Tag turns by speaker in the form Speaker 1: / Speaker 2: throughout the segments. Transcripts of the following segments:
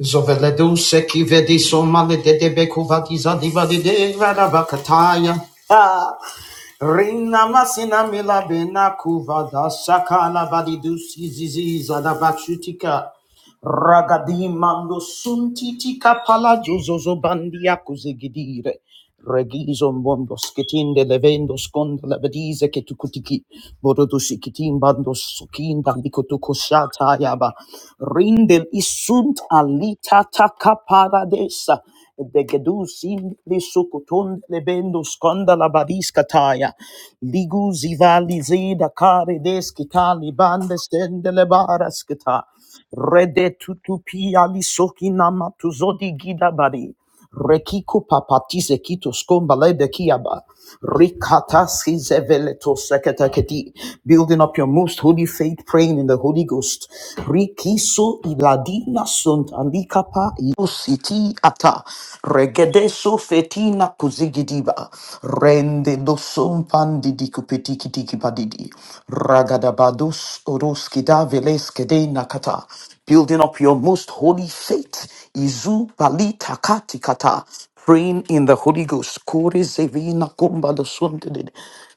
Speaker 1: Zoveleduse kivedi somale de debeku vadiza diva de de radabakataya. Ah, Rina masina mila bena kuva da sakala vadidusi zizi zadabachutika. Ragadi mando suntitika pala jozozo bandia kuzegidire. Regizon bondo skitinde levendo skonda labadize ke tukutiki borodo sikitin bando sukinda likoto koshata yaba rindel isunt alita taka paradesa de gedus indi sukuton lebendo skonda labadiska taya ligu zivali zida kare deskitali bande stende lebara skita rede tutupi ali sokina matuzodi gida bari Rekiko papatise kito skombale de kiaba. Rikatasi zeveleto seketeketi. Building up your most holy faith, praying in the Holy Ghost. Rikiso iladina sunt alikapa iositi ata. Regedeso fetina kuzigidiba. Rende dosum pandidi kupetiki tiki padidi. Ragadabados oroskida veleskede nakata building up your most holy faith. Izu bali takati kata. Praying in the Holy Ghost. Kore zevina kumba dosundede.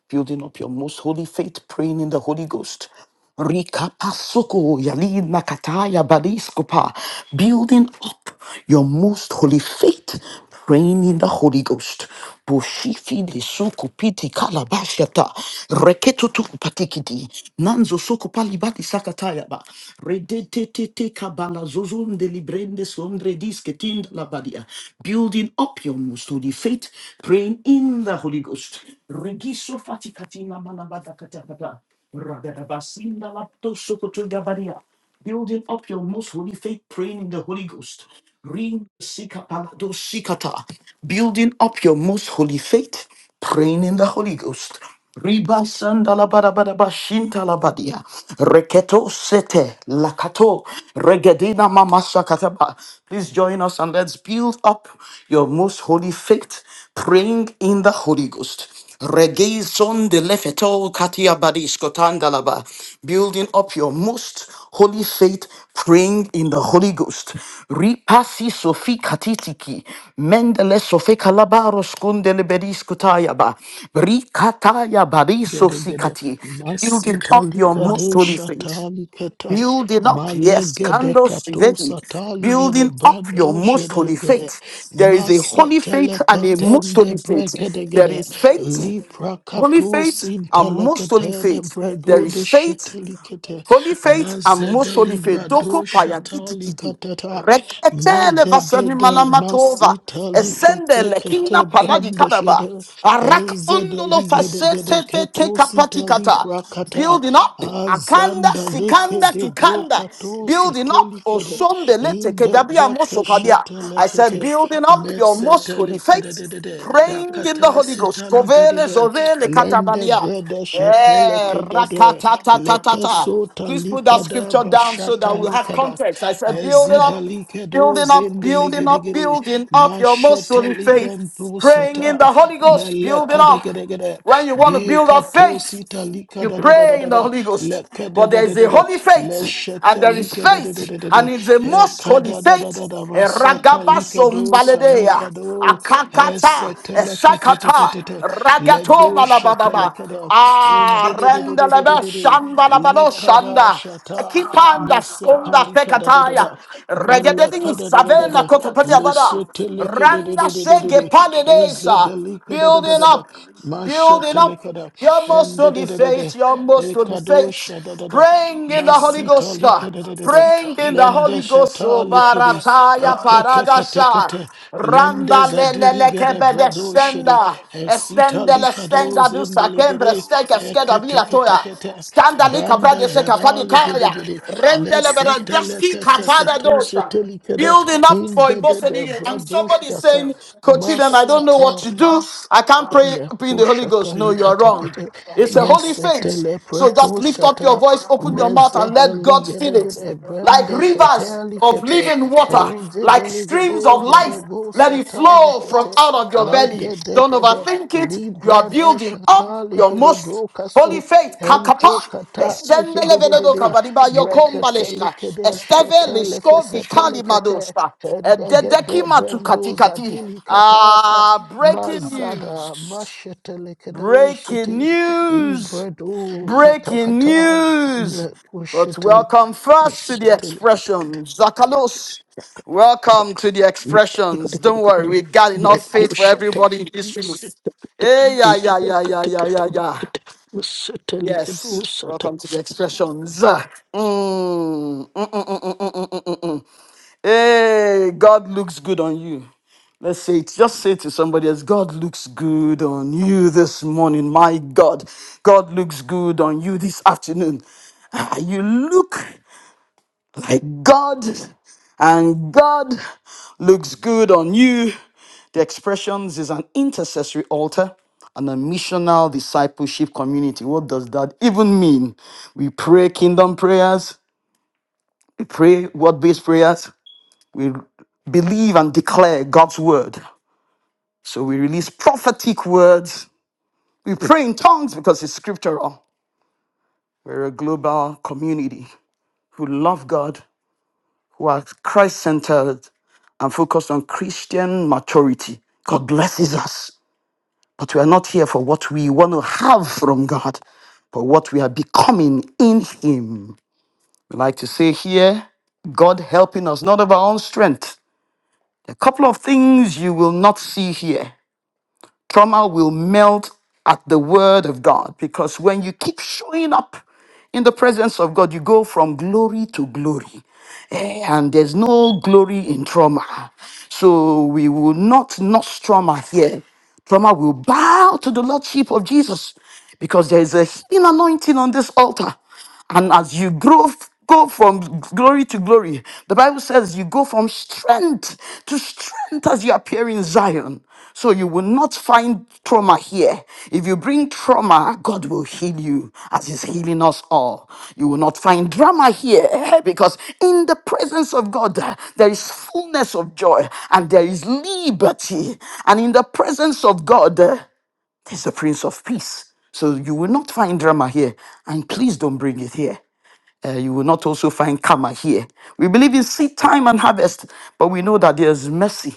Speaker 1: Building up your most holy faith, praying in the Holy Ghost. Rika pasuko yali nakataya baliskopa. Building up your most holy faith, praying in the Holy Ghost. Boshifi de sokopiti kalabashata. Reketutu patikiti. Nanzo sokopalibati sakatayaba. Redetete kabala zozon de librende sondre disketin labadia. Building up your most holy faith, praying in the Holy Ghost. Regiso fatikati na manabada katakata. Rabadabasinda lapto sokoto gabaria building up your most holy faith, praying in the Holy Ghost. Ring sikapalado sikata. Building up your most holy faith, praying in the Holy Ghost. Riba sandala bada bada bashinta la badia. Reketo sete lakato. Regedina mama sakataba. Please join us and let's build up your most holy faith, praying in the Holy Ghost. Regaison de lefeto katia badisco tandalaba. Building up your most holy faith, praying in the Holy Ghost. Ripasi sofi katitiki. Mendele sofe kalabaros kundele bedisco tayaba. Rikataya badiso
Speaker 2: Gede gede
Speaker 1: sikati. Building up
Speaker 2: masitali
Speaker 1: your most
Speaker 2: kade
Speaker 1: holy faith
Speaker 2: shatali keta
Speaker 1: building up, yes,
Speaker 2: malegede
Speaker 1: candles,
Speaker 2: kato
Speaker 1: Shiveti,
Speaker 2: satali gede
Speaker 1: building up
Speaker 2: brando
Speaker 1: your most
Speaker 2: jedele
Speaker 1: holy
Speaker 2: gede
Speaker 1: faith. There is a holy
Speaker 2: masetele
Speaker 1: faith and a most
Speaker 2: ketende
Speaker 1: holy faith.
Speaker 2: bregede
Speaker 1: There
Speaker 2: gede
Speaker 1: is faith,
Speaker 2: libra
Speaker 1: holy
Speaker 2: kato
Speaker 1: faith, and
Speaker 2: sintele
Speaker 1: most holy
Speaker 2: ketende
Speaker 1: faith.
Speaker 2: brego
Speaker 1: There is
Speaker 2: de
Speaker 1: faith
Speaker 2: sheteli kete
Speaker 1: Holy faith and
Speaker 2: mazede
Speaker 1: most holy faith.
Speaker 2: libra do
Speaker 1: Doko paya gidi
Speaker 2: shatali
Speaker 1: gidi.
Speaker 2: kateta
Speaker 1: Rek etele
Speaker 2: mede de
Speaker 1: vasani
Speaker 2: de
Speaker 1: malamatova.
Speaker 2: masitali
Speaker 1: Esende
Speaker 2: kete kete
Speaker 1: lekina palagi
Speaker 2: brando
Speaker 1: kadaba.
Speaker 2: jedele
Speaker 1: Arak ondolo fasete fete kapati kata.
Speaker 2: prakata,
Speaker 1: Building up. Akanda
Speaker 2: azanda leke
Speaker 1: sikanda
Speaker 2: de.
Speaker 1: kikanda.
Speaker 2: brokato
Speaker 1: Building up.
Speaker 2: sitelikede
Speaker 1: Osondelete
Speaker 2: in the
Speaker 1: kedabia mosopabia.
Speaker 2: brakesheta
Speaker 1: I said
Speaker 2: lekete
Speaker 1: building up your most
Speaker 2: mesete
Speaker 1: holy
Speaker 2: lekede de
Speaker 1: faith.
Speaker 2: de, de In Enzedeligedegedeketusitalikrakata.
Speaker 1: Praying in the Holy
Speaker 2: Azandalekedebrokatusitelikede.
Speaker 1: Ghost.
Speaker 2: de de
Speaker 1: Kovele
Speaker 2: de,
Speaker 1: zovele
Speaker 2: Lende
Speaker 1: katabalia.
Speaker 2: breda shetele
Speaker 1: Eh,
Speaker 2: kedede leke
Speaker 1: rakatatatata.
Speaker 2: sota
Speaker 1: Please put that
Speaker 2: likada
Speaker 1: scripture down so that
Speaker 2: bashata
Speaker 1: we'll have
Speaker 2: likada
Speaker 1: context. I said, building
Speaker 2: ezida
Speaker 1: up,
Speaker 2: likedo
Speaker 1: building up,
Speaker 2: zende
Speaker 1: building up,
Speaker 2: legedegede
Speaker 1: building up your most
Speaker 2: mashete
Speaker 1: holy faith.
Speaker 2: likento
Speaker 1: Praying in
Speaker 2: sata
Speaker 1: the Holy Ghost, building
Speaker 2: de de
Speaker 1: up.
Speaker 2: gede gede.
Speaker 1: When you want to
Speaker 2: Be
Speaker 1: build up
Speaker 2: katosita
Speaker 1: faith,
Speaker 2: lika
Speaker 1: you
Speaker 2: da da da da
Speaker 1: pray
Speaker 2: da
Speaker 1: in the
Speaker 2: da.
Speaker 1: Holy Ghost.
Speaker 2: Leke de.
Speaker 1: But there is a
Speaker 2: Bikatosita likadadadadada.
Speaker 1: holy
Speaker 2: Lekededededede.
Speaker 1: faith, and
Speaker 2: Leshete
Speaker 1: there is faith, and
Speaker 2: likededededede.
Speaker 1: it's a most holy faith
Speaker 2: Hekadadadadada. Masata
Speaker 1: Ragabaso mbaledea. Akakata.
Speaker 2: te te te
Speaker 1: Sakata.
Speaker 2: te, te. Ledo
Speaker 1: Ragatoma la
Speaker 2: shete
Speaker 1: bababa.
Speaker 2: leke de
Speaker 1: Ah, rendelebe
Speaker 2: Indidididididididi.
Speaker 1: shamba la bado
Speaker 2: Likada
Speaker 1: shanda.
Speaker 2: shata.
Speaker 1: Kipanda
Speaker 2: Mesete
Speaker 1: skonda
Speaker 2: lika da da da
Speaker 1: fekataya.
Speaker 2: da.
Speaker 1: Regededini
Speaker 2: Meleke de de de de
Speaker 1: savena
Speaker 2: de.
Speaker 1: kotopedia bada.
Speaker 2: Leshete leke de. de
Speaker 1: Randa
Speaker 2: de de de de.
Speaker 1: sege paledesa.
Speaker 2: Ezedelika da da da
Speaker 1: Building
Speaker 2: da da,
Speaker 1: up building up
Speaker 2: masheteleka da,
Speaker 1: your most
Speaker 2: and da da
Speaker 1: holy
Speaker 2: da da
Speaker 1: faith,
Speaker 2: da,
Speaker 1: your most holy faith.
Speaker 2: ekadosha da da da,
Speaker 1: Praying in the Holy
Speaker 2: masita
Speaker 1: Ghost, uh,
Speaker 2: lika da da da da,
Speaker 1: praying in the Holy
Speaker 2: lende
Speaker 1: Ghost,
Speaker 2: shata
Speaker 1: oh,
Speaker 2: likidi,
Speaker 1: Barataya
Speaker 2: ekete kete
Speaker 1: Paradasha,
Speaker 2: kete, lende
Speaker 1: Randa Lele
Speaker 2: zadiliga da
Speaker 1: Kebede
Speaker 2: bradoshidi,
Speaker 1: Senda,
Speaker 2: esita
Speaker 1: Estende le
Speaker 2: lika
Speaker 1: Stenga
Speaker 2: dos
Speaker 1: Dusa, Kendre
Speaker 2: indeligide,
Speaker 1: Steka Skeda
Speaker 2: ekete
Speaker 1: Vila Toya,
Speaker 2: kete kete,
Speaker 1: Standa Lika
Speaker 2: branda
Speaker 1: Brade Seka
Speaker 2: jada
Speaker 1: Fadi
Speaker 2: ligidi
Speaker 1: Kaya,
Speaker 2: gidi,
Speaker 1: Rendele
Speaker 2: lesete
Speaker 1: Berandeski
Speaker 2: lekete
Speaker 1: Kapada
Speaker 2: katosi
Speaker 1: Dosa building up
Speaker 2: in
Speaker 1: for a
Speaker 2: the
Speaker 1: boss Ibosedi. And
Speaker 2: Bredo
Speaker 1: somebody is
Speaker 2: Shata
Speaker 1: saying, Coach Eden, I don't know what
Speaker 2: Masata
Speaker 1: to do. I can't pray in the Holy Ghost.
Speaker 2: Lekushata
Speaker 1: No, you are wrong.
Speaker 2: liketekete.
Speaker 1: It's a holy faith.
Speaker 2: Mesetele
Speaker 1: So just lift up your
Speaker 2: prekushata.
Speaker 1: voice, open your mouth, and
Speaker 2: Mezede
Speaker 1: let God fill it.
Speaker 2: ligedegede.
Speaker 1: Like
Speaker 2: Brende shete
Speaker 1: rivers of
Speaker 2: likete.
Speaker 1: living water,
Speaker 2: Onzede
Speaker 1: like streams
Speaker 2: ligede
Speaker 1: of
Speaker 2: gede
Speaker 1: life.
Speaker 2: go
Speaker 1: Let it
Speaker 2: sata
Speaker 1: flow from
Speaker 2: likete.
Speaker 1: out of your belly.
Speaker 2: Mede de
Speaker 1: Don't
Speaker 2: de de.
Speaker 1: overthink it. You are
Speaker 2: Libra da
Speaker 1: building
Speaker 2: shata
Speaker 1: up your
Speaker 2: likede
Speaker 1: most Holy
Speaker 2: brokasu.
Speaker 1: faith, kakapa.
Speaker 2: ento kata
Speaker 1: Esendele
Speaker 2: likede de de
Speaker 1: venedo
Speaker 2: de.
Speaker 1: kavadiba
Speaker 2: Brekete
Speaker 1: yokombaleshka.
Speaker 2: likede
Speaker 1: Esteve
Speaker 2: shete
Speaker 1: lishko
Speaker 2: lekesete
Speaker 1: vikali
Speaker 2: lekete.
Speaker 1: madoshka. Dedeki
Speaker 2: Hedegede
Speaker 1: matu
Speaker 2: brendo
Speaker 1: katikati.
Speaker 2: zadili katata.
Speaker 1: Ah, breaking
Speaker 2: Mazada
Speaker 1: news. Breaking
Speaker 2: Mashetelekedosity
Speaker 1: news.
Speaker 2: Ibredo
Speaker 1: Breaking
Speaker 2: Katakata
Speaker 1: news. But
Speaker 2: Lekushite
Speaker 1: welcome first to the expressions, Zakalos. Welcome to the expressions. Don't worry, we got enough faith for everybody in this room. Hey, yeah, yeah, yeah, yeah, yeah, yeah, yeah. Yes,
Speaker 2: Setelekedosata.
Speaker 1: welcome to the expressions. Mm. Hey, God looks good on you. Let's say it. Just say to somebody else, God looks good on you this morning. My God, God looks good on you this afternoon. Ah, You look by God, and God looks good on you. The expressions is an intercessory altar and a missional discipleship community. What does that even mean? We pray kingdom prayers, we pray word based prayers, we believe and declare God's word. So we release prophetic words, we pray in tongues because it's scriptural. We're a global community who love God, who are Christ centered, and focused on Christian maturity. God blesses us, but we are not here for what we want to have from God, but what we are becoming in Him. We like to say here, God helping us, not of our own strength. A couple of things you will not see here. Trauma will melt at the word of God because when you keep showing up in the presence of God, you go from glory to glory. despair and there's no glory in trauma. So we will not notch trauma here. Trauma will bow to the Lordship of Jesus because there is a hidden anointing on this altar. And as you grow, go from glory to glory, the Bible says you go from strength to strength as you appear in Zion. So you will not find trauma here. If you bring trauma, God will heal you as He's healing us all. You will not find drama here because in the presence of God, uh, there is fullness of joy and there is liberty. And in the presence of God, uh, there's the Prince of Peace. So you will not find drama here. And please don't bring it here. Uh, you will not also find karma here. We believe in seed time and harvest, but we know that there's mercy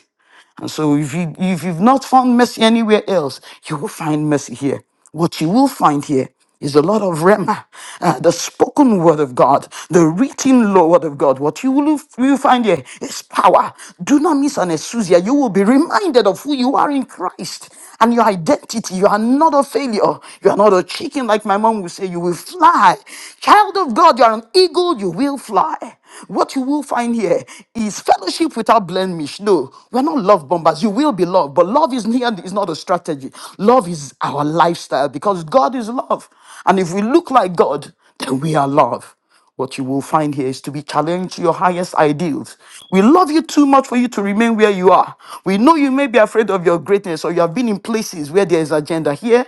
Speaker 1: and so if you if you've not found mercy anywhere else, you will find mercy here. What you will find here is a lot of rema, uh, the spoken word of God, the written law word of God. What you will, you will find here is power. Do not miss an exousia. You will be reminded of who you are in Christ and your identity. You are not a failure. You are not a chicken like my mom would say. You will fly. Child of God, you are an eagle. You will fly. What you will find here is fellowship without blemish. No, we're not love bombers. You will be loved, but love is, here, is not a strategy. Love is our lifestyle because God is love. And if we look like God, then we are love. What you will find here is to be challenged to your highest ideals. We love you too much for you to remain where you are. We know you may be afraid of your greatness or you have been in places where there is agenda. Here,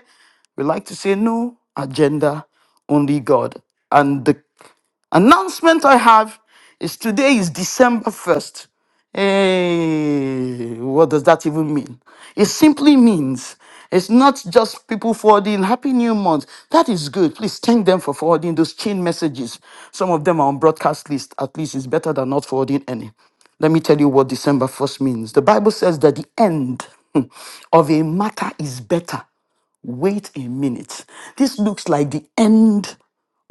Speaker 1: we like to say no agenda, only God. And the Announcement I have is today is December 1st. Hey, what does that even mean? It simply means it's not just people forwarding Happy New Month. That is good. Please thank them for forwarding those chain messages. Some of them are on broadcast list. At least it's better than not forwarding any. Let me tell you what December 1st means. The Bible says that the end hmm, of a matter is better wait a minute. This looks like the end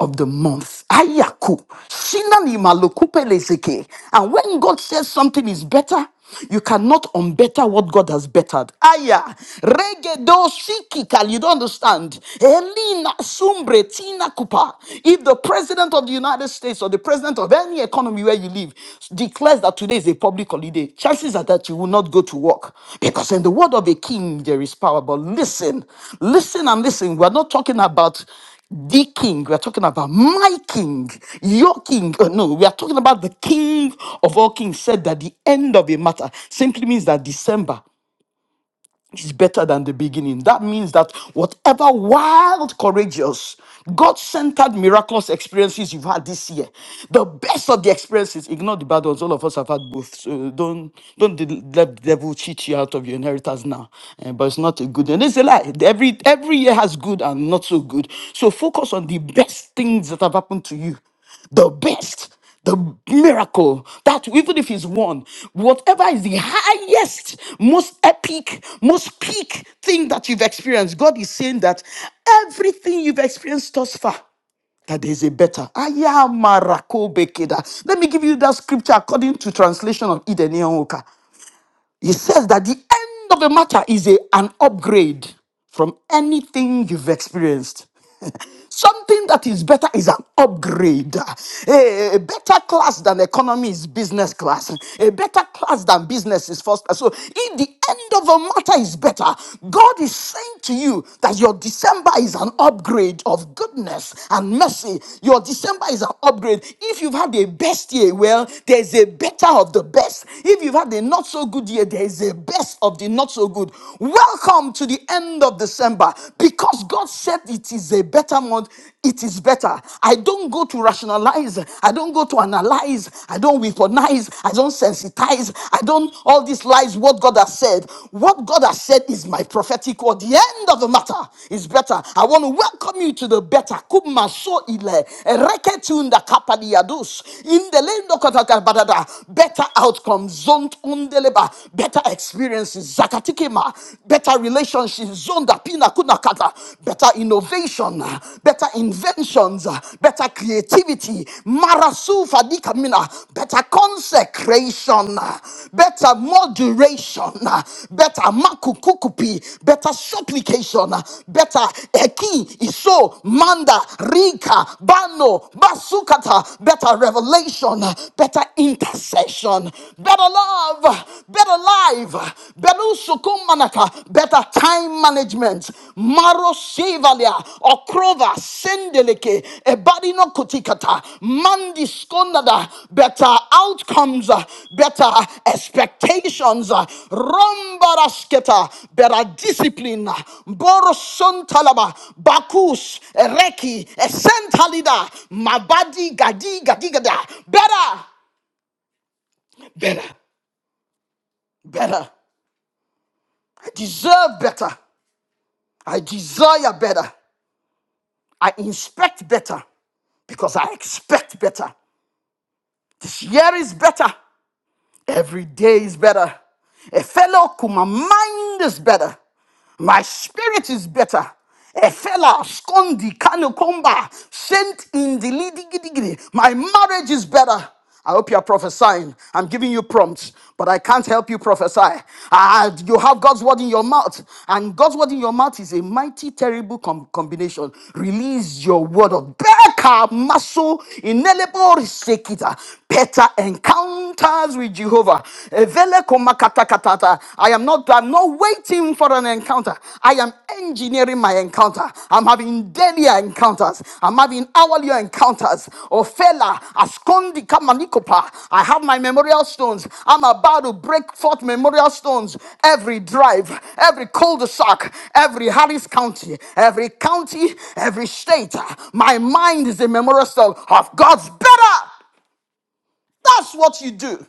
Speaker 1: of the month. Ayaku. Shinani malokupe lezeke. And when God says something is better, you cannot unbetter what God has bettered. Aya. Regedo sikikal. You don't understand. Elina sumbre tina kupa. If the president of the United States or the president of any economy where you live declares that today is a public holiday, chances are that you will not go to work. Because in the word of a king, there is power. But listen, listen and listen. We're not talking about the king, we are talking about my king, your king. Uh, No, we are talking about the king of all kings said that the end of a matter simply means that December is better than the beginning. That means that whatever wild, courageous, God centered, miraculous experiences you've had this year, the best of the experiences, ignore the bad ones. All of us have had both. So don't, don't de- let the devil cheat you out of your inheritance now. Eh, but it's not a good. And it's a lie. Every, every year has good and not so good. So focus on the best things that have happened to you the best, the miracle that even if it's one, whatever is the highest, most epic, most peak thing that you've experienced, God is saying that everything you've experienced thus far. That there is a better. Aya marako bekeda. Let me give you that scripture according to translation of Eden Oka. It says that the end of a matter is a, an upgrade from anything you've experienced. Something that is better is an upgrade. A, better class than economy is business class. A better class than business is first class. So, in the end of a matter is better, God is saying to you that your December is an upgrade of goodness and mercy. Your December is an upgrade. If you've had a best year, well, there's a better of the best. If you've had a not so good year, there's a best of the not so good. Welcome to the end of December. October because God said it is a better month, it is better. I don't go to rationalize, I don't go to analyze, I don't weaponize, I don't sensitize, I don't all these lies. What God has said, what God has said is my prophetic word. The end of the matter is better. I want to welcome you to the better. Kuma so ile reketunda kapadiados in the land of Katakabadada. Better outcomes, zoned on better experiences. Zakatiki tikima, better relationships, zonda, pina, kuna, kata, better innovation, better inventions, better creativity, marasu, fadika, mina, better consecration, better moderation, better makukukupi, better supplication, better eki, iso, manda, rika, bano, basukata, better revelation, better intercession, better love better life, better sukumanaka, better time management, maro sevalia, okrova, sendeleke, ebadino kotikata, mandi skonada, better outcomes, uh, better expectations, uh, rombarasketa, better discipline, borosontalaba, bakus, reki, esentalida, mabadi, gadi, gadi, gada, better, better better, I deserve better. I desire better. I inspect better because I expect better. This year is better. Every day is better. A fellow, my mind is better. My spirit is better. A fellow, skondi, kanokomba, sent in the lidigidigidi. My marriage is better. I hope you are prophesying. I'm giving you prompts, but I can't help you prophesy. Ah, you have God's word in your mouth, and God's word in your mouth is a mighty, terrible com- combination. Release your word of Beka maso inelebo risekita Better encounters with Jehovah. Evele komakatakatata. I am not I'm not waiting for an encounter. I am engineering my encounter. I'm having daily encounters. I'm having hourly encounters. Ofela askondi kamanikopa. I have my memorial stones. I'm about to break forth memorial stones. Every drive, every cul-de-sac, every Harris County, every county, every state. My mind is a memorial stone of God's better. That's what you do.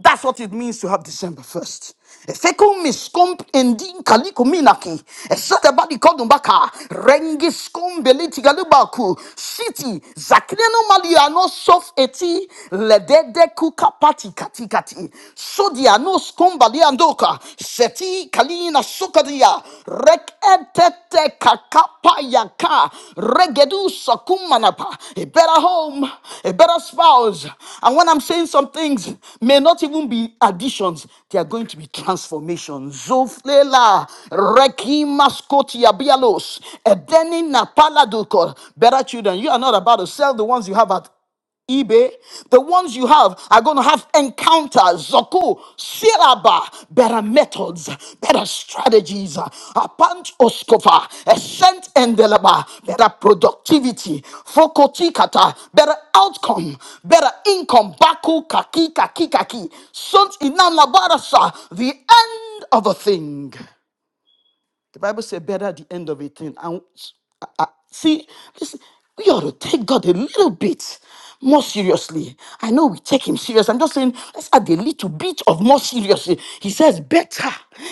Speaker 1: That's what it means to have December 1st. Efeko miskomp endin kaliko minaki. Esete badi kodumbaka. Rengi skombeli tigalubaku. City. Zakreno mali ano sof eti. Ledede kuka pati kati kati. Sodia no skombali andoka. Seti kalina sokadia. Rek etete kakapa yaka. Regedu sakumanapa. A better home, a better spouse. And when I'm saying some things, may not even be additions, they are going to be transformations. Zoflela, rekimaskotia bialos, edeni napala dukor. Better children, you are not about to sell the ones you have at eBay, the ones you have are going to have encounters, zoku, syllaba, better methods, better strategies, a punch oskova, a scent endelaba, better productivity, fokotikata, better outcome, better income, baku kaki kaki kaki, sunt inanabarasa, the end of a thing. The Bible says, better the end of a thing. And s- I- I- see, listen, we ought to take God a little bit more seriously. I know we take him serious. I'm just saying, let's add a little bit of more seriously. He says, better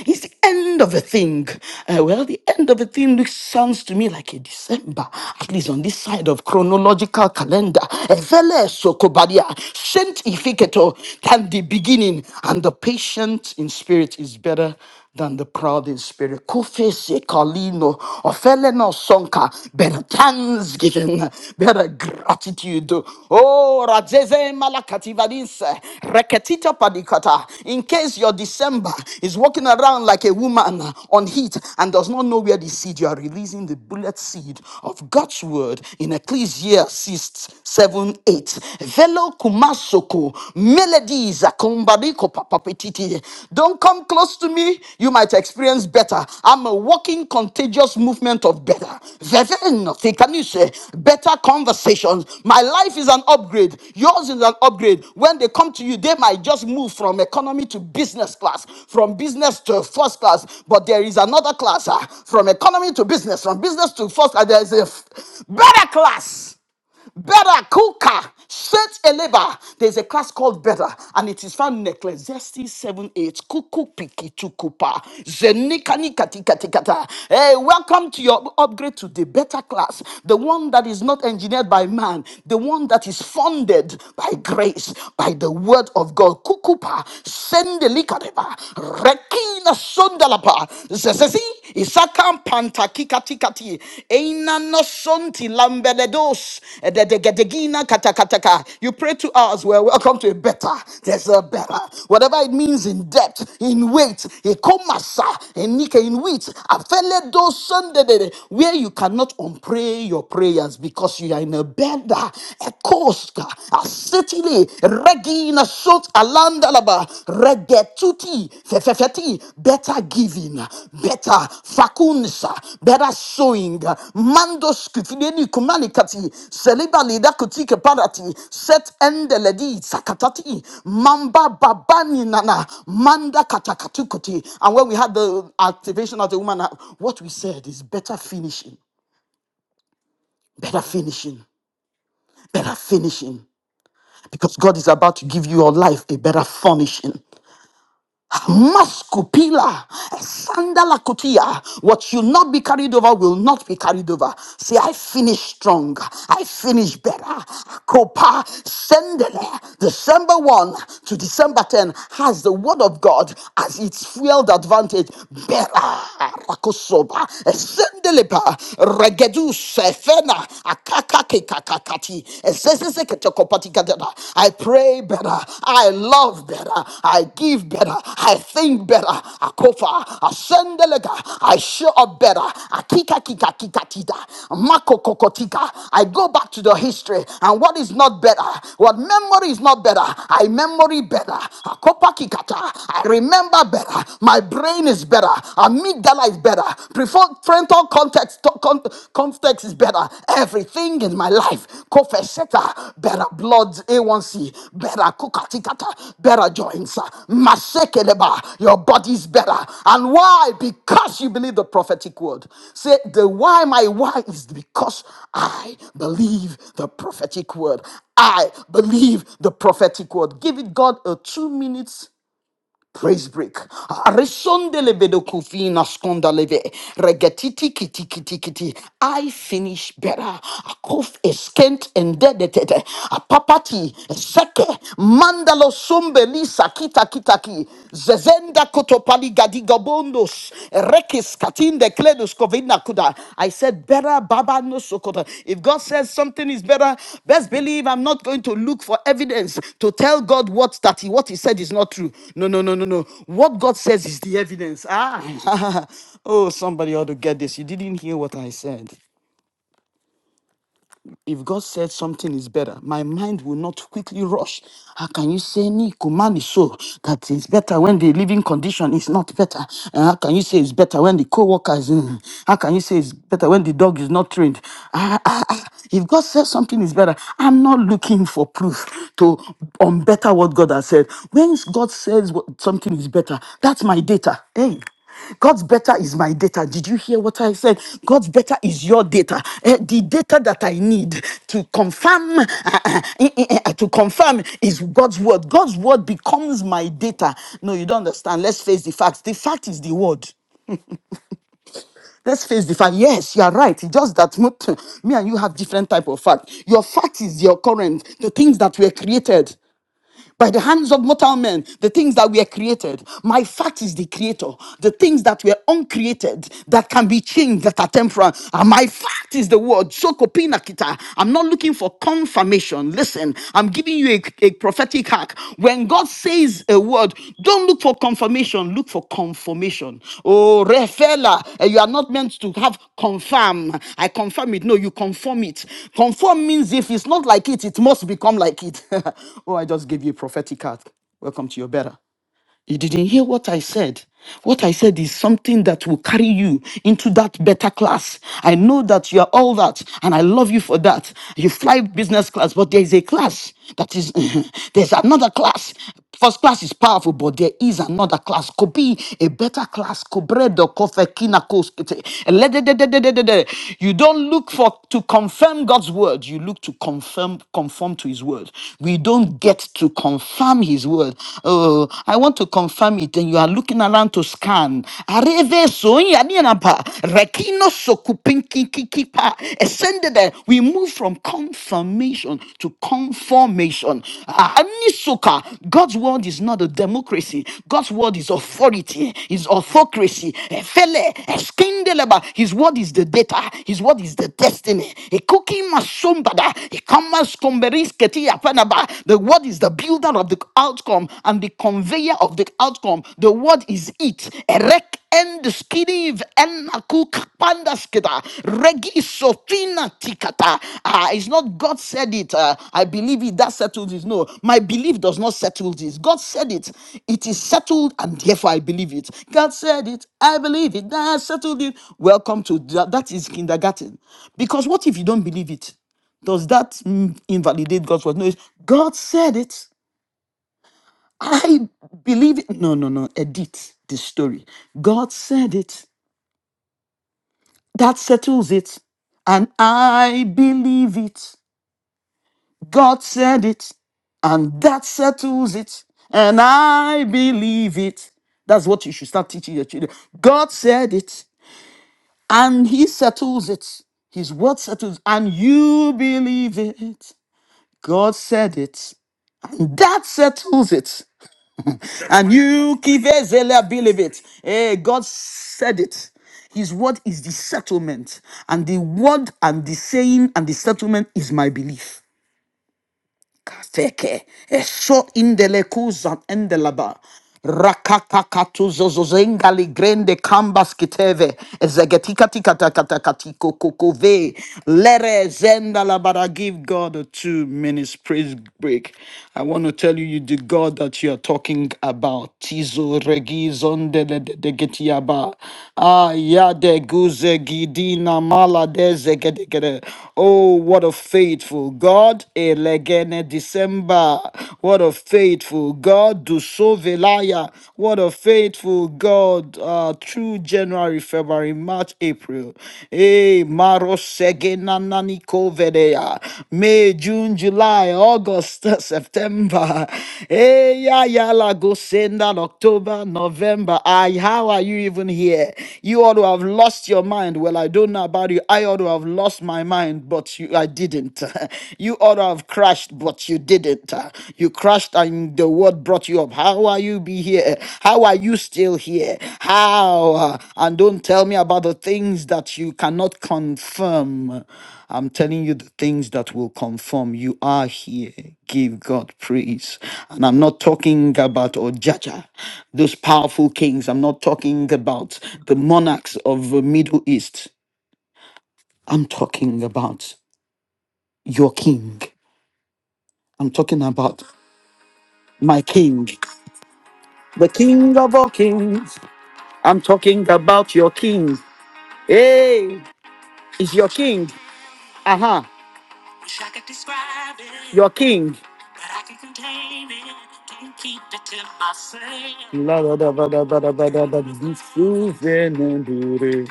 Speaker 1: is the end of a thing. Uh, well, the end of a thing looks, sounds to me like a December, at least on this side of chronological calendar. Evele sokobadia, sent sanctificator than the beginning, and the patient in spirit is better than the proud in spirit. Kufisi kalino, ofeleno sonka, better thanksgiving, better gratitude. Oh, rajeze malakativadis, Reketita padikata. In case your December is walking around like a woman on heat and does not know where the seed, you are releasing the bullet seed of God's word in Ecclesiastes 7, 8. Velo kumasoko, Melodies. akumbaliko papapetiti. Don't come close to me. You might experience better. I'm a walking contagious movement of better. Veveno, thikanise, Better conversations. My life is an upgrade. Yours is an upgrade. When they come to you, they might just move from economy to business class, from business to first class. But there is another class ah, from economy to business, from business to first class. There is a f- better class. Better kuka set eleba. There's a class called Better, and it is found in Ecclesiastes 7 8. Kuku piki tukupa. Zenikani kati kati kata. Hey, welcome to your upgrade to the better class, the one that is not engineered by man, the one that is funded by grace, by the word of God. Kukupa sendelikadeba. Rekina sundalapa. Sesesi isakam panta kikati kati eina no sonti lambeledos edegedegina katakataka. You pray to us. We're welcome to a better. There's a better. Whatever it means in depth, in weight, in komasa, in nika, in wheat, afeledos sunday where you cannot unpray your prayers because you are in a better, a coast, a city, Regina shot alandalaba. Regetuti fefefeti. Better giving. Better facunsa. Better sowing. Mando skufideni kumanikati. Seliba lida kutike parati. Set endeledi sakatati. Mamba babani nana. Manda katakatukuti. And when we had the activation of the woman, what we said is better finishing. Better finishing better finishing because God is about to give you your life a better furnishing. Maskupila, sandala kutia. What will not be carried over will not be carried over. Say, I finish strong. I finish better. Kopa sendele. December 1 to December 10 has the word of God as its field advantage. Better. Rakosoba. Sendelepa. Regedu sefena. Akakake kakakati. I pray better. I love better. I give better. I think better. I kofa. I send delega, I show up better. I kika kika kika tida. Mako kokotika. I go back to the history and what is not better. What memory is not better. I memory better. I kopa kikata. I remember better. My brain is better. Amygdala is better parental context to- con- context is better. Everything in my life, kofesheta, better blood A1C, better kukatikata, better joints, masekeleba, your body's better. And why? Because you believe the prophetic word. Say the why my why is because I believe the prophetic word. I believe the prophetic word. Give it God a two minutes Praise break. Arisondele bedo kufina skondaleve. Regetiti kiti kiti kiti. I finish better. A Akuf eskent and dedeted. A papati seke. Mandalo sumbeli sakita kitaki. Zezenda kotopali gadigabondos rekis katinde kledus kovidna kuda. I said, better baba no sokoto. If God says something is better, best believe I'm not going to look for evidence to tell God what that he, what he said is not true. No, no, no, no, no. What God says is the evidence. Ah, oh, somebody ought to get this. You didn't hear what I said. If God said something is better, my mind will not quickly rush. How can you say Nico man is so that is better when the living condition is not better? And how can you say it's better when the co-worker is in? How can you say it's better when the dog is not trained? Ah, ah, ah. If God says something is better, I'm not looking for proof to unbetter what God has said. When God says what, something is better, that's my data. Hey. God's better is my data. Did you hear what I said? God's better is your data. Eh, the data that I need to confirm, uh, uh, eh, eh, eh, to confirm is God's word. God's word becomes my data. No, you don't understand. Let's face the facts. The fact is the word. Let's face the fact. Yes, you are right. It's just that mo- me and you have different type of fact. Your fact is your current, the things that were created by the hands of mortal men, the things that were created. My fact is the creator. The things that were uncreated, that can be changed, that are temporal. And my fact is the word. So kopinakita. I'm not looking for confirmation. Listen, I'm giving you a, a prophetic hack. When God says a word, don't look for confirmation, look for confirmation. Oh, refella, eh, you are not meant to have confirm. I confirm it. No, you confirm it. Confirm means if it's not like it, it must become like it. oh, I just gave you a prophetic card. Welcome to your better. You didn't hear what I said. What I said is something that will carry you into that better class. I know that you are all that, and I love you for that. You fly business class, but there is a class that is, there's another class. First class is powerful, but there is another class. Could be a better class. Cobredo, kofe, kina, kos- kete. Eledededededede. You don't look for to confirm God's word. You look to confirm, conform to His word. We don't get to confirm confirm his word. Oh, I want to confirm it. And you are looking around to scan. Areve soya nienapa, rekino sokupinkikikipa. Ascended there. We move from confirmation to conformation. Ah, Anisoka. God's word is not a democracy. God's word is authority, is autocracy. Efele, eskindeleba. His word is the data. His word is the destiny. Ekuki masombada. Ekamas the word is the builder of the outcome and the conveyor of the outcome. The word is it. Erek end skidiv enaku pandaskeda regi sofina tikata. Ah, it's not God said it. uh, I believe it. That settles it. No, my belief does not settle this. God said it. It is settled, and therefore I believe it. God said it. I believe it. That settled it. Welcome to that. That is kindergarten. Because what if you don't believe it? Does that mm, invalidate God's word? No, it's, God said it. I believe it. No, no, no. Edit the story. God said it. That settles it. And I believe it. God said it. And that settles it. And I believe it. That's what you should start teaching your children. God said it. And He settles it. His word settles, and you believe it. God said it. That settles it. And you kivezela believe it. Eh, God said it. His word is the settlement, and the word and the saying and the settlement is my belief. Kafeke, eso indele kuzan endelaba. Rakakakatuzozengali grande kambas kiteve, ezegetikatikatakatakatiko kokove, lere zenda la bara. Give God a two minutes praise break. I want to tell you, you the God that you are talking about. Tizo regi zondelegetiaba. Ah, ya de guze gidina mala de zegedegede. Oh, what a faith! faithful God. Elegene December. What a faithful God. Dusovelaya. What a faithful God. Uh, through January, February, March, April. Hey, Marosegena Nanikovedea. May, June, July, August, September. Hey, ya yeah, la go send that October, November. I, how are you even here? You ought to have lost your mind. Well, I don't know about you. I ought to have lost my my mind, but you, I didn't. you ought to have crashed, but you didn't. You crashed and the word brought you up. How are you be here? How are you still here? How? And don't tell me about the things that you cannot confirm. I'm telling you the things that will confirm you are here. Give God praise. And I'm not talking about Ojaja, those powerful kings. I'm not talking about the monarchs of the Middle East. I'm talking about your king. I'm talking about my king, the king of all kings. I'm talking about your king. Hey, is your king? Uh huh. Wish I could describe it. Your king. But I can contain it. Can't keep it to myself. La da da ba da ba da ba da ba da. This is an endure.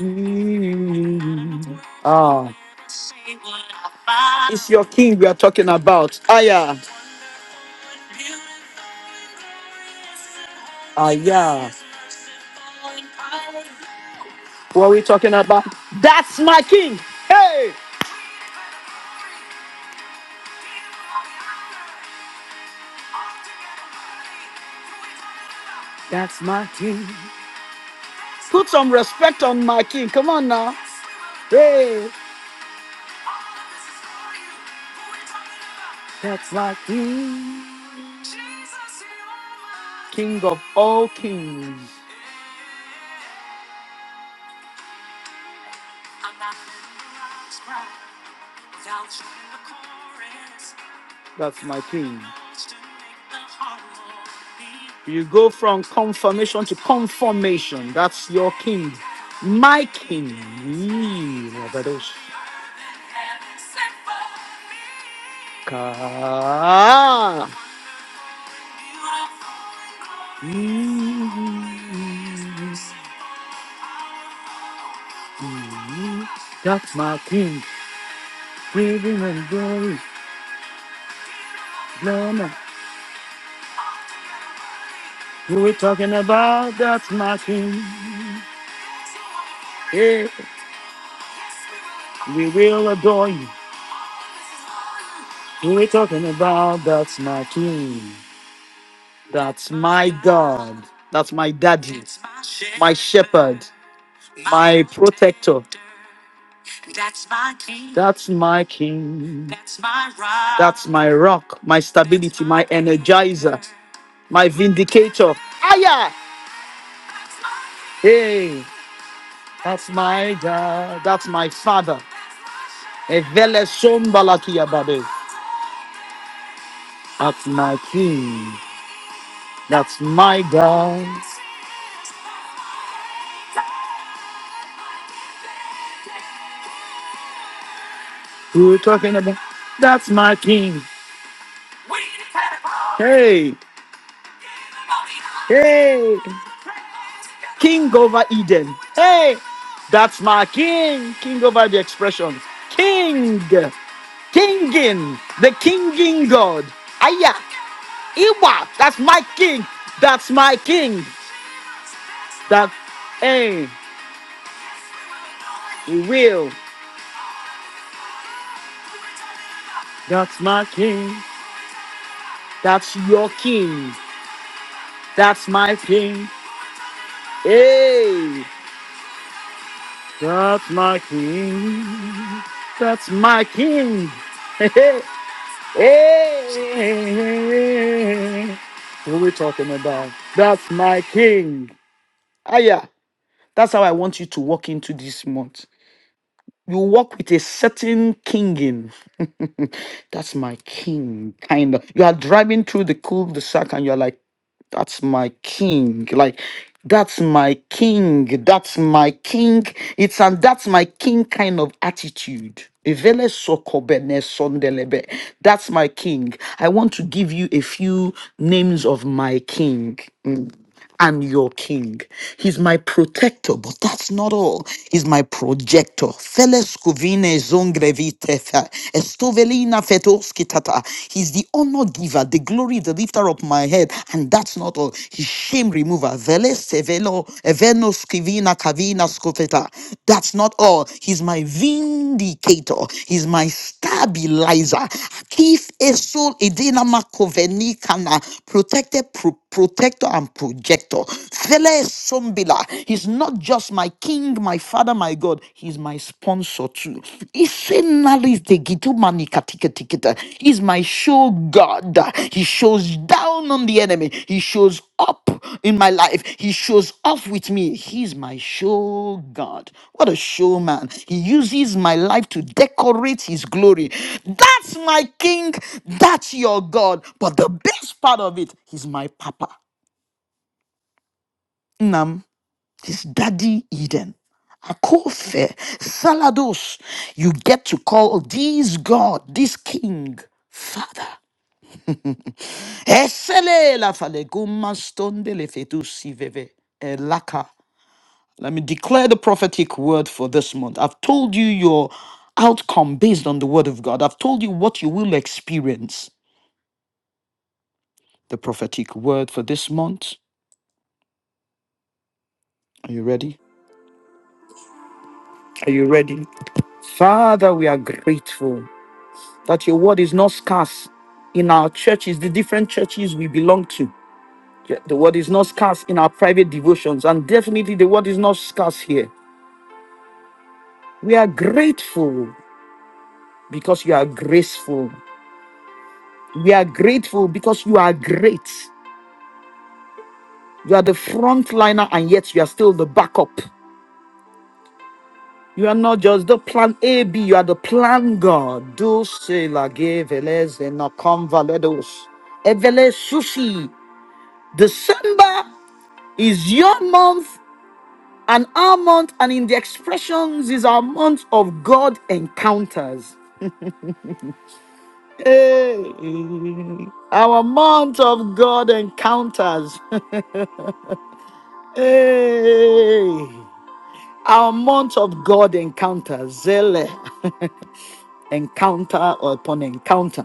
Speaker 1: Mm. Ah. Say what I find. It's your king we are talking about. Aya. Ah, yeah. What are we talking about? That's my king. Hey, that's my king. Put some respect on my king. Come on now. Hey, that's my king. King of all kings. That's my king. You go from confirmation to confirmation. That's your king. My king. Yee, Rabadosh. Ka. Yee. That's my king. Praising and glory, Lord. Who we talking about? That's my King. Yeah, we will adore you. Who we talking about? That's my King. That's my God. That's my daddy. My shepherd. My protector. That's my king. That's my king. That's my rock. That's my rock, my stability, my energizer, my vindicator. Aya! Hey, that's my God. That's my father. Evele sombalakia babe. That's my king. That's my God. Who you talking about? That's my king. Hey, hey, king over Eden. Hey, that's my king. King over the expressions. King, kinging, the kinging God. Aya, Iwa. That's my king. That's my king. That, hey, he will. That's my king. That's your king. That's my king. Hey, that's my king. That's my king. Hey, hey. hey. What are we talking about? That's my king. Ah, yeah. That's how I want you to walk into this month. You walk with a certain kinging. That's my king, kind of. You are driving through the cul-de-sac and you're like, That's my king. Like, that's my king. That's my king. It's an that's my king kind of attitude. Ivele sokobene sondelebe. That's my king. I want to give you a few names of my king. I'm your king. He's my protector, but that's not all. He's my projector. Feles kuvine zongrevitefa, estovelina fetoskitata. He's the honor giver, the glory, the lifter of my head, and that's not all. He's shame remover. Veles sevelo, evenos kivina kavina skofeta. That's not all. He's my vindicator. He's my stabilizer. Kif esol edina makoveni kana protected pro- protector and and projector. Fele Sombila. He's not just my king, my father, my God. He's my sponsor too. Isenalis de gitu manikatiketa. He's my show God. He shows down on the enemy. He shows up in my life. He shows off with me. He's my show God. What a showman. He uses my life to decorate his glory. That's my king. That's your God. But the best part of it, he's my papa. Nam, his daddy Eden. Akofe, Salados, you get to call this God, this King, Father. Esele la fale goma stonde le fetu siveve, elaka. Let me declare the prophetic word for this month. I've told you your outcome based on the word of God. I've told you what you will experience. The prophetic word for this month. Are you ready? Are you ready? Father, we are grateful. that your word is not scarce in our churches, the different churches we belong to. Yeah, The word is not scarce in our private devotions, and definitely the word is not scarce here. We are grateful because you are graceful. We are grateful because you are great. You are the frontliner, and yet you are still the backup. You are not just the plan A, B, you are the plan God. Do la geveles velez na convaledos. Evele sushi. December is your month And our month, and in the expressions, is our month of God encounters. Hey, our month of God encounters. Hey, our month of God encounters. Zele. encounter upon encounter,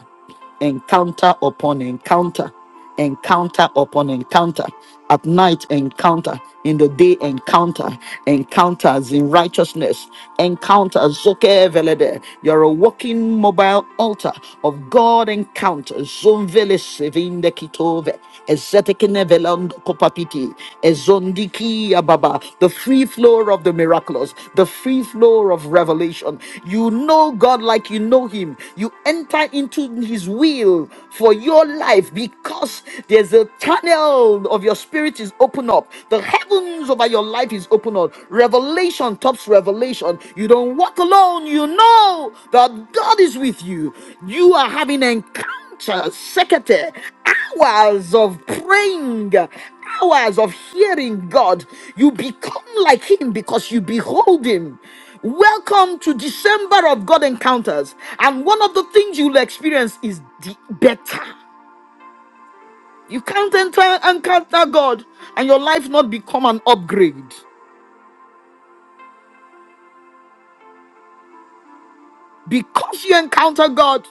Speaker 1: encounter upon encounter, encounter upon encounter. At night, encounter. In the day, encounter. Encounters in righteousness. Encounters. Zoke velede. You're a walking mobile altar of God encounters. Zoom vele sevinde kitove. Ekenevelondo kopapiti, ezondiki ababa, the free flow of the miraculous, the free flow of revelation. You know God like you know Him. You enter into His will for your life because there's a channel of your spirit is open up. The heavens over your life is open up. Revelation tops revelation. You don't walk alone. You know that God is with you. You are having encounter second hours of praying hours of hearing god you become like him because you behold him welcome to december of god encounters and one of the things you'll experience is the better you can't enter encounter god and your life not become an upgrade because you encounter god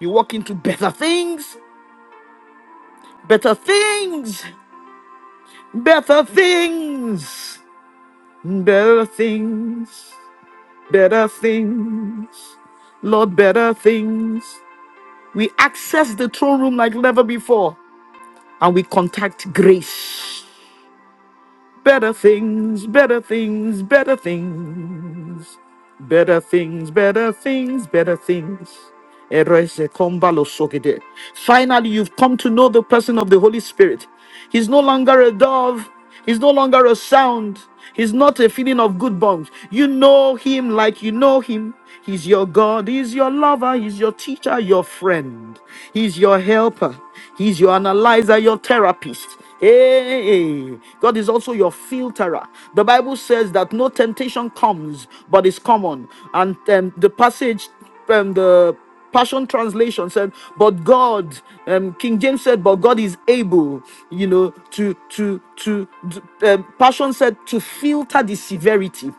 Speaker 1: you walk into better things better things better things Better things, better things, Lord, better things. We access the throne room like never before and we contact grace. Better things, better things, better things. Better things, better things, better things. Erese kombalo sokede. Finally, you've come to know the person of the Holy Spirit. He's no longer a dove, he's no longer a sound, he's not a feeling of good bones. You know him like you know him. He's your God, he's your lover, he's your teacher, your friend, he's your helper. He's your analyzer, your therapist. Hey, God is also your filterer. The Bible says that no temptation comes, but is common. And um, the passage, um, the Passion Translation said, "But God," um, King James said, "But God is able, you know, to to to." to- um, Passion said to filter the severity.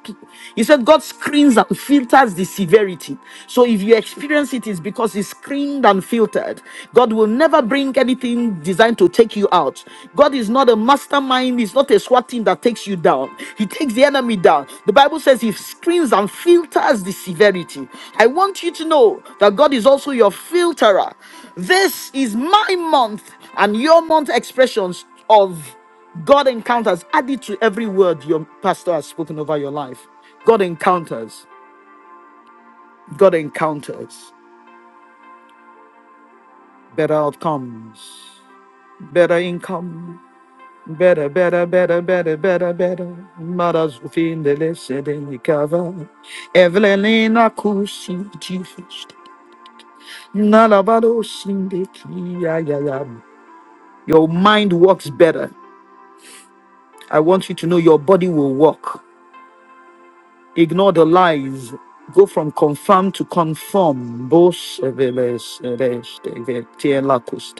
Speaker 1: He said God screens and filters the severity. So if you experience it, it's is because it's screened and filtered. God will never bring anything designed to take you out. God is not a mastermind, He's not a SWAT team that takes you down. He takes the enemy down. The Bible says He screens and filters the severity. I want you to know that God is also your filterer. This is my month and your month expressions of God encounters added to every word your pastor has spoken over your life. God encounters, God encounters better outcomes. better income, better, better, better, better, better, better. Mothers within the less than the cover. Evelyn Akusi, Jesus. Nalabado Sindiki. ya, ya, ya. Your mind works better. I want you to know your body will work. Ignore the lies. Go from confirm to conform. Bos Eveles, Eres, Eve, Tiela Kust.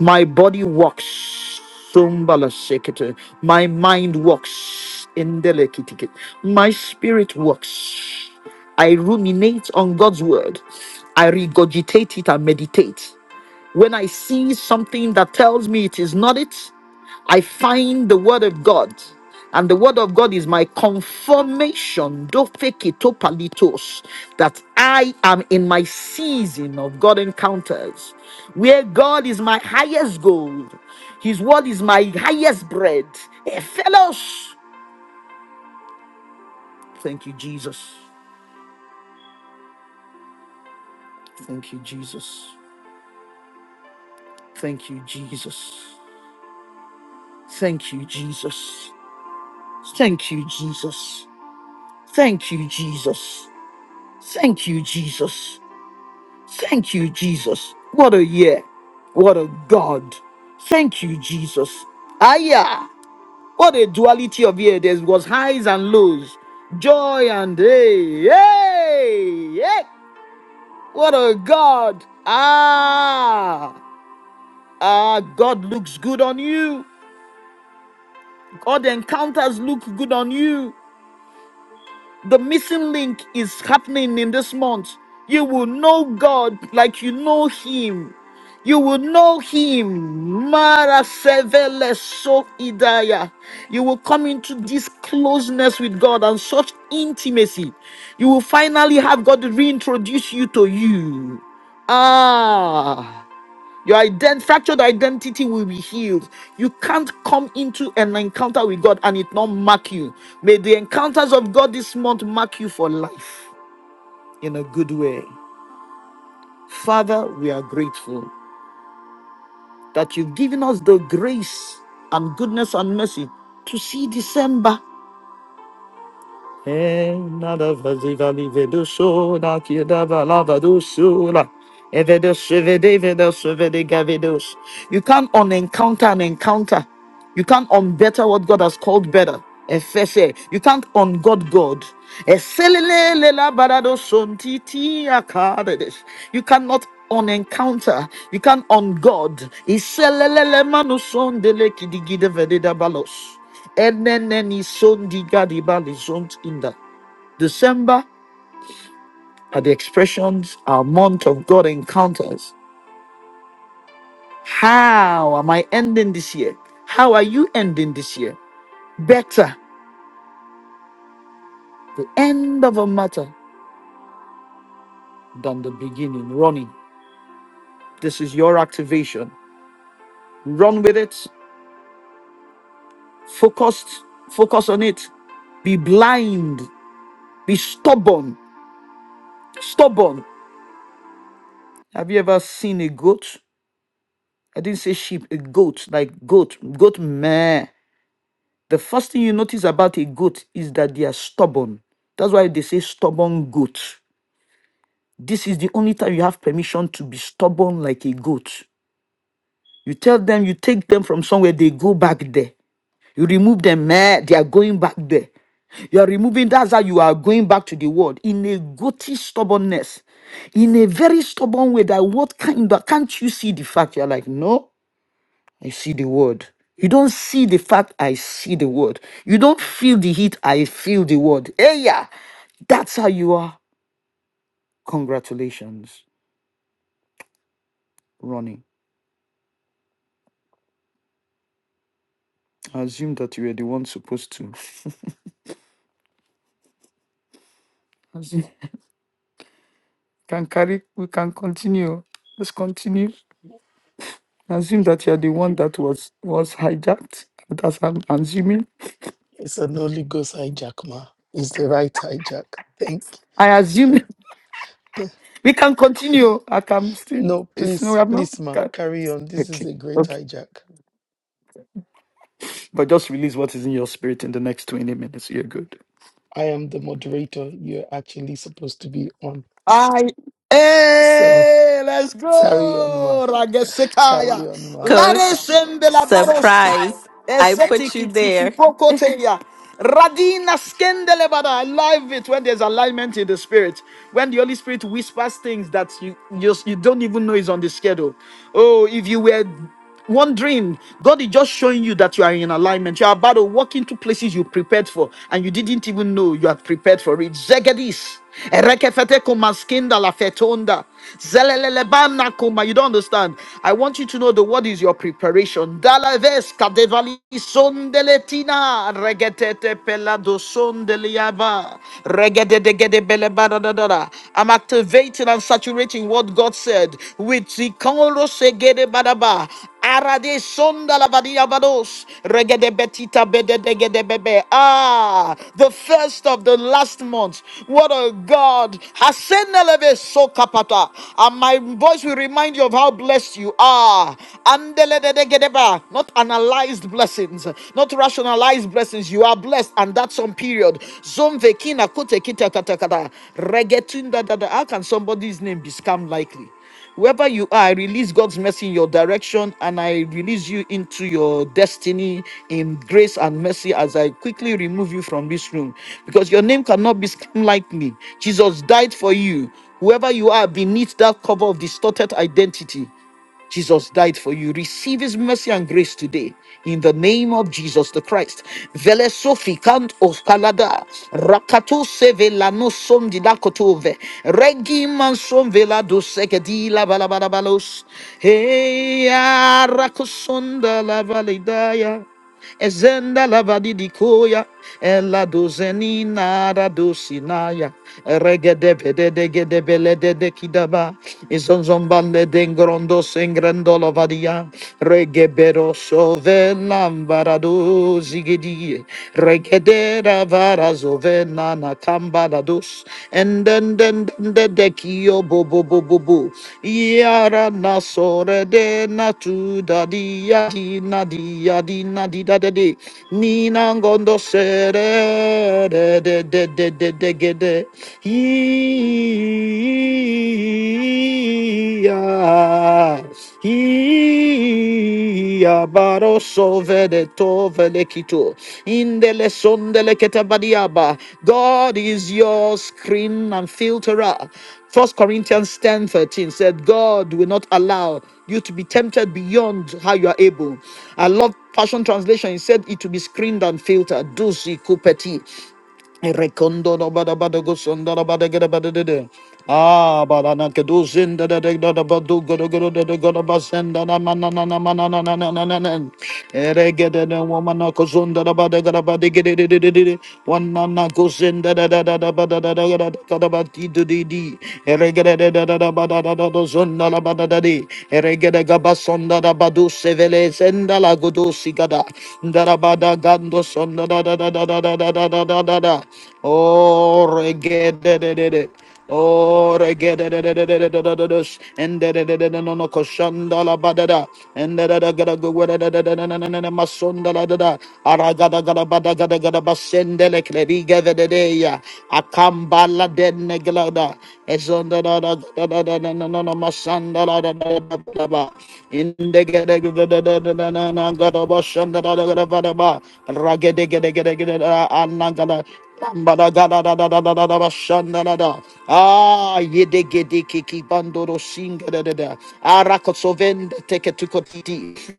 Speaker 1: My body walks. Sumbala sekete. My mind walks. Indelekitike. My spirit walks. I ruminate on God's word. I regurgitate it and meditate. When I see something that tells me it is not it, I find the word of God. And the word of God is my confirmation, dofekito palitos, that I am in my season of God encounters, where God is my highest gold, His word is my highest bread. Hey, fellows, thank you, Jesus. Thank you, Jesus. Thank you, Jesus. Thank you, Jesus. Thank you, Jesus. Thank you, Jesus. Thank you, Jesus. Thank you, Jesus. What a year. What a God. Thank you, Jesus. Aya. What a duality of year. There was highs and lows, joy and hey, hey, hey. What a God. Ah. Ah, God looks good on you. God encounters look good on you. The missing link is happening in this month. You will know God like you know Him. You will know Him. Mara sevele so idaya. You will come into this closeness with God and such intimacy. You will finally have God reintroduce you to you. Ah. Your ident- fractured identity will be healed. You can't come into an encounter with God and it not mark you. May the encounters of God this month mark you for life in a good way. Father, we are grateful that you've given us the grace and goodness and mercy to see December. Nada vaziva live do show, not yada valava do shula. Evedos, evedevedos, You can't unencounter an encounter. You can't unbetter what God has called better. Efese. You can't ungod God. Eselelele baradoshontiti akadedes. You cannot unencounter. You can't ungod. Iselelele manusondeleki digidevededabalos. Eneneni sondiga dibali zont inda. December are the expressions, our month of God encounters. How am I ending this year? How are you ending this year? Better the end of a matter than the beginning. Running. This is your activation. Run with it. Focused. Focus on it. Be blind. Be stubborn. Stubborn. Have you ever seen a goat? I didn't say sheep, a goat, like goat, goat meh. The first thing you notice about a goat is that they are stubborn. That's why they say stubborn goat. This is the only time you have permission to be stubborn like a goat. You tell them you take them from somewhere, they go back there. You remove them, meh, they are going back there. You are removing, that's how you are going back to the world in a goaty stubbornness, in a very stubborn way. That what kind of can't you see the fact? You're like, no, I see the word. You don't see the fact I see the word. You don't feel the heat, I feel the word. Hey, yeah, that's how you are. Congratulations, Ronnie. I assume that you were the one supposed to. Assume- Can carry, we can continue. Let's continue. assume that you're the one that was was hijacked. That's I'm assuming.
Speaker 2: It's an Holy Ghost hijack, ma. It's the right hijack. Thank
Speaker 1: I assume
Speaker 2: you.
Speaker 1: we can continue. I can still.
Speaker 2: No,
Speaker 1: It's no,
Speaker 2: please,
Speaker 1: i
Speaker 2: please, ma, carry on. This is
Speaker 1: Okay,
Speaker 2: a great
Speaker 1: okay.
Speaker 2: hijack.
Speaker 1: But just release what is in your spirit in the next 20 minutes. You're good.
Speaker 2: I am the moderator. You're actually supposed to be on.
Speaker 1: I
Speaker 2: So
Speaker 1: hey, let's
Speaker 2: carry on, ma.
Speaker 1: go.
Speaker 2: Carry
Speaker 1: Ragesekaya.
Speaker 2: on, ma.
Speaker 3: Coach,
Speaker 1: Lares en de la baros.
Speaker 3: surprise. I put you
Speaker 1: Esetiki tiki
Speaker 3: there.
Speaker 1: pokoteya. Radina skendele bada. I love it when there's alignment in the spirit. When the Holy Spirit whispers things that you just you don't even know is on the schedule. Oh, if you were wondering, God is just showing you that you are in alignment. You are about to walk into places you prepared for, and you didn't even know you are prepared for it. Zegedis. Erekefete kumaskinda la fetonda. Zelelelebamna kuma. You don't understand. I want you to know the word is your preparation. Dalaves kadevali sondeletina. Regetete pelado sondeliaba. Regedegedebelebadadadada. I'm activating and saturating what God said. With sikoro segedebadaba. Arade sonda la badia bados. Regede betita bede degede bebe. Ah, the first of the last month. What a God. Haseneleve sokapata. And my voice will remind you of how blessed you are. Andelededegedeba. Not analyzed blessings, not rationalized blessings. You are blessed, and that's some period. Zomvekina kote kita kata kata. Regetunda dada. How can somebody's name be scammed likely? Wherever you are, I release God's mercy in your direction and I release you into your destiny in grace and mercy as I quickly remove you from this room because your name cannot be scammed lightly. Jesus died for you. Whoever you are beneath that cover of distorted identity, Jesus died for you. Receive his mercy and grace today in the name of Jesus the Christ. Vele Sofi Kant of Kalada, Rakato Seve Lano Som di Lakotove, Regi Mansom Vela do Sekedi La Balabalabalos, Hey, Arakosonda La Validaya. Ezenda lavadi di koya, ella dozeni nara dosinaya, regede bede de gede bele de de kidaba, izonzombale dengrondo sengrendo lavadia, regebero sove lambarado zigidi, regedera varazove nana cambarados, Dendendendendekio bo bo bo bo bo. Yara na sore de na tu da di ya di na di ya di na di da de de. Ni na ngondo sere de de de de de de ge de. Iya baro sovede tovele Indele sondele ketabadiaba. God is your screen and filterer. First Corinthians ten thirteen said, God will not allow you to be tempted beyond how you are able. I love Passion Translation. It said it to be screened and filtered. Dusi kupeti. Rekondo da ba da ba da go son da da ba Ah, ba na ke do zin da da da da da ba do go do da da go da na mana na na mana ma na na na na na na Ere ge na ko zon da da ba da ga da ba di ge na na go zin da da da da da ba da da da ga da da ga da di di Ere ge da da da da da ba da da da do da la da di. Ere ge da sonda da badu sevele zenda la godo sigada darabada gando sonda da da da da da da da da da da da oh regede de de de oh regede de de de de de de de de and de de de de de no no koshanda la badada and da da da gada go da da da da na na na masonda la da da aragada gada bada gada gada basende le klebi gada de de ya Akambala de Neglada, Ezonda da da da da da da no no no Masanda da da da da da ba. Indegede da da da da da da da da da ba Shanda da da da da da ba. Ragede gede gede gede da anangada. Bada gada da da da da da da ba Shanda da da. Ah, yede gede kiki bandoro singa da da da. Arakosovende teke tukotiti.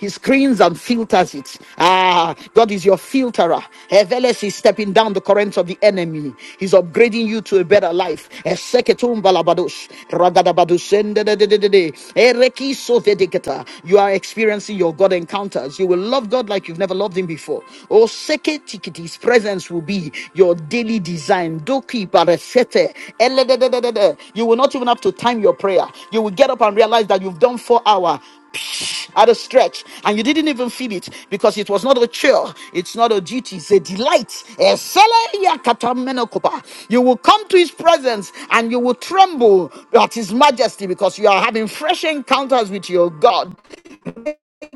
Speaker 1: He screens and filters it. Ah, God is your filterer. Eveles is stepping down the currents of the enemy. He's upgrading you to a better life. Eseketumbalabadosh. Ragadabadosendedededede. Erekisovedeketa. You are experiencing your God encounters. You will love God like you've never loved Him before. Oh, seketikiti. His presence will be your daily design. Doki barashete. Eledededede. You will not even have to time your prayer. You will get up and realize that you've done four hour at a stretch and you didn't even feel it because it was not a chore. it's not a duty it's a delight Esele ya katamenokopa. you will come to his presence and you will tremble at his majesty because you are having fresh encounters with your god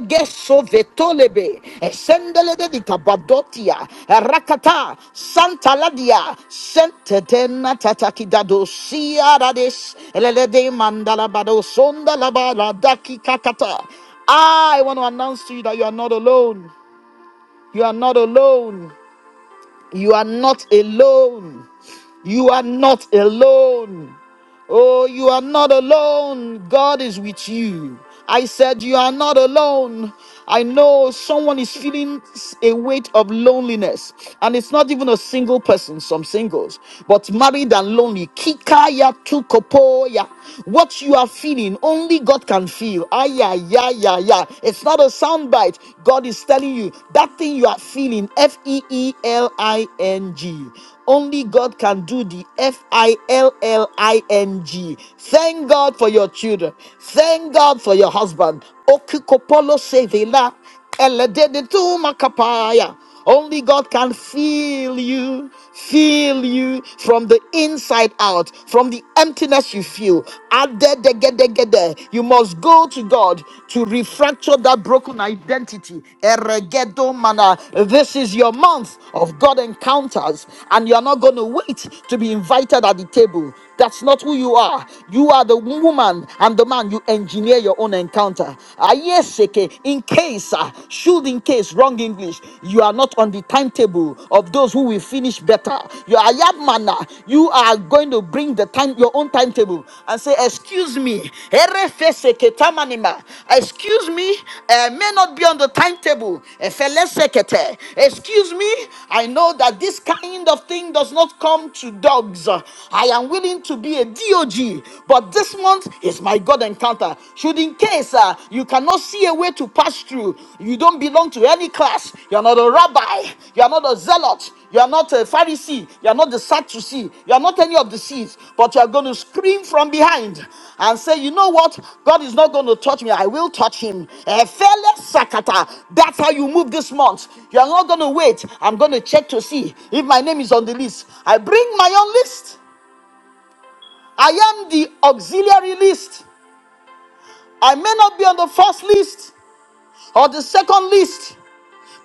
Speaker 1: Geso vetolebe, esendelede di kabadotia, rakata, santa ladia, sentetena tatakidado siarades, elelede mandala bado sonda labala daki kakata. I want to announce to you that you are not alone. You are not alone. You are not alone. You are not alone. Oh, you are not alone. God is with you. I said, You are not alone. I know someone is feeling s- a weight of loneliness, and it's not even a single person, some singles, but married and lonely. Kikaya tukopoya. What you are feeling, only God can feel. Aya, ya, ya, ya. It's not a soundbite. God is telling you that thing you are feeling, F E E L I N G. Only God can do the F I L L I N G. Thank God for your children. Thank God for your husband. Okikopolo sevela, elededetumakapaya. Only God can feel you, feel you from the inside out, from the emptiness you feel. Adedegedegede. You must go to God to refracture that broken identity. Eregedo mana. This is your month of God encounters, and you're not going to wait to be invited at the table. That's not who you are. You are the woman and the man. You engineer your own encounter. Ah, yes, okay. In case, ah, should in case, wrong English, you are not on the timetable of those who will finish better. You are manner. You are going to bring the time, your own timetable, and say, "Excuse me, erefeseketamanima. excuse me, I may not be on the timetable. efelesekete. Excuse me, I know that this kind of thing does not come to dogs. I am willing to be a DOG, but this month is my God encounter. Should in case uh, you cannot see a way to pass through, you don't belong to any class, you are not a rabbi, you are not a zealot, you are not a Pharisee. You are not the Sadducee. You are not any of the seeds. But you are going to scream from behind and say, You know what? God is not going to touch me. I will touch him. Efele Sakata. That's how you move this month. You are not going to wait. I'm going to check to see if my name is on the list. I bring my own list. I am the auxiliary list. I may not be on the first list or the second list.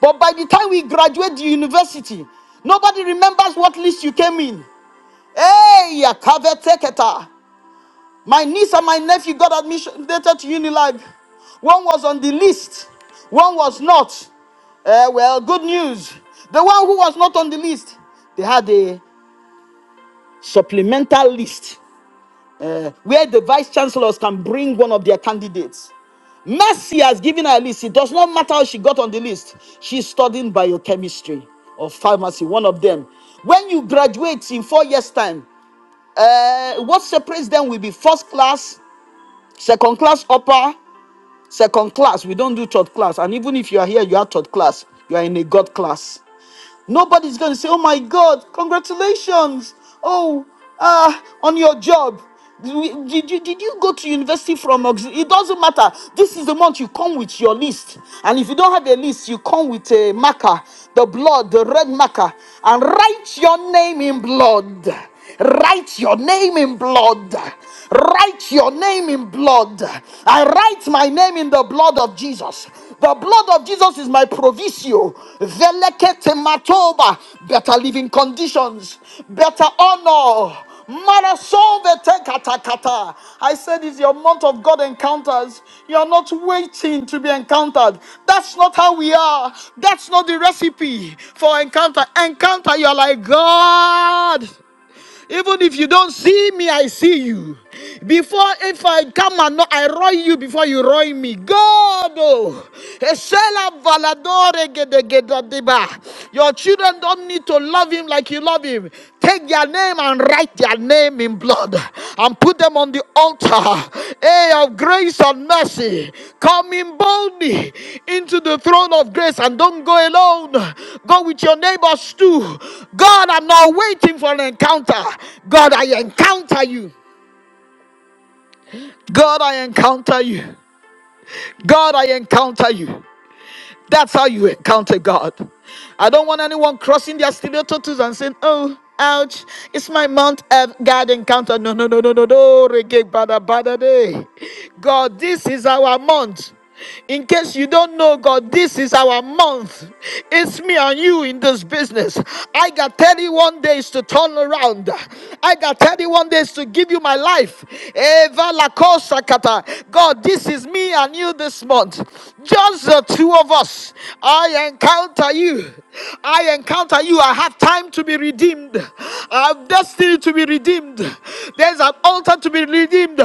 Speaker 1: But by the time we graduate the university, nobody remembers what list you came in. Hey, Kaveteketa. My niece and my nephew got admission dated to Unilife. One was on the list, one was not. Eh, well, good news. The one who was not on the list, they had a supplemental list eh, where the vice chancellors can bring one of their candidates. Mercy has given her a list. It does not matter how she got on the list. She's studying biochemistry or pharmacy, one of them. When you graduate in four years' time, uh, what separates them will be first class, second class upper, second class. We don't do third class. And even if you are here, you are third class. You are in a God class. Nobody's going to say, oh my God, congratulations. Oh, uh, on your job. Did, did, you- did you go to university from auxil- It doesn't matter. This is the month you come with your list. And if you don't have a list, you come with a marker, the blood, the red marker, and write your name in blood. Write your name in blood. Write your name in blood. I write my name in the blood of Jesus. The blood of Jesus is my provisio. Velekete matoba. Better living conditions. Better honor. I said it's your month of God encounters. You are not waiting to be encountered. That's not how we are. That's not the recipe for encounter. Encounter, you are like God. Even if you don't see me, I see you. Before, if I come and knock, I roy you before you roy me. God, oh, Esela valadore gedegedadiba. your children don't need to love him like you love him. Take their name and write their name in blood and put them on the altar hey, of grace and mercy coming boldly into the throne of grace and don't go alone go with your neighbors too god i'm not waiting for an encounter god i encounter you god i encounter you god i encounter you That's how you encounter God. I don't want anyone crossing their studio tattoos and saying, oh, ouch, it's my Mount Ev- God encounter. No, no, no, no, no, no. Reggae, bada, bada day. God, this is our month. In case you don't know, God, this is our month. It's me and you in this business. I got 31 days to turn around. I got 31 days to give you my life. Hey, God, this is me and you this month. Just the two of us. I encounter you. I encounter you. I have time to be redeemed. I have destiny to be redeemed. There's an altar to be redeemed.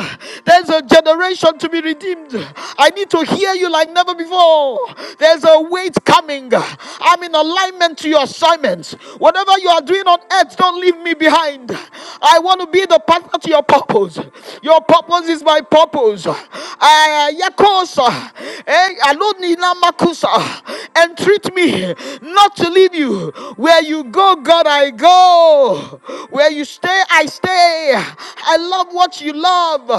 Speaker 1: There's a generation to be redeemed. I need to hear you like never before. There's a weight coming. I'm in alignment to your assignments. Whatever you are doing on earth, don't leave me behind. I want to be the partner to your purpose. Your purpose is my purpose. I yakosa, eh, alone in makusa, and treat me not to leave you. Where you go, God, I go. Where you stay, I stay. I love what you love.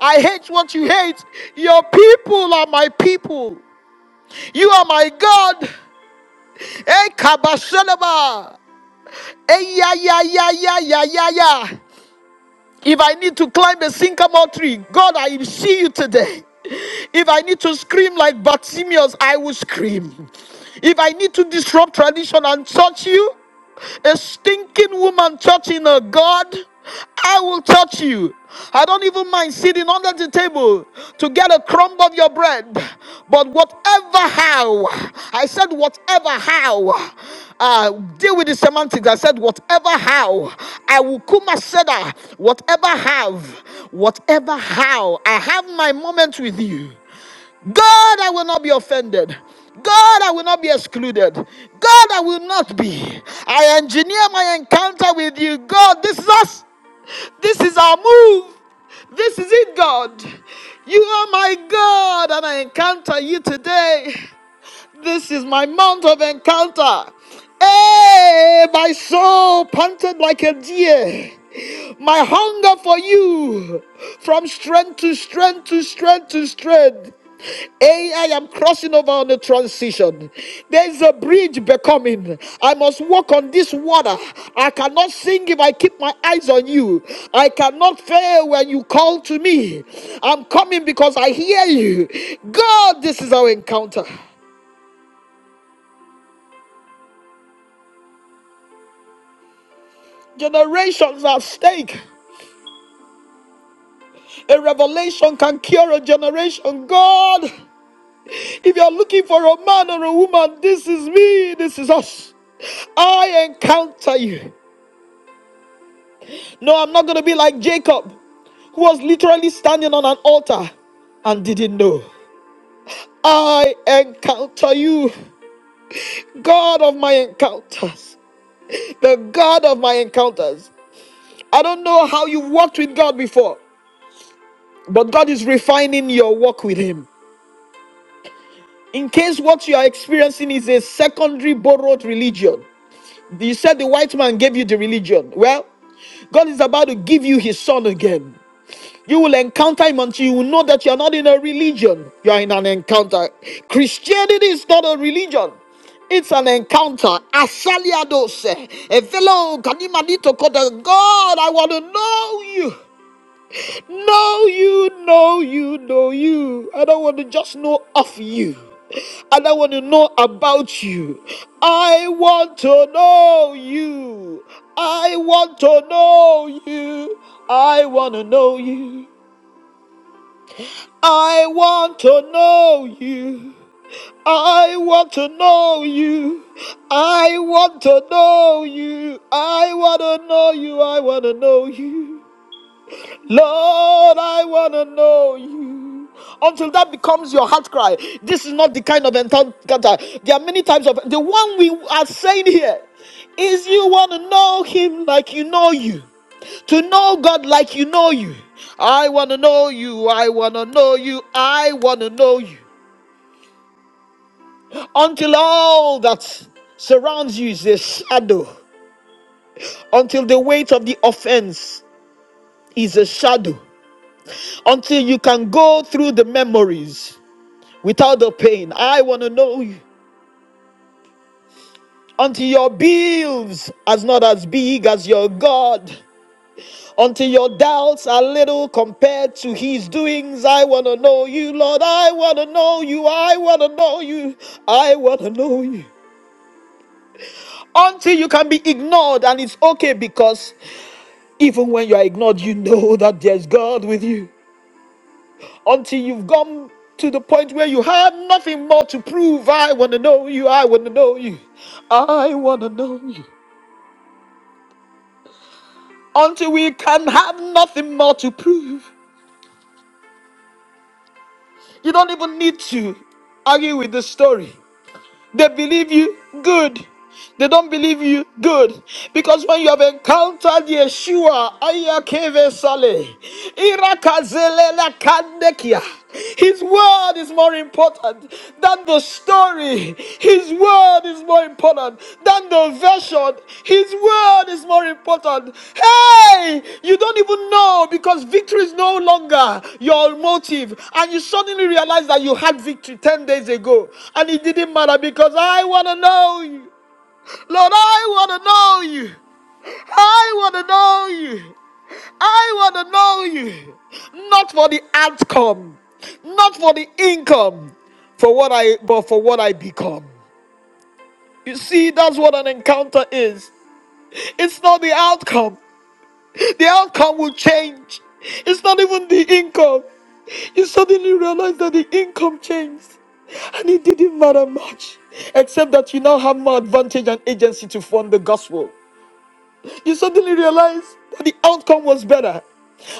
Speaker 1: I hate what you hate. Your people are my people. You are my God. Eh, kabaseleba. Hey, yeah, yeah, yeah, yeah, yeah, yeah, yeah. If I need to climb a sycamore tree, God, I will see you today. If I need to scream like Bartimaeus, I will scream. If I need to disrupt tradition and touch you, a stinking woman touching a God, I will touch you. I don't even mind sitting under the table to get a crumb of your bread. But whatever how, I said, whatever how, uh, deal with the semantics. I said, whatever how, I will kuma seda, whatever have, whatever how, I have my moment with you. God, I will not be offended. God, I will not be excluded. God, I will not be. I engineer my encounter with you. God, this is us. This is our move. This is it, God. You are my God, and I encounter you today. This is my month of encounter. Hey, my soul panted like a deer. My hunger for you from strength to strength to strength to strength. Hey, I am crossing over on the transition. There is a bridge becoming. I must walk on this water. I cannot sing if I keep my eyes on you. I cannot fail when you call to me. I'm coming because I hear you. God, this is our encounter. generations at stake. A revelation can cure a generation. God, if you're looking for a man or a woman, this is me, this is us. I encounter you. No, I'm not going to be like Jacob, who was literally standing on an altar and didn't know. I encounter you, God of my encounters, the God of my encounters. I don't know how you walked with God before, but God is refining your walk with Him. In case what you are experiencing is a secondary borrowed religion, you said the white man gave you the religion. Well, God is about to give you his son again. You will encounter him until you will know that you are not in a religion, you are in an encounter. Christianity is not a religion. It's an encounter. Asaliadose. Evelo kanimanito koda. God, I want to know you know you, know you, know you. I don't want to just know of you. I don't want to know about you. I want to know you. I want to know you. I want to know you. I want to know you. I want to know you. I want to know you. I want to know you. I want to know you. Lord, I want to know you. Until that becomes your heart cry. This is not the kind of encounter. There are many types of. The one we are saying here is you want to know him like you know you. To know God like you know you. I want to know you. I want to know you. I want to know you. Until all that surrounds you is a shadow. Until the weight of the offense is a shadow. Until you can go through the memories without the pain. I want to know you. Until your bills are not as big as your God. Until your doubts are little compared to his doings. I want to know you, Lord. I want to know you. I want to know you. I want to know you. Until you can be ignored and it's okay because even when you are ignored, you know that there's God with you. Until you've gone to the point where you have nothing more to prove. I want to know you. I want to know you. I want to know you. until we can have nothing more to prove. You don't even need to argue with the story. They believe you, good. They don't believe you, good. Because when you have encountered Yeshua, Ayakeve Saleh, Irakazelela Kandekia, his word is more important than the story. His word is more important than the version. His word is more important. Hey, you don't even know because victory is no longer your motive. And you suddenly realize that you had victory 10 days ago. And it didn't matter because I want to know you. Lord, I want to know you. I want to know you. I want to know you. Not for the outcome, not for the income, for what I but for what I become. You see, that's what an encounter is. It's not the outcome. The outcome will change. It's not even the income. You suddenly realize that the income changed. And it didn't matter much. Except that you now have more advantage and agency to fund the gospel. You suddenly realize that the outcome was better.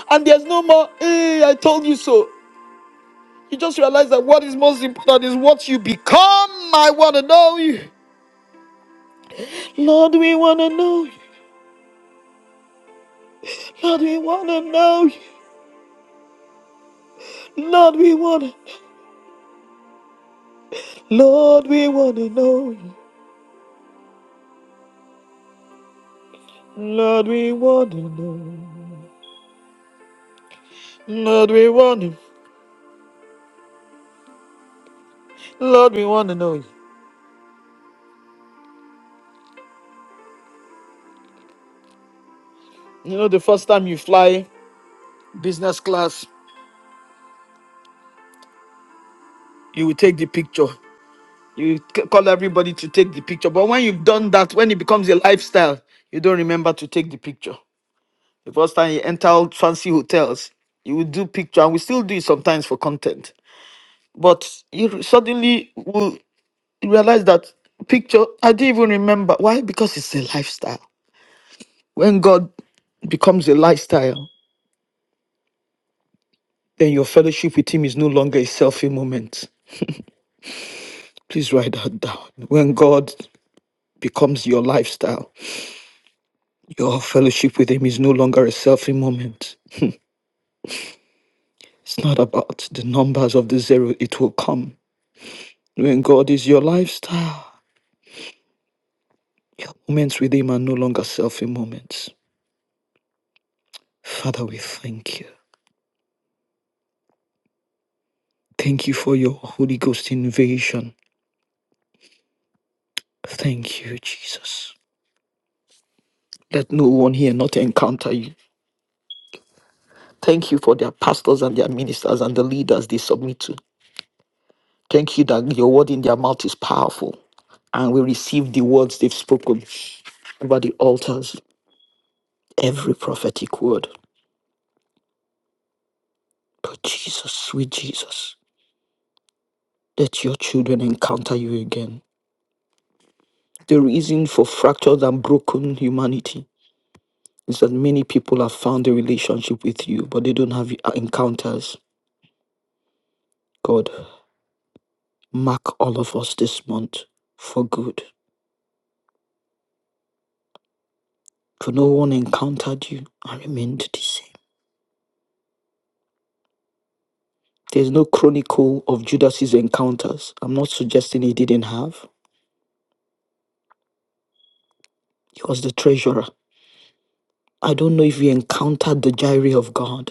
Speaker 1: And there's no more, hey, I told you so. You just realize that what is most important is what you become. I want to know you. Lord, we want to know you. Lord, we wanna know you. Lord, we wanna, Lord, we wanna know you. Lord, we wanna know. Lord, we wanna, Lord, we wanna know you. You know, the first time you fly business class, you will take the picture. You c- call everybody to take the picture. But when you've done that, when it becomes a lifestyle, you don't remember to take the picture. The first time you enter all fancy hotels, you will do picture, and we still do it sometimes for content. But you suddenly will Realise that picture, I didn't even remember. Why? Because it's a lifestyle. When God becomes a lifestyle, then your fellowship with Him is no longer a selfie moment. Please write that down. When God becomes your lifestyle, your fellowship with Him is no longer a selfie moment. It's not about the numbers of the zero, it will come. When God is your lifestyle, moments with Him are no longer selfie moments. Father, we thank you. Thank you for your Holy Ghost invasion. Thank you, Jesus. Let no one here not encounter you. Thank you for their pastors and their ministers and the leaders they submit to. Thank you that your word in their mouth is powerful and we receive the words they've spoken over the altars, every prophetic word. But Jesus, sweet Jesus, let your children encounter you again. The reason for fractured and broken humanity is that many people have found a relationship with you, but they don't have encounters. God, Mark all of us this month for good. For no one encountered you and remained the same. There's no chronicle of Judas's encounters. I'm not suggesting he didn't have. He was the treasurer. I don't know if he encountered the gyre of God,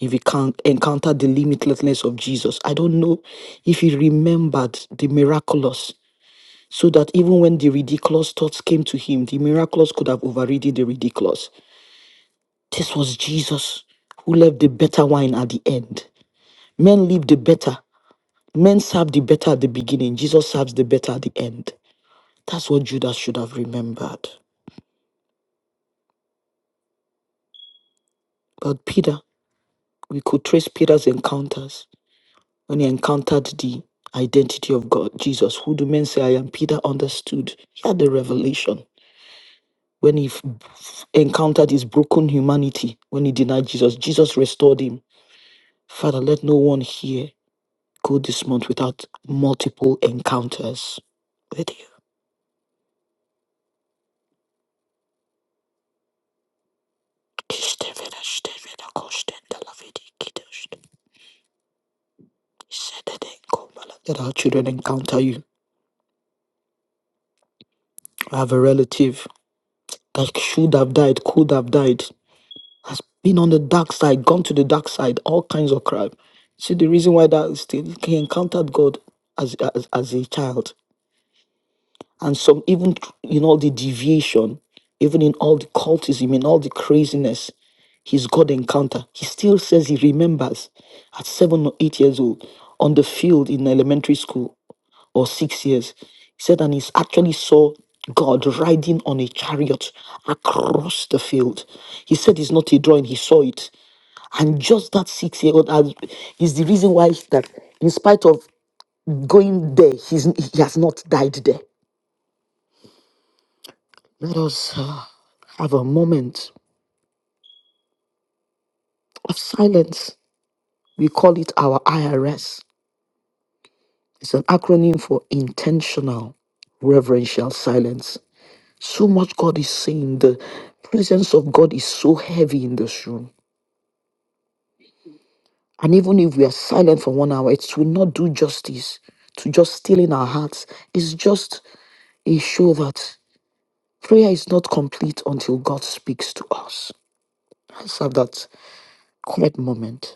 Speaker 1: if he can encountered the limitlessness of Jesus. I don't know if he remembered the miraculous, so that even when the ridiculous thoughts came to him, the miraculous could have overridden the ridiculous. This was Jesus who left the better wine at the end. Men live the better. Men serve the better at the beginning. Jesus serves the better at the end. That's what Judas should have remembered. But Peter, we could trace Peter's encounters when he encountered the identity of God, Jesus. Who do men say I am? Peter understood. He had the revelation. When he f- f- encountered his broken humanity, when he denied Jesus, Jesus restored him. Father, let no one here go this month without multiple encounters with you. Stevena, that our children encounter you. I have a relative that should have died, could have died, has been on the dark side, gone to the dark side, all kinds of crime. See, the reason why that is still, he encountered God as, as, as a child. and some even in all the deviation, even in all the cultism, in all the craziness, his God encounter, he still says he remembers at seven or eight years old on the field in elementary school or six years. He said, and he actually saw God riding on a chariot across the field. He said it's not a drawing, he saw it. And just that six year old has- is the reason why that in spite of going there, he's, he has not died there Let us uh, have a moment of silence. We call it our IRS. It's an acronym for intentional reverential silence. So much God is saying. The presence of God is so heavy in this room. And even if we are silent for one hour, it will not do justice to just still in our hearts. It's just a show that prayer is not complete until God speaks to us. Let's have that quiet moment.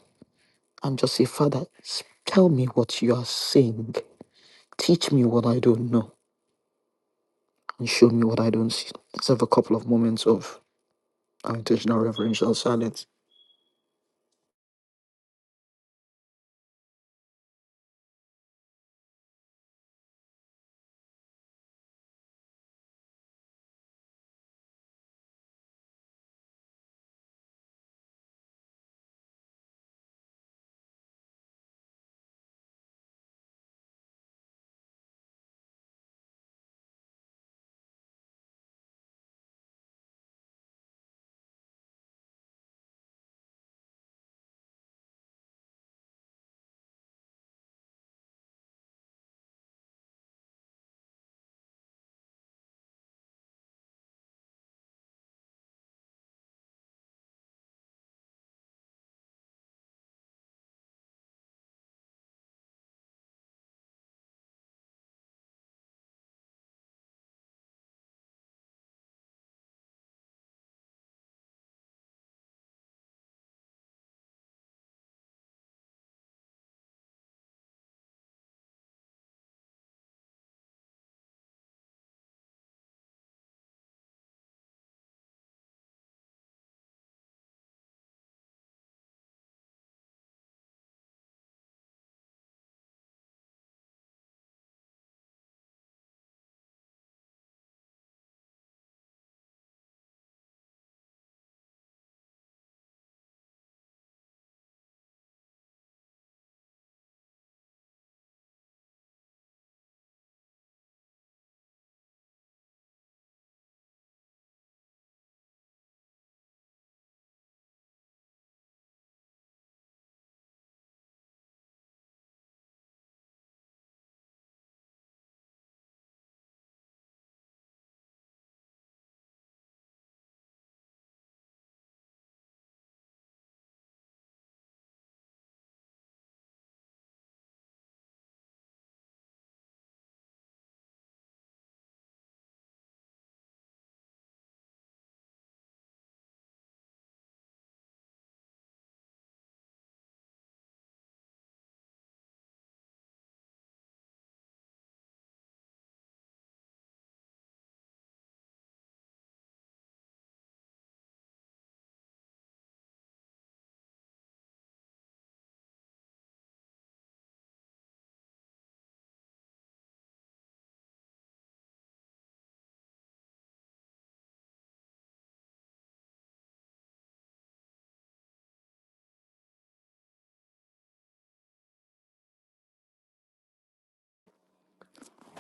Speaker 1: and just say, Father, s- tell me what you are saying. Teach me what I don't know and show me what I don't see. Let's have a couple of moments of intentional reverential silence.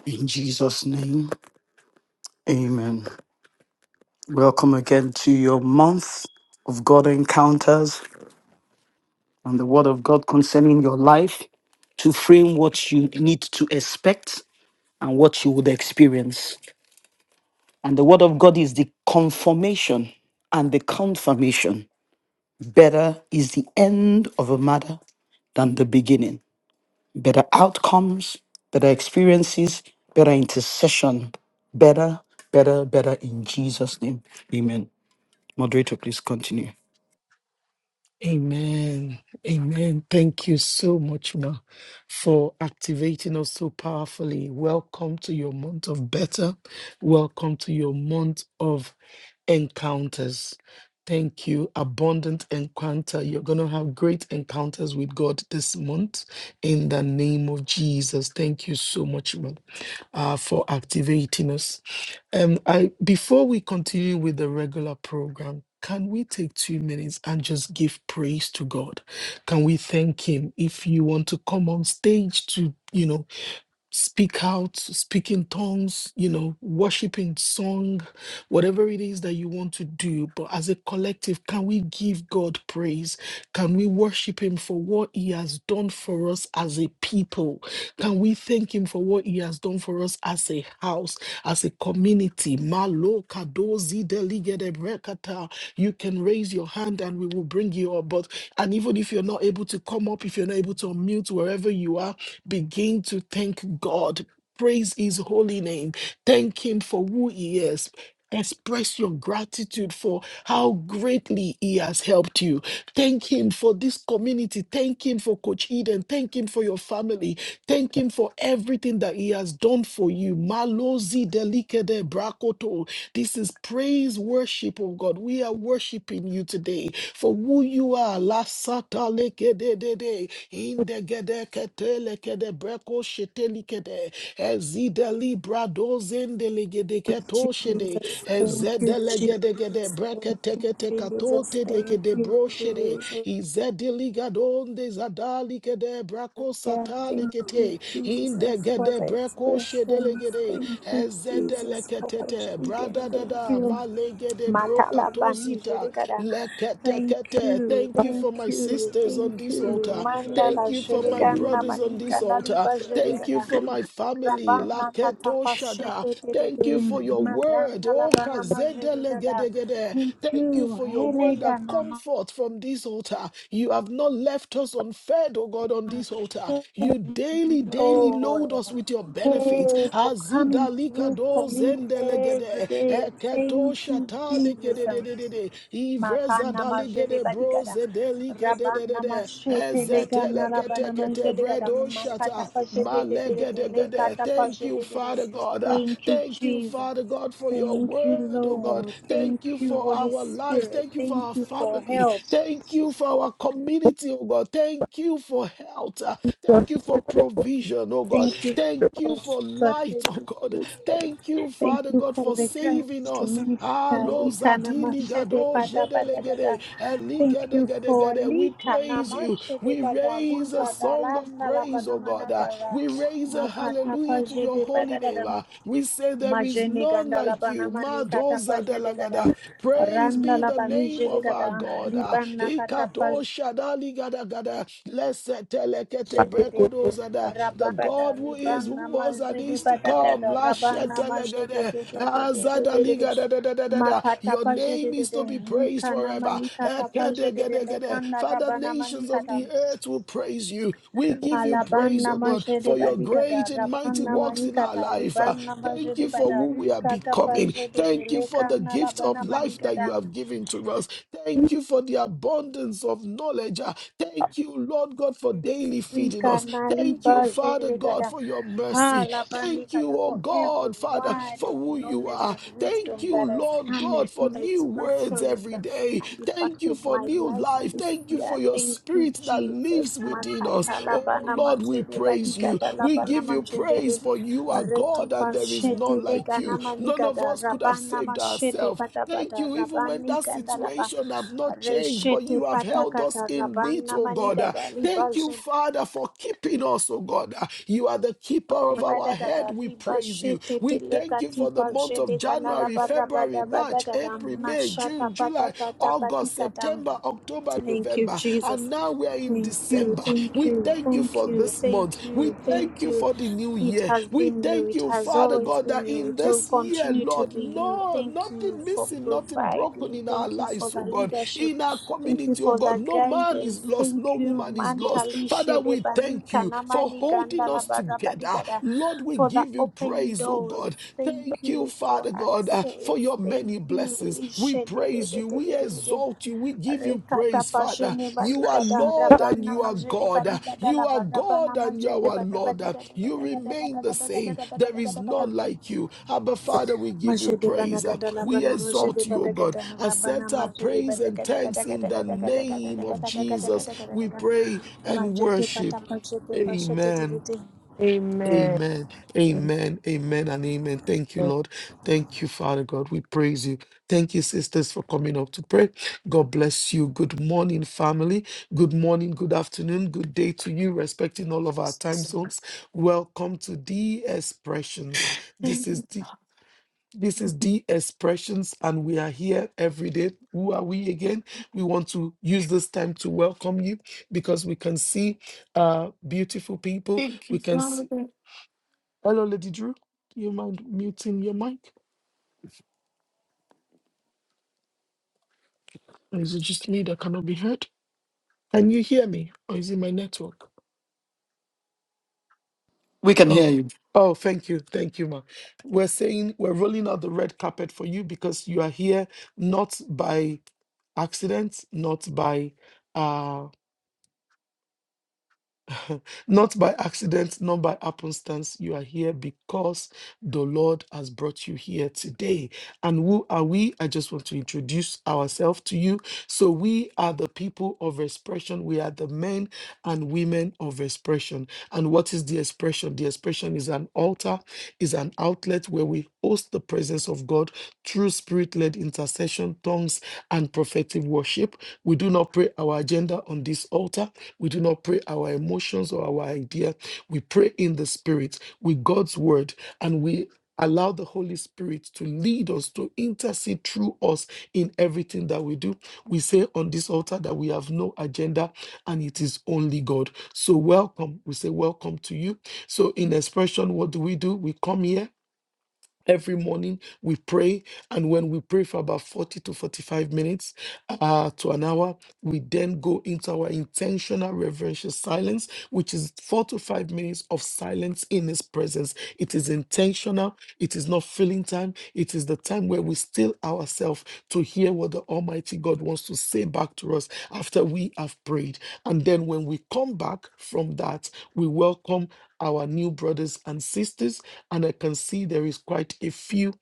Speaker 1: In Jesus' name, amen. Welcome again to your month of God encounters and the Word of God concerning your life to frame what you need to expect and what you would experience. And the Word of God is the confirmation and the confirmation Better is the end of a matter than the beginning. Better outcomes, better experiences, better intercession. Better, better, better in Jesus' name. Amen. Moderator, please continue.
Speaker 2: Amen. Amen. Thank you so much, ma, for activating us so powerfully. Welcome to your month of better. Welcome to your month of encounters. Thank you. Abundant encounter. You're going to have great encounters with God this month in the name of Jesus. Thank you so much, ma, uh, for activating us. Um, I before we continue with the regular program, can we take two minutes and just give praise to God? Can we thank Him? If you want to come on stage to, you know, speak out, speak in tongues, you know, worship in song, whatever it is that you want to do. But as a collective, can we give God praise? Can we worship Him for what He has done for us as a people? Can we thank Him for what He has done for us as a house, as a community? Malo kadozi deligede brekata. You can raise your hand and we will bring you up. But and even if you're not able to come up, if you're not able to unmute wherever you are, Begin to thank God. Praise his holy name. Thank him for who he is. Express your gratitude for how greatly He has helped you. Thank Him for this community. Thank Him for Coach Eden. Thank Him for your family. Thank Him for everything that He has done for you. Malozi delikede brakoto. This is praise worship of God. We are worshiping you today for who you are. Lasata lekededede. Indegede ketelekede breko shetelikede. Ezideli bradozendelegede ketoshede legede,
Speaker 4: Jesus, thank you,
Speaker 2: ezede legede gede,
Speaker 4: Jesus, thank
Speaker 2: brekete
Speaker 4: you,
Speaker 2: kete
Speaker 4: Jesus,
Speaker 2: katote
Speaker 4: thank
Speaker 2: legede
Speaker 4: you,
Speaker 2: broshede,
Speaker 4: Jesus.
Speaker 2: izede ligadonde zadali gede, brako
Speaker 4: Yeah,
Speaker 2: sata
Speaker 4: thank you,
Speaker 2: legete, inde
Speaker 4: Jesus, for
Speaker 2: gede
Speaker 4: the
Speaker 2: breko shede
Speaker 4: expressions.
Speaker 2: legede,
Speaker 4: Thank you,
Speaker 2: ezede
Speaker 4: Jesus, for Coach
Speaker 2: leketete, brada
Speaker 4: Eden. Thank
Speaker 2: dada,
Speaker 4: you.
Speaker 2: ma legede
Speaker 4: Matala Bani
Speaker 2: brokatosita,
Speaker 4: Jerigada.
Speaker 2: lekete
Speaker 4: Thank
Speaker 2: kete.
Speaker 4: you,
Speaker 2: Thank you
Speaker 4: thank
Speaker 2: for my
Speaker 4: you,
Speaker 2: sisters
Speaker 4: thank
Speaker 2: on this
Speaker 4: you.
Speaker 2: altar. Thank
Speaker 4: Mandala
Speaker 2: you for my
Speaker 4: Jerigana
Speaker 2: brothers on
Speaker 4: Malika
Speaker 2: this altar.
Speaker 4: Naliba
Speaker 2: Thank you
Speaker 4: Jerigada.
Speaker 2: for my family.
Speaker 4: Rabana
Speaker 2: Laketo Shada.
Speaker 4: katapashete
Speaker 2: Thank
Speaker 4: tete
Speaker 2: you for your word.
Speaker 4: magana
Speaker 2: Oh,
Speaker 4: labana majeri gada.
Speaker 2: Kazedelegedegede.
Speaker 4: Thank you,
Speaker 2: Thank you for your word that
Speaker 4: Elegana
Speaker 2: comfort from this altar. You have not left us unfed, oh God, on this altar.
Speaker 4: Mashe,
Speaker 2: You daily, daily load
Speaker 4: Lord.
Speaker 2: us with your benefits.
Speaker 4: Hey, for coming through for
Speaker 2: Azidalikado
Speaker 4: me every
Speaker 2: zendelegede.
Speaker 4: day.
Speaker 2: Eketo
Speaker 4: Thank you, Jesus.
Speaker 2: shatalekedededede.
Speaker 4: Makana majede
Speaker 2: Ivrezadaligede
Speaker 4: badigada. Rabana
Speaker 2: brozedelikede.
Speaker 4: machete legana rabana
Speaker 2: Ezeteleketekete
Speaker 4: majede gada.
Speaker 2: bredo
Speaker 4: Makata
Speaker 2: shata. Ma
Speaker 4: pajede
Speaker 2: Alegedegede.
Speaker 4: Lekata
Speaker 2: Thank you,
Speaker 4: pajede
Speaker 2: Father God. Ah,
Speaker 4: Thank you,
Speaker 2: Thank you,
Speaker 4: Jesus.
Speaker 2: Father God, for your
Speaker 4: Thank you,
Speaker 2: word, oh God.
Speaker 4: Lord. Thank
Speaker 2: Thank you
Speaker 4: you,
Speaker 2: for
Speaker 4: Holy
Speaker 2: our lives.
Speaker 4: Spirit.
Speaker 2: Thank you for
Speaker 4: Thank
Speaker 2: our
Speaker 4: you for
Speaker 2: family.
Speaker 4: help.
Speaker 2: Thank you for our community, oh God. Thank you for health. Ah, Thank you for provision, oh God.
Speaker 4: Thank you
Speaker 2: Thank you
Speaker 4: for
Speaker 2: for light, oh
Speaker 4: strategic
Speaker 2: God.
Speaker 4: wisdom.
Speaker 2: Thank you,
Speaker 4: Thank
Speaker 2: Father
Speaker 4: you
Speaker 2: God,
Speaker 4: for
Speaker 2: for
Speaker 4: the
Speaker 2: saving
Speaker 4: grace to
Speaker 2: us.
Speaker 4: minister.
Speaker 2: Ah, Lo
Speaker 4: Likana
Speaker 2: Zadili
Speaker 4: mashede
Speaker 2: Gado
Speaker 4: bada bada dada.
Speaker 2: Jedelegede,
Speaker 4: Thank you for
Speaker 2: Eligedegedegede. We
Speaker 4: likana
Speaker 2: praise you.
Speaker 4: mashede
Speaker 2: We
Speaker 4: bada
Speaker 2: raise a
Speaker 4: luga
Speaker 2: song of
Speaker 4: dalanda la
Speaker 2: praise, oh God.
Speaker 4: banamana
Speaker 2: Uh,
Speaker 4: gara.
Speaker 2: We raise a
Speaker 4: Makata
Speaker 2: hallelujah to your
Speaker 4: pajede
Speaker 2: holy
Speaker 4: bada
Speaker 2: name.
Speaker 4: dada.
Speaker 2: Uh, We say there is
Speaker 4: Majene
Speaker 2: none
Speaker 4: ganda la
Speaker 2: like you.
Speaker 4: banamani kata
Speaker 2: Madoza
Speaker 4: pajede gada.
Speaker 2: delagada. Praise
Speaker 4: Randa
Speaker 2: be
Speaker 4: la
Speaker 2: the name
Speaker 4: banijede
Speaker 2: of our
Speaker 4: gada.
Speaker 2: God. Uh,
Speaker 4: Libana
Speaker 2: Ikado
Speaker 4: kata
Speaker 2: shadali gada gada. Lese telekete
Speaker 4: Zedede
Speaker 2: brekodozada. The
Speaker 4: Rabada
Speaker 2: God who is,
Speaker 4: Ribana
Speaker 2: who was, and
Speaker 4: Mazede
Speaker 2: is to come.
Speaker 4: Badagada
Speaker 2: Lashe
Speaker 4: Rabana Mazede
Speaker 2: telegede. Azadali gada da da da da da.
Speaker 4: Makata
Speaker 2: Your
Speaker 4: Pazede
Speaker 2: name is to be praised
Speaker 4: Likana
Speaker 2: forever.
Speaker 4: Malika Tapazede
Speaker 2: Ekedegedegede.
Speaker 4: Lekana
Speaker 2: Father,
Speaker 4: Rabana
Speaker 2: nations of
Speaker 4: Malikata
Speaker 2: the earth will praise you. We give you praise,
Speaker 4: Alabana
Speaker 2: oh God,
Speaker 4: Mazede
Speaker 2: for your
Speaker 4: Badigada
Speaker 2: great and mighty
Speaker 4: Rabana
Speaker 2: works in our
Speaker 4: Malikata
Speaker 2: life. Uh,
Speaker 4: Libana
Speaker 2: Thank
Speaker 4: Mazede
Speaker 2: you for
Speaker 4: Bada
Speaker 2: who we are
Speaker 4: Likata
Speaker 2: becoming.
Speaker 4: Pazede
Speaker 2: Thank you for the
Speaker 4: Lekana
Speaker 2: gift of
Speaker 4: Labana
Speaker 2: life that
Speaker 4: Malikata
Speaker 2: you have given to us. Thank you for the abundance of knowledge. Uh, Thank you, Lord God, for daily feeding
Speaker 4: Rika
Speaker 2: us.
Speaker 4: Nali
Speaker 2: Thank you, Father God,
Speaker 4: Bajirigada.
Speaker 2: for your mercy. Thank you,
Speaker 4: Halabanikata
Speaker 2: oh
Speaker 4: for every
Speaker 2: God, Father,
Speaker 4: word
Speaker 2: for
Speaker 4: of
Speaker 2: who you
Speaker 4: knowledge
Speaker 2: are.
Speaker 4: and
Speaker 2: Thank
Speaker 4: wisdom
Speaker 2: you,
Speaker 4: that has
Speaker 2: Lord
Speaker 4: come
Speaker 2: God, for
Speaker 4: into the
Speaker 2: new words
Speaker 4: expression
Speaker 2: every day today.
Speaker 4: and
Speaker 2: Thank you
Speaker 4: impacted
Speaker 2: for
Speaker 4: my
Speaker 2: new
Speaker 4: life
Speaker 2: life.
Speaker 4: this
Speaker 2: Thank you
Speaker 4: year.
Speaker 2: for your
Speaker 4: Thank you,
Speaker 2: spirit that lives
Speaker 4: Jesus.
Speaker 2: within us.
Speaker 4: Makata
Speaker 2: Oh
Speaker 4: labana
Speaker 2: Lord, we
Speaker 4: mazede
Speaker 2: praise you.
Speaker 4: badigada
Speaker 2: We
Speaker 4: labana
Speaker 2: give you
Speaker 4: mazede
Speaker 2: praise for you are
Speaker 4: rete
Speaker 2: God and there is
Speaker 4: pashete
Speaker 2: none like
Speaker 4: legana
Speaker 2: you. None of
Speaker 4: manigada
Speaker 2: us could have
Speaker 4: rabana
Speaker 2: saved
Speaker 4: mashete
Speaker 2: ourselves. Thank
Speaker 4: patabata
Speaker 2: you, even when
Speaker 4: rabani
Speaker 2: that
Speaker 4: gandalaba
Speaker 2: situation have not changed, but
Speaker 4: reshete
Speaker 2: you have held us
Speaker 4: patakata
Speaker 2: in need,
Speaker 4: rabana
Speaker 2: oh God. Uh,
Speaker 4: manigada
Speaker 2: Thank you, Father, for keeping us, oh God. Uh, You are the keeper of our
Speaker 4: Badagada
Speaker 2: head. We
Speaker 4: riba
Speaker 2: praise you.
Speaker 4: shete
Speaker 2: We
Speaker 4: tele
Speaker 2: thank you for the
Speaker 4: katipa
Speaker 2: month
Speaker 4: jede
Speaker 2: of
Speaker 4: kanala
Speaker 2: January,
Speaker 4: barra
Speaker 2: February. February,
Speaker 4: bada
Speaker 2: March,
Speaker 4: badagada
Speaker 2: April, May,
Speaker 4: mashata
Speaker 2: June,
Speaker 4: pata
Speaker 2: July,
Speaker 4: pata
Speaker 2: August,
Speaker 4: patikata
Speaker 2: September, October,
Speaker 4: Thank you,
Speaker 2: November, and
Speaker 4: Jesus.
Speaker 2: now we are in
Speaker 4: Thank you,
Speaker 2: December.
Speaker 4: thank
Speaker 2: We
Speaker 4: you,
Speaker 2: thank you
Speaker 4: thank
Speaker 2: for
Speaker 4: you,
Speaker 2: this month.
Speaker 4: thank you,
Speaker 2: We thank
Speaker 4: thank
Speaker 2: you
Speaker 4: you.
Speaker 2: for the new
Speaker 4: It
Speaker 2: year.
Speaker 4: has
Speaker 2: We
Speaker 4: been you,
Speaker 2: thank
Speaker 4: it
Speaker 2: you,
Speaker 4: has
Speaker 2: Father
Speaker 4: always
Speaker 2: God,
Speaker 4: been
Speaker 2: that
Speaker 4: you,
Speaker 2: in
Speaker 4: it will
Speaker 2: this year,
Speaker 4: continue to
Speaker 2: Lord,
Speaker 4: be you.
Speaker 2: no,
Speaker 4: Thank you
Speaker 2: nothing
Speaker 4: for
Speaker 2: missing, nothing broken
Speaker 4: providing,
Speaker 2: in our
Speaker 4: thank you for
Speaker 2: lives, oh
Speaker 4: the
Speaker 2: God,
Speaker 4: leadership,
Speaker 2: in our
Speaker 4: thank you
Speaker 2: community, oh
Speaker 4: for
Speaker 2: God.
Speaker 4: the
Speaker 2: No man is
Speaker 4: guidance,
Speaker 2: lost,
Speaker 4: thank
Speaker 2: no
Speaker 4: you,
Speaker 2: woman is lost.
Speaker 4: Mantali
Speaker 2: Father, we thank
Speaker 4: Shedebanika
Speaker 2: you for
Speaker 4: Namani
Speaker 2: holding
Speaker 4: Gandala
Speaker 2: us together.
Speaker 4: Barabadigada,
Speaker 2: Lord, we
Speaker 4: for the
Speaker 2: give you
Speaker 4: open
Speaker 2: praise, oh
Speaker 4: doors.
Speaker 2: God.
Speaker 4: Thank
Speaker 2: Thank you,
Speaker 4: you for
Speaker 2: Father God, uh, for
Speaker 4: access.
Speaker 2: your
Speaker 4: Thank
Speaker 2: many
Speaker 4: you,
Speaker 2: blessings. We praise you. We
Speaker 4: Lishedededededede.
Speaker 2: exalt you. We give you
Speaker 4: Rekata
Speaker 2: praise, Father.
Speaker 4: pashene
Speaker 2: You
Speaker 4: baliga
Speaker 2: are
Speaker 4: da
Speaker 2: Lord and
Speaker 4: rabana
Speaker 2: you are
Speaker 4: majene
Speaker 2: God. Uh,
Speaker 4: baliga da la
Speaker 2: You are
Speaker 4: barabana
Speaker 2: God and you
Speaker 4: majene
Speaker 2: are
Speaker 4: bada
Speaker 2: Lord.
Speaker 4: bada
Speaker 2: Uh,
Speaker 4: gada
Speaker 2: You
Speaker 4: gada gada
Speaker 2: remain the
Speaker 4: gada gada
Speaker 2: same.
Speaker 4: gada gada
Speaker 2: There
Speaker 4: gada
Speaker 2: is
Speaker 4: gada gada
Speaker 2: none like you. Abba, Father, we give you
Speaker 4: majene bana
Speaker 2: praise. Uh,
Speaker 4: gada la
Speaker 2: We
Speaker 4: bana majene
Speaker 2: exalt you, O
Speaker 4: bada
Speaker 2: God.
Speaker 4: gada rabana
Speaker 2: Accept our
Speaker 4: majene
Speaker 2: praise
Speaker 4: bada
Speaker 2: and
Speaker 4: gada gada
Speaker 2: thanks in
Speaker 4: gada
Speaker 2: the
Speaker 4: gada gada
Speaker 2: name
Speaker 4: gada gada
Speaker 2: of
Speaker 4: gada gada
Speaker 2: Jesus.
Speaker 4: gada gada
Speaker 2: We
Speaker 4: gada
Speaker 2: pray and
Speaker 4: majete pata
Speaker 2: worship.
Speaker 4: pashete pashete
Speaker 2: Amen.
Speaker 4: tete
Speaker 5: Amen.
Speaker 2: Amen, amen, amen, and amen. Thank you, Lord. Thank you, Father God. We praise you. Thank you, sisters, for coming up to pray. God bless you. Good morning, family. Good morning, good afternoon, good day to you, respecting all of our time zones. Welcome to the expressions. This is the this is the expressions, and we are here every day. Who are we again? We want to use this time to welcome you because we can see uh, beautiful people.
Speaker 6: Thank you,
Speaker 2: We can see
Speaker 6: Father.
Speaker 2: Hello, Lady Drew. Do you mind muting your mic? Or is it just me that cannot be heard? Can you hear me? Or is it my network?
Speaker 1: We can hear
Speaker 2: Oh,
Speaker 1: you.
Speaker 2: oh, thank you. Thank you, ma. We're saying we're rolling out the red carpet for you because you are here not by accident, not by uh not by accident, not by happenstance. You are here because the Lord has brought you here today. And who are we? I just want to introduce ourselves to you. So, we are the people of expression. We are the men and women of expression. And what is the expression? The expression is an altar, is an outlet where we host the presence of God through spirit led intercession, tongues, and prophetic worship. We do not pray our agenda on this altar we do not pray our emotions or our idea. We pray in the Spirit with God's word and we allow the Holy Spirit to lead us, to intercede through us in everything that we do. We say on this altar that we have no agenda and it is only God. So, welcome. We say, Welcome to you. So, in expression, what do we do? We come here. Every morning we pray, and when we pray for about 40 to 45 minutes uh, to an hour, we then go into our intentional reverential silence, which is four to five minutes of silence in His presence. It is intentional, it is not filling time, it is the time where we still ourselves to hear what the Almighty God wants to say back to us after we have prayed. And then when we come back from that, we welcome our new brothers and sisters and I can see there is quite a few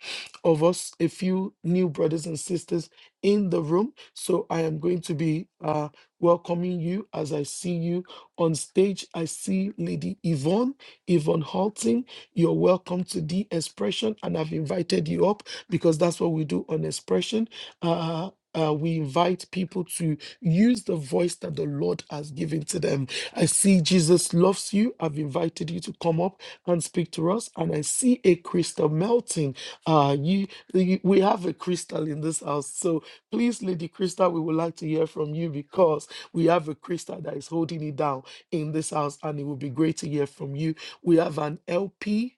Speaker 2: of us, a few new brothers and sisters in the room. So I am going to be uh, welcoming you as I see you on stage. I see Lady Yvonne, Yvonne Halting. You're welcome to the expression, and I've invited you up because that's what we do on expression. Uh, uh, uh, we invite people to use the voice that the Lord has given to them. I see Jesus loves you. I've invited you to come up and speak to us. And I see a crystal melting. Uh, you, you- we have a crystal in this house, so please, Lady Crystal, we would like to hear from you because we have a crystal that is holding it down in this house, and it would be great to hear from you. We have an LP,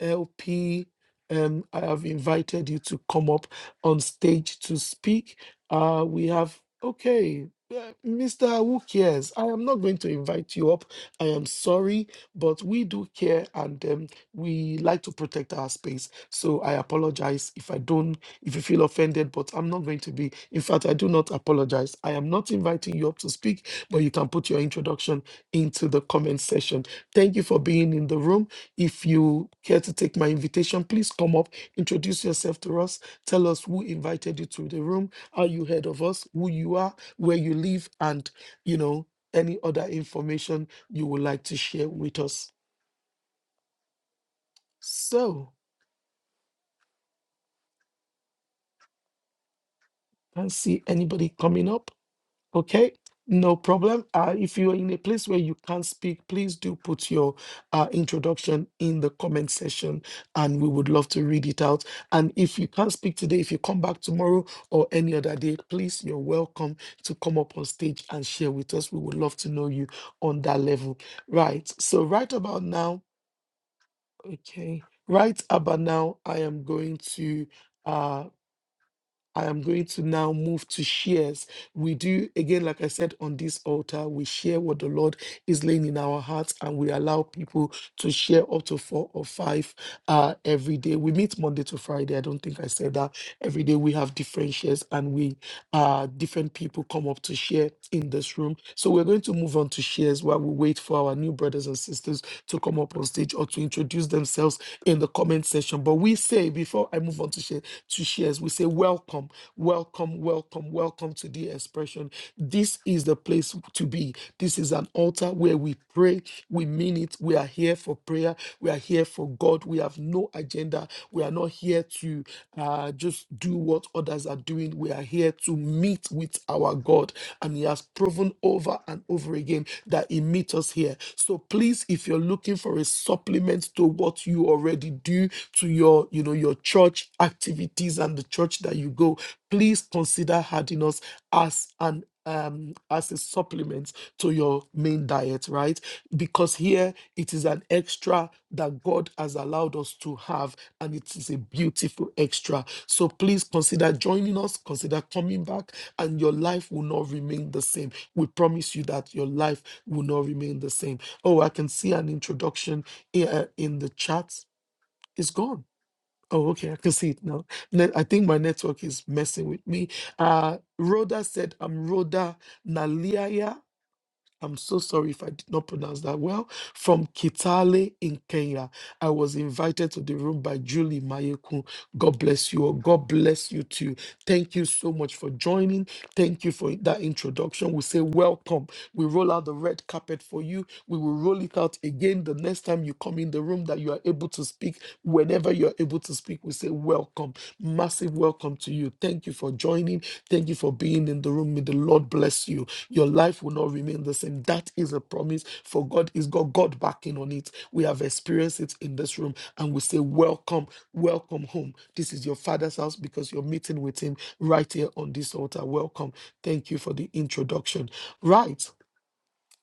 Speaker 2: LP. Um, I have invited you to come up on stage to speak. Uh, we have okay, uh, Mr. Who cares? I am not going to invite you up. I am sorry but we do care and um, we like to protect our space. So I apologize if I don't, if you feel offended, but I'm not going to be. In fact, I do not apologize. I am not inviting you up to speak, but you can put your introduction into the comment section. Thank you for being in the room. If you care to take my invitation, please come up, introduce yourself to us, tell us who invited you to the room, how you heard of us, who you are, where you live, and you know any other information you would like to share with us. So, can't see anybody coming up. Okay, no problem. Uh, if you are in a place where you can't speak, please do put your uh, introduction in the comment section and we would love to read it out. And if you can't speak today, if you come back tomorrow or any other day, please, you're welcome to come up on stage and share with us. We would love to know you on that level. Right. So, right about now, okay, right about now, I am going to. uh I am going to now move to shares. We do, again, like I said, on this altar, we share what the Lord is laying in our hearts and we allow people to share up to four or five uh, every day. We meet Monday to Friday. I don't think I said that. Every day we have different shares and we, uh, different people come up to share in this room. So we're going to move on to shares while we wait for our new brothers and sisters to come up on stage or to introduce themselves in the comment section. But we say, before I move on to share, to shares. We say, Welcome, welcome, welcome, welcome to the expression. This is the place to be. This is an altar where we pray, we mean it. We are here for prayer, we are here for God. We have no agenda. We are not here to uh, just do what others are doing. We are here to meet with our God, and He has proven over and over again that He meets us here. So please, if you're looking for a supplement to what you already do, to your you know your church activities and the church that you go please consider adding us as an um as a supplement to your main diet right because here it is an extra that god has allowed us to have and it is a beautiful extra so please consider joining us consider coming back and your life will not remain the same we promise you that your life will not remain the same oh i can see an introduction here in the chat it's gone Oh, okay, I can see it now. Ne- I think my network is messing with me. Uh, Rhoda said, I'm Rhoda Naliaya. I'm so sorry if I did not pronounce that well. From Kitale in Kenya. I was invited to the room by Julie Mayekun. God bless you. Or God bless you too. Thank you so much for joining. Thank you for that introduction. We say welcome. We roll out the red carpet for you. We will roll it out again the next time you come in the room that you are able to speak. Whenever you are able to speak, we say welcome. Massive welcome to you. Thank you for joining. Thank you for being in the room. May the Lord bless you. Your life will not remain the same. That is a promise for God is God, God backing on it. We have experienced it in this room and we say, Welcome, welcome home. This is your father's house because you're meeting with him right here on this altar. Welcome. Thank you for the introduction. Right.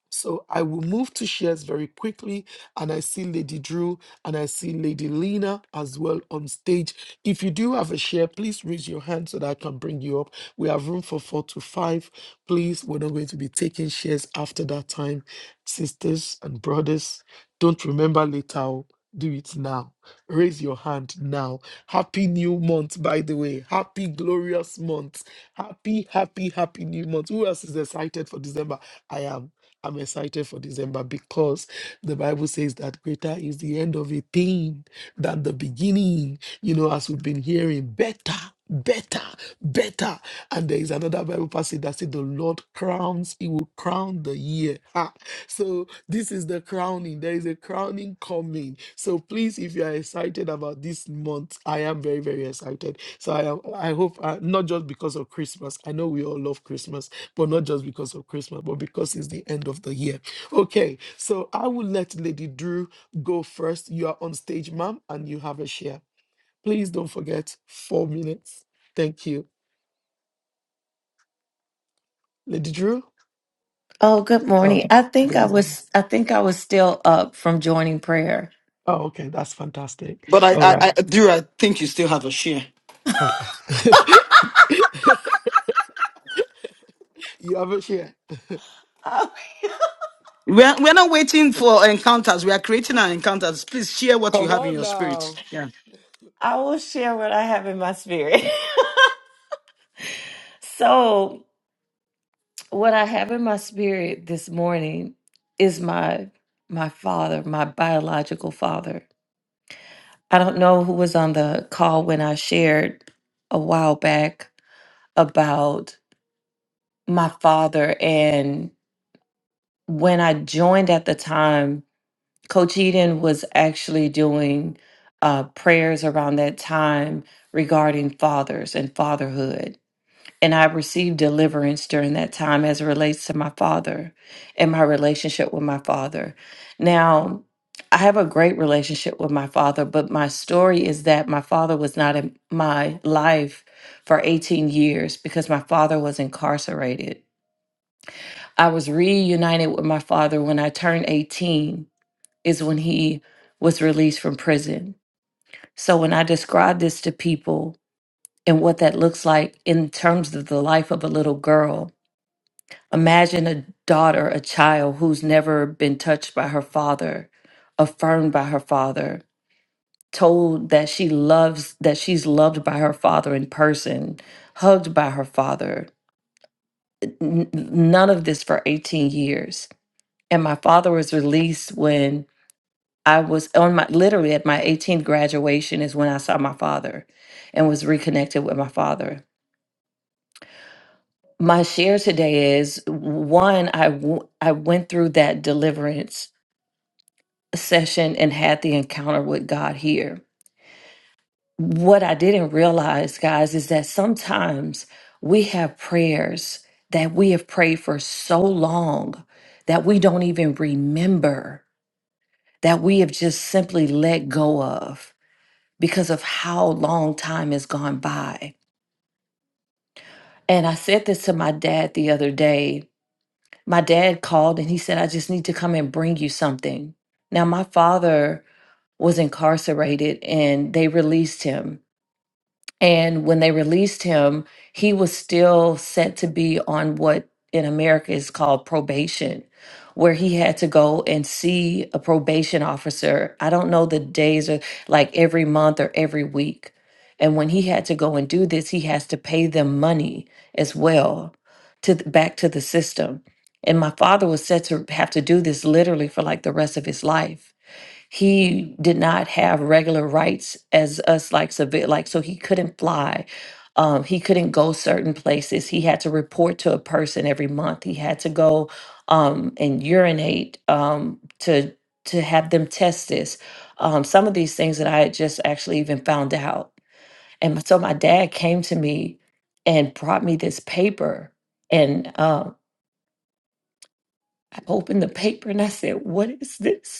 Speaker 2: So I will move to shares very quickly. And I see Lady Drew and I see Lady Lena as well on stage. If you do have a share, please raise your hand so that I can bring you up. We have room for four to five. Please, we're not going to be taking shares after that time. Sisters and brothers, don't remember later. oh, Do it now. Raise your hand now. Happy new month, by the way. Happy, glorious month. Happy, happy, happy new month. Who else is excited for December? I am. I'm excited for December because the Bible says that greater is the end of a thing than the beginning. You know, as we've been hearing, better, better, better. And there is another Bible passage that says, The Lord crowns, He will crown the year. Ha! So this is the crowning. There is a crowning coming. So please, if you are excited about this month, I am very, very excited. So I am, I hope, uh, not just because of Christmas. I know we all love Christmas but not just because of Christmas, but because it's the end of the year. Okay, so I will let Lady Drew go first. You are on stage, ma'am, and you have a share. Please don't forget four minutes. Thank you. Lady Drew?
Speaker 6: Oh, good
Speaker 2: Oh,
Speaker 6: morning. I think
Speaker 2: good
Speaker 6: I
Speaker 2: morning.
Speaker 6: was I think I was still up from joining prayer.
Speaker 2: Oh, okay, that's fantastic.
Speaker 1: But I,
Speaker 2: All
Speaker 1: I,
Speaker 2: right,
Speaker 1: I do I think you still have a share.
Speaker 2: okay. you have a share.
Speaker 6: Oh,
Speaker 1: We're, we're not waiting for encounters. We are creating our encounters. Please share what you
Speaker 2: Come
Speaker 1: have in
Speaker 2: on
Speaker 1: your spirit.
Speaker 2: now.
Speaker 6: I will share what I have in my spirit. so, what I have in my spirit this morning is my my father, my biological father. I don't know who was on the call when I shared a while back about my father and when I joined at the time Coach Eden was actually doing uh, prayers around that time regarding fathers and fatherhood. And I received deliverance during that time as it relates to my father and my relationship with my father. Now, I have a great relationship with my father, but my story is that my father was not in my life for 18 years because my father was incarcerated. I was reunited with my father when I turned 18 is when he was released from prison. So when I describe this to people and what that looks like in terms of the life of a little girl, imagine a daughter, a child who's never been touched by her father, affirmed by her father, told that she loves that she's loved by her father in person, hugged by her father. N- none of this for 18 years. And my father was released when I was on my literally at my 18th graduation is when I saw my father and was reconnected with my father. My share today is one I w- I went through that deliverance session and had the encounter with God here. What I didn't realize, guys, is that sometimes we have prayers that we have prayed for so long that we don't even remember that we have just simply let go of because of how long time has gone by. And I said this to my dad the other day. My dad called and he said, I just need to come and bring you something. Now, my father was incarcerated and they released him And when they released him, he was still set to be on what in America is called probation, where he had to go and see a probation officer. I don't know the days or like every month or every week. And when he had to go and do this, he has to pay them money as well to th- back to the system. And my father was set to have to do this literally for like the rest of his life he did not have regular rights as us like civil like so he couldn't fly um, he couldn't go certain places he had to report to a person every month he had to go um, and urinate um, to to have them test this um, some of these things that i had just actually even found out and so my dad came to me and brought me this paper and um, i opened the paper and i said what is this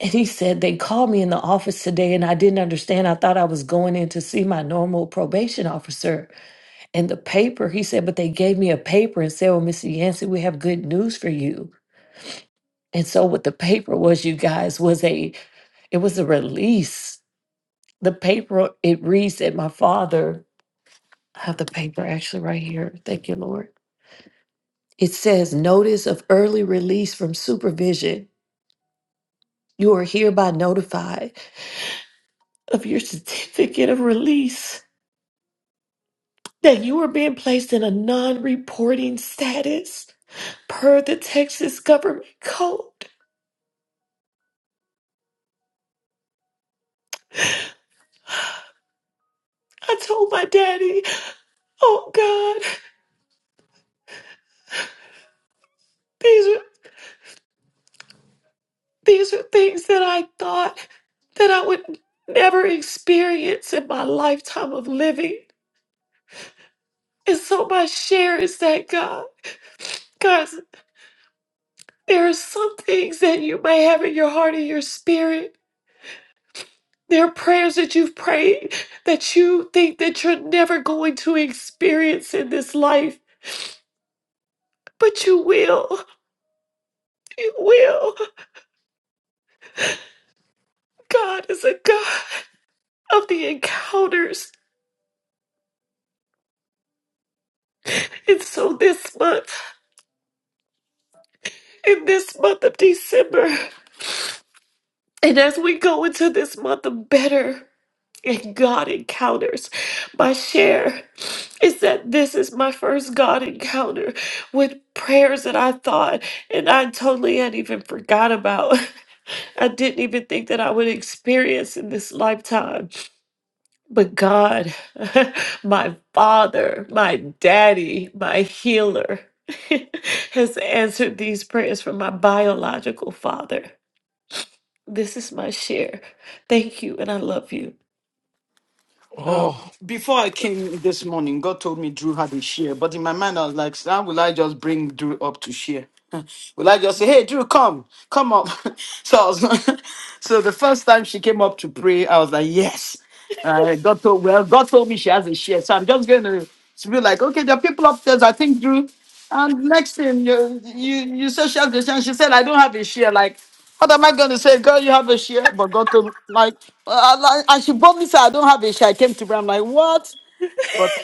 Speaker 6: And he said, They called me in the office today and I didn't understand. I thought I was going in to see my normal probation officer. And the paper, he said, But they gave me a paper and said, Well, Mr. Yancey, we have good news for you. And so what the paper was, you guys, was a it was a release. The paper it reads that my father I have the paper actually right here. Thank you, Lord. It says notice of early release from supervision. You are hereby notified of your certificate of release. that you are being placed in a non reporting status per the Texas government code. I told my daddy, oh God, these are, these are things that I thought that I would never experience in my lifetime of living. And so my share is that God, God, there are some things that you may have in your heart and your spirit. There are prayers that you've prayed that you think that you're never going to experience in this life. But you will. You will. God is a God of the encounters. And so this month, in this month of December, and as we go into this month of better and God encounters, my share is that this is my first God encounter with prayers that I thought and I totally had even forgot about. I didn't even think that I would experience in this lifetime. But God, my Father, my Daddy, my healer, has answered these prayers from my biological father. This is my share. Thank you, and I love you.
Speaker 1: Um,
Speaker 2: Oh.
Speaker 1: before I came this morning, God told me Drew had a share, but in my mind I was like, how will I just bring Drew up to share? will I just say, hey Drew, come, come up? so I was, so the first time she came up to pray, I was like, yes. Uh, God told well, God told me she has a share, so I'm just going to be like, okay, there are people up there. I think Drew. And next thing you you you said she has a share. She said, I don't have a share. Like, what am I gonna say, girl? You have a share, but God told me, like, uh, uh, like- and she boldly said, I don't have a share. I came to her. I'm like, what? But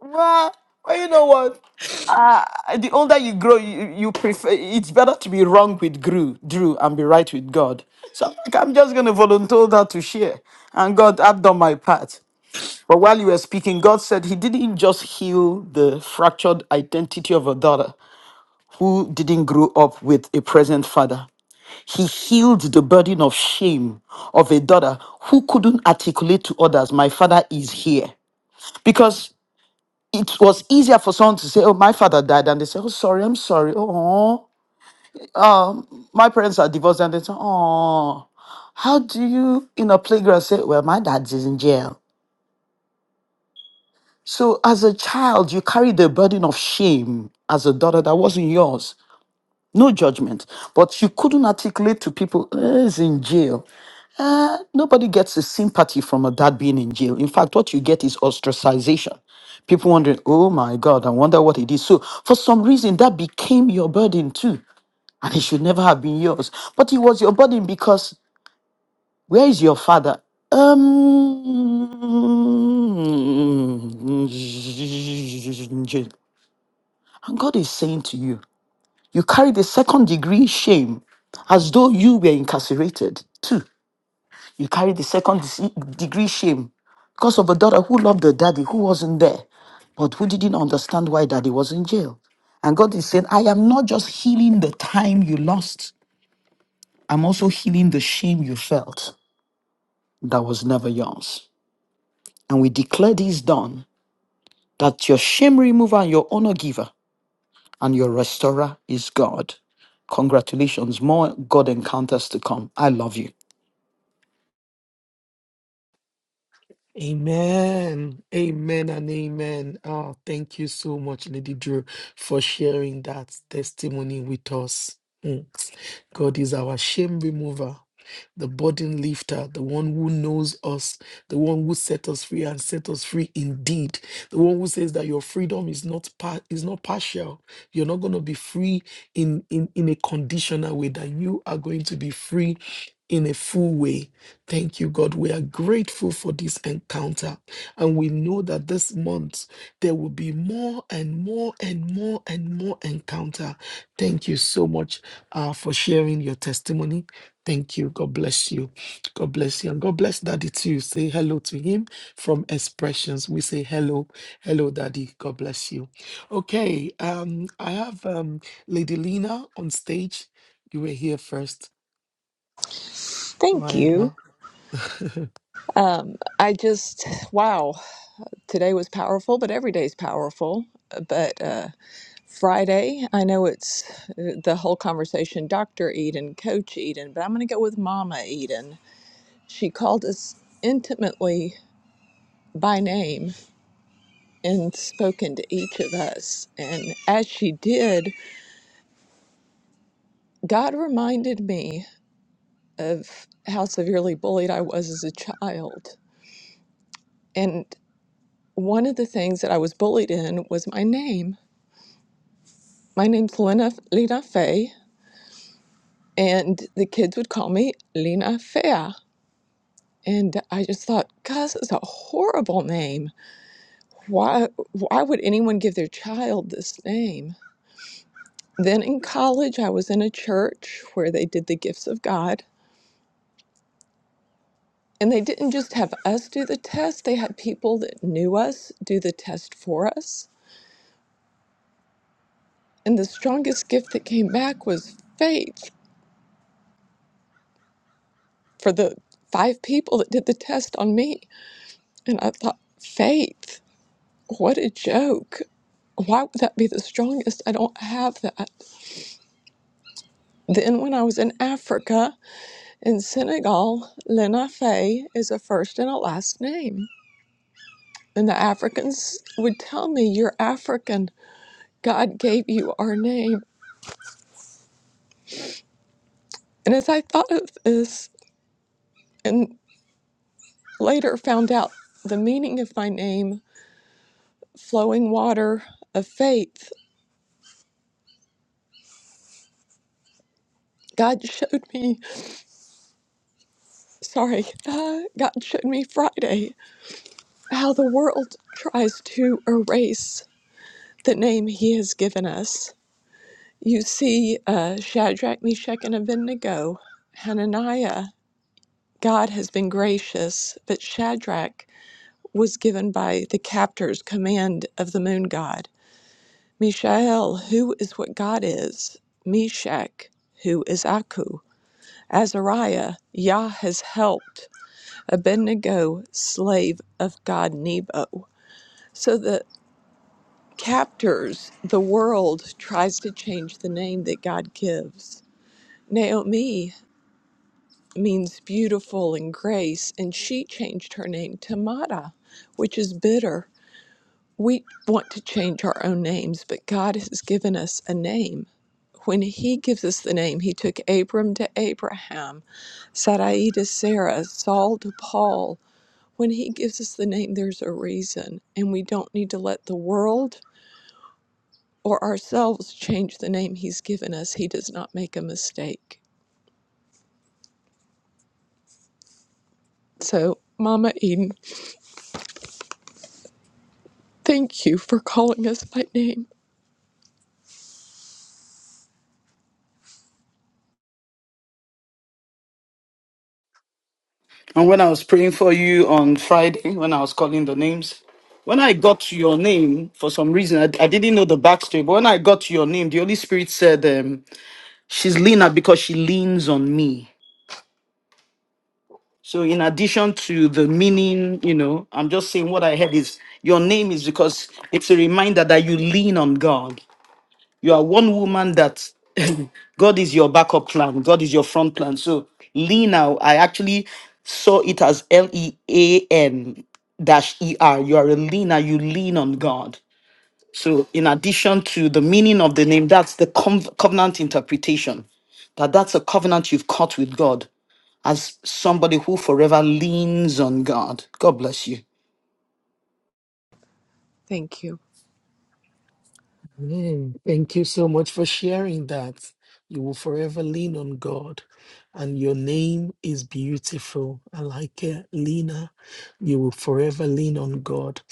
Speaker 1: well, well, you know what? Uh, the older you grow, you, you prefer. It's better to be wrong with Drew, Drew, and be right with God. So I'm like, I'm just gonna volunteer that to share. And God, I've done my part. But while you were speaking, God said He didn't just heal the fractured identity of a daughter who didn't grow up with a present father. He healed the burden of shame of a daughter who couldn't articulate to others, My father is here. Because it was easier for someone to say, Oh, my father died, and they say, Oh, sorry, I'm sorry. Oh, um, my parents are divorced, and they say, Oh, how do you in a playground say, Well, my dad is in jail? So as a child, you carry the burden of shame as a daughter that wasn't yours. No judgment, but you couldn't articulate to people, "Eh, he's in jail. Uh, nobody gets the sympathy from a dad being in jail. In fact, what you get is ostracization. People wondering, oh my God, I wonder what it is. So, for some reason, that became your burden too. And it should never have been yours. But it was your burden because where is your father? Um, and God is saying to you, you carry the second degree shame as though you were incarcerated too. You carry the second dec- degree shame because of a daughter who loved her daddy, who wasn't there, but who didn't understand why daddy was in jail. And God is saying, I am not just healing the time you lost, I'm also healing the shame you felt that was never yours. And we declare this done that your shame remover and your honor giver and your restorer is God. Congratulations, more God encounters to come. I love you.
Speaker 2: Amen. Amen and amen. Oh, thank you so much, Lady Drew, for sharing that testimony with us. Mm. God is our shame remover, the burden lifter, the one who knows us, the one who set us free and set us free indeed. The one who says that your freedom is not par- is not partial. You're not going to be free in, in in a conditional way, that you are going to be free in a full way. Thank you, God. We are grateful for this encounter. And we know that this month there will be more and more and more and more encounter. Thank you so much uh, for sharing your testimony. Thank you. God bless you. God bless you. And God bless Daddy too. Say hello to him from Expressions. We say hello. Hello, Daddy. God bless you. Okay. Um, I have um, Lady Lena on stage. You were here first. Go
Speaker 7: Thank
Speaker 2: ahead,
Speaker 7: you.
Speaker 2: Ma.
Speaker 7: Um, I just, wow, today was powerful, but every day's powerful. But uh, Friday, I know it's uh, the whole conversation Dr. Eden, Coach Eden, but I'm going to go with Mama Eden. She called us intimately by name and spoken to each of us. And as she did, God reminded me of how severely bullied I was as a child. And one of the things that I was bullied in was my name My name's Lena, Lena Fay, and the kids would call me Lena Fea. And I just thought, God, it's a horrible name. Why, why would anyone give their child this name? Then in college, I was in a church where they did the gifts of God. And they didn't just have us do the test, they had people that knew us do the test for us. And the strongest gift that came back was faith for the five people that did the test on me. And I thought, faith? What a joke. Why would that be the strongest? I don't have that. Then, when I was in Africa, in Senegal, Lena Faye is a first and a last name. And the Africans would tell me, You're African. God gave you our name. And as I thought of this and later found out the meaning of my name, flowing water of faith, God showed me, sorry, uh, God showed me Friday. how the world tries to erase the name he has given us. You see, uh, Shadrach, Meshach, and Abednego, Hananiah, God has been gracious, but Shadrach was given by the captor's command of the moon god. Mishael, who is what God is, Meshach, who is Aku. Azariah, Yah has helped. Abednego, slave of God Nebo. So the captors the world tries to change the name that God gives. Naomi means beautiful and grace, and she changed her name to Mara, which is bitter. We want to change our own names, but God has given us a name. When He gives us the name, He took Abram to Abraham, Sarai to Sarah, Saul to Paul. When He gives us the name, there's a reason, and we don't need to let the world or ourselves change the name He's given us, He does not make a mistake. So, Mama Eden, thank you for calling us by name.
Speaker 1: And when I was praying for you on Friday, when I was calling the names, when I got to your name, for some reason, I, I didn't know the backstory, but when I got to your name, the Holy Spirit said, um, She's leaner because she leans on me. So, in addition to the meaning, you know, I'm just saying what I heard is your name is because it's a reminder that you lean on God. You are one woman that God is your backup plan, God is your front plan. So lean out. I actually saw it as L E A N dash E R. You are a leaner, you lean on God. So, in addition to the meaning of the name, that's the cov- covenant interpretation that that's a covenant you've cut with God as somebody who forever leans on God. God bless you.
Speaker 7: Thank you.
Speaker 2: Amen. Thank you so much for sharing that. You will forever lean on God, and your name is beautiful. I like it, Lena. You will forever lean on God.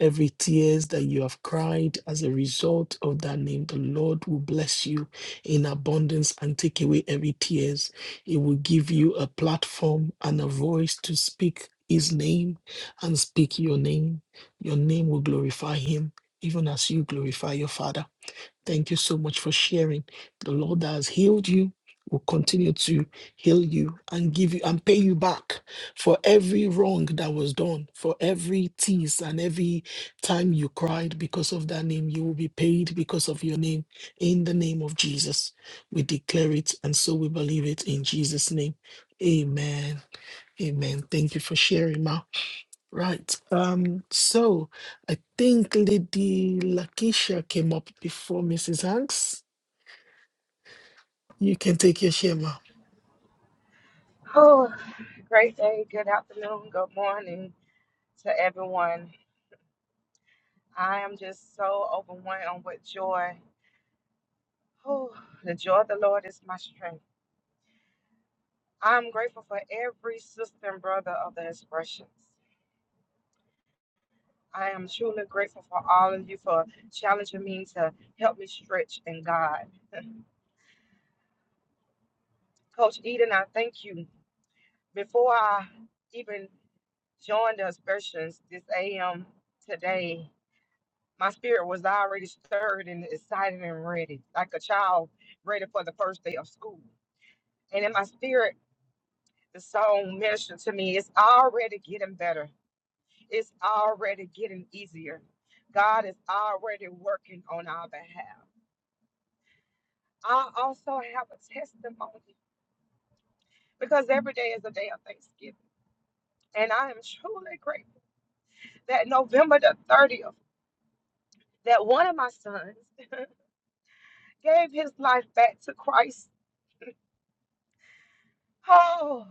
Speaker 2: Every tears that you have cried as a result of that name, the Lord will bless you in abundance and take away every tears. It will give you a platform and a voice to speak His name and speak your name. Your name will glorify Him even as you glorify your Father. Thank you so much for sharing. The Lord that has healed you will continue to heal you and give you and pay you back for every wrong that was done, for every tease and every time you cried because of that name. You will be paid because of your name in the name of Jesus. We declare it and so we believe it in Jesus' name. Amen. Amen. Thank you for sharing, Ma. Right. Um, so I think Lady Lakeisha came up before Mrs. Hanks. You can take your share, ma'am.
Speaker 8: Oh, great day. Good afternoon. Good morning to everyone. I am just so overwhelmed with joy. Oh, the joy of the Lord is my strength. I am grateful for every sister and brother of the expressions. I am truly grateful for all of you for challenging me to help me stretch in God. Coach Eden, I thank you. Before I even joined the expressions this AM today, my spirit was already stirred and excited and ready, like a child ready for the first day of school. And in my spirit, the song ministered to me. It's already getting better. It's already getting easier. God is already working on our behalf. I also have a testimony because every day is a day of Thanksgiving. And I am truly grateful that November the 30th, that one of my sons gave his life back to Christ. Oh,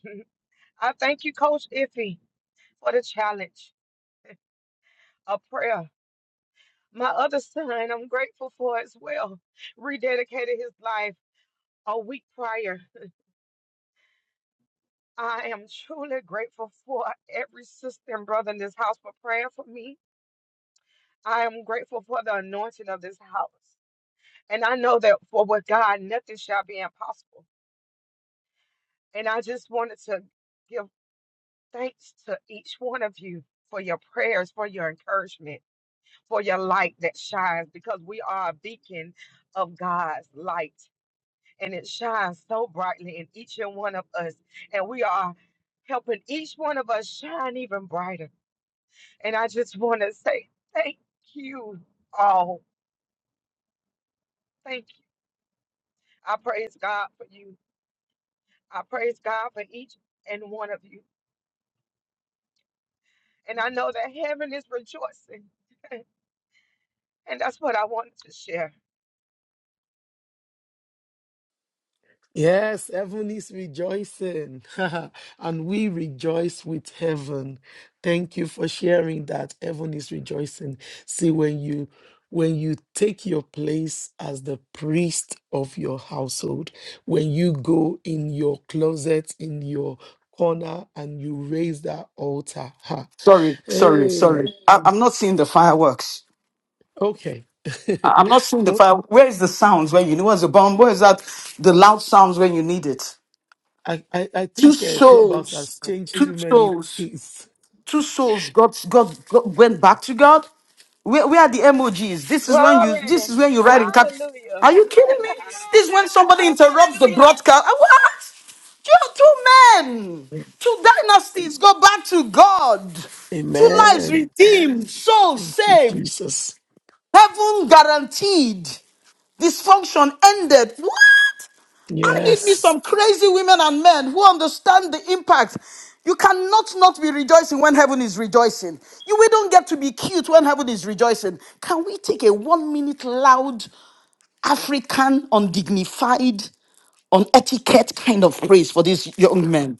Speaker 8: I thank you, Coach Iffy, for the challenge a prayer. My other son, I'm grateful for as well, rededicated his life a week prior. I am truly grateful for every sister and brother in this house for praying for me. I am grateful for the anointing of this house. And I know that for with God, nothing shall be impossible. And I just wanted to give thanks to each one of you for your prayers, for your encouragement. for your light that shines because we are a beacon of God's light and it shines so brightly in each and one of us. And we are helping each one of us shine even brighter. And I just want to say thank you all. Thank you. I praise God for you. I praise God for each and one of you. And I know that heaven is rejoicing. And that's what I wanted to share.
Speaker 2: Yes, heaven is rejoicing, and we rejoice with heaven. Thank you for sharing that. Heaven is rejoicing. See, when you when you take your place as the priest of your household, when you go in your closet, in your corner, and you raise that altar,
Speaker 1: Sorry, sorry,
Speaker 2: Hey,
Speaker 1: sorry. I- I'm not seeing the fireworks.
Speaker 2: okay.
Speaker 1: I- I'm not seeing the
Speaker 2: Well,
Speaker 1: fire. Where is the sounds when you know what's the bomb? Where is that the loud sounds when you need it?
Speaker 2: I, I, I
Speaker 1: Two
Speaker 2: think uh, Clubhouse has
Speaker 1: souls,
Speaker 2: changed
Speaker 1: two
Speaker 2: too many
Speaker 1: souls,
Speaker 2: things.
Speaker 1: two souls. God, God, God went back to God. Where, where are the emojis? This is when you.
Speaker 8: Glory.
Speaker 1: This is when you write in cap.
Speaker 8: Hallelujah.
Speaker 1: Are you kidding me? This is when somebody
Speaker 8: Hallelujah.
Speaker 1: interrupts the broadcast. Ah, What? Two, two men, two dynasties go back to God. Two lives
Speaker 2: Amen.
Speaker 1: redeemed, souls
Speaker 2: Thank you,
Speaker 1: saved,
Speaker 2: Jesus.
Speaker 1: heaven guaranteed. Dysfunction ended. What? I need me
Speaker 2: Yes.
Speaker 1: some crazy women and men who understand the impact. You cannot not be rejoicing when heaven is rejoicing. You we don't get to be cute when heaven is rejoicing. Can we take a one minute loud African, undignified, unetiquette kind of praise for these young men?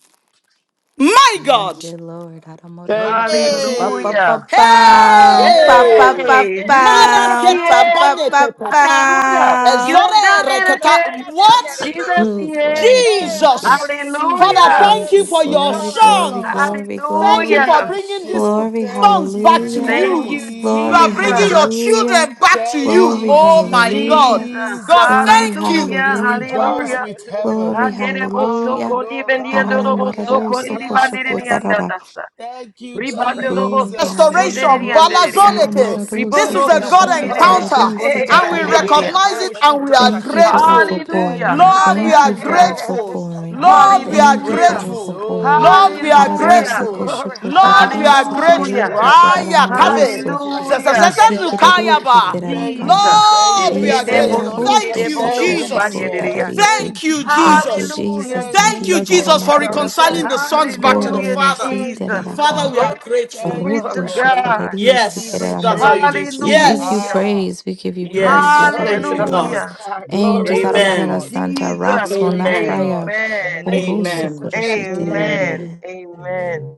Speaker 1: My
Speaker 3: Thank
Speaker 1: God!
Speaker 3: you, Lord.
Speaker 2: Thank you,
Speaker 3: Aramoroso.
Speaker 2: Jesus.
Speaker 3: Ba
Speaker 1: Hey!
Speaker 3: Pa pa pa
Speaker 5: Hallelujah.
Speaker 3: pa.
Speaker 8: Ay, andera
Speaker 3: Pa pa
Speaker 8: da
Speaker 1: Hey!
Speaker 3: pa
Speaker 8: sate,
Speaker 5: Yay!
Speaker 3: pa.
Speaker 1: Mara
Speaker 5: Jesus
Speaker 8: andera
Speaker 5: yay!
Speaker 8: sare,
Speaker 3: Pa
Speaker 1: keta bane
Speaker 3: pa
Speaker 8: andora
Speaker 1: baneketa pa.
Speaker 5: Hallelujah.
Speaker 8: sare.
Speaker 5: You
Speaker 3: pa
Speaker 5: have
Speaker 1: Ezore
Speaker 5: done
Speaker 8: Ay,
Speaker 5: it
Speaker 8: andora
Speaker 5: again.
Speaker 1: reketa.
Speaker 8: da sate,
Speaker 1: What?
Speaker 5: Jesus
Speaker 8: andoro.
Speaker 3: Mm, Lord, we
Speaker 5: yay!
Speaker 8: Hey,
Speaker 3: thank you.
Speaker 8: andera
Speaker 1: Jesus.
Speaker 8: sete
Speaker 1: Father,
Speaker 8: piere.
Speaker 5: Hallelujah.
Speaker 1: thank
Speaker 2: Jesus.
Speaker 1: you
Speaker 3: Jesus,
Speaker 1: for your
Speaker 2: Ẹ
Speaker 3: glory,
Speaker 8: Glory,
Speaker 2: ṣé
Speaker 3: glory,
Speaker 1: songs.
Speaker 8: hallelujah.
Speaker 2: bàbá.
Speaker 3: glory,
Speaker 1: Thank you
Speaker 3: glory,
Speaker 1: for
Speaker 2: Olúwa
Speaker 5: Hallelujah.
Speaker 2: ẹ
Speaker 1: bringing these
Speaker 2: ṣeun.
Speaker 3: glory,
Speaker 2: Thank
Speaker 1: songs
Speaker 2: you,
Speaker 1: back to
Speaker 3: hallelujah,
Speaker 5: Thank
Speaker 1: you.
Speaker 5: you,
Speaker 8: Oh,
Speaker 1: You
Speaker 3: glory,
Speaker 1: are bringing
Speaker 5: Jesus.
Speaker 1: your
Speaker 2: Jesus.
Speaker 3: hallelujah,
Speaker 1: children back to
Speaker 2: Thank
Speaker 1: you.
Speaker 3: glory,
Speaker 2: you,
Speaker 1: Oh my God.
Speaker 3: hallelujah,
Speaker 5: Jesus.
Speaker 1: God,
Speaker 2: Jesus.
Speaker 3: glory,
Speaker 1: thank you.
Speaker 5: Hallelujah.
Speaker 2: We
Speaker 3: hallelujah,
Speaker 8: glory,
Speaker 2: rejoice
Speaker 5: Hallelujah.
Speaker 2: with
Speaker 8: hallelujah.
Speaker 2: heaven.
Speaker 3: Glory,
Speaker 5: Andere bo
Speaker 2: Ah,
Speaker 3: hallelujah.
Speaker 5: soko di
Speaker 8: Oh,
Speaker 5: bendi
Speaker 8: God,
Speaker 5: andoro
Speaker 2: lokado.
Speaker 5: bo
Speaker 8: nothing shall
Speaker 3: Haramararo
Speaker 5: soko
Speaker 2: Yes,
Speaker 8: be
Speaker 5: di di
Speaker 3: soko
Speaker 2: yes,
Speaker 5: bandiri
Speaker 3: shoko
Speaker 8: impossible.
Speaker 5: di
Speaker 2: yes.
Speaker 3: tarara.
Speaker 5: andata.
Speaker 2: Thank you,
Speaker 5: Ribando
Speaker 8: Glory,
Speaker 5: dobo
Speaker 3: Glory,
Speaker 2: Jesus.
Speaker 1: restoration,
Speaker 5: sokondiri
Speaker 3: hallelujah.
Speaker 5: andiriya.
Speaker 2: Olegede bro
Speaker 1: balazoleke.
Speaker 3: Haramararo
Speaker 1: This is
Speaker 5: Ribondo
Speaker 1: a
Speaker 3: soko
Speaker 2: sitalika da
Speaker 1: God
Speaker 3: shoko
Speaker 2: da
Speaker 5: sokondiri
Speaker 2: da
Speaker 5: bo
Speaker 8: glory,
Speaker 2: da.
Speaker 3: tarari
Speaker 1: encounter,
Speaker 8: sante,
Speaker 5: sokondiri
Speaker 3: sika
Speaker 1: and we
Speaker 8: andera
Speaker 3: tararara.
Speaker 5: bandiriya.
Speaker 8: sate,
Speaker 1: recognize
Speaker 2: Malekato
Speaker 1: it and we
Speaker 8: andora
Speaker 1: are
Speaker 3: Thank you
Speaker 8: sate.
Speaker 2: shitalikede.
Speaker 3: for
Speaker 1: grateful.
Speaker 5: Hallelujah,
Speaker 2: Thank
Speaker 3: overpouring.
Speaker 2: you,
Speaker 1: Lord, we
Speaker 3: Thank
Speaker 1: are
Speaker 2: Father
Speaker 3: you for
Speaker 5: hallelujah,
Speaker 8: Yeah,
Speaker 2: God.
Speaker 8: andera
Speaker 1: grateful.
Speaker 8: sate,
Speaker 3: overpouring.
Speaker 2: We
Speaker 1: Lord,
Speaker 2: give
Speaker 8: andora
Speaker 1: we
Speaker 2: you
Speaker 1: are
Speaker 3: Thank you
Speaker 8: sate.
Speaker 3: for
Speaker 5: hallelujah,
Speaker 2: praise.
Speaker 1: grateful.
Speaker 3: overpouring.
Speaker 2: Oh,
Speaker 1: Lord, we
Speaker 2: we
Speaker 1: are
Speaker 3: Hararoso
Speaker 5: hallelujah,
Speaker 2: thank
Speaker 1: grateful.
Speaker 2: you.
Speaker 8: Glory,
Speaker 3: koshoko
Speaker 1: Lord,
Speaker 8: hallelujah.
Speaker 1: we are
Speaker 3: tarerisi
Speaker 8: Shanti,
Speaker 2: Ah,
Speaker 1: grateful.
Speaker 5: hallelujah,
Speaker 3: kerereke
Speaker 8: andera
Speaker 2: lekede
Speaker 8: sate,
Speaker 1: Aya
Speaker 2: sota
Speaker 1: kafe.
Speaker 8: andera
Speaker 3: teraramoso.
Speaker 8: sate,
Speaker 2: lekede.
Speaker 5: hallelujah.
Speaker 3: Isi
Speaker 8: andera sate,
Speaker 2: We are
Speaker 8: andora.
Speaker 3: kerereke
Speaker 2: grateful.
Speaker 1: Zezezezezukayaba.
Speaker 2: Thank you.
Speaker 3: terarakanta.
Speaker 5: Jesus.
Speaker 2: Thank
Speaker 1: Lord, we
Speaker 8: Hey,
Speaker 2: you.
Speaker 1: are
Speaker 8: I
Speaker 5: Ekede
Speaker 3: Ese
Speaker 5: bo
Speaker 1: grateful.
Speaker 2: Thank
Speaker 8: ayador
Speaker 2: you.
Speaker 1: Thank
Speaker 3: laroto
Speaker 5: sundiri
Speaker 1: you,
Speaker 8: shati,
Speaker 5: bondo
Speaker 2: Thank you,
Speaker 1: Jesus.
Speaker 3: sokoshoko
Speaker 2: Lord.
Speaker 8: ayadididididor
Speaker 5: kubandiriya.
Speaker 3: tarerisi.
Speaker 8: shati.
Speaker 1: Thank
Speaker 2: Thank
Speaker 1: you,
Speaker 2: you, Lord.
Speaker 3: Thank you,
Speaker 1: Jesus.
Speaker 8: Thank
Speaker 5: Hallelujah,
Speaker 3: Jesus.
Speaker 8: you,
Speaker 2: Thank
Speaker 1: Thank
Speaker 2: you,
Speaker 1: you,
Speaker 3: Indeed,
Speaker 8: Jesus.
Speaker 5: Jesus.
Speaker 1: Jesus,
Speaker 8: Shati,
Speaker 2: Lord.
Speaker 1: for
Speaker 8: ayador
Speaker 3: aramararoso.
Speaker 1: reconciling
Speaker 8: shati,
Speaker 1: the
Speaker 2: Thank you,
Speaker 1: sons back to
Speaker 2: Lord.
Speaker 1: the
Speaker 8: tidididididor.
Speaker 5: Hallelujah,
Speaker 1: Father.
Speaker 3: Korararasi
Speaker 2: Thank you,
Speaker 5: Jesus.
Speaker 1: Father, we
Speaker 2: Lord.
Speaker 1: are
Speaker 3: terarakanto.
Speaker 1: grateful.
Speaker 5: Glory
Speaker 2: Thank you,
Speaker 3: Roto
Speaker 5: to
Speaker 8: Glory,
Speaker 2: Lord.
Speaker 8: hallelujah.
Speaker 5: God.
Speaker 2: We
Speaker 8: Shati,
Speaker 3: shokorerisi
Speaker 2: give
Speaker 1: Yes,
Speaker 2: you
Speaker 8: ayador
Speaker 1: that's
Speaker 3: keraramara.
Speaker 1: all you
Speaker 8: shati.
Speaker 1: do.
Speaker 2: praise.
Speaker 3: We give you
Speaker 5: Hallelujah.
Speaker 1: Yes,
Speaker 2: Ah,
Speaker 3: praise. We give you
Speaker 2: we give
Speaker 3: praise. We
Speaker 2: you
Speaker 1: yes.
Speaker 3: give
Speaker 8: Glory
Speaker 3: you
Speaker 1: Thank
Speaker 8: to
Speaker 1: you,
Speaker 8: the Lamb
Speaker 2: praise.
Speaker 3: praise.
Speaker 1: God.
Speaker 8: of
Speaker 5: Hallelujah.
Speaker 8: God. Glory,
Speaker 3: Angels,
Speaker 2: Glory to
Speaker 5: Woo,
Speaker 8: hallelujah.
Speaker 3: Aramarara
Speaker 1: Amen.
Speaker 2: God.
Speaker 3: Santa,
Speaker 5: Jesus.
Speaker 3: rocks will
Speaker 2: Glory
Speaker 8: Amen.
Speaker 3: not
Speaker 2: to
Speaker 3: cry
Speaker 1: Amen.
Speaker 2: God.
Speaker 3: out.
Speaker 5: Amen.
Speaker 8: Thank you,
Speaker 2: Mm,
Speaker 3: Oroso
Speaker 1: Amen.
Speaker 8: Jesus. Shati,
Speaker 3: Koroshite,
Speaker 1: Amen.
Speaker 5: Amen.
Speaker 8: ayadididididor.
Speaker 3: amen.
Speaker 2: Amen.
Speaker 5: Amen.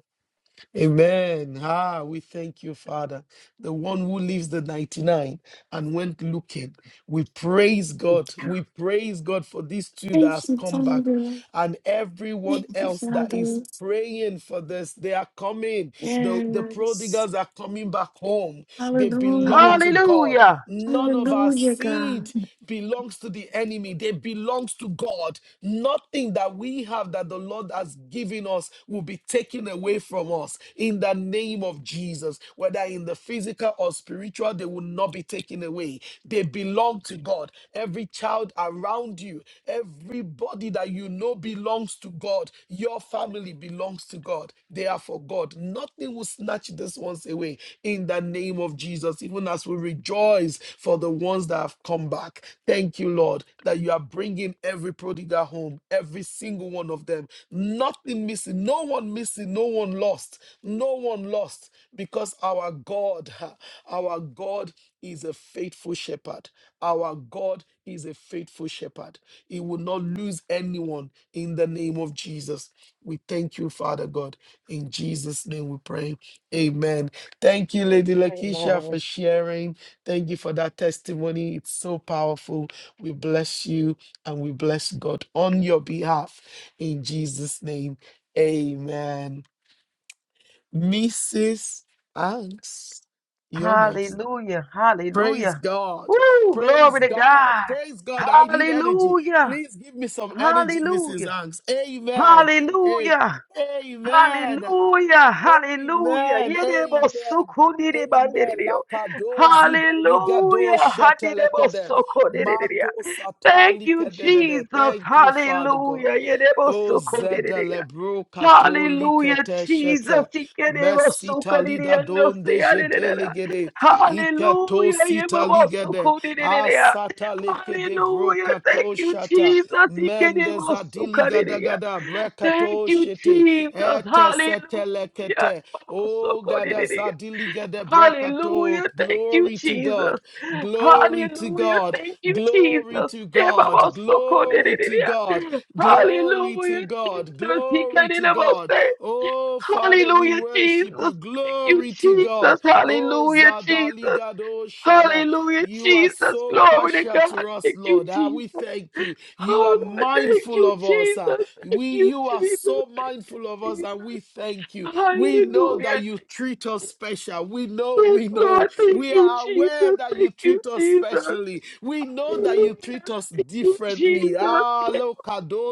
Speaker 2: Amen. Ah, we thank you, Father. The one who leaves the 99 and went looking. We praise God. We praise God for these two that
Speaker 6: Thank
Speaker 2: has
Speaker 6: you,
Speaker 2: come back
Speaker 6: Father.
Speaker 2: and everyone
Speaker 6: Thank you,
Speaker 2: else that is
Speaker 6: Father.
Speaker 2: praying for this. They are coming. The, the
Speaker 6: Yes.
Speaker 2: prodigals are coming back home. They belong
Speaker 6: Hallelujah.
Speaker 2: to God.
Speaker 5: Hallelujah.
Speaker 2: None of our
Speaker 6: Hallelujah, God.
Speaker 2: seed belongs to the enemy. They belongs to God. Nothing that we have that the Lord has given us will be taken away from us in the name of Jesus, whether in the physical or spiritual, they will not be taken away. They belong to God. Every child around you, everybody that you know belongs to God. Your family belongs to God. They are for God. Nothing will snatch these ones away in the name of Jesus, even as we rejoice for the ones that have come back. Thank you, Lord, that you are bringing every prodigal home, every single one of them. Nothing missing, no one missing, no one lost, no one lost because our God, ha, our God is a faithful shepherd. Our God is a faithful shepherd. He will not lose anyone in the name of Jesus. We thank you, Father God. In Jesus' name we pray. Amen. Thank you, Lady Lakeisha,
Speaker 8: Amen.
Speaker 2: for sharing. Thank you for that testimony. It's so powerful. We bless you and we bless God on your behalf. In Jesus' name, amen. Mrs. Banks, you're next.
Speaker 5: Hallelujah.
Speaker 2: Praise
Speaker 5: Hallelujah.
Speaker 2: God.
Speaker 5: Woo,
Speaker 2: Praise
Speaker 5: glory to
Speaker 2: God.
Speaker 5: God.
Speaker 2: Praise God. I need energy.
Speaker 5: Hallelujah.
Speaker 2: Please give me some energy, Mrs.
Speaker 5: Hallelujah.
Speaker 2: Hanks. Amen. A-
Speaker 5: Hallelujah.
Speaker 2: Amen.
Speaker 5: Hallelujah, hallelujah.
Speaker 2: Amen.
Speaker 5: Yedebo
Speaker 2: Amen.
Speaker 5: soko direba
Speaker 2: Amen.
Speaker 5: ndereo.
Speaker 2: Lakado zidligado
Speaker 5: Hallelujah, hadirebo
Speaker 2: shetelekede.
Speaker 5: soko ndererea.
Speaker 2: Mato
Speaker 5: Thank you,
Speaker 2: satalikedede.
Speaker 5: Jesus.
Speaker 2: Thank you, Father God.
Speaker 5: Hallelujah. Yedebo
Speaker 2: Oh,
Speaker 5: soko ndererea.
Speaker 2: zedelebro
Speaker 5: Hallelujah,
Speaker 2: katolikete
Speaker 5: Jesus.
Speaker 2: shete.
Speaker 5: Ikedebo soko
Speaker 2: Mesita lida
Speaker 5: nderea
Speaker 2: donde
Speaker 5: ndosea ndererea.
Speaker 2: jedelegede. Ikato
Speaker 5: Hallelujah.
Speaker 2: sita
Speaker 5: yebebo
Speaker 2: ligede.
Speaker 5: soko ndererea.
Speaker 2: Asata lekede
Speaker 5: Hallelujah. Thank
Speaker 2: brokato
Speaker 5: you,
Speaker 2: shata.
Speaker 5: Jesus.
Speaker 2: Mendez
Speaker 5: Ikedebo soko
Speaker 2: adili gada
Speaker 5: nderea.
Speaker 2: gada.
Speaker 5: Thank
Speaker 2: Brekato
Speaker 5: you,
Speaker 2: shete.
Speaker 5: Jesus.
Speaker 2: Ete
Speaker 5: Hallelujah.
Speaker 2: sete lekete.
Speaker 5: So
Speaker 2: Oh, gada zadili gede brekato.
Speaker 5: Hallelujah. Thank you,
Speaker 2: Glory to
Speaker 5: Jesus.
Speaker 2: God. Glory to
Speaker 5: Hallelujah.
Speaker 2: God.
Speaker 5: Thank you,
Speaker 2: Glory
Speaker 5: Jesus.
Speaker 2: to
Speaker 5: Yeah,
Speaker 2: God.
Speaker 5: so
Speaker 2: Glory to God. Glory to
Speaker 5: Hallelujah, Jesus.
Speaker 2: God.
Speaker 5: He
Speaker 2: Glory
Speaker 5: can
Speaker 2: to
Speaker 5: never
Speaker 2: God.
Speaker 5: say,
Speaker 2: Oh, Father, we
Speaker 5: Hallelujah,
Speaker 2: worship you.
Speaker 5: Jesus. Thank you,
Speaker 2: Glory to God.
Speaker 5: Jesus.
Speaker 2: Oh,
Speaker 5: Hallelujah, Jesus.
Speaker 2: Zadaligado Shada,
Speaker 5: Hallelujah,
Speaker 2: you are
Speaker 5: Jesus.
Speaker 2: so
Speaker 5: Glory to
Speaker 2: partial
Speaker 5: God.
Speaker 2: to us,
Speaker 5: Thank you,
Speaker 2: Lord. Ah, we
Speaker 5: Jesus.
Speaker 2: thank you. You are
Speaker 5: Oh Lord, thank
Speaker 2: mindful
Speaker 5: you,
Speaker 2: of us. Ah.
Speaker 5: Jesus. Thank
Speaker 2: We,
Speaker 5: you,
Speaker 2: you are
Speaker 5: Jesus.
Speaker 2: so
Speaker 5: Thank you,
Speaker 2: mindful of us, and
Speaker 5: Jesus.
Speaker 2: we thank you. We
Speaker 5: Hallelujah.
Speaker 2: know that
Speaker 5: Thank
Speaker 2: you treat us
Speaker 5: you.
Speaker 2: special. We know,
Speaker 5: Yes,
Speaker 2: we know.
Speaker 5: Lord, thank
Speaker 2: We
Speaker 5: you,
Speaker 2: are aware
Speaker 5: Jesus.
Speaker 2: that you
Speaker 5: Thank you,
Speaker 2: treat us
Speaker 5: Jesus.
Speaker 2: specially. We know that
Speaker 5: Hallelujah.
Speaker 2: you treat us
Speaker 5: Thank you,
Speaker 2: differently.
Speaker 5: Jesus.
Speaker 2: Ah,
Speaker 5: Yes,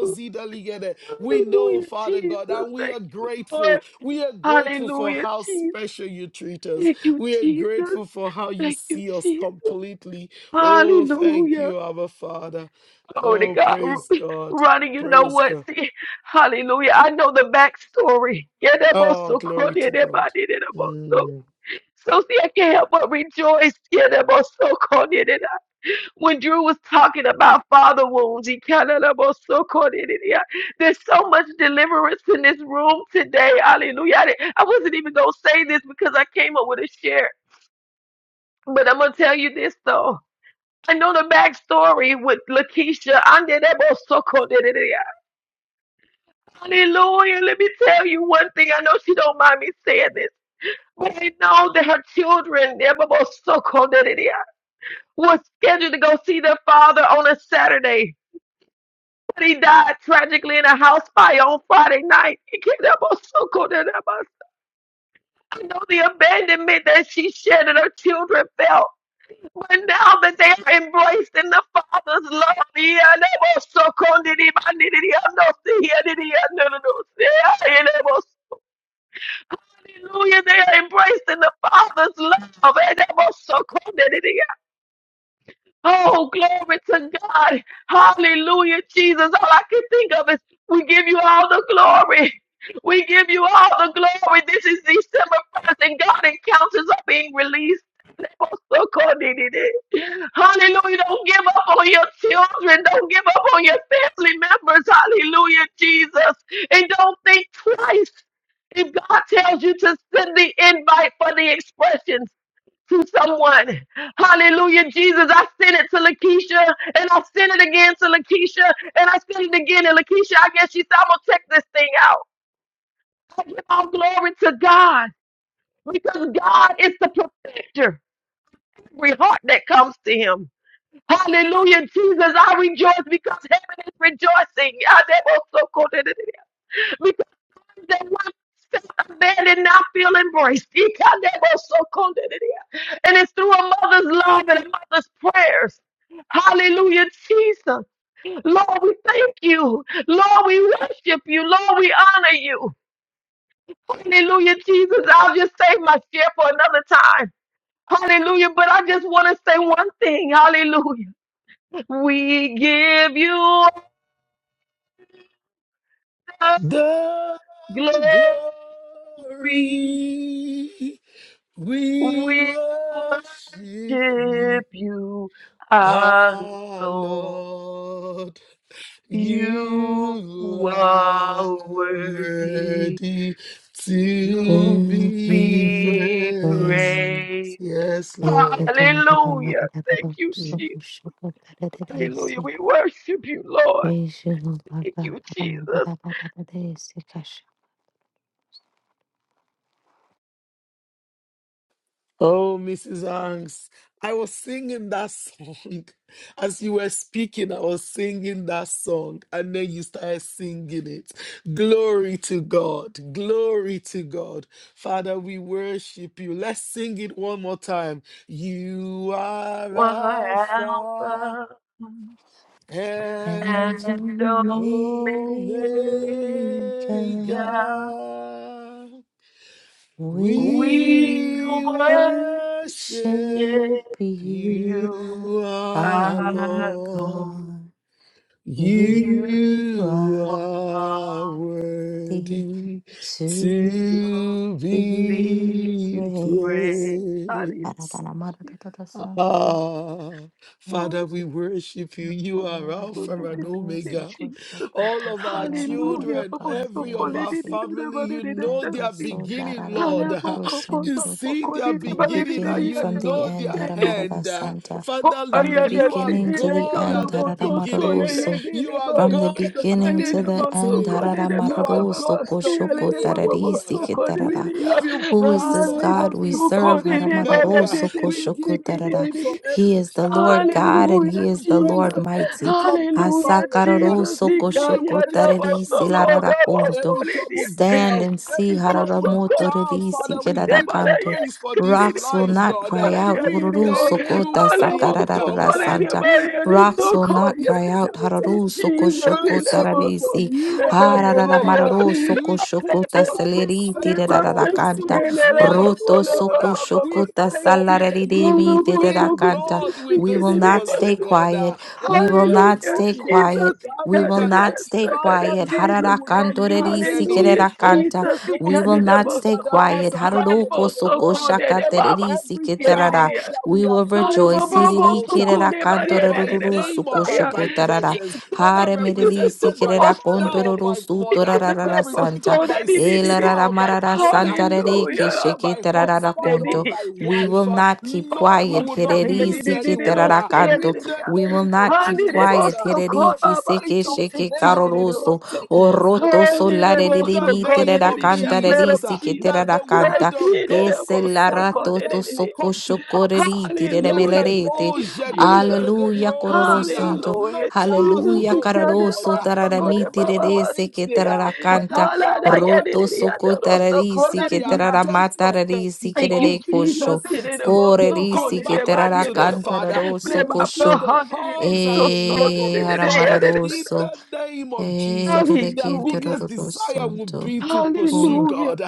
Speaker 5: Lord.
Speaker 2: Daligede. We know,
Speaker 5: Hallelujah,
Speaker 2: Father God,
Speaker 5: Jesus.
Speaker 2: and we are
Speaker 5: Thank you, Lord.
Speaker 2: grateful. We are grateful for
Speaker 5: Hallelujah,
Speaker 2: how
Speaker 5: Jesus.
Speaker 2: special you treat us.
Speaker 5: Thank you,
Speaker 2: We are
Speaker 5: Jesus.
Speaker 2: grateful for how you
Speaker 5: Thank you,
Speaker 2: see us
Speaker 5: Jesus.
Speaker 2: completely. Oh, thank
Speaker 5: Hallelujah.
Speaker 2: you, our Father.
Speaker 5: Glory to
Speaker 2: Oh,
Speaker 5: God.
Speaker 2: praise
Speaker 5: Ru-
Speaker 2: God.
Speaker 5: Ronnie, you know
Speaker 2: Praise
Speaker 5: what?
Speaker 2: God.
Speaker 5: See, hallelujah. I know the backstory. Yeah, that was
Speaker 2: Oh,
Speaker 5: so cool.
Speaker 2: glory
Speaker 5: Yeah,
Speaker 2: to
Speaker 5: that
Speaker 2: God.
Speaker 5: body, that was so.
Speaker 2: Mm.
Speaker 5: So see, I can't help but rejoice. Yeah, that was so cool. Yeah, that When Drew was talking about father wounds, he kind of that was so cool. Yeah, that I- there's so much deliverance in this room today. Hallelujah. I, didn't- I wasn't even going to say this because I came up with a share. But I'm going to tell you this, though. I know the backstory with Lakeisha. I did that. Hallelujah. Let me tell you one thing. I know she don't mind me saying this. But I know that her children, so Ebabosoko, was scheduled to go see their father on a Saturday. But he died tragically in a house fire on Friday night. so Ebabosoko, I know the abandonment that she shared and her children felt. But now that they are embraced in the Father's love, Ebabosoko, I know Hallelujah. They are embraced in the Father's love. And they must so come to the- Oh, glory to God. Hallelujah, Jesus. All I can think of is we give you all the glory. We give you all the glory. This is December 1st, and God encounters are being released. So called it it. Hallelujah. Don't give up on your children. Don't give up on your family members. Hallelujah, Jesus. And don't think twice. If God tells you to send the invite for the expressions to someone, hallelujah, Jesus, I sent it to Lakeisha and I sent it again to Lakeisha and I sent it again. to Lakeisha, I guess she said, I'm going to check this thing out. I give all glory to God because God is the perfecter. of Every heart that comes to Him. Hallelujah, Jesus. I rejoice because heaven is rejoicing. I- they will so call it- Because they want to feel man and not feel embraced. They can- they will so call it- And it's through a mother's love and a mother's prayers. Hallelujah, Jesus. Lord, we thank you. Lord, we worship you. Lord, we honor you. Hallelujah, Jesus. I'll just save my share for another time. Hallelujah. But I just want to say one thing. Hallelujah. We give you all the
Speaker 2: The
Speaker 5: glory.
Speaker 2: glory
Speaker 5: We
Speaker 2: we
Speaker 5: worship
Speaker 2: worship you,
Speaker 5: you, our
Speaker 2: our
Speaker 5: Lord.
Speaker 2: Lord.
Speaker 5: You
Speaker 2: You are
Speaker 5: are worthy
Speaker 2: worthy to
Speaker 5: to
Speaker 3: To
Speaker 2: be
Speaker 3: be
Speaker 5: be
Speaker 2: praised.
Speaker 3: praised.
Speaker 5: praised.
Speaker 2: Yes,
Speaker 3: Thank you,
Speaker 2: Lord.
Speaker 3: Lord. that
Speaker 5: Hallelujah. Thank you,
Speaker 3: so
Speaker 2: Mm.
Speaker 5: Jesus.
Speaker 3: sure that
Speaker 5: Hallelujah. We worship you, Lord.
Speaker 3: Praise you, Lord God.
Speaker 5: Thank you,
Speaker 3: that I'm not
Speaker 5: Jesus.
Speaker 3: a-
Speaker 2: Oh, Mrs. Hanks, I was singing that song. As you were speaking, I was singing that song, and then you started singing it. Glory to God. Glory to God. Father, we worship you. Let's sing it one more time. You are
Speaker 5: One
Speaker 2: Alpha.
Speaker 5: Alpha. and
Speaker 2: and
Speaker 5: Omega, we worship
Speaker 2: Omega. We
Speaker 3: we
Speaker 2: worship
Speaker 3: worship you,
Speaker 5: you
Speaker 2: you, our
Speaker 3: our
Speaker 2: Lord.
Speaker 5: alone.
Speaker 3: God.
Speaker 5: You
Speaker 3: You
Speaker 2: You
Speaker 3: are
Speaker 2: are
Speaker 5: are
Speaker 3: worthy
Speaker 2: worthy to
Speaker 3: to
Speaker 5: to be
Speaker 3: be
Speaker 2: be
Speaker 5: praised.
Speaker 3: praised.
Speaker 5: Hallelujah.
Speaker 2: praised.
Speaker 3: Arabalamadadadasanto,
Speaker 2: Ah,
Speaker 5: Oh,
Speaker 2: Father, we worship you. You
Speaker 5: Papa,
Speaker 2: are
Speaker 5: so
Speaker 2: Alpha
Speaker 5: did
Speaker 2: and
Speaker 5: it, did it,
Speaker 2: Omega.
Speaker 5: Jesus.
Speaker 2: all of our
Speaker 5: Hallelujah.
Speaker 2: children,
Speaker 5: Papa, so
Speaker 2: every
Speaker 5: call
Speaker 2: of
Speaker 5: it,
Speaker 2: our
Speaker 5: did it,
Speaker 3: Ekikikiladadamadadosokoshokotasalarararadakandelelise,
Speaker 5: did
Speaker 2: family.
Speaker 5: it,
Speaker 2: You
Speaker 5: did it, did it,
Speaker 2: know
Speaker 5: did
Speaker 2: their
Speaker 5: it.
Speaker 2: beginning, Lord.
Speaker 5: Alabo
Speaker 2: You
Speaker 5: kopoto
Speaker 3: Katosolaradamorodosanto,
Speaker 2: see
Speaker 5: sokodi
Speaker 2: their
Speaker 3: from the
Speaker 2: beginning and
Speaker 5: baleriri
Speaker 3: beginning,
Speaker 2: you
Speaker 3: from the
Speaker 2: know
Speaker 3: end,
Speaker 2: their
Speaker 5: yaderose.
Speaker 3: Haramarada
Speaker 2: hand.
Speaker 3: Santa,
Speaker 2: Father,
Speaker 3: from
Speaker 2: you,
Speaker 3: the
Speaker 5: Kopaya da
Speaker 2: you are
Speaker 3: beginning to
Speaker 5: sihile
Speaker 3: the
Speaker 2: God
Speaker 3: end,
Speaker 2: at the
Speaker 5: kolobo to sole
Speaker 2: beginning.
Speaker 3: Haramaroroso,
Speaker 2: You
Speaker 5: yedere
Speaker 2: are
Speaker 3: from the
Speaker 5: baya.
Speaker 2: God of the
Speaker 3: beginning to
Speaker 5: Alele
Speaker 2: in
Speaker 3: the
Speaker 5: bo
Speaker 3: end,
Speaker 2: between.
Speaker 5: sokode de
Speaker 2: You are
Speaker 5: baba
Speaker 3: Haramaroroso,
Speaker 5: baba
Speaker 2: God
Speaker 5: si
Speaker 2: of the
Speaker 3: Koshoko
Speaker 5: alele baba
Speaker 2: end,
Speaker 5: bo
Speaker 2: oh
Speaker 5: bobo
Speaker 3: Tararisi
Speaker 2: God.
Speaker 5: sokode
Speaker 2: We
Speaker 3: Kitarara,
Speaker 5: de ya.
Speaker 2: give you
Speaker 3: who is
Speaker 2: praise
Speaker 3: this
Speaker 2: for
Speaker 5: Ale
Speaker 3: God we
Speaker 2: every
Speaker 3: serve?
Speaker 5: sokode
Speaker 2: family
Speaker 5: de
Speaker 3: Haramararo
Speaker 2: member.
Speaker 5: balede de
Speaker 3: soko
Speaker 5: de
Speaker 2: We
Speaker 3: shoko
Speaker 2: give you
Speaker 5: sikidi de
Speaker 3: tarara.
Speaker 2: praise
Speaker 5: de
Speaker 2: for
Speaker 5: de.
Speaker 3: He
Speaker 2: every
Speaker 3: is the
Speaker 2: child.
Speaker 3: Lord God
Speaker 2: We
Speaker 3: and
Speaker 2: give
Speaker 5: Hallelujah
Speaker 3: He is
Speaker 2: you
Speaker 3: the
Speaker 2: praise
Speaker 3: Lord
Speaker 5: Jesus.
Speaker 2: for every
Speaker 3: mighty.
Speaker 2: troubled
Speaker 5: Hallelujah
Speaker 2: marriage.
Speaker 3: Asakararo
Speaker 5: Jesus.
Speaker 2: We
Speaker 3: soko
Speaker 2: give you
Speaker 5: Ikanya
Speaker 3: shoko
Speaker 2: praise
Speaker 5: da
Speaker 2: for
Speaker 5: bo
Speaker 3: tarari
Speaker 2: every
Speaker 3: silarara
Speaker 2: troubled
Speaker 5: sokode
Speaker 2: boy,
Speaker 5: bo
Speaker 3: konto.
Speaker 2: every
Speaker 5: sole dia
Speaker 2: troubled
Speaker 3: Stand
Speaker 2: girl,
Speaker 3: and see.
Speaker 5: de
Speaker 2: every troubled
Speaker 5: bo
Speaker 3: hararamoto
Speaker 2: child.
Speaker 3: riri
Speaker 2: Father, we
Speaker 3: sikerara
Speaker 2: give you
Speaker 3: kanto.
Speaker 2: praise for these
Speaker 3: Rocks will
Speaker 2: lives,
Speaker 3: not
Speaker 2: God. Uh,
Speaker 3: cry out.
Speaker 2: We
Speaker 3: Hururu
Speaker 2: thank
Speaker 3: soko
Speaker 2: you for the
Speaker 3: tasakararara
Speaker 2: encounter.
Speaker 3: santa.
Speaker 2: We thank
Speaker 3: Rocks
Speaker 2: you
Speaker 3: will
Speaker 2: for
Speaker 3: not
Speaker 2: the
Speaker 3: cry out.
Speaker 5: See
Speaker 2: encounter.
Speaker 3: Hararu soko
Speaker 2: We
Speaker 5: Jesus,
Speaker 3: shoko
Speaker 5: in the
Speaker 2: worship you for
Speaker 3: tararisi.
Speaker 5: Baba,
Speaker 2: you are
Speaker 3: Hararara
Speaker 2: God. Uh,
Speaker 3: mararo
Speaker 2: You
Speaker 3: soko
Speaker 2: we
Speaker 3: shoko
Speaker 2: put
Speaker 3: ta
Speaker 2: you at the
Speaker 3: seleri tire
Speaker 2: center of
Speaker 3: rarara
Speaker 2: this
Speaker 3: canta.
Speaker 2: one's life,
Speaker 3: Roto
Speaker 2: oh God.
Speaker 5: Baba,
Speaker 3: soko
Speaker 2: Uh,
Speaker 3: shoko
Speaker 2: We
Speaker 3: ta
Speaker 2: thank you that
Speaker 3: salareri
Speaker 2: you
Speaker 3: mi tire rara
Speaker 2: remain
Speaker 5: Baba,
Speaker 3: canta.
Speaker 2: God with
Speaker 3: We
Speaker 2: this
Speaker 3: will not
Speaker 2: one's, oh
Speaker 3: stay
Speaker 5: Baba,
Speaker 2: God. Uh,
Speaker 3: quiet. We will not
Speaker 5: Hallelujah,
Speaker 3: stay
Speaker 2: Elebronde
Speaker 5: Jesus.
Speaker 3: quiet.
Speaker 5: He
Speaker 3: We
Speaker 5: cut
Speaker 3: will
Speaker 5: it in
Speaker 2: jadalikada.
Speaker 3: not
Speaker 5: and
Speaker 3: stay
Speaker 5: stuck
Speaker 2: Father,
Speaker 3: quiet.
Speaker 2: Lord, we
Speaker 5: Jesus.
Speaker 3: Harara
Speaker 2: will not
Speaker 3: canto reri
Speaker 2: lose
Speaker 3: si
Speaker 5: Hallelujah,
Speaker 2: any.
Speaker 3: kerera canta.
Speaker 2: Okay,
Speaker 5: Jesus. He
Speaker 3: We
Speaker 2: those
Speaker 5: cut
Speaker 3: will
Speaker 5: it in
Speaker 2: that
Speaker 5: and
Speaker 3: not stay
Speaker 5: so.
Speaker 2: ligada
Speaker 3: quiet.
Speaker 2: satale
Speaker 3: Haroroko
Speaker 5: Hallelujah, so
Speaker 3: soko
Speaker 5: called it
Speaker 3: shaka
Speaker 5: in
Speaker 2: gedebronjada.
Speaker 5: Baba.
Speaker 3: tereri si
Speaker 2: Every
Speaker 5: Get it in
Speaker 3: ketarara.
Speaker 2: child
Speaker 5: here.
Speaker 2: that we
Speaker 3: We will
Speaker 2: have
Speaker 5: Hallelujah,
Speaker 2: brought to
Speaker 3: rejoice.
Speaker 2: this
Speaker 5: Baba,
Speaker 3: Siriri
Speaker 5: so
Speaker 2: altar,
Speaker 3: kerera
Speaker 5: called it by
Speaker 3: canto
Speaker 5: the
Speaker 2: whether
Speaker 5: end of
Speaker 2: by
Speaker 3: raruru
Speaker 2: name or
Speaker 3: soko
Speaker 2: by,
Speaker 3: shoko
Speaker 2: by
Speaker 3: tarara.
Speaker 2: presence,
Speaker 5: Jesus.
Speaker 2: whether
Speaker 5: he
Speaker 3: Hare
Speaker 5: get it
Speaker 3: mereri
Speaker 5: in the
Speaker 2: represented by
Speaker 3: sikerera
Speaker 5: Baba, so
Speaker 2: father
Speaker 5: called it
Speaker 2: or
Speaker 3: kondororo
Speaker 2: by
Speaker 3: sutora
Speaker 2: mother,
Speaker 5: in the
Speaker 3: rarara
Speaker 5: Baba,
Speaker 3: santa.
Speaker 2: represented
Speaker 5: so
Speaker 2: by
Speaker 5: that it in
Speaker 3: Ela
Speaker 2: sister
Speaker 3: rara
Speaker 2: or by
Speaker 3: marara
Speaker 2: brother,
Speaker 3: santa rere ke
Speaker 5: Hallelujah,
Speaker 2: represented
Speaker 5: Baba,
Speaker 2: by
Speaker 3: shekete rarara
Speaker 5: so that
Speaker 2: husband
Speaker 5: it
Speaker 2: or
Speaker 3: konto.
Speaker 5: is.
Speaker 2: by
Speaker 3: We will
Speaker 2: wife, uh,
Speaker 3: not keep
Speaker 2: Lord, we
Speaker 3: quiet.
Speaker 2: will not
Speaker 5: Saya
Speaker 3: Hereri
Speaker 5: di
Speaker 2: lose
Speaker 5: di di di
Speaker 3: sikete
Speaker 5: lo
Speaker 2: anyone
Speaker 3: rara
Speaker 2: uh,
Speaker 5: saya di
Speaker 2: in
Speaker 3: kanto.
Speaker 5: di
Speaker 2: the
Speaker 5: ya.
Speaker 3: We will
Speaker 2: name
Speaker 3: not
Speaker 2: of
Speaker 3: keep
Speaker 5: Hani de
Speaker 2: Jesus.
Speaker 3: quiet.
Speaker 2: uh,
Speaker 5: bosto
Speaker 3: Hereri
Speaker 2: the
Speaker 3: ki
Speaker 5: kora
Speaker 3: seke
Speaker 2: gate
Speaker 5: basu
Speaker 2: of
Speaker 5: te
Speaker 3: sheke
Speaker 5: ti
Speaker 2: hell
Speaker 5: di
Speaker 2: will
Speaker 5: di o
Speaker 2: not
Speaker 3: karoroso.
Speaker 5: se.
Speaker 2: take this
Speaker 3: Oroto
Speaker 2: one. uh,
Speaker 5: Hani de
Speaker 3: solare
Speaker 2: in
Speaker 3: riri
Speaker 5: bosto
Speaker 2: the
Speaker 3: mite
Speaker 5: kora
Speaker 2: name
Speaker 5: di
Speaker 3: rara
Speaker 5: di
Speaker 2: of
Speaker 5: di ya.
Speaker 3: kanta
Speaker 5: Blood
Speaker 3: reri
Speaker 5: of
Speaker 2: Jesus, uh,
Speaker 3: sikete
Speaker 5: Jesus
Speaker 2: that
Speaker 3: rara
Speaker 2: the
Speaker 3: kanta.
Speaker 5: Christ.
Speaker 2: word of
Speaker 5: He di de
Speaker 2: God
Speaker 3: Ese
Speaker 5: bosto kora
Speaker 2: concerning
Speaker 3: larato
Speaker 5: di
Speaker 3: to
Speaker 2: them
Speaker 5: di di.
Speaker 2: will
Speaker 3: soko
Speaker 2: come to pass.
Speaker 3: shokoreri tirere
Speaker 5: Hallelujah. Thank
Speaker 3: melerete.
Speaker 5: you,
Speaker 2: Lekadoja
Speaker 5: Jesus.
Speaker 2: delegede
Speaker 3: Alleluia
Speaker 2: brozida.
Speaker 3: kororosonto.
Speaker 2: No
Speaker 5: Hallelujah.
Speaker 2: child will
Speaker 5: Jesus.
Speaker 3: Hallelujah,
Speaker 2: go
Speaker 5: ikade
Speaker 2: wayward.
Speaker 3: cararoso,
Speaker 2: uh,
Speaker 5: baso
Speaker 2: We
Speaker 5: kode
Speaker 2: don't
Speaker 3: tararamiti,
Speaker 2: care
Speaker 5: baba
Speaker 2: what
Speaker 3: rerese,
Speaker 2: age
Speaker 3: que
Speaker 2: they
Speaker 5: basaya.
Speaker 2: are, whether
Speaker 3: tararacanta,
Speaker 2: they are
Speaker 5: Halada
Speaker 2: one
Speaker 3: roto,
Speaker 2: or
Speaker 5: yedidi
Speaker 2: they
Speaker 3: soco,
Speaker 2: are
Speaker 5: yadoro
Speaker 2: ten, uh,
Speaker 3: tararisi,
Speaker 5: sokode
Speaker 2: whether
Speaker 3: que
Speaker 2: they
Speaker 5: didi
Speaker 2: are
Speaker 5: ya.
Speaker 2: 20
Speaker 3: tararamata,
Speaker 2: or
Speaker 3: rarisi,
Speaker 2: 30
Speaker 3: que
Speaker 5: Thank
Speaker 2: or
Speaker 5: you,
Speaker 2: 50 or
Speaker 5: Jesus.
Speaker 3: rerecosho,
Speaker 5: It is
Speaker 2: 60.
Speaker 5: about
Speaker 2: They
Speaker 5: so cold,
Speaker 3: corerisi,
Speaker 2: come
Speaker 5: it
Speaker 3: que
Speaker 5: is
Speaker 2: back
Speaker 5: about
Speaker 2: home
Speaker 5: the
Speaker 2: to
Speaker 5: end of
Speaker 2: the
Speaker 5: the
Speaker 3: tararacanta,
Speaker 5: world.
Speaker 2: Father.
Speaker 5: But
Speaker 2: They
Speaker 3: raroso,
Speaker 2: will
Speaker 5: about
Speaker 2: feel
Speaker 5: the
Speaker 3: cosho,
Speaker 2: the
Speaker 5: heart, and it is
Speaker 2: hugs and the
Speaker 5: just so, salt,
Speaker 2: love of
Speaker 3: eh,
Speaker 2: the
Speaker 5: and it is the
Speaker 2: Father
Speaker 5: head, and it is-
Speaker 2: in
Speaker 3: aramararoso,
Speaker 2: the name of
Speaker 3: eh,
Speaker 2: Jesus. Their
Speaker 3: rerequente,
Speaker 5: Hallelujah.
Speaker 2: biggest desire will
Speaker 3: rorosonto,
Speaker 2: be to pursue
Speaker 3: or,
Speaker 5: Hallelujah.
Speaker 2: God.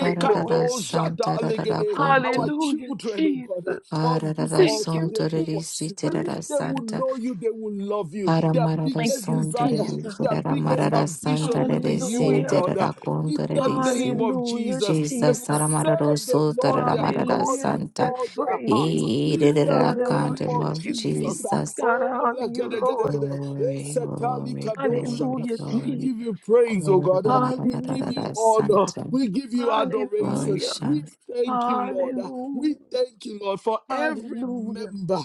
Speaker 3: ararara,
Speaker 5: Jesus.
Speaker 3: santa, ararara,
Speaker 2: delegede. Our
Speaker 3: conto,
Speaker 5: Hallelujah,
Speaker 2: children, oh God.
Speaker 5: Jesus.
Speaker 2: On this
Speaker 3: ararara,
Speaker 5: Thank
Speaker 2: altar,
Speaker 5: you,
Speaker 2: they
Speaker 3: sonto,
Speaker 2: will
Speaker 5: Jesus.
Speaker 3: rerisi,
Speaker 2: pursue you.
Speaker 3: tarara,
Speaker 2: They
Speaker 5: Hallelujah.
Speaker 2: will
Speaker 3: santa.
Speaker 2: know you. They will love you. Their
Speaker 3: Aramarara
Speaker 5: Thank
Speaker 2: biggest
Speaker 5: you,
Speaker 2: desire,
Speaker 3: Sundarari,
Speaker 5: Jesus.
Speaker 2: their biggest
Speaker 3: Aramarara
Speaker 2: ambition will be
Speaker 3: Sandarari,
Speaker 2: you, oh
Speaker 5: Hallelujah.
Speaker 2: God. Uh,
Speaker 3: Sindarara
Speaker 2: In the
Speaker 3: Kundarari, Si.
Speaker 2: name of
Speaker 5: Hallelujah,
Speaker 2: Jesus, they
Speaker 3: Jesus,
Speaker 2: will
Speaker 5: Jesus.
Speaker 3: Aramararo
Speaker 2: serve the Lord their
Speaker 3: Sutaramarara
Speaker 2: God
Speaker 5: Hallelujah. Lord,
Speaker 2: with
Speaker 5: I
Speaker 3: Santa,
Speaker 2: all their
Speaker 5: praise
Speaker 2: hearts.
Speaker 5: you.
Speaker 2: In the
Speaker 3: Irara
Speaker 5: Lord, I
Speaker 2: name
Speaker 3: Kandam
Speaker 2: of
Speaker 5: worship
Speaker 3: of
Speaker 5: you,
Speaker 2: Jesus.
Speaker 5: Jesus.
Speaker 2: Uh,
Speaker 3: Jesus.
Speaker 5: God, I
Speaker 2: Oh,
Speaker 5: honor you,
Speaker 2: legede, gede,
Speaker 5: Lord.
Speaker 2: gede. oh
Speaker 3: Glory,
Speaker 2: Setali
Speaker 3: glory,
Speaker 2: Kadosha.
Speaker 3: glory,
Speaker 5: Hallelujah,
Speaker 2: we
Speaker 3: glory.
Speaker 5: Jesus.
Speaker 2: give you praise, oh
Speaker 3: Glory to
Speaker 2: God.
Speaker 3: the
Speaker 2: Uh, We give
Speaker 5: Hallelujah.
Speaker 2: you
Speaker 3: Mararara
Speaker 2: honor.
Speaker 3: Santa,
Speaker 2: We give you
Speaker 3: Glory
Speaker 2: adoration.
Speaker 5: Hallelujah.
Speaker 2: We
Speaker 3: Shan,
Speaker 2: thank you, Lord.
Speaker 5: Hallelujah.
Speaker 2: We thank you, Lord, for every
Speaker 5: Hallelujah.
Speaker 2: member.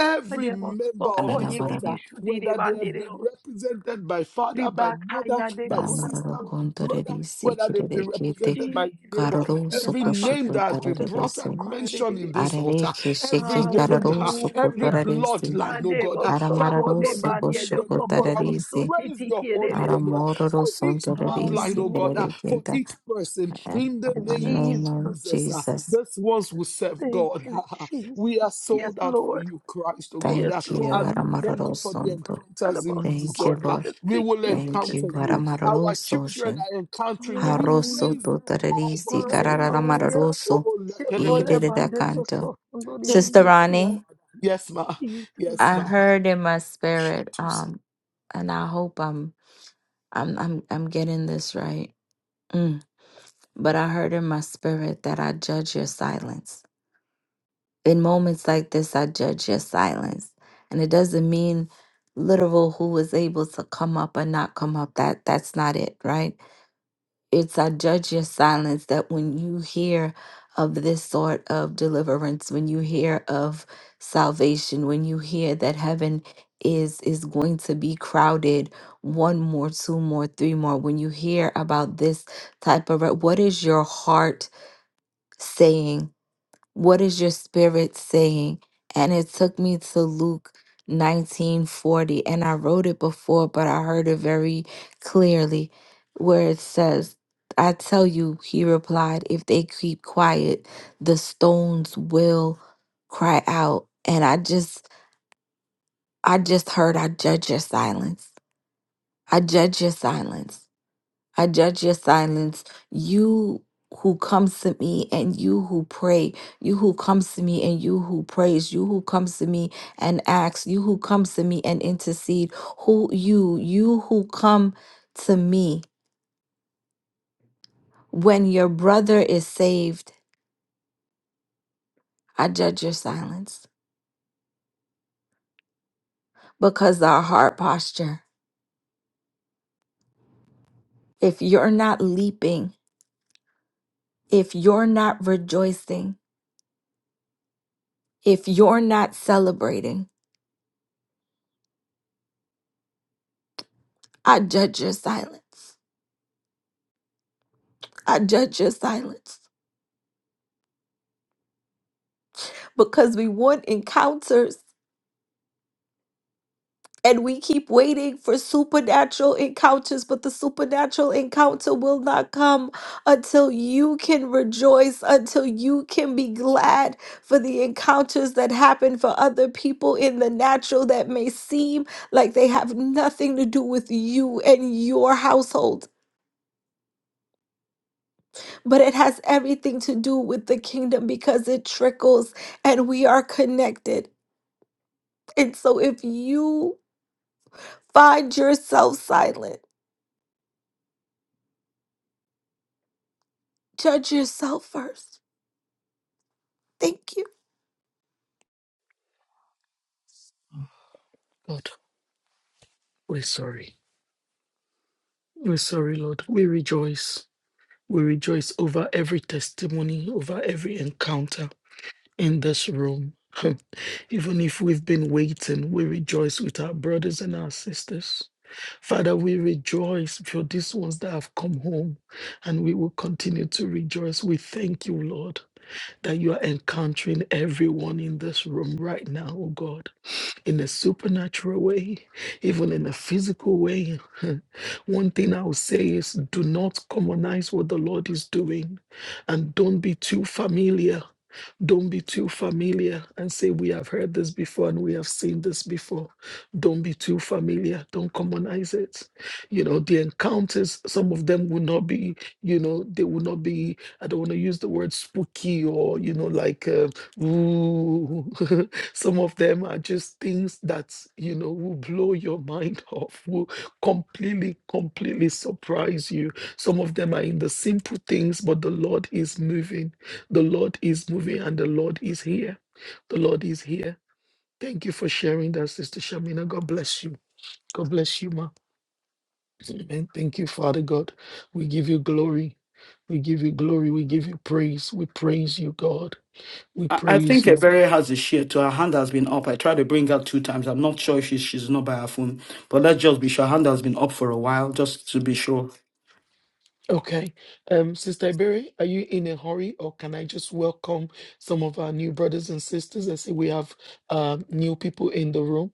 Speaker 2: Every member of this altar,
Speaker 3: Alalavarara,
Speaker 2: whether they have been
Speaker 5: Adebosokodiebidishudidebandereos.
Speaker 2: represented by father, by mother, by sister,
Speaker 3: Aramararo
Speaker 5: Ribakayadekolabados.
Speaker 2: by
Speaker 3: Kundarari,
Speaker 2: brother, whether they've been
Speaker 3: Sikirere Kete,
Speaker 2: represented by
Speaker 5: Jesus. ikede
Speaker 2: neighbor,
Speaker 5: baba
Speaker 3: Karoro
Speaker 2: every name that has been brought
Speaker 3: Sokoshukutarare
Speaker 2: and mentioned in
Speaker 5: ikedebabasokododosokoladedede.
Speaker 2: this altar,
Speaker 3: Arareki
Speaker 2: every
Speaker 3: sheke
Speaker 2: wonder,
Speaker 3: kararoso
Speaker 2: every
Speaker 5: Hallelujah.
Speaker 3: kotararisi.
Speaker 2: bloodline, oh God,
Speaker 5: Adebo
Speaker 2: uh, Father,
Speaker 5: soko de
Speaker 2: Lord,
Speaker 3: Aramararoso
Speaker 2: we bring
Speaker 3: kosho
Speaker 2: them to you and we
Speaker 3: kotararisi.
Speaker 2: praise your holy name
Speaker 5: Adebosokodebanyedebobotosotitikiedededebos.
Speaker 2: uh,
Speaker 3: Aramororo
Speaker 2: for each bloodline,
Speaker 3: sontorarisi
Speaker 2: oh God, uh,
Speaker 5: Hallelujah.
Speaker 2: for
Speaker 3: terarekenta.
Speaker 2: each person
Speaker 3: In
Speaker 2: in the
Speaker 3: the
Speaker 2: name of
Speaker 3: name of
Speaker 5: Jesus.
Speaker 2: Jesus. uh,
Speaker 3: Jesus,
Speaker 2: this ones will serve
Speaker 5: Thank
Speaker 2: God.
Speaker 5: you,
Speaker 2: we are
Speaker 5: Jesus. Yes,
Speaker 2: sold out for
Speaker 5: Lord.
Speaker 2: you, Christ, oh God.
Speaker 5: Yes,
Speaker 2: Uh,
Speaker 3: thank you,
Speaker 5: Lord.
Speaker 2: And we thank you
Speaker 3: Aramararo
Speaker 2: for the
Speaker 3: Santo.
Speaker 2: encounters in
Speaker 3: Thank you,
Speaker 2: December.
Speaker 3: Lord.
Speaker 2: We will
Speaker 3: Thank you,
Speaker 2: encounter
Speaker 5: Adabasokodidisikididisi.
Speaker 2: you.
Speaker 3: Aramararo
Speaker 2: Our children
Speaker 3: Soshin.
Speaker 2: are encountering you. We
Speaker 3: Haroso
Speaker 5: Hallelujah.
Speaker 2: praise you, God, for
Speaker 3: totararisi
Speaker 2: these encounters.
Speaker 5: Hallelujah.
Speaker 3: karararamararoso.
Speaker 2: Oh, lekedegede.
Speaker 3: Idereda canto.
Speaker 2: thank
Speaker 3: Sister
Speaker 2: you, Abba
Speaker 5: Shekolebandetosohondodibindisiya.
Speaker 3: Ronnie,
Speaker 2: Father. Yes, ma.
Speaker 5: Jesus.
Speaker 2: Yes,
Speaker 3: I
Speaker 2: ma.
Speaker 3: heard in my spirit,
Speaker 2: Shutusa.
Speaker 3: um, and I hope I'm I'm I'm I'm getting this right. Mm. But I heard in my spirit that I judge your silence. In moments like this, I judge your silence. And it doesn't mean literal who was able to come up or not come up. That that's not it, right? it's I judge your silence that when you hear of this sort of deliverance, when you hear of salvation, when you hear that heaven is is going to be crowded one more two more three more when you hear about this type of re- what is your heart saying what is your spirit saying? And it took me to Luke 1940. And I wrote it before, but I heard it very clearly where it says, I tell you, he replied, if they keep quiet, the stones will cry out. And I just I just heard I judge your silence. I judge your silence. I judge your silence. You who comes to me and you who pray, you who comes to me and you who prays, you who comes to me and asks, you who comes to me and intercede, who you, you who come to me when your brother is saved, I judge your silence because our heart posture. If you're not leaping, if you're not rejoicing, if you're not celebrating, I judge your silence. I judge your silence. because we want encounters and we keep waiting for supernatural encounters, but the supernatural encounter will not come until you can rejoice, until you can be glad for the encounters that happen for other people in the natural that may seem like they have nothing to do with you and your household, but it has everything to do with the kingdom because it trickles and we are connected. And so if you Find yourself silent. Judge yourself first. Thank you.
Speaker 2: God, we're sorry. We're sorry, Lord. We rejoice. We rejoice over every testimony, over every encounter in this room. Even if we've been waiting, we rejoice with our brothers and our sisters. Father, we rejoice for these ones that have come home, and we will continue to rejoice. We thank you, Lord, that you are encountering everyone in this room right now, oh God, in a supernatural way, even in a physical way. One thing I will say is do not commonize what the Lord is doing, and don't be too familiar. Don't be too familiar and say, We have heard this before and we have seen this before. Don't be too familiar. Don't commonize it. You know, the encounters, some of them will not be, you know, they will not be, I don't want to use the word spooky or, you know, like, uh, ooh. some of them are just things that, you know, will blow your mind off, will completely, completely surprise you. Some of them are in the simple things, but the Lord is moving the Lord is moving and the Lord is here. The Lord is here. Thank you for sharing that, Sister Shamina. God bless you. God bless you, ma. Amen. Thank you, Father God. We give you glory. We give you glory. We give you praise. We praise you, God. We
Speaker 1: I I
Speaker 2: praise
Speaker 1: think
Speaker 2: you.
Speaker 1: Everett has a share too. Her hand has been up. I tried to bring her two times. I'm not sure if she's, she's not by her phone, but let's just be sure. Her hand has been up for a while, just to be sure.
Speaker 2: Okay. Um, Sister Berry, are you in a hurry or can I just welcome some of our new brothers and sisters? I see we have um, new people in the room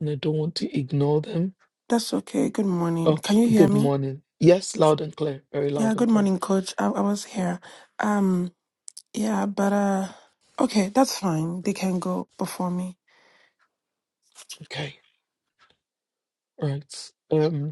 Speaker 2: and I don't want to ignore them.
Speaker 9: That's okay. Good morning.
Speaker 2: Oh,
Speaker 9: Can you hear
Speaker 2: good
Speaker 9: me?
Speaker 2: morning. Yes, loud and clear. Very
Speaker 9: Yeah,
Speaker 2: loud and
Speaker 9: good
Speaker 2: clear.
Speaker 9: morning, coach. I, I was here. Um, yeah, but uh okay, that's fine. They can go before me.
Speaker 2: Okay. Right. Um.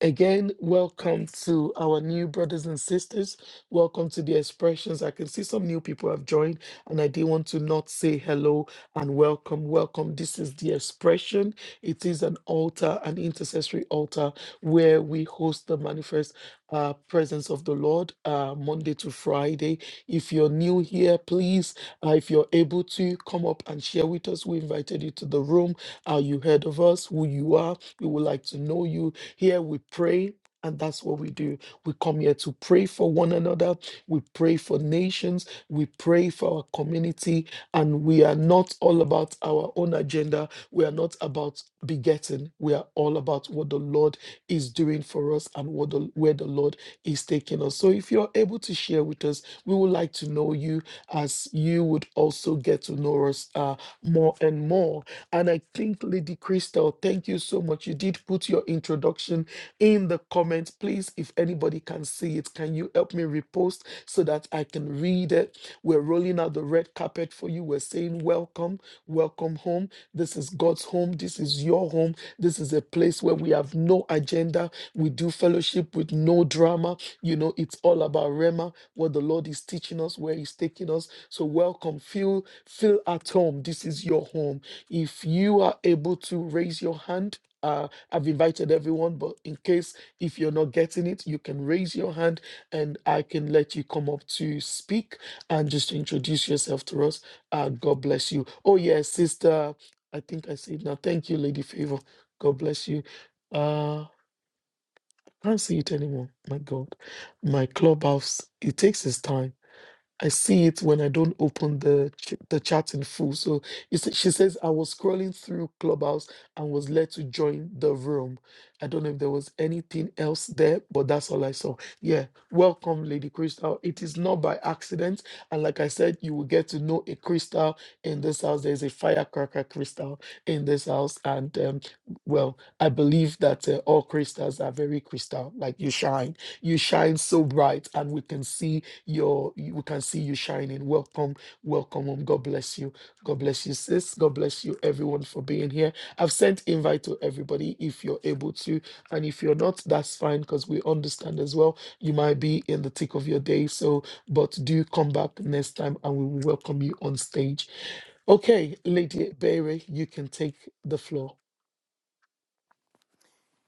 Speaker 2: Again, welcome to our new brothers and sisters. Welcome to the expressions. I can see some new people have joined, and I did want to not say hello and welcome. Welcome. This is the expression. It is an altar, an intercessory altar, where we host the manifest uh, presence of the Lord uh, Monday to Friday. If you're new here, please, uh, if you're able to, come up and share with us. We invited you to the room. Uh, you heard of us, who you are. We would like to know you here we pray. And that's what we do. We come here to pray for one another. We pray for nations. We pray for our community. And we are not all about our own agenda. We are not about begetting. We are all about what the Lord is doing for us and what the, where the Lord is taking us. So if you're able to share with us, we would like to know you as you would also get to know us uh, more and more. And I think, Lady Crystal, thank you so much. You did put your introduction in the comments. Please, if anybody can see it, can you help me repost so that I can read it? We're rolling out the red carpet for you. We're saying, Welcome, welcome home. This is God's home. This is your home. This is a place where we have no agenda. We do fellowship with no drama. You know, it's all about Rema, what the Lord is teaching us, where He's taking us. So, welcome. Feel, feel at home. This is your home. If you are able to raise your hand, uh, I've invited everyone, but in case if you're not getting it, you can raise your hand and I can let you come up to speak and just introduce yourself to us. Uh, God bless you. Oh, yes, sister. I think I see it now. Thank you, Lady Favor. God bless you. Uh, can't see it anymore. My God, my clubhouse, it takes its time. I see it when I don't open the ch- the chat in full. So you see, she says I was scrolling through Clubhouse and was led to join the room. I don't know if there was anything else there, but that's all I saw. Yeah, welcome, Lady Crystal. It is not by accident, and like I said, you will get to know a crystal in this house. There is a firecracker crystal in this house, and um, well, I believe that uh, all crystals are very crystal. Like you shine, you shine so bright, and we can see your you- we can see you shining. Welcome, welcome home. God bless you. God bless you, sis. God bless you, everyone, for being here. I've sent invite to everybody if you're able to, and if you're not, that's fine because we understand as well. You might be in the tick of your day, so but do come back next time, and we will welcome you on stage. Okay, Lady Berry, you can take the floor.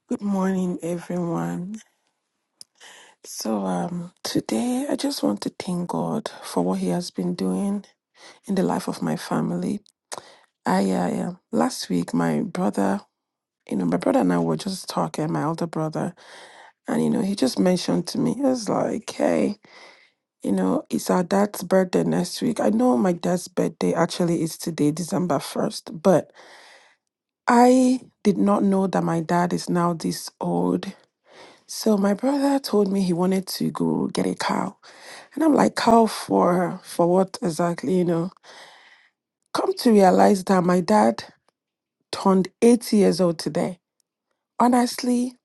Speaker 9: Good morning, everyone. So, um today I just want to thank God for what he has been doing in the life of my family. I uh, yeah, last week my brother, you know, my brother and I were just talking, my older brother, and you know, he just mentioned to me, he was like, "Hey, You know, it's our dad's birthday next week. I know my dad's birthday actually is today, December 1st, but I did not know that my dad is now this old. So my brother told me he wanted to go get a cow. And I'm like, cow for for what exactly, you know? Come to realize that my dad turned 80 years old today. Honestly,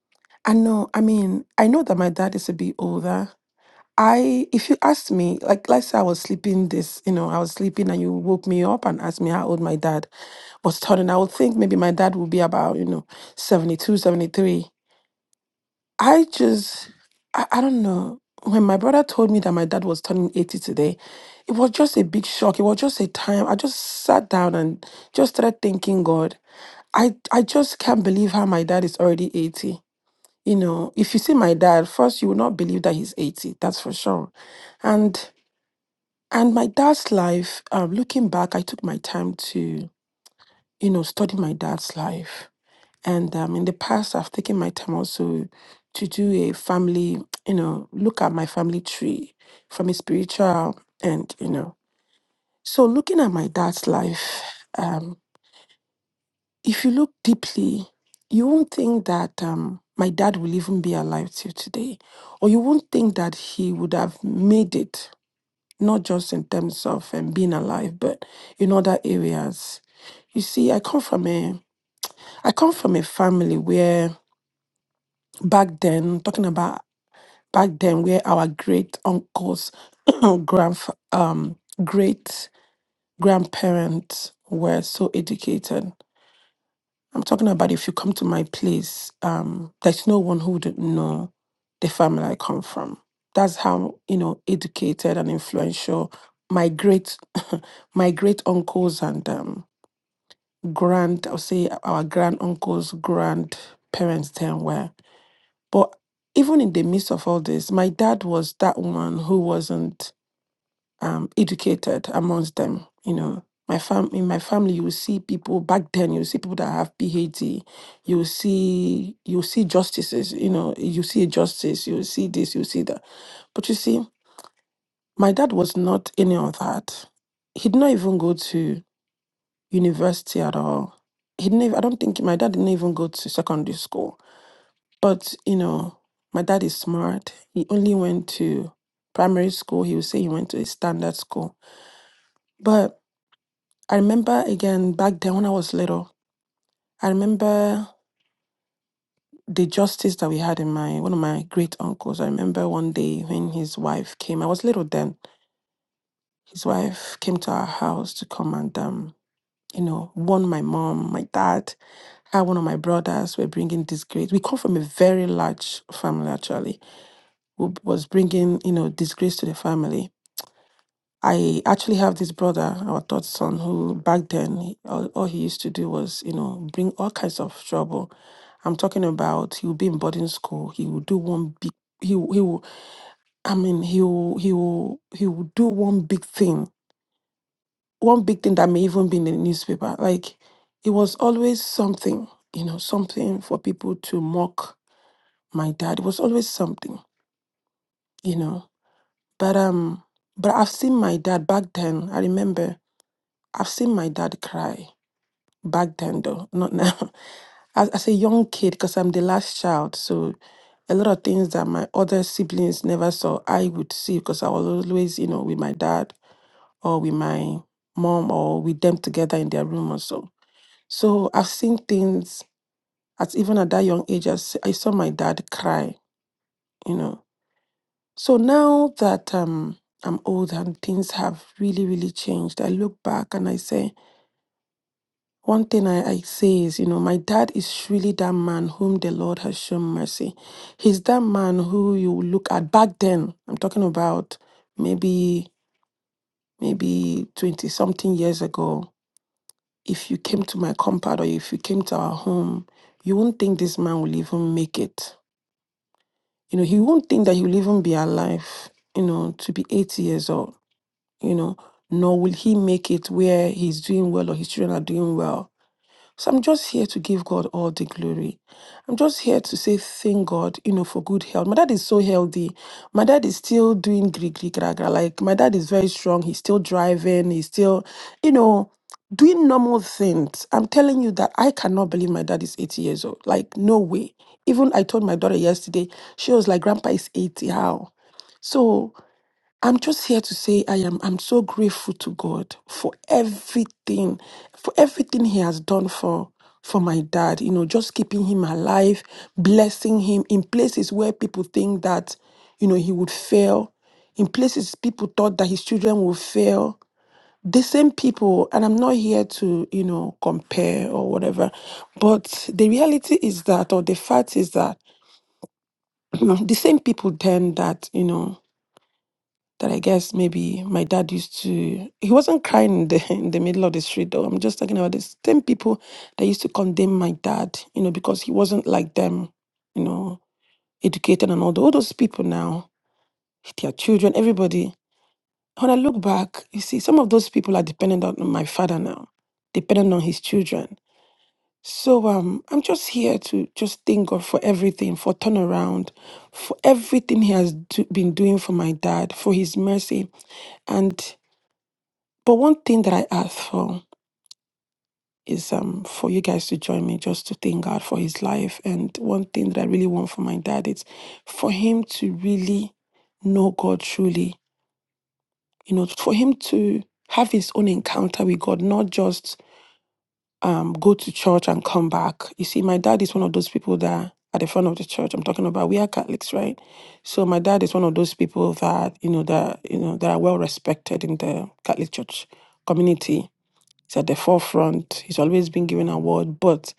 Speaker 9: I know, I mean, I know that my dad is a bit older, I, if you asked me, like, let's say I was sleeping this, you know, I was sleeping and you woke me up and asked me how old my dad was turning, I would think maybe my dad would be about, you know, 72, 73. I just, I, I don't know. When my brother told me that my dad was turning 80 today, it was just a big shock. It was just a time. I just sat down and just started thanking God. I, I just can't believe how my dad is already 80. You know, if you see my dad, first, you will not believe that he's 80. That's for sure. And and my dad's life, um, looking back, I took my time to, you know, study my dad's life. And um, in the past, I've taken my time also to do a family, you know, look at my family tree from a spiritual and, you know. So looking at my dad's life, um, if you look deeply, you won't think that um, my dad will even be alive till today, or you won't think that he would have made it not just in terms of um, being alive, but in other areas. You see, I come from a I come from a family where back then, talking about back then, where our great uncles, grandf um, great grandparents were so educated I'm talking about if you come to my place, um, there's no one who wouldn't know the family I come from. That's how you know educated and influential my great my great uncles and um, grand I'll say our grand uncles, grandparents then were. But even in the midst of all this, my dad was that one who wasn't um, educated amongst them. You know, my fam in my family, you will see people back then. You will see people that have PhD. You will see you will see justices. You know, you see a justice. You will see this. You will see that. But you see, my dad was not any of that. He did not even go to university at all. He didn't. Even, I don't think my dad didn't even go to secondary school. But you know, my dad is smart. He only went to primary school. He would say he went to a standard school, but I remember again back then when I was little, I remember the justice that we had in my one of my great uncles. I remember one day when his wife came, I was little then. His wife came to our house to come and um, you know, warn my mom, my dad, how one of my brothers were bringing disgrace. We come from a very large family actually, who was bringing, you know, disgrace to the family. I actually have this brother, our third son, who back then he- all, all he used to do was, you know, bring all kinds of trouble. I'm talking about he would be in boarding school. He would do one big. He will- he will. I mean he will he will he will do one big thing. One big thing that may even be in the newspaper. Like it was always something, you know, something for people to mock my dad. It was always something, you know. But um, but I've seen my dad back then. I remember I've seen my dad cry. back then though not now as, as a young kid because i'm the last child so a lot of things that my other siblings never saw i would see because i was always you know with my dad or with my mom or with them together in their room or so so i've seen things at even at that young age i, s- I saw my dad cry you know so now that um i'm old and things have really really changed i look back and i say One thing I, I say is, you know, my dad is really that man whom the Lord has shown mercy. He's that man who you look at back then. I'm talking about maybe maybe 20 something years ago. If you came to my compound or if you came to our home, you won't think this man will even make it. You know, he won't think that he will even be alive, you know, to be 80 years old, you know, nor will he make it where he's doing well or his children are doing well So I'm just here to give God all the glory. I'm just here to say thank God, you know, for good health. My dad is so healthy. My dad is still doing gri gri gra gra. Like my dad is very strong. He's still driving. He's still, you know, doing normal things. I'm telling you that I cannot believe my dad is 80 years old. Like no way. Even I told my daughter yesterday, she was like, "Grandpa is 80. How?" So I'm just here to say I am I'm so grateful to God for everything, for everything He has done for for my dad, you know, just keeping him alive, blessing him in places where people think that, you know, he would fail, in places people thought that his children would fail. The same people, and I'm not here to, you know, compare or whatever, but the reality is that, or the fact is that, the same people then that, you know, that I guess maybe my dad used to. He wasn't crying in the in the middle of the street though. I'm just talking about the same people that used to condemn my dad, you know, because he wasn't like them, you know, educated and all, tho- all those people now, their children, everybody. When I look back, you see, some of those people are dependent on my father now, dependent on his children. So um, I'm just here to just thank God for everything, for turnaround, for everything He has do, been doing for my dad, for His mercy, and But one thing that I ask for is um for you guys to join me just to thank God for his life. And one thing that I really want for my dad is for him to really know God truly, you know, for him to have his own encounter with God, not just um go to church and come back. You see, my dad is one of those people that at the front of the church I'm talking about, we are Catholics, right? So my dad is one of those people that, you know, that you know that are well respected in the Catholic Church community He's at the forefront. He's always been given award, but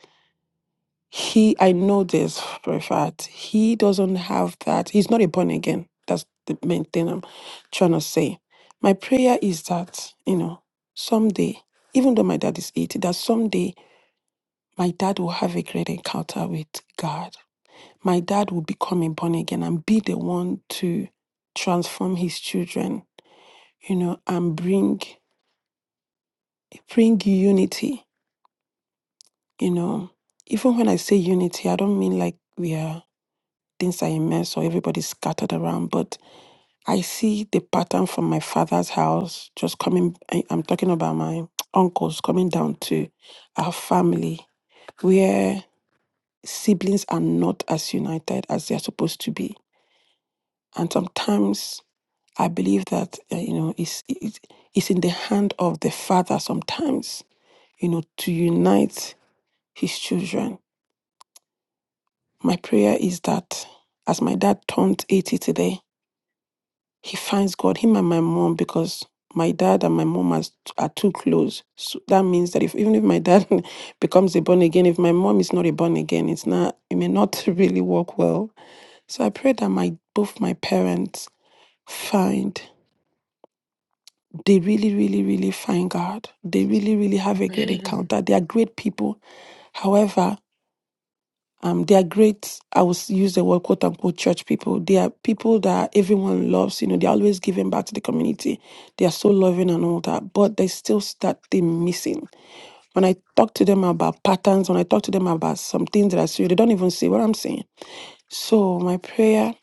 Speaker 9: he, I know this for a fact, he doesn't have that. He's not a born again. That's the main thing I'm trying to say. My prayer is that, you know, someday, even though my dad is 80, that someday my dad will have a great encounter with God. My dad will become a born again and be the one to transform his children, you know, and bring bring unity you know, even when I say unity, I don't mean like we are things are immense or everybody's scattered around, but I see the pattern from my father's house just coming. I, I'm talking about my uncles coming down to our family where siblings are not as united as they're supposed to be. And sometimes I believe that, uh, you know, it's, it's, it's in the hand of the father sometimes, you know, to unite his children My prayer is that as my dad turned 80 today, he finds God, him and my mom, because my dad and my mom are, are too close. So that means that if even if my dad becomes a born again, if my mom is not a born again, it's not it may not really work well. So I pray that my both my parents find they really, really, really find God. They really, really have a great
Speaker 2: Amen.
Speaker 9: encounter. They are great people. However, Um, they are great. I will use the word quote unquote church people. They are people that everyone loves. You know, they're always giving back to the community. They are so loving and all that, but there's still that thing missing. When I talk to them about patterns, when I talk to them about some things that I see, they don't even see what I'm saying. So my prayer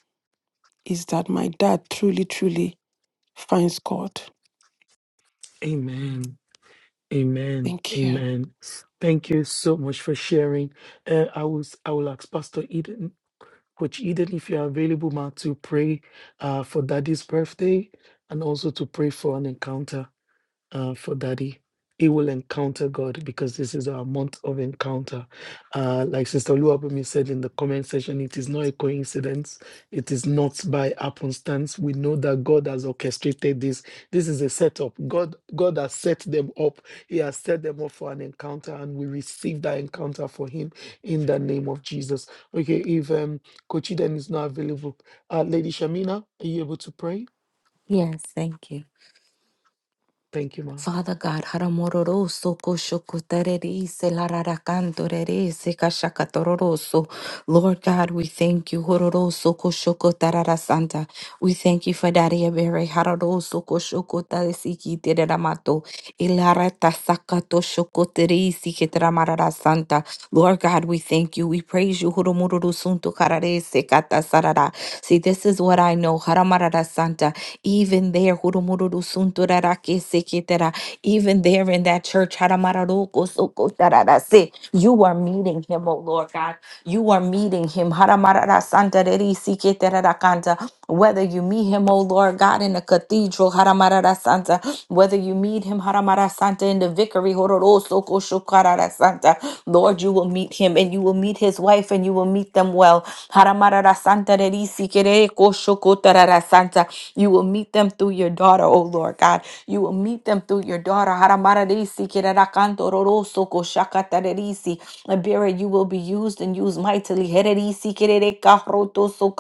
Speaker 9: is that my dad truly, truly finds God.
Speaker 2: Amen. Amen.
Speaker 9: Thank you.
Speaker 2: Amen. Thank you so much for sharing. Uh, I was I will ask Pastor Eden, Coach Eden, if you are available, ma, to pray uh, for Daddy's birthday and also to pray for an encounter uh, for Daddy. He will encounter God because this is our month of encounter. Uh, like Sister Luabumi said in the comment section, it is not a coincidence. It is not by happenstance. We know that God has orchestrated this. This is a setup. God, God has set them up. He has set them up for an encounter, and we receive that encounter for Him in the name of Jesus. Okay, if um, Kochi then is not available, uh, Lady Shamina, are you able to pray?
Speaker 3: Yes, thank you.
Speaker 2: Thank you, ma.
Speaker 3: Father God, Haramororo Soko Shokotareri se lararakanto rere se kashakatororoso. Lord God, we thank you. Hororo Soko Shokotarara Santa. We thank you for Daddy Abere Hararo Soko Shokotare Siki Teramato. Ilarata Sakato Shokoteri Sikiteramarara Santa. Lord God, we thank you. We praise you. Hurumururu suntu karare sekata sarara. See, this is what I know. Haramarara santa. Even there, hurumururu suntu rarake seketera. even there in that church, haramararo kosoko tarara se. you are meeting him, oh Lord God. You are meeting him. Haramarara santa reri seketera rakanta. Whether you meet him, oh Lord God, in the cathedral, haramarara santa. whether you meet him, haramarara santa, in the vicary, hororo Santa. Lord, you will meet him and you will meet his wife and you will meet them well. Haramarara Santa de Risi Kere Koshoko Santa. You will meet them through your daughter, O Lord God. You will meet them through your daughter. Haramara de Risi Kerera Kanto Roro Soko Shaka Risi. Liberia, you will be used and used mightily. Here Risi Kerere Kahro Toso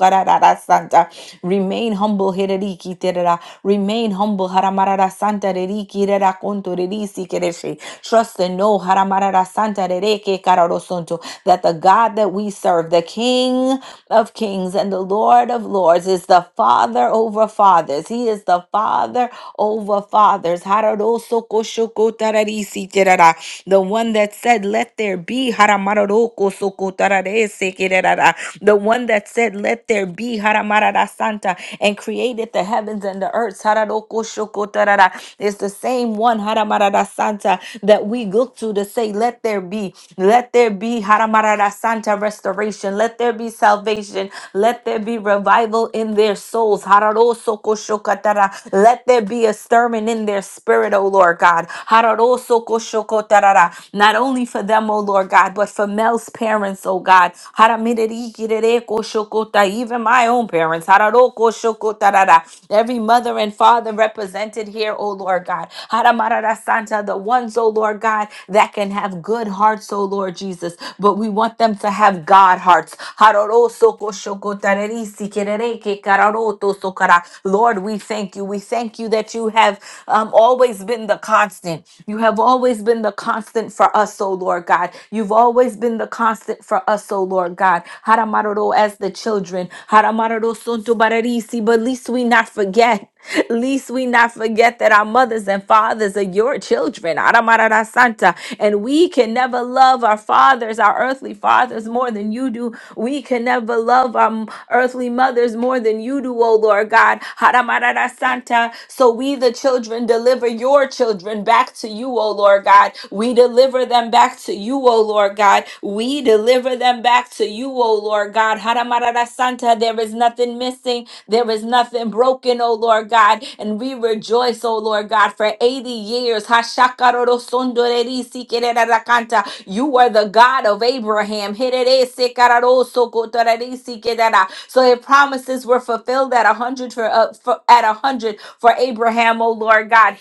Speaker 3: Santa. Remain humble. Here Riki Terera. Remain humble. Haramarara Santa de Riki Rera Konto de Risi Kere Trust and know Haramarara Santa Rereke Kararosonto, that the God that we serve, the King of kings and the Lord of lords, is the Father over fathers. He is the Father over fathers. Hararosokoshokotararisiterara. The one that said, Let there be. Haramarorokosokotararisekerara. The one that said, Let there be. Haramarara Santa and created the heavens and the earth. Hararokosokotarara. It's the same same one, Haramarada Santa, that we look to to say, let there be, let there be, Haramarada Santa, restoration, let there be salvation, let there be revival in their souls, Hararosokoshokatara. let there be a stirring in their spirit, O Lord God, Hararosokoshokotara. not only for them, O Lord God, but for Mel's parents, O God, Haramiririkirikoshokota. even my own parents, Hararokoshokotarara. every mother and father represented represented here, oh Lord God. Haramarara Santa, the ones, oh Lord God, that can have good hearts, oh Lord Jesus, but we want them to have God hearts. Haroro soko shoko tareri sikerere ke kararo to sokara. Lord, we thank you. We thank you that you have um, always been the constant. You have always been the constant for us, oh Lord God. You've always been the constant for us, oh Lord God. Haramaroro as the children. Haramaroro sunto bararisi, but least we not forget forget, least we not forget that our mothers and fathers are your children. Aramarara Santa. And we can never love our fathers, our earthly fathers, more than you do. We can never love our m- earthly mothers more than you do, O Lord God. Haramarara Santa. So we, the children, deliver your children back to you, O Lord God. We deliver them back to you, O Lord God. We deliver them back to you, O Lord God. Haramarara Santa. There is nothing missing there is nothing broken, oh Lord God, and we rejoice, oh Lord God, for 80 years. Hashakarorosondorerisikererarakanta. You are the God of Abraham. Hereresekarorosokotorerisikerera. So your promises were fulfilled at a hundred for, uh, for- at a had a hundred for Abraham, oh Lord God.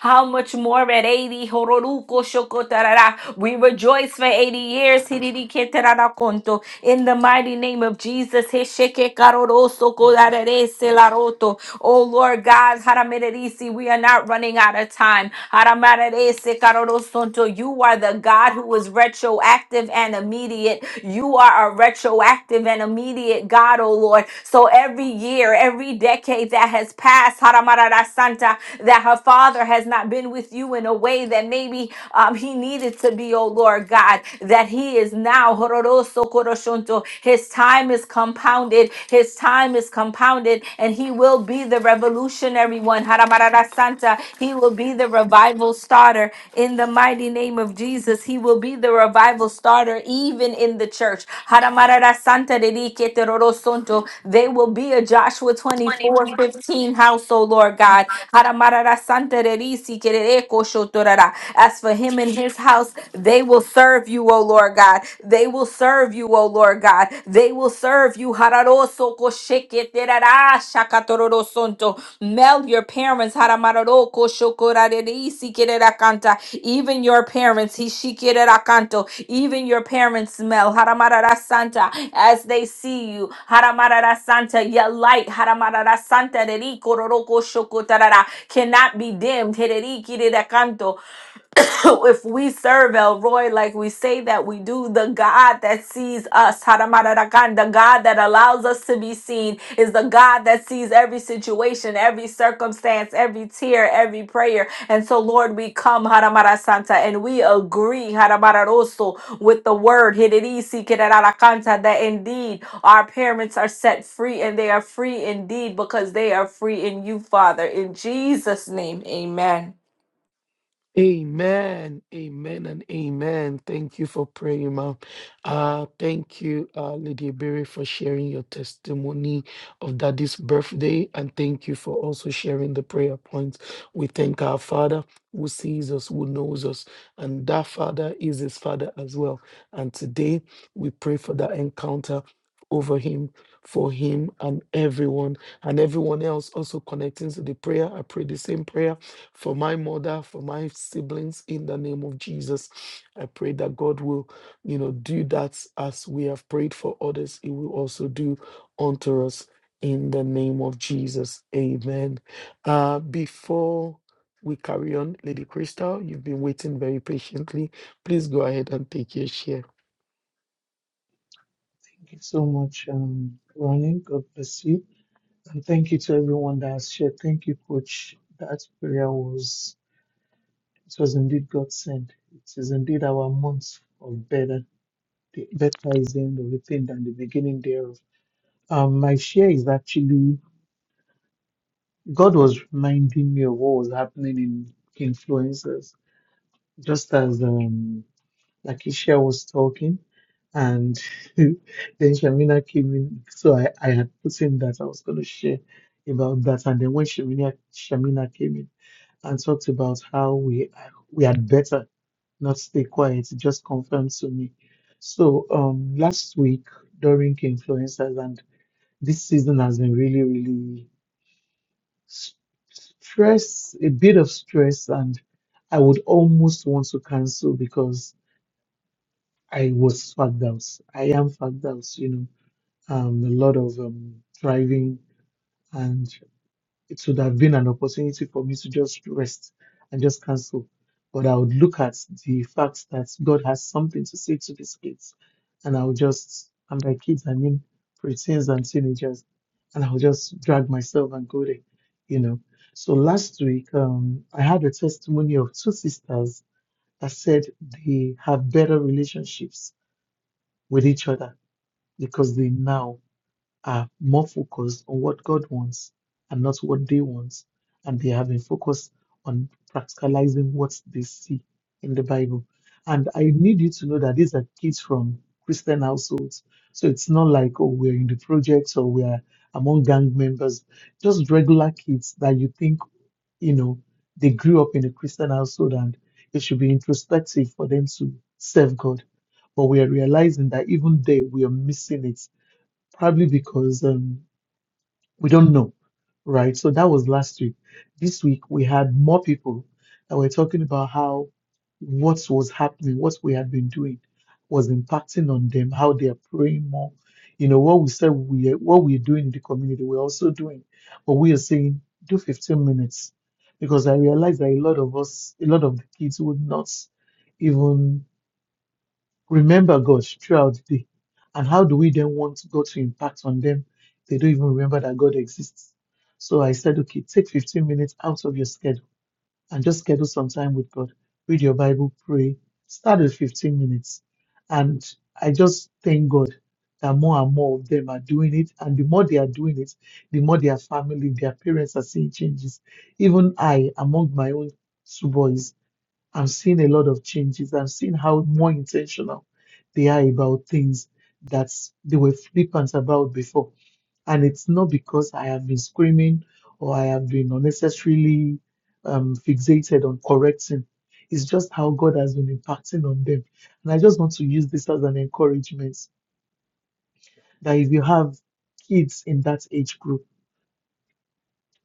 Speaker 3: How much more at 80? We rejoice for 80 years. In the mighty name of Jesus. Oh Lord God, Haramererisi, we are not running out of time. Haramarerese karorosonto, You are the God who is retroactive and immediate. You are a retroactive and immediate God, oh Lord. So every year, every decade that has passed, Haramararasanta, that her father has not been with you in a way that maybe um, he needed to be, oh Lord God, that he is now. Hororoso koroshonto, His time is compounded. His time is compounded, and he will be the revolutionary one. Haramarara Santa. He will be the revival starter in the mighty name of Jesus. He will be the revival starter even in the church. Haramarara Santa de di que te roro sonto. They will be a Joshua 24 15 house, O Lord God. Haramarara Santa de di si que re re ko shotorara. As for him and his house, they will serve you, O Lord. Lord God. They will serve you, O Lord God. They will serve you. Hararoso kosheketerara shakatororosonto. Mel, your parents, haramaroro koshokorarerisi kererakanta. even your parents, hishikerakanto, even your parents smell, haramarara santa, as they see you, haramarara santa, your light, haramarara santa, reriko shokotarara, cannot be dimmed, hererikirakanto, if we serve El Roy like we say that we do, the God that sees us, Haramararakan, the God that allows us to be seen, is the God that sees every situation, every circumstance, every tear, every prayer. And so, Lord, we come, Haramarasanta, and we agree, Haramararoso, with the word, Hiririsi Kirarakanta, that indeed our parents are set free, and they are free indeed because they are free in you, Father. In Jesus' name, amen.
Speaker 2: Amen, amen, and amen. Thank you for praying, ma'am. Uh, thank you, uh, Lady Berry, for sharing your testimony of Daddy's birthday, and thank you for also sharing the prayer points. We thank our Father who sees us, who knows us, and that Father is His Father as well. And today we pray for that encounter over him for him and everyone and everyone else also connecting to the prayer i pray the same prayer for my mother, for my siblings in the name of Jesus. I pray that God will, you know, do that as we have prayed for others, He will also do unto us in the name of Jesus. Amen. Uh, before we carry on, Lady Crystal, you've been waiting very patiently. Please go ahead and take your share.
Speaker 10: Thank you so much, um, Ronnie. God bless you. And thank you to everyone that has shared. Thank you, Coach. That prayer was, it was indeed God sent. It is indeed our month of better. The better is the end of the thing than the beginning thereof. Um, my share is actually, God was reminding me of what was happening in influencers. Just as, um, Lakeisha was talking, and then Shamina came in. So I, I had put in that I was going to share about that. And then when Shamina, Shamina came in and talked about how we we had better not stay quiet, it just confirmed to me. So um, last week during influencers, and this season has been really, really s- stress, a bit of stress, and I would almost want to cancel because I was Fagdaus. I am Fagdaus, you know, um, a lot of um, driving, and it would have been an opportunity for me to just rest and just cancel. But I would look at the fact that God has something to say to these kids, and I would just, and by kids, I mean preteens and teenagers, and I would just drag myself and go there, you know. So last week, um, I had a testimony of two sisters that said they have better relationships with each other because they now are more focused on what God wants and not what they want. And they have been focused on practicalizing what they see in the Bible. And I need you to know that these are kids from Christian households. So it's not like, oh, we're in the projects or we're among gang members, just regular kids that you think, you know, they grew up in a Christian household and it should be introspective for them to serve God. But we are realizing that even there we are missing it probably because um, we don't know, right? So that was last week. This week we had more people that were talking about how what was happening, what we had been doing, was impacting on them, how they are praying more. You know what we said we what we're doing in the community, we're also doing, but we are saying do 15 minutes because I realize that a lot of us, a lot of the kids would not even remember God throughout the day. And how do we then want God to impact on them? They don't even remember that God exists. So I said, okay, take 15 minutes out of your schedule and just schedule some time with God. Read your Bible, pray. Start with 15 minutes. And I just thank God that more and more of them are doing it. And the more they are doing it, the more their family, their parents are seeing changes. Even I, among my own two boys, I'm seeing a lot of changes. I'm seeing how more intentional they are about things that they were flippant about before. And it's not because I have been screaming or I have been unnecessarily um, fixated on correcting. It's just how God has been impacting on them. And I just want to use this as an encouragement that if you have kids in that age group,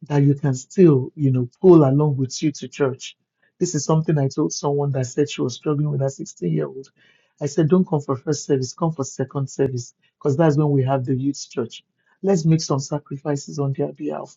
Speaker 10: that you can still, you know, pull along with you to church. This is something I told someone that said she was struggling with a 16 year old. I said, don't come for first service, come for second service, because that's when we have the youth church. Let's make some sacrifices on their behalf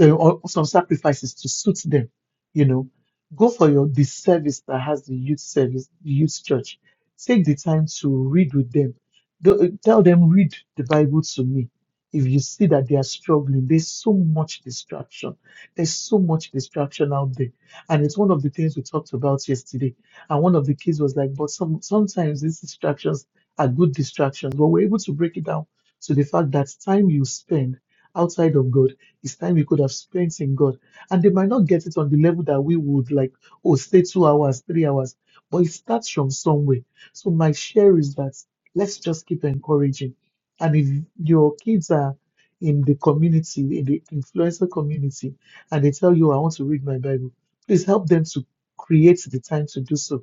Speaker 10: uh, or some sacrifices to suit them. You know, go for your the service that has the youth service, the youth church. Take the time to read with them. Go- uh, Tell them read the Bible to me. If you see that they are struggling, there's so much distraction. There's so much distraction out there, and it's one of the things we talked about yesterday. And one of the kids was like, "But some sometimes these distractions are good distractions." But we're able to break it down to the fact that time you spend outside of God it's time we could have spent in God. And they might not get it on the level that we would like, oh, stay two hours, three hours. But it starts from somewhere. So my share is that let's just keep encouraging. And if your kids are in the community, in the influencer community, and they tell you, I want to read my Bible, please help them to create the time to do so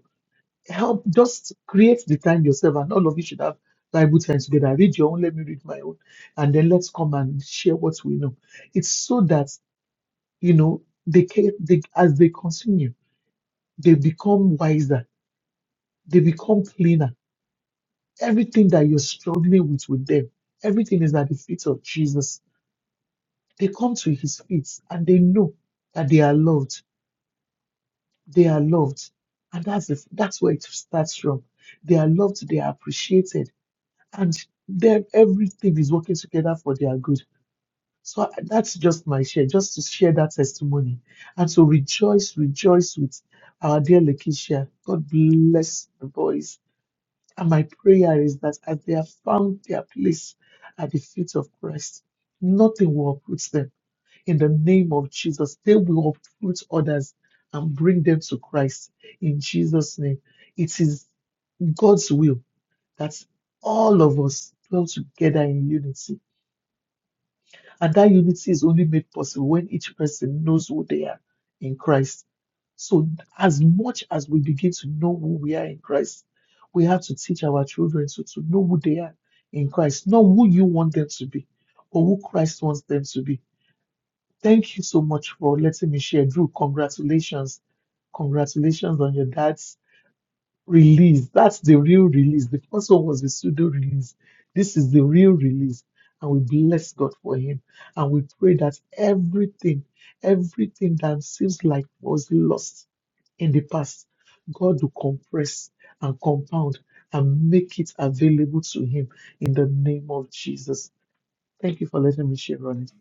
Speaker 10: help just create the time yourself and all of you should have bible time together read your own let me read my own and then let's come and share what we know it's so that you know they, ca- they as they continue they become wiser they become cleaner everything that you're struggling with with them everything is at the feet of jesus they come to his feet and they know that they are loved they are loved and that's the, that's where it starts from they are loved they are appreciated and then everything is working together for their good. So I- that's just my share, just to share that testimony. And so rejoice, rejoice with our dear Lakeisha. God bless the boys. And my prayer is that as they have found their place at the feet of Christ, nothing will uproot them. In the name of Jesus, they will uproot others and bring them to Christ. In Jesus' name, it is God's will that's all of us dwell together in unity. And that unity is only made possible when each person knows who they are in Christ. So, as much as we begin to know who we are in Christ, we have to teach our children to, to know who they are in Christ, not who you want them to be, or who Christ wants them to be. Thank you so much for letting me share. Drew, congratulations. Congratulations on your dad's release. That's the real release. The first one was the pseudo release. This is the real release. And we bless God for him. And we pray that everything, everything that seems like was lost in the past, God will compress and compound and make it available to him in the name of Jesus. Thank you for letting me share on it.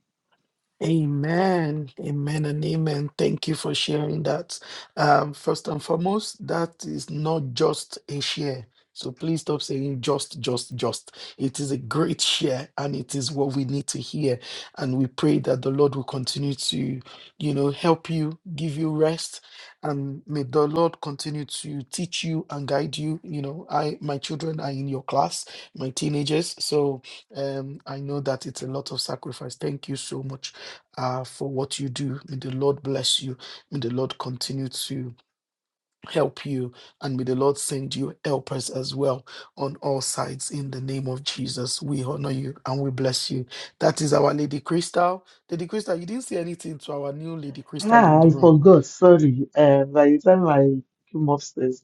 Speaker 2: Amen. Amen and amen. Thank you for sharing that. Um, first and foremost, that is not just a share. So please stop saying just, just, just. It is a great share and it is what we need to hear. And we pray that the Lord will continue to, you know, help you, give you rest. And may the Lord continue to teach you and guide you. You know, I my children are in your class, my teenagers. So um, I know that it's a lot of sacrifice. Thank you so much uh, for what you do. May the Lord bless you. May the Lord continue to help you. And may the Lord send you helpers as well on all sides in the name of Jesus. We honor you and we bless you. That is our Lady Crystal. Lady Crystal, you didn't say anything to our new Lady Crystal in
Speaker 10: Ah,
Speaker 2: the
Speaker 10: I
Speaker 2: room.
Speaker 10: forgot. Sorry. Uh, by the time I came upstairs,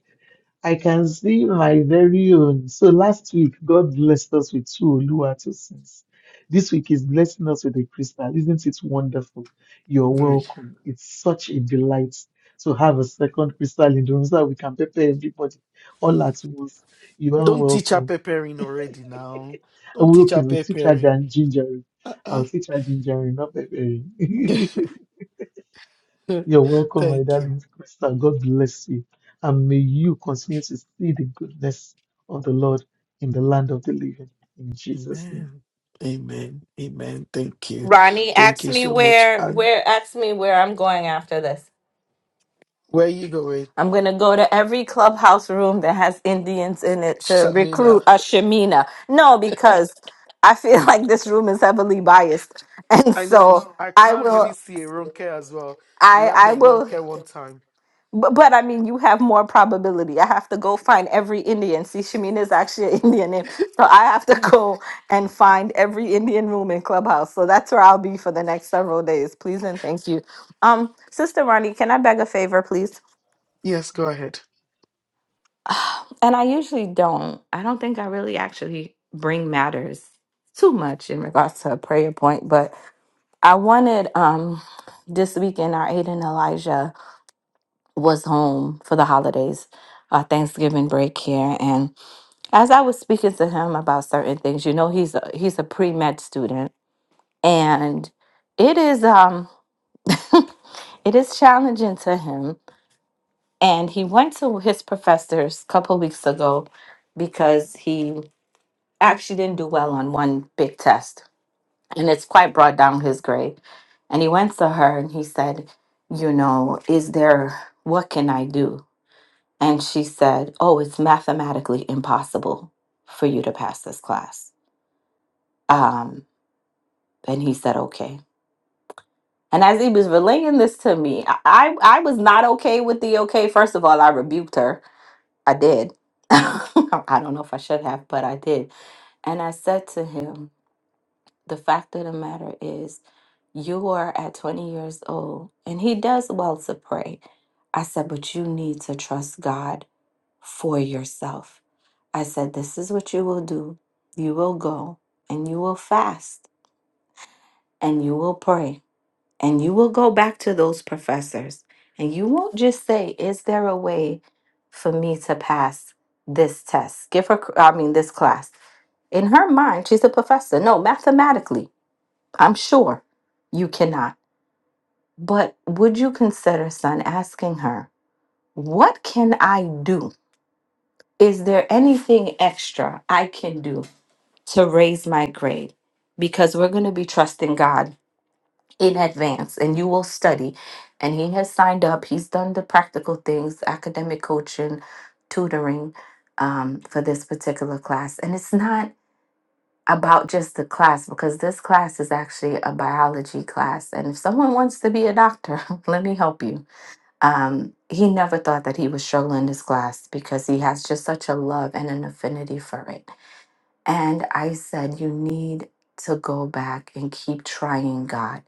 Speaker 10: I can see my very own. So last week, God blessed us with two Oluwatosins. This week is blessing us with a crystal. Isn't it wonderful? You're
Speaker 2: Very.
Speaker 10: welcome. It's such a delight to have a second crystal in the room so that we can pepper everybody all at once. You are
Speaker 2: Don't teach her
Speaker 10: welcome.
Speaker 2: preparing already now.
Speaker 10: And
Speaker 2: Don't
Speaker 10: we
Speaker 2: teach
Speaker 10: okay,
Speaker 2: her
Speaker 10: we'll teach her
Speaker 2: preparing.
Speaker 10: gin- ginger.
Speaker 2: Uh-uh.
Speaker 10: I'll teach her ginger, not peppering. You're welcome, my
Speaker 2: Thank you.
Speaker 10: darling Krista. God bless you. And may you continue to see the goodness of the Lord in the land of the living. In Jesus' name.
Speaker 2: Amen. Amen. Amen. Thank you.
Speaker 3: Ronnie
Speaker 2: Thank
Speaker 3: asked
Speaker 2: you
Speaker 3: me
Speaker 2: so much.
Speaker 3: where
Speaker 2: And
Speaker 3: where asked me where I'm going after this.
Speaker 2: Where you going,
Speaker 3: I'm gonna go to every clubhouse room that has Indians in it to
Speaker 2: Shamina?
Speaker 3: recruit a Shemina. No, because I feel like this room is heavily biased, and
Speaker 2: I know.
Speaker 3: so
Speaker 2: I
Speaker 3: I
Speaker 2: can't really
Speaker 3: will.
Speaker 2: see a Ronke as well. We
Speaker 3: I
Speaker 2: had the
Speaker 3: I will.
Speaker 2: Ronke one time.
Speaker 3: But, but I mean, you have more probability. I have to go find every Indian. See, Shamin is actually an Indian name. So I have to go and find every Indian room in Clubhouse. So that's where I'll be for the next several days. Please and thank you. Um, Sister Ronnie, can I beg a favor, please?
Speaker 2: Yes, go ahead.
Speaker 3: And I usually don't. I don't think I really actually bring matters too much in regards to a prayer point, but I wanted um this weekend our Aiden Elijah. was home for the holidays, uh, Thanksgiving break here, and as I was speaking to him about certain things, you know, he's a, he's a pre med student, and it is um it is challenging to him. And he went to his professors a couple weeks ago because he actually didn't do well on one big test, and it's quite brought down his grade. And he went to her and he said, you know, is there what can I do? And she said, Oh, it's mathematically impossible for you to pass this class. Um, and he said, Okay. And as he was relaying this to me, I, I I was not okay with the okay. First of all, I rebuked her. I did. I don't know if I should have, but I did. And I said to him, The fact of the matter is, you are at 20 years old, and he does well to pray. I said, But you need to trust God for yourself I said, This is what you will do. You will go and you will fast and you will pray and you will go back to those professors and you won't just say, Is there a way for me to pass this test? Give her, I mean, this class. In her mind, she's a professor. No, mathematically, I'm sure you cannot. But would you consider, son, asking her, What can I do? Is there anything extra I can do? to raise my grade because we're going to be trusting God in advance and you will study. And he has signed up, he's done the practical things, academic coaching, tutoring um, for this particular class. And it's not about just the class because this class is actually a biology class. And if someone wants to be a doctor, let me help you. Um, he never thought that he would struggle in this class because he has just such a love and an affinity for it. And I said, You need to go back and keep trying God.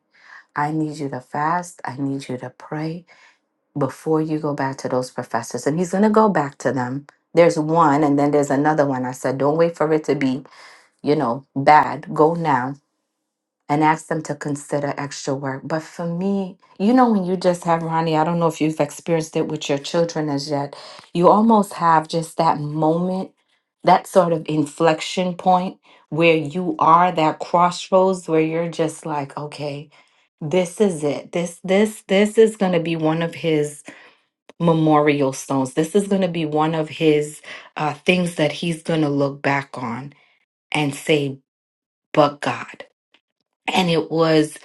Speaker 3: I need you to fast. I need you to pray before you go back to those professors. And he's going to go back to them. There's one, and then there's another one. I said, Don't wait for it to be, you know, bad. Go now and ask them to consider extra work. But for me, you know, when you just have Ronnie, I don't know if you've experienced it with your children as yet, you almost have just that moment, that sort of inflection point where you are that crossroads where you're just like, okay, this is it. This this this is going to be one of his memorial stones. This is going to be one of his uh, things that he's going to look back on and say, "But God." And it was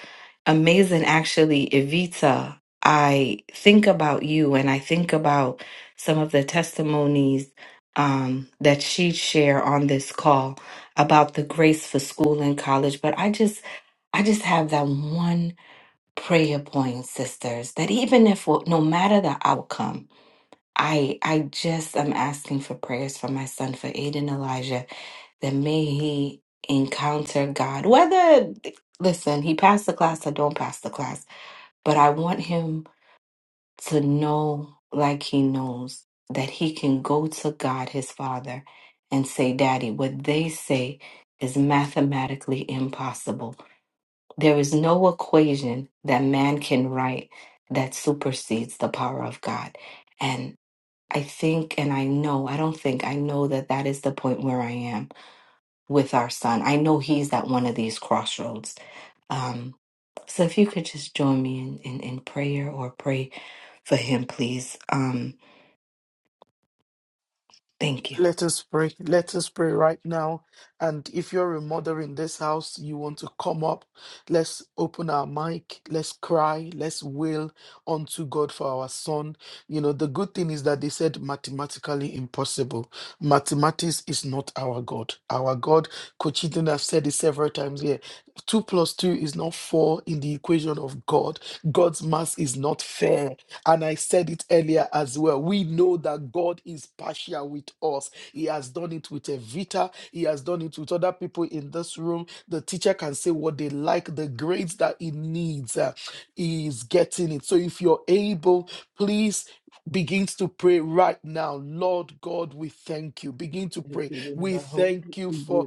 Speaker 3: amazing actually evita i think about you and i think about some of the testimonies um, that she'd share on this call about the grace for school and college but i just i just have that one prayer point sisters that even if well, no matter the outcome i i just am asking for prayers for my son for aiden elijah that may he encounter God. Whether listen, he passed the class or don't pass the class but I want him to know, like he knows, that he can go to God his Father and say, Daddy, what they say is mathematically impossible. There is no equation that man can write that supersedes the power of God. And I think, and I know, I don't think, I know that that is the point where I am with our son. I know he's at one of these crossroads. Um, so if you could just join me in, in, in prayer or pray for him, please. Um, thank you.
Speaker 2: Let us pray. Let us pray right now. And if you're a mother in this house, you want to come up. Let's open our mic. Let's cry. Let's wail unto God for our son. You know, the good thing is that they said mathematically impossible. Mathematics is not our God. Our God, Kochidin, I've said it several times here. Two plus two is not four in the equation of God. God's math is not fair. And I said it earlier as well. We know that God is partial with us he has done it with Evita. He has done it with other people in this room. The teacher can say what they like, the grades that he needs. uh, he is getting it. So if you're able, please begins to pray right now. Lord God, we thank you. Begin to pray. We thank you for